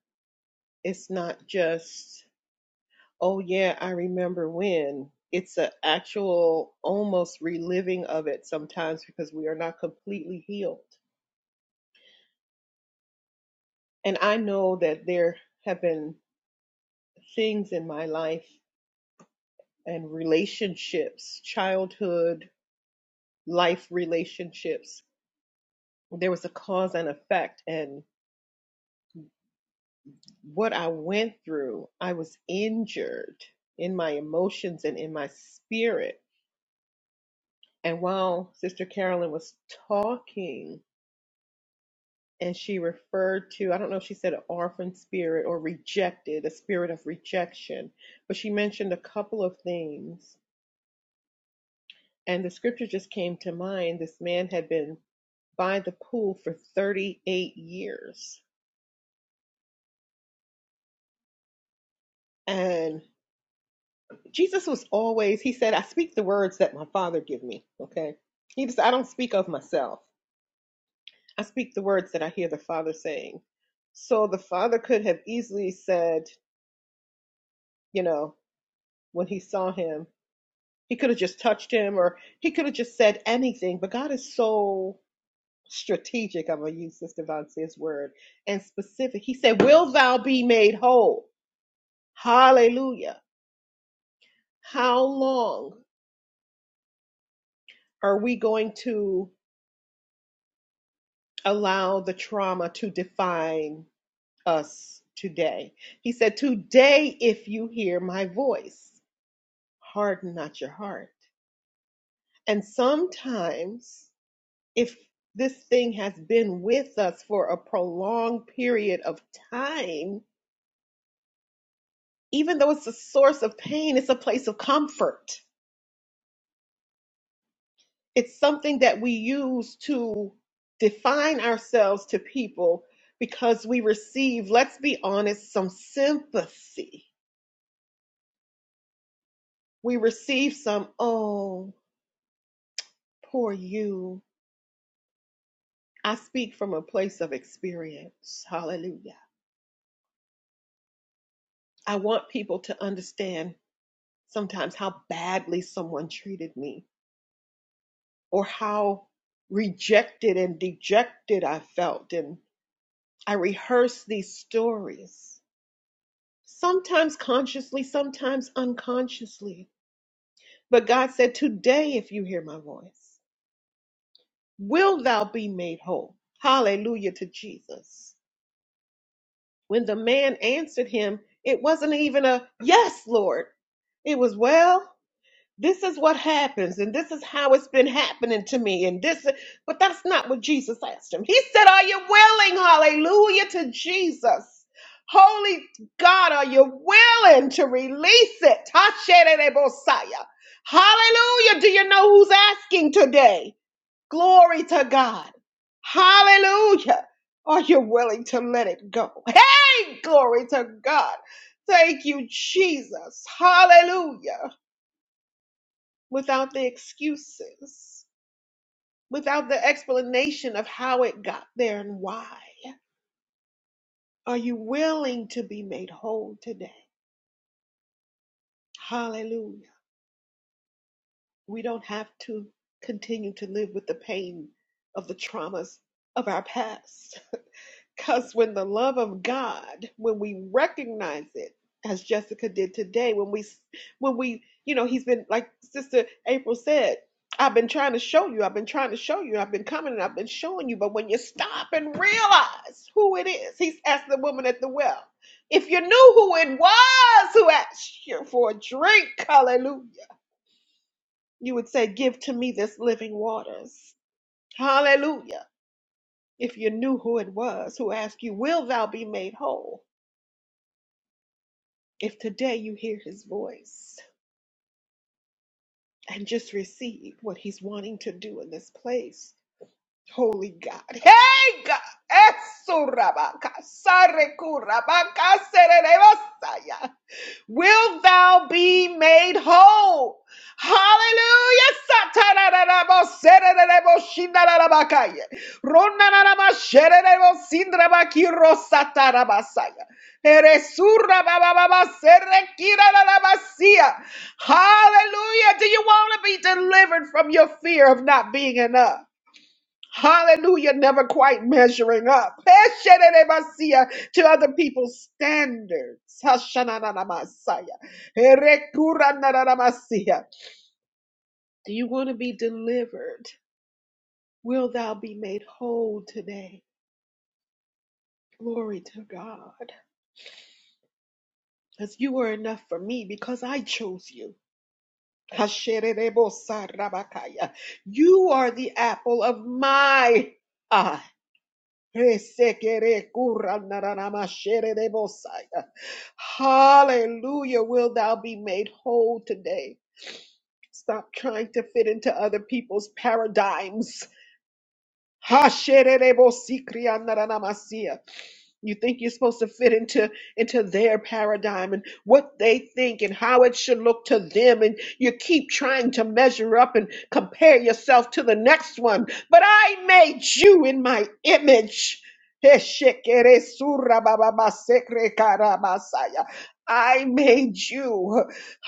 [SPEAKER 13] it's not just Oh yeah, I remember when. It's an actual almost reliving of it sometimes because we are not completely healed. And I know that there have been things in my life and relationships, childhood, life relationships. There was a cause and effect. And what I went through, I was injured in my emotions and in my spirit. And while Sister Carolyn was talking, and she referred to i don't know if she said an orphan spirit or rejected a spirit of rejection but she mentioned a couple of things and the scripture just came to mind this man had been by the pool for 38 years and jesus was always he said i speak the words that my father give me okay he just i don't speak of myself i speak the words that i hear the father saying so the father could have easily said you know when he saw him He could have just touched him or he could have just said anything, but God is so strategic. I'm going to use Sister Vontae's word and specific. He said, Will thou be made whole? Hallelujah. How long are we going to allow the trauma to define us today? He said, Today, if you hear my voice, harden not your heart. And sometimes if this thing has been with us for a prolonged period of time, even though it's a source of pain, it's a place of comfort. It's something that we use to define ourselves to people because we receive, let's be honest, some sympathy. We receive some, oh, poor you. I speak from a place of experience. Hallelujah. I want people to understand sometimes how badly someone treated me or how rejected and dejected I felt. And I rehearsed these stories, sometimes consciously, sometimes unconsciously. But God said, Today, if you hear my voice, will thou be made whole. Hallelujah to Jesus. When the man answered him, it wasn't even a yes, Lord. It was well. this is what happens and this is how it's been happening to me and this but that's not what jesus asked him he said are you willing hallelujah to jesus holy god are you willing to release it Tasherebosaya. hallelujah do you know who's asking today glory to god hallelujah are you willing to let it go hey glory to god thank you jesus hallelujah without the excuses, without the explanation of how it got there and why. Are you willing to be made whole today? Hallelujah. We don't have to continue to live with the pain of the traumas of our past. Because when the love of God, when we recognize it, as Jessica did today, when we, when we, you know, he's been like Sister April said, I've been trying to show you, I've been trying to show you, I've been coming and I've been showing you, but when you stop and realize who it is, he's asked the woman at the well. If you knew who it was who asked you for a drink, hallelujah, you would say, Give to me this living waters. Hallelujah. If you knew who it was who asked you, Will thou be made whole? If today you hear his voice and just receive what he's wanting to do in this place, holy God. Hey, God. Esurabaka, sarekurabaka, sererebasaya. Will thou be made whole? Hallelujah. Satarararabo, sererebo, shindararabakaya. Ronanarama, shererebo, sindrabaki, rosatarabasaya. Eresurabababa, serekirararabasia. Hallelujah. Do you want to be delivered from your fear of not being enough? Hallelujah, never quite measuring up Eshenerebasia, to other people's standards. Hashananamasia. Erekuranaramasia. Do you want to be delivered? Will thou be made whole today? Glory to God. Because you were enough for me because I chose you. Hashenerebosarabakaya. You are the apple of my eye. Resekere kura de bosaya. Hallelujah, will thou be made whole today. Stop trying to fit into other people's paradigms. Ha de bosikria you think you're supposed to fit into into their paradigm and what they think and how it should look to them and you keep trying to measure up and compare yourself to the next one. But I made you in my image. I made you.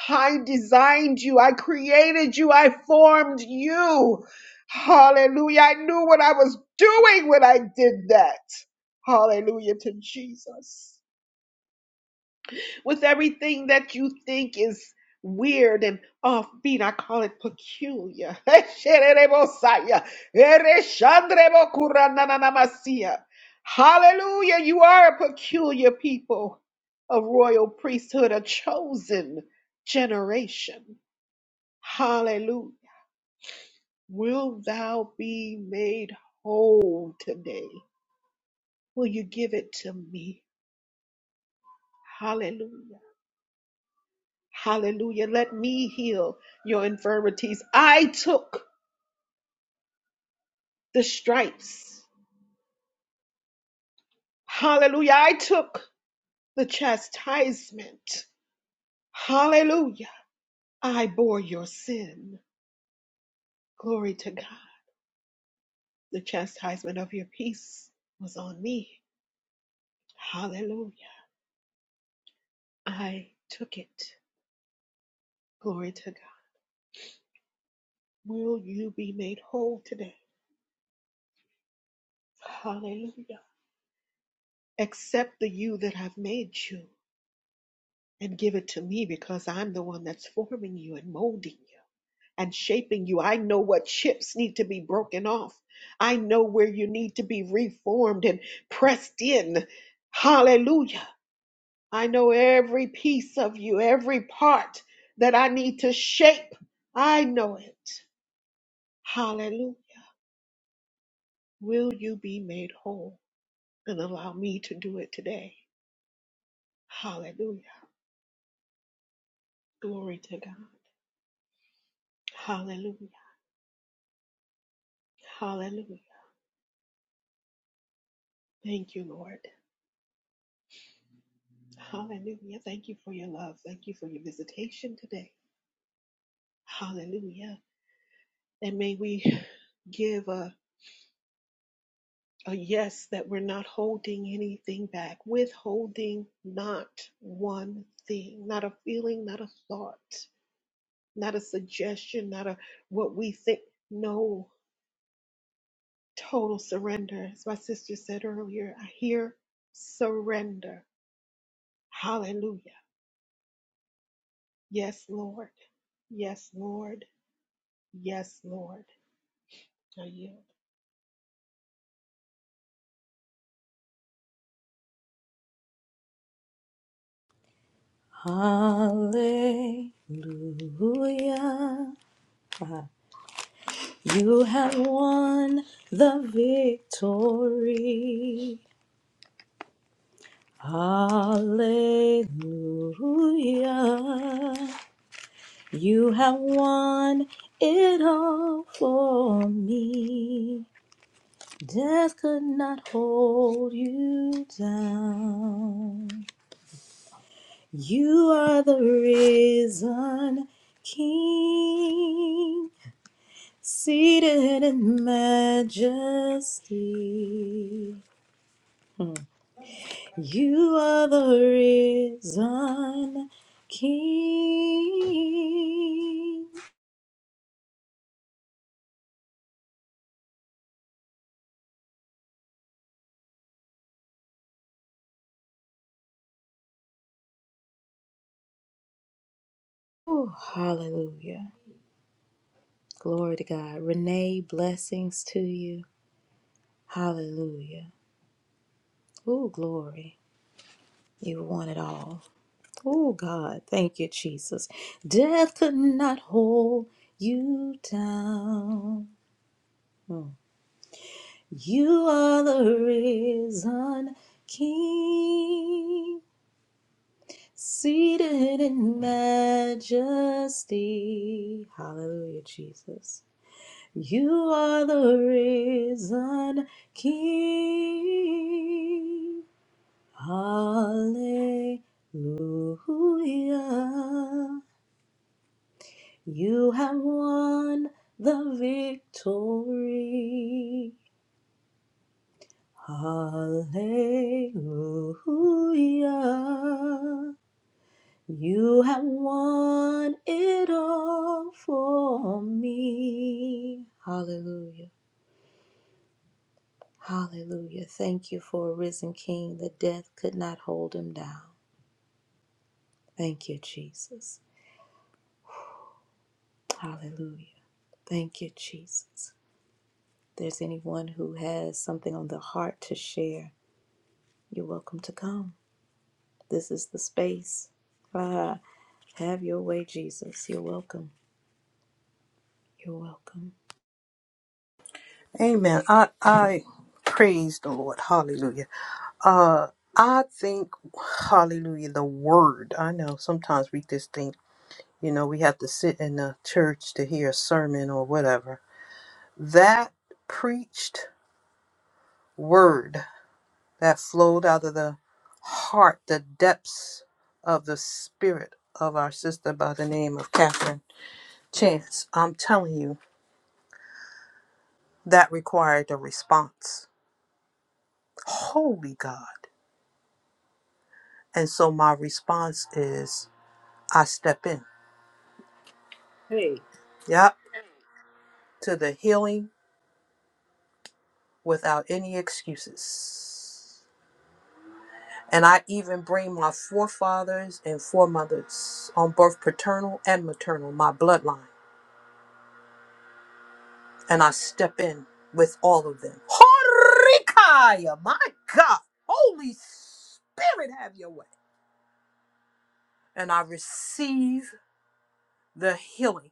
[SPEAKER 13] I designed you. I created you. I formed you. Hallelujah. I knew what I was doing when I did that. Hallelujah to Jesus. With everything that you think is weird and offbeat, I call it peculiar. Esherebosaya, ereshandrebokurananamasia. Hallelujah. You are a peculiar people, a royal priesthood, a chosen generation. Hallelujah. Will thou be made whole today? Will you give it to me? Hallelujah. Hallelujah. Let me heal your infirmities. I took the stripes. Hallelujah. I took the chastisement. Hallelujah. I bore your sin. Glory to God. The chastisement of your peace was on me. Hallelujah. I took it. Glory to God. Will you be made whole today? Hallelujah. Accept the you that I've made you. and give it to me because I'm the one that's forming you and molding you and shaping you. I know what chips need to be broken off. I know where you need to be reformed and pressed in. Hallelujah. I know every piece of you, every part that I need to shape. I know it. Hallelujah. Will you be made whole and allow me to do it today? Hallelujah. Glory to God. Hallelujah. Hallelujah. Thank you, Lord. Hallelujah. Thank you for your love. Thank you for your visitation today. Hallelujah. And may we give a, a yes that we're not holding anything back, withholding not one thing, not a feeling, not a thought, not a suggestion, not a what we think. No, total surrender. As my sister said earlier, I hear surrender. Hallelujah. Yes, Lord. Yes, Lord. Yes, Lord. I yield.
[SPEAKER 1] Hallelujah. You have won the victory. Hallelujah. You have won it all for me. Death could not hold you down. You are the risen King. Seated in majesty, you are the risen King. Oh, hallelujah. Glory to God. Renee, blessings to you. Hallelujah. Oh, glory. You want it all. Oh, God. Thank you, Jesus. Death could not hold you down. You are the risen King, seated in majesty. Hallelujah, Jesus. You are the risen King. Hallelujah. You have won the victory. Hallelujah. You have won it all for me. Hallelujah. Hallelujah. Thank you for a risen king that death could not hold him down. Thank you, Jesus. Hallelujah. Thank you, Jesus. If there's anyone who has something on their heart to share, you're welcome to come. This is the space. Ah, have your way, Jesus. You're welcome. You're welcome.
[SPEAKER 12] Amen. I I praise the Lord. Hallelujah. Uh I think hallelujah the word. I know sometimes we just think, you know, we have to sit in a church to hear a sermon or whatever. That preached word that flowed out of the heart, the depths of the spirit of our sister by the name of Catherine Chance. I'm telling you. that required a response. Holy God. And so my response is I step in.
[SPEAKER 1] Hey,
[SPEAKER 12] Yep. To the healing without any excuses. And I even bring my forefathers and foremothers on both paternal and maternal, my bloodline. And I step in with all of them. Horikaya, my God. Holy Spirit, have your way. And I receive the healing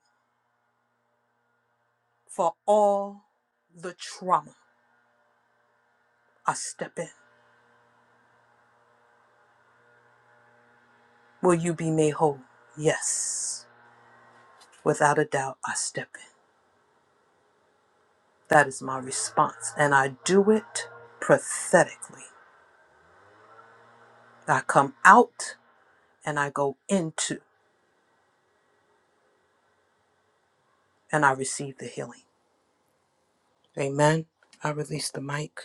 [SPEAKER 12] For all the trauma, I step in. Will you be made whole? Yes. Without a doubt, I step in. That is my response. And I do it prophetically. I come out and I go into and I receive the healing. Amen. I release the mic.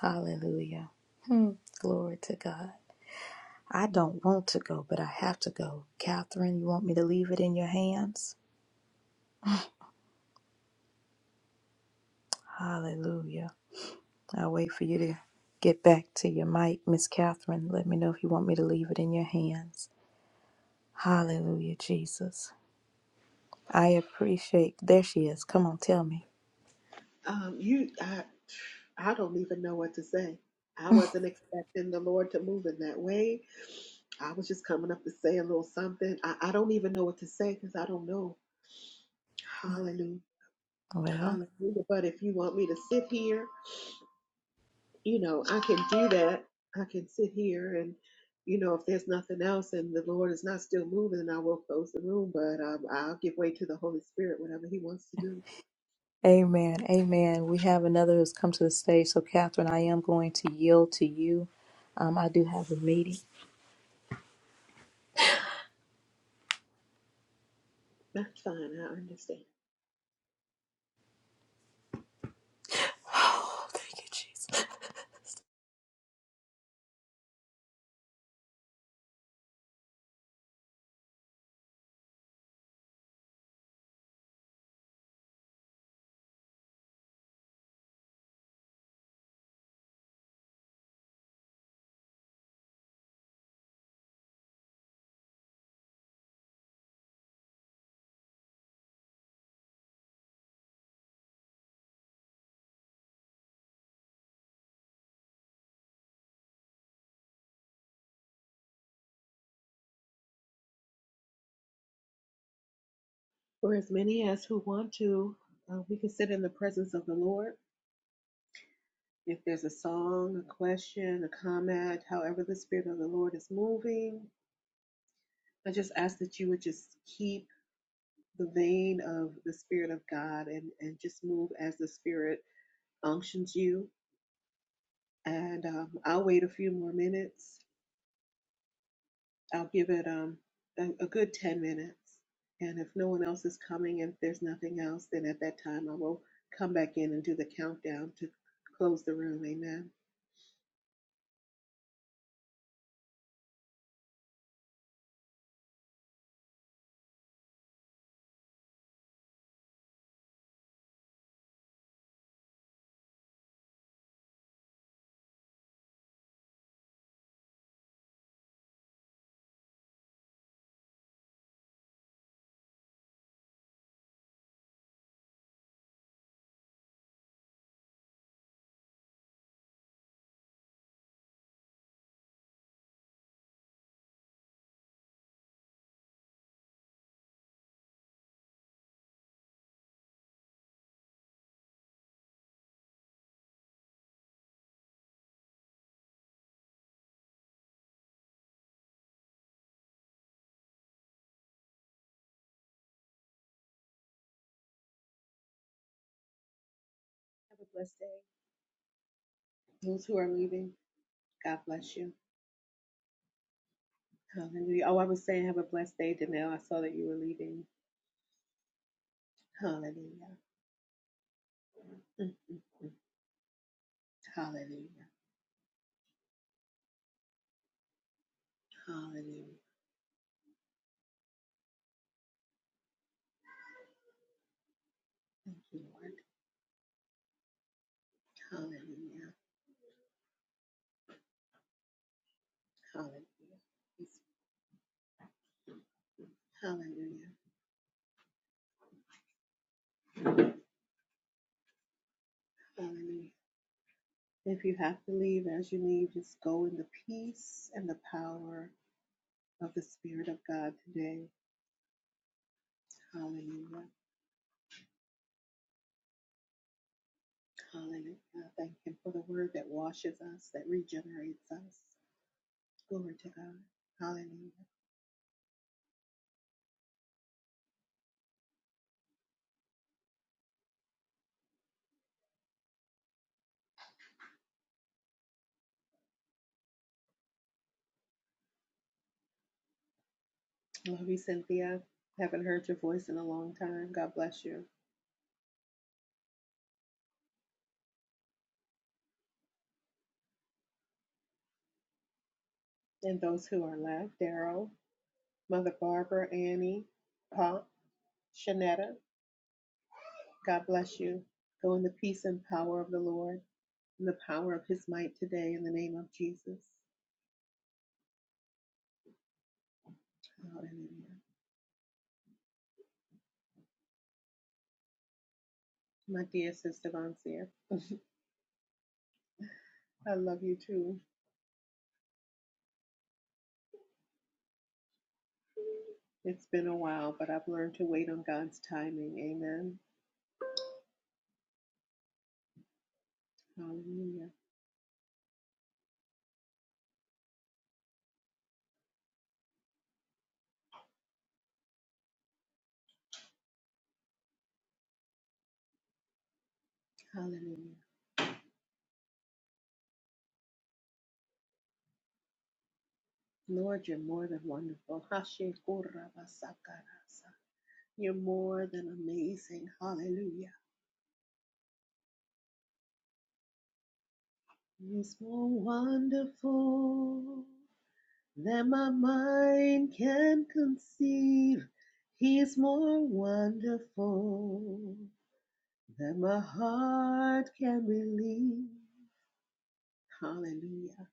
[SPEAKER 1] Hallelujah. Hmm. Glory to God. I don't want to go, but I have to go. Catherine, you want me to leave it in your hands? Hallelujah. I'll wait for you to get back to your mic, Miss Catherine. Let me know if you want me to leave it in your hands. Hallelujah, Jesus. I appreciate. There she is. Come on, tell me.
[SPEAKER 13] Um, you, I, I don't even know what to say. I wasn't expecting the Lord to move in that way. I was just coming up to say a little something. I, I don't even know what to say because I don't know. Hallelujah.
[SPEAKER 1] Well,
[SPEAKER 13] Hallelujah. But if you want me to sit here, you know, I can do that. I can sit here and, you know, if there's nothing else and the Lord is not still moving, then I will close the room. But um, I'll give way to the Holy Spirit, whatever He wants to do.
[SPEAKER 1] amen. Amen. We have another who's come to the stage. So, Catherine, I am going to yield to you. Um, I do have a meeting.
[SPEAKER 13] That's fine. I understand.
[SPEAKER 1] Oh, thank you, Jesus.
[SPEAKER 13] For as many as who want to, uh, we can sit in the presence of the Lord. If there's a song, a question, a comment, however the Spirit of the Lord is moving, I just ask that you would just keep the vein of the Spirit of God and, and just move as the Spirit unctions you. And um, I'll wait a few more minutes I'll give it um, a, a good 10 minutes. And if no one else is coming, if there's nothing else, then at that time I will come back in and do the countdown to close the room. Amen. Have a blessed day. Those who are leaving, God bless you. Hallelujah. Oh, I was saying, have a blessed day, Danelle. I saw that you were leaving. Hallelujah. Mm, mm. Hallelujah. Hallelujah. Thank you, Lord. Hallelujah. Hallelujah. Yes. Hallelujah. Hallelujah. If you have to leave as you leave, just go in the peace and the power of the Spirit of God today. Hallelujah. Hallelujah. Thank Him for the word that washes us, that regenerates us. Glory to God. Hallelujah. Love you, Cynthia. Haven't heard your voice in a long time. God bless you. And those who are left, Daryl, Mother Barbara, Annie, Pop, Shanetta, God bless you. Go in the peace and power of the Lord, in the power of his might today, in the name of Jesus. Hallelujah. My dear sister Vonseer, I love you too. It's been a while, but I've learned to wait on God's timing. Amen. Hallelujah. Hallelujah. Lord, you're more than wonderful. Hashe kurabasakarasa. You're more than amazing. Hallelujah. He's more wonderful. that my mind can conceive. He's more wonderful than my heart can believe. Hallelujah.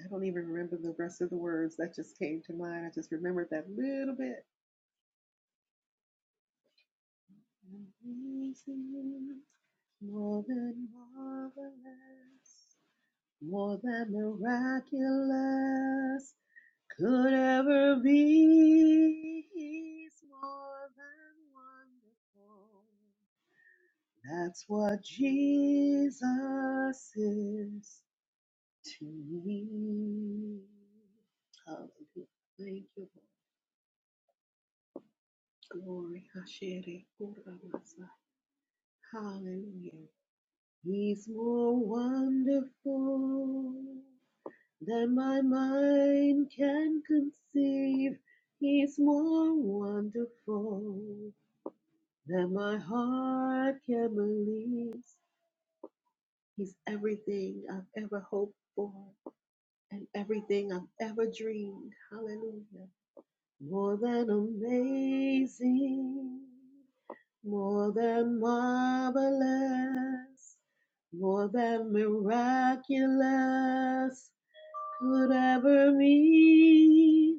[SPEAKER 13] I don't even remember the rest of the words that just came to mind. I just remembered that little bit. Amazing, more than marvelous, more than miraculous. could ever be. He's more than wonderful. That's what Jesus is to me. Hallelujah. Thank you, Lord. Glory. Hashere kurabasa. Hallelujah. He's more wonderful than my mind can conceive. He's more wonderful that my heart can believe. He's everything I've ever hoped for and everything I've ever dreamed. Hallelujah. More than amazing, more than marvelous, more than miraculous could ever be.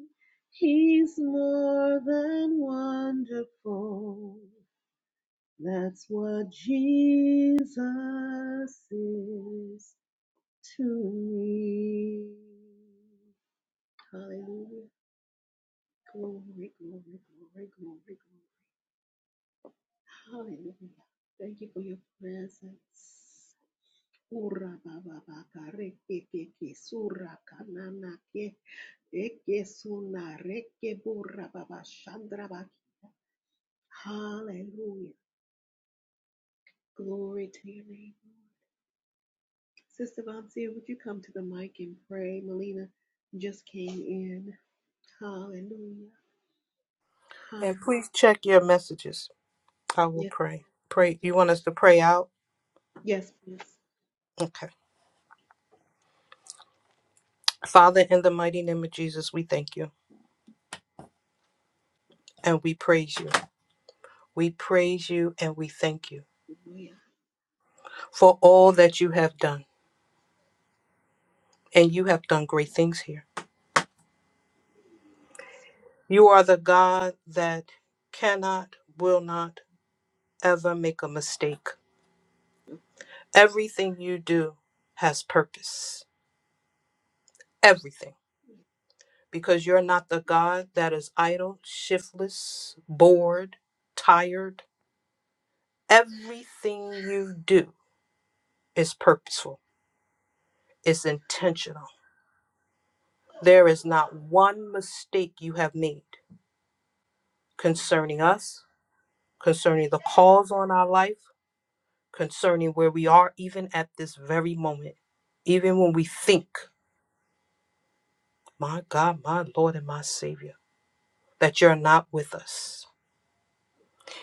[SPEAKER 13] He's more than wonderful. That's what Jesus is to me. Hallelujah. Glory, glory, glory, glory, glory. Hallelujah. Thank you for your presence. Ura baba baka reke keke sura kanana ke eke suna reke bura baba shandra baki. Hallelujah. Glory to your name. Sister Vancia, would you come to the mic and pray? Melina just came in. Hallelujah.
[SPEAKER 12] And
[SPEAKER 13] Hallelujah.
[SPEAKER 12] please check your messages. I will
[SPEAKER 13] Yes,
[SPEAKER 12] pray. Pray. You want us to pray out?
[SPEAKER 13] yes please.
[SPEAKER 12] Okay. Father, in the mighty name of Jesus, we thank you and we praise you. We praise you and we thank you.
[SPEAKER 13] Hallelujah.
[SPEAKER 12] for all that you have done, and you have done great things here.
[SPEAKER 13] Yes.
[SPEAKER 12] You are the God that cannot, will not ever make a mistake. Everything you do has purpose. Everything. Because you're not the God that is idle, shiftless, bored, tired. Everything you do is purposeful, is intentional. There is not one mistake you have made
[SPEAKER 13] Hallelujah.
[SPEAKER 12] concerning us, concerning the calls on our life concerning where we are, even at this very moment, even when we think, my God, my Lord, and my Savior, that you're not with us.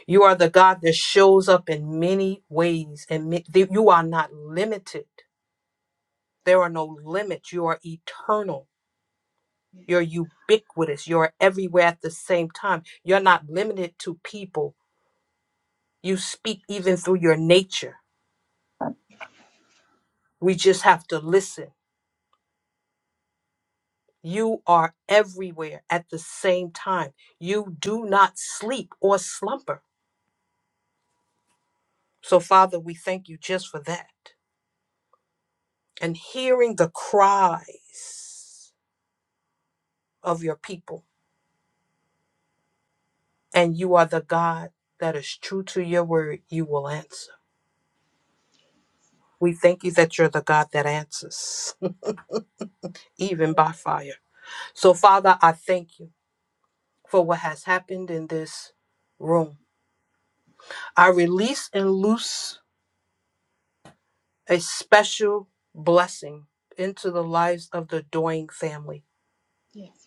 [SPEAKER 12] You are the God that shows up in many ways, and ma- that you are not limited. There are no limits. You are eternal.
[SPEAKER 13] Yes.
[SPEAKER 12] You're ubiquitous. You're everywhere at the same time. You're not limited to people. You speak even through your nature. We just have to listen You are everywhere at the same time. You do not sleep or slumber. So, Father, we thank you just for that. And hearing the cries of your people, and you are the God that is true to your word, you will answer. We thank you that you're the God that answers, even by fire. So, Father, I thank you for what has happened in this room. I release and loose a special blessing into the lives of the Doing family,
[SPEAKER 13] Yes.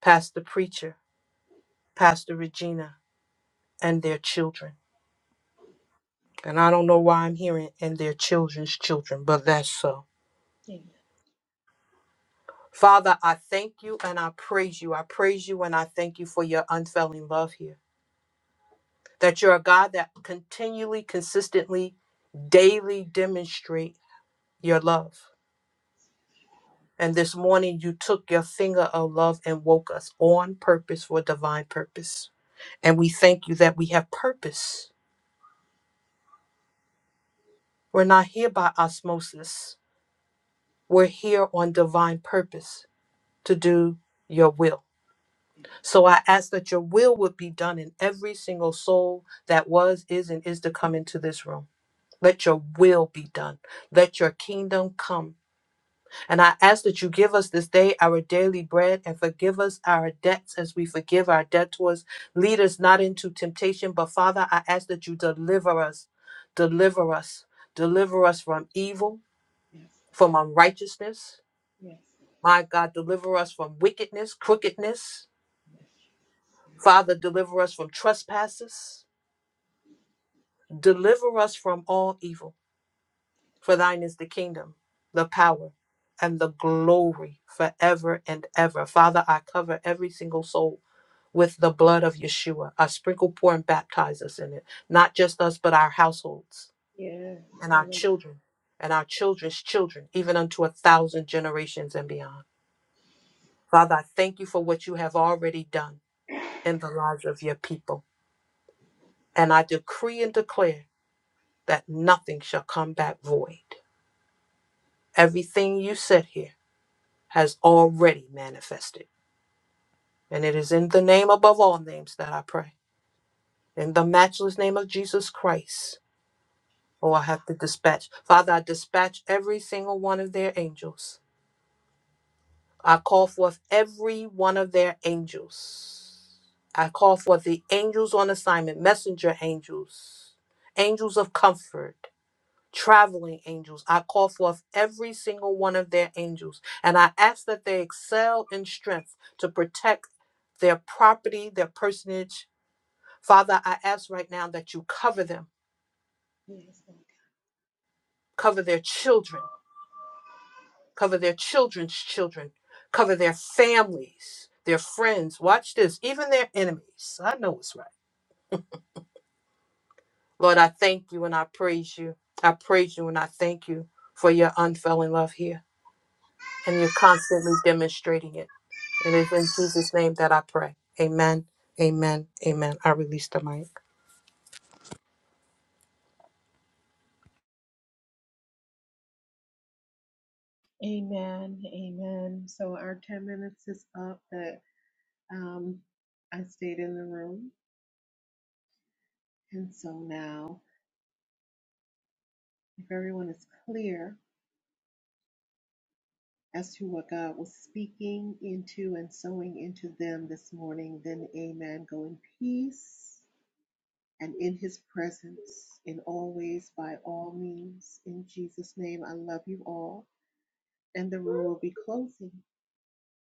[SPEAKER 12] Pastor Preacher, Pastor Regina, and their children. And I don't know why I'm hearing and their children's children, but that's so.
[SPEAKER 13] Amen.
[SPEAKER 12] Father, I thank you and I praise you. I praise you and I thank you for your unfailing love here. That you're a God that continually, consistently, daily demonstrate your love. And this morning you took your finger of love and woke us on purpose for divine purpose. And we thank you that we have purpose. We're not here by osmosis, we're here on divine purpose to do your will. So I ask that your will would be done in every single soul that was, is, and is to come into this room. Let your will be done. Let your kingdom come. And I ask that you give us this day our daily bread and forgive us our debts as we forgive our debtors. Lead us not into temptation, but Father, I ask that you deliver us, deliver us,
[SPEAKER 13] Yes.
[SPEAKER 12] deliver us from evil,
[SPEAKER 13] Yes.
[SPEAKER 12] from unrighteousness.
[SPEAKER 13] Yes. Yes.
[SPEAKER 12] My God, deliver us from wickedness, crookedness. Father, deliver us from trespasses. Deliver us from all evil. For thine is the kingdom, the power, and the glory forever and ever. Father, I cover every single soul with the blood of Yeshua. I sprinkle, pour, and baptize us in it. Not just us, but our households
[SPEAKER 13] Yes.
[SPEAKER 12] and our
[SPEAKER 13] Hallelujah.
[SPEAKER 12] children and our children's children, even unto a thousand generations and beyond. Father, I thank you for what you have already done in the lives of your people. And I decree and declare that nothing shall come back void. Everything you said here. has already manifested. And it is in the name above all names that I pray. In the matchless name of Jesus Christ. Oh, I have to dispatch. Father, I dispatch every single one of their angels. I call forth every one of their angels. I call forth the angels on assignment, messenger angels, angels of comfort traveling angels. I call forth every single one of their angels, and I ask that they excel in strength to protect their property, their personage. Father, I ask right now that you cover them,
[SPEAKER 13] Yes.
[SPEAKER 12] cover their children, cover their children's children, cover their families, their friends. Watch this, even their enemies. I know it's right. Lord, I thank you and I praise you. I praise you and I thank you for your unfailing love here. and you're constantly demonstrating it. It is in Jesus' name that I pray. Amen. Amen. Amen. I release the mic.
[SPEAKER 13] Amen. Amen. So our 10 minutes is up but um, I stayed in the room. And so now, if everyone is clear, as to what God was speaking into and sowing into them this morning, then amen. Go in peace and in his presence in all ways, by all means. In Jesus' name, I love you all. And the room will be closing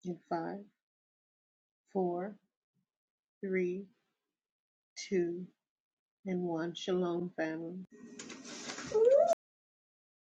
[SPEAKER 13] in five, four, three, two, and one. Shalom, family.